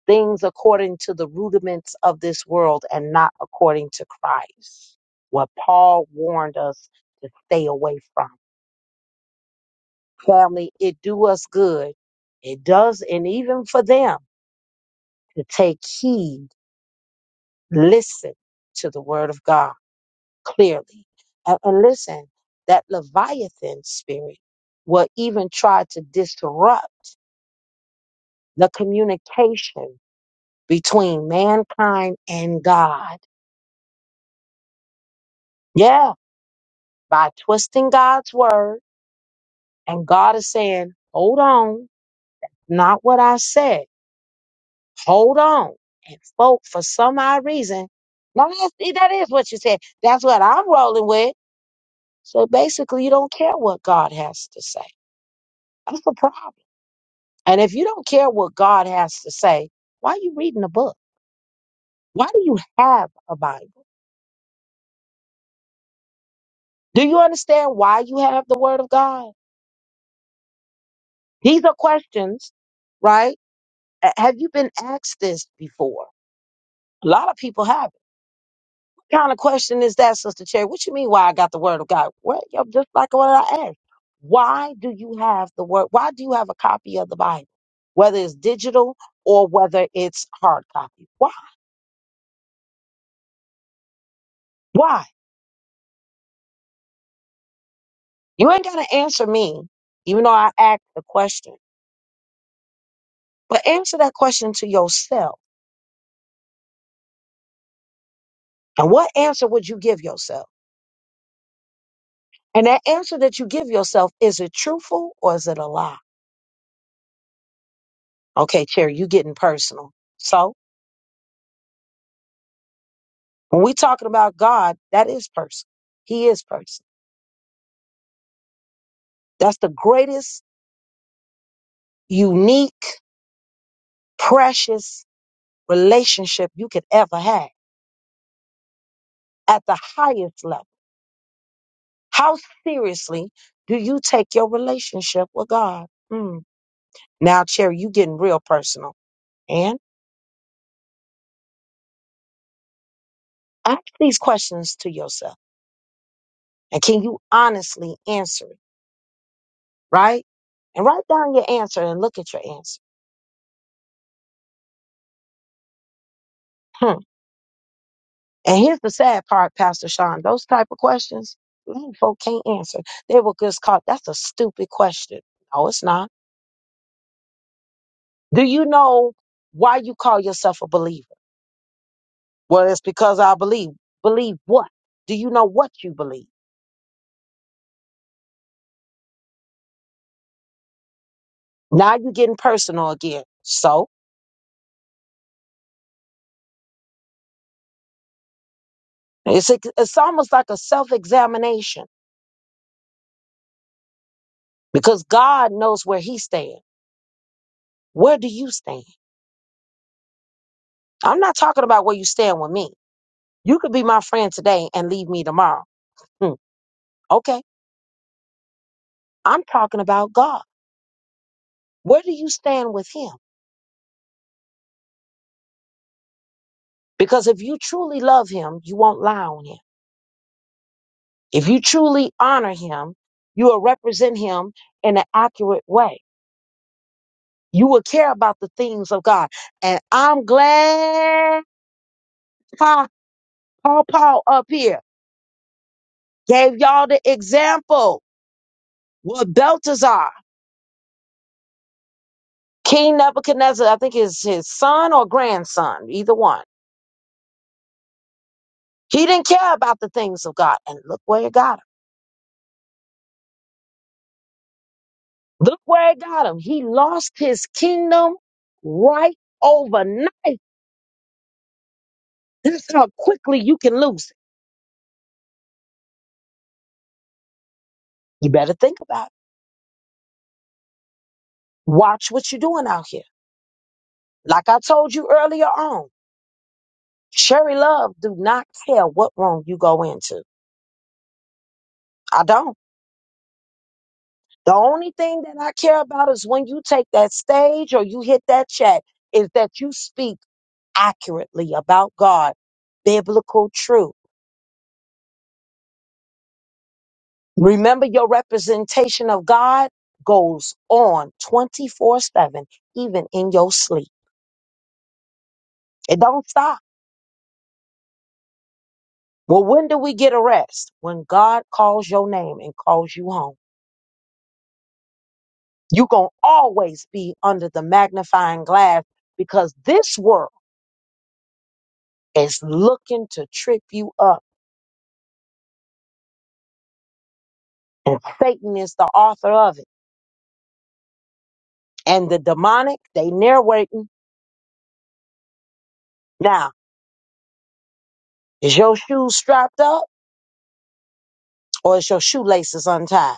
Speaker 1: Things according to the rudiments of this world and not according to Christ. What Paul warned us to stay away from. Family, it do us good. It does, and even for them to take heed, listen to the word of God clearly. And, and listen, that Leviathan spirit will even try to disrupt the communication between mankind and God. Yeah, by twisting God's word. And God is saying, hold on, not what I said. hold on and spoke for some odd reason. Now that's, see, that is what you said. That's what I'm rolling with. So basically, you don't care what God has to say. That's the problem. And if you don't care what God has to say, why are you reading a book? Why do you have a Bible? Do you understand why you have the Word of God? These are questions, right? Uh, Have you been asked this before? A lot of people haven't. kind of question is that, Sister Cherry? What you mean? Why I got the Word of God? What? yo, just like what I asked, why do you have the Word? Why do you have a copy of the Bible, whether it's digital or whether it's hard copy? Why? Why? You ain't gotta answer me, even though I asked the question. But answer that question to yourself. And what answer would you give yourself? And that answer that you give yourself is it truthful or is it a lie? Okay, Cherry, you getting personal. So. When we talking about God, that is person. He is person. That's the greatest, unique, precious relationship you could ever have at the highest level. How seriously do you take your relationship with God? Mm. Now, Cherry, you getting real personal. And ask these questions to yourself. And can you honestly answer it? Right? And write down your answer and look at your answer. Hmm. And here's the sad part, Pastor Sean. Those type of questions, mm, folk can't answer. They will just call, that's a stupid question. No, it's not. Do you know why you call yourself a believer? Well, it's because I believe. Believe what? Do you know what you believe? Now you're getting personal again. So it's, like, it's almost like a self examination because God knows where he stands. Where do you stand? I'm not talking about where you stand with me. You could be my friend today and leave me tomorrow. Hmm, okay I'm talking about God. Where do you stand with Him? Because if you truly love Him, you won't lie on Him. If you truly honor Him, you will represent Him in an accurate way. You will care about the things of God. And I'm glad Pa- Paul Paul up here gave y'all the example with Belteshazzar, King Nebuchadnezzar, I think is his son or grandson, either one. He didn't care about the things of God. And look where it got him. Look where it got him. He lost his kingdom right overnight. This is how quickly you can lose it. You better think about it. Watch what you're doing out here. Like I told you earlier on, Sherry Love do not care what room you go into. I don't. The only thing that I care about is when you take that stage or you hit that chat is that you speak accurately about God, biblical truth. Remember, your representation of God goes on 24 7, even in your sleep. It don't stop. Well, when do we get a rest? When God calls your name and calls you home. You're going to always be under the magnifying glass because this world is looking to trip you up, and Satan is the author of it. And the demonic, they narrating. Now, is your shoes strapped up or is your shoelaces untied?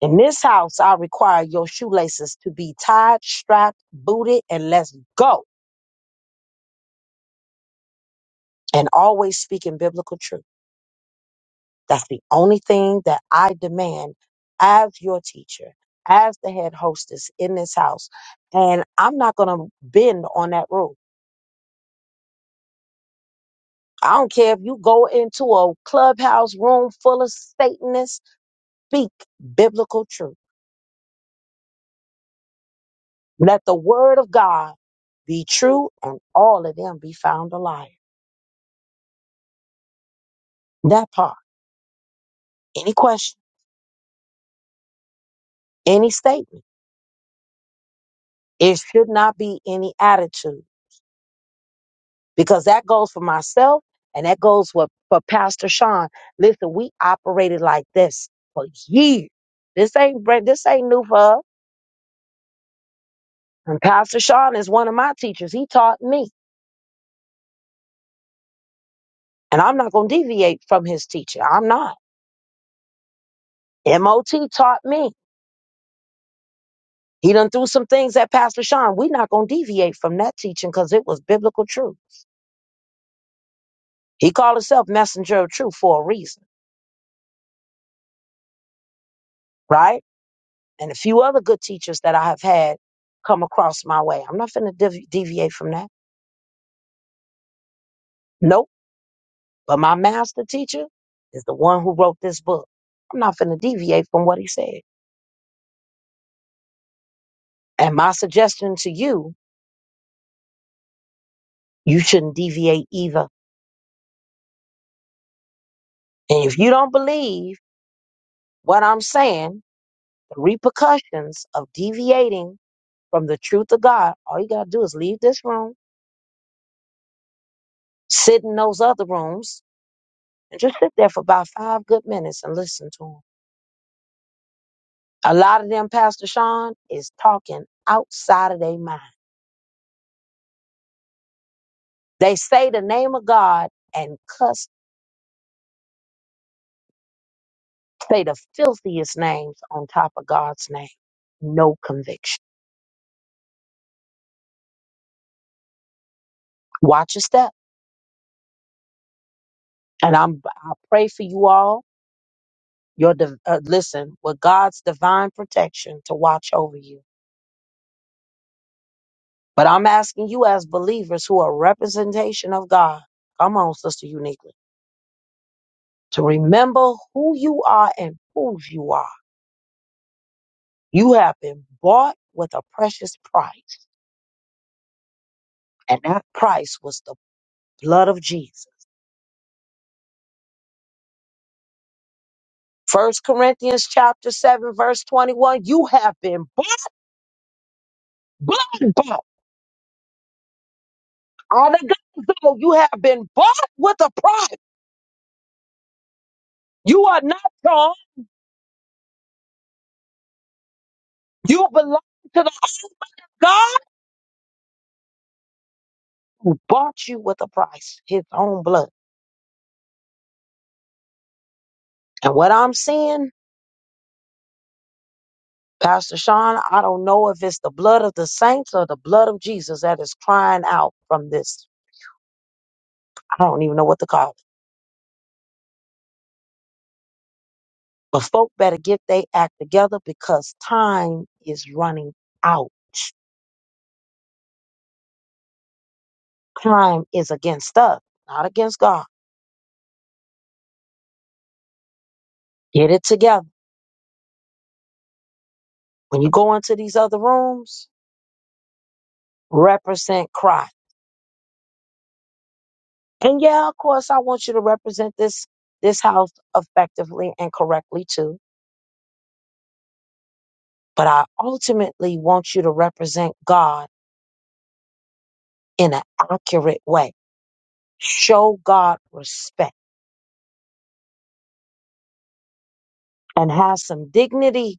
Speaker 1: In this house, I require your shoelaces to be tied, strapped, booted, and let's go. And always speaking biblical truth. That's the only thing that I demand as your teacher, as the head hostess in this house. And I'm not going to bend on that rule. I don't care if you go into a clubhouse room full of Satanists, speak biblical truth. Let the word of God be true and all of them be found a liar. That part. Any questions? any statement. It should not be any attitude because that goes for myself and that goes for, for Pastor Sean. Listen, we operated like this for years. This ain't brand- this ain't new for us. And Pastor Sean is one of my teachers. He taught me, and I'm not gonna deviate from his teacher. I'm not. MOT taught me. He done threw some things at Pastor Sean. we not gonna deviate from that teaching because it was biblical truth. He called himself messenger of truth for a reason, right? and a few other good teachers that I have had come across my way. I'm not going to devi- deviate from that. Nope. But my master teacher is the one who wrote this book. I'm not going to deviate from what he said. And my suggestion to you, you shouldn't deviate either. And if you don't believe what I'm saying, the repercussions of deviating from the truth of God, all you got to do is leave this room, sit in those other rooms, and just sit there for about five good minutes and listen to to 'em. A lot of them, Pastor Sean, is talking outside of their mind. They say the name of God and cuss, say the filthiest names on top of God's name. No conviction. Watch your step. And I'm, I pray for you all. Your div- uh, listen with God's divine protection to watch over you. But I'm asking you as believers who are representation of God. Come on, Sister Uniquely, to remember who you are and whose you are You have been bought with a precious price, and that price was the blood of Jesus. First Corinthians chapter 7, verse 21, you have been bought, blood bought. On the gospel, you have been bought with a price. You are not your own. You belong to the own God who bought you with a price, his own blood. And what I'm seeing, Pastor Sean, I don't know if it's the blood of the saints or the blood of Jesus that is crying out from this. I don't even know what to call it But folk better get they act together because time is running out. Crime is against us, not against God. Get it together. When you go into these other rooms, represent Christ. And yeah, of course, I want you to represent this this house effectively and correctly too. But I ultimately want you to represent God in an accurate way. Show God respect and have some dignity.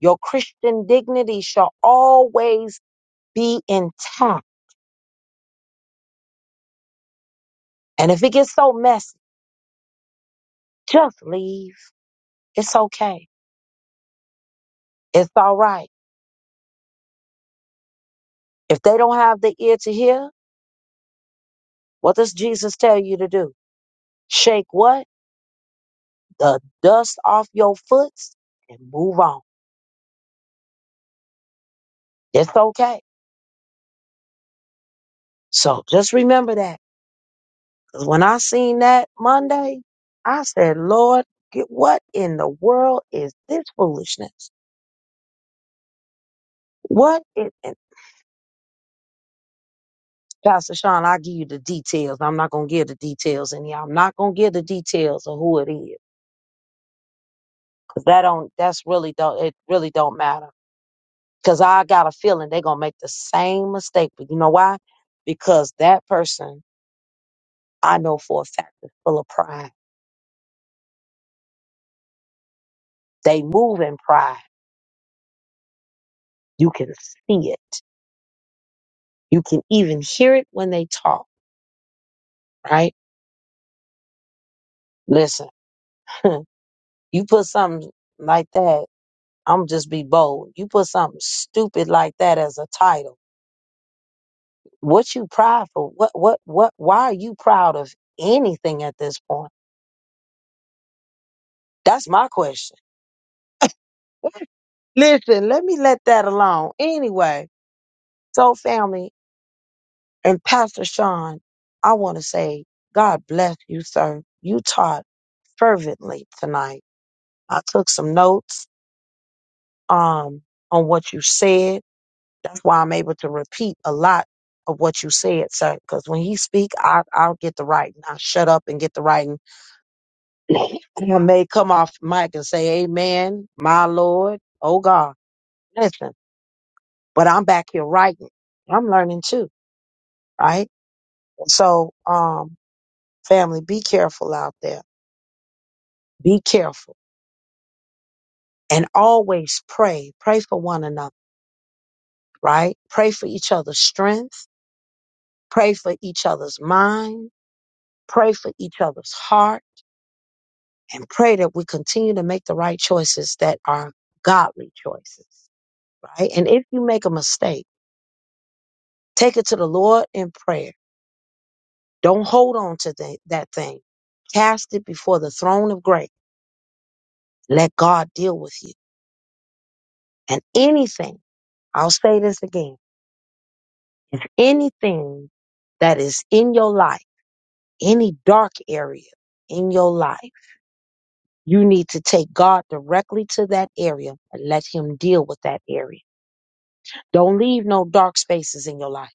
Speaker 1: Your Christian dignity shall always be intact. And if it gets so messy, just leave. It's okay. It's all right. If they don't have the ear to hear, what does Jesus tell you to do? Shake what? The dust off your foot and move on. It's okay. So just remember that. 'Cause when I seen that Monday, I said, Lord, get- what in the world is this foolishness? What is? Pastor Sean, i give you the details. I'm not gonna give the details in here. I'm not gonna give the details of who it is. Cause that don't that's really don't it really don't matter. Cause I got a feeling they gonna make the same mistake. But you know why? Because that person I know for a fact is full of pride. They move in pride. You can see it. You can even hear it when they talk, right? Listen, you put something like that, I'm just be bold. You put something stupid like that as a title What you proud for? What what what why are you proud of anything at this point? That's my question. Listen, let me let that alone. Anyway, so family and Pastor Sean, I want to say God bless you, sir. You taught fervently tonight. I took some notes um on what you said. That's why I'm able to repeat a lot of what you said, sir. Because when he speak, I I'll get the writing. I shut up and get the writing I may come off mic and say, Amen, my Lord, oh God, listen, but I'm back here writing. I'm learning too, right? So, um, family, be careful out there. Be careful and always pray. Pray for one another, right? Pray for each other's strength. Pray for each other's mind. Pray for each other's heart and pray that we continue to make the right choices that are godly choices, right? And if you make a mistake, Take it to the Lord in prayer. Don't hold on to tha- that thing. Cast it before the throne of grace. Let God deal with you. And anything, I'll say this again, anything that is in your life, any dark area in your life, you need to take God directly to that area and let Him deal with that area. Don't leave no dark spaces in your life.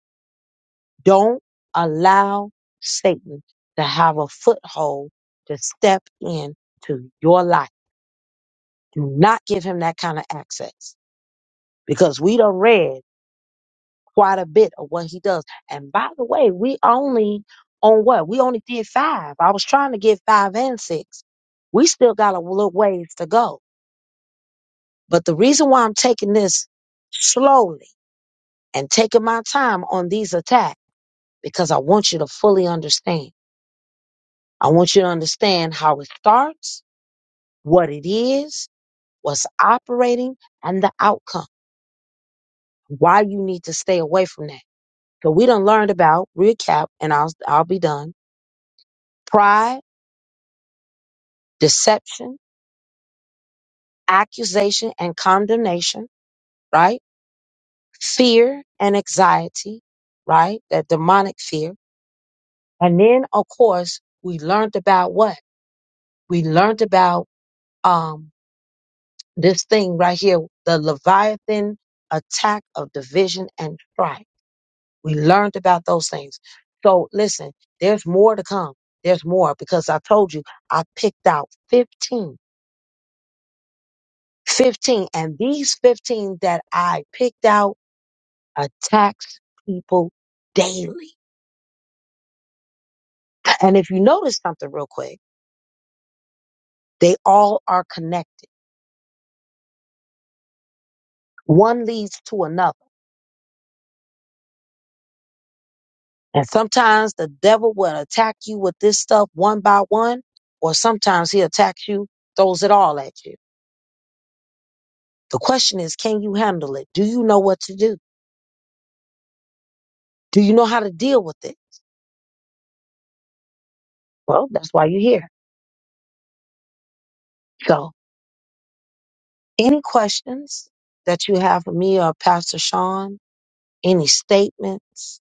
Speaker 1: Don't allow Satan to have a foothold to step in to your life Do not give him that kind of access because we done read quite a bit of what he does. And by the way, we only on what? We only did five. I was trying to get five and six. We still got a little ways to go. But the reason why I'm taking this slowly and taking my time on these attacks, because I want you to fully understand. I want you to understand how it starts, what it is, what's operating, and the outcome. Why you need to stay away from that. So we done learned about, recap, and I'll, I'll be done. Pride, deception, accusation, and condemnation, right? Fear and anxiety, right? That demonic fear. And then, of course, we learned about what? We learned about, um, this thing right here, the Leviathan attack of division and strife. We learned about those things. So listen, there's more to come. There's more because I told you I picked out 15 15. And these 15 that I picked out attacks people daily. And if you notice something real quick, they all are connected. One leads to another. And sometimes the devil will attack you with this stuff one by one, or sometimes he attacks you, throws it all at you. The question is, can you handle it? Do you know what to do? Do you know how to deal with it? Well, that's why you're here. So any questions that you have for me or Pastor Sean? any statements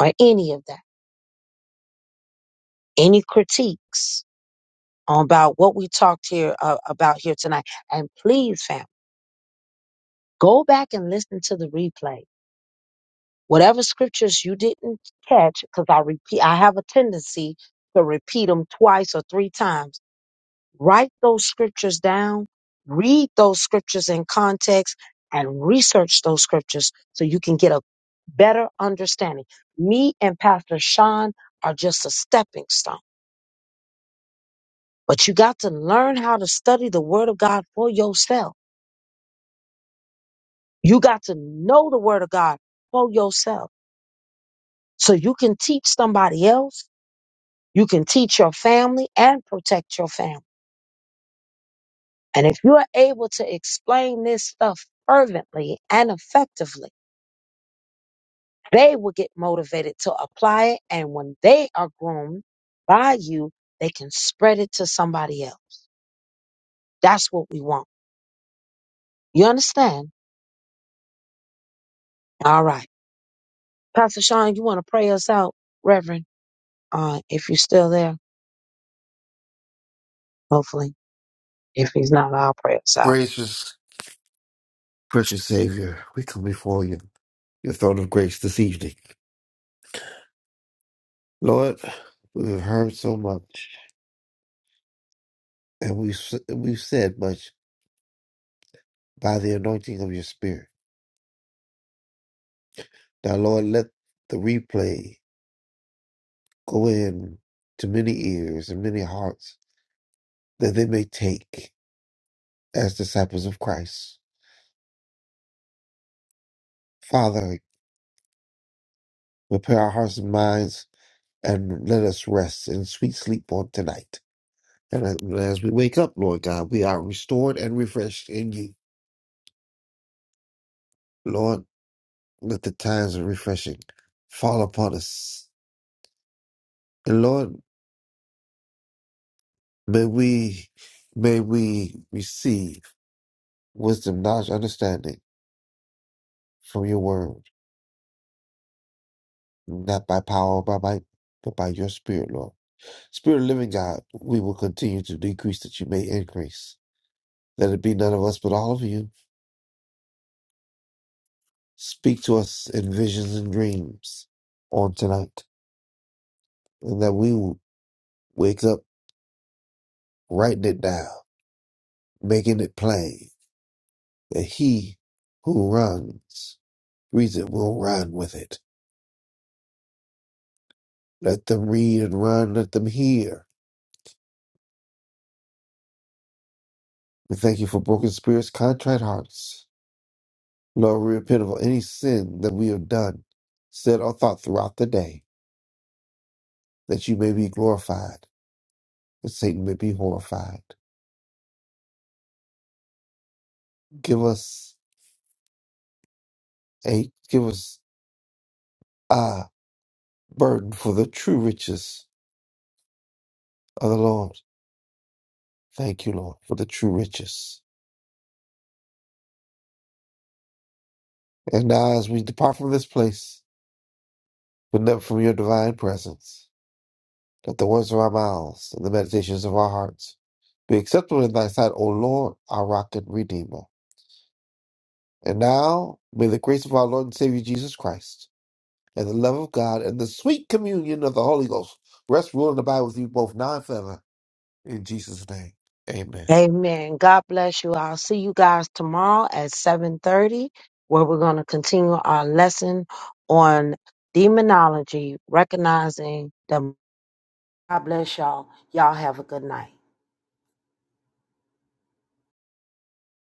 Speaker 1: or any of that, any critiques about what we talked here uh, about here tonight. And please, fam, go back and listen to the replay. Whatever scriptures you didn't catch, because I repeat, I have a tendency to repeat them twice or three times. Write those scriptures down, read those scriptures in context, and research those scriptures so you can get a better understanding. Me and Pastor Sean are just a stepping stone But you got to learn how to study the Word of God for yourself. You got to know the Word of God for yourself so you can teach somebody else, you can teach your family, and protect your family. And if you are able to explain this stuff fervently and effectively, they will get motivated to apply it. And when they are groomed by you, they can spread it to somebody else. That's what we want. You understand? All right. Pastor Sean, you want to pray us out, Reverend? Uh, if you're still there, hopefully. If he's not, I'll pray us out.
Speaker 2: Gracious, precious Savior, we come before you, your throne of grace this evening, Lord. We've heard so much, and we've s- we've said much by the anointing of your Spirit. Now, Lord, let the replay go in to many ears and many hearts that they may take as disciples of Christ. Father, prepare our hearts and minds and let us rest in sweet sleep on tonight. And as we wake up, Lord God, we are restored and refreshed in you. Lord, let the times of refreshing fall upon us. And Lord, may we may we receive wisdom, knowledge, understanding from your word, not by power or by might, but by your spirit, Lord. Spirit of living God, we will continue to decrease that you may increase. Let it be none of us but all of you. Speak to us in visions and dreams on tonight, and that we will wake up writing it down, making it plain that he who runs reads it will run with it. Let them read and run, let them hear. We thank you for broken spirits, contrite hearts. Lord, we repent of any sin that we have done, said, or thought throughout the day, that you may be glorified. that Satan may be horrified. Give us a give us a burden for the true riches of the Lord. Thank you, Lord, for the true riches. And now as we depart from this place, but never from your divine presence, let the words of our mouths and the meditations of our hearts be acceptable in thy sight, O Lord, our rock and redeemer. And now may the grace of our Lord and Savior Jesus Christ and the love of God and the sweet communion of the Holy Ghost rest, rule, and abide with you both now and forever. In Jesus' name, amen.
Speaker 1: Amen. God bless you. I'll see you guys tomorrow at 7:30, where we're going to continue our lesson on demonology, recognizing the. God bless y'all. Y'all have a good night.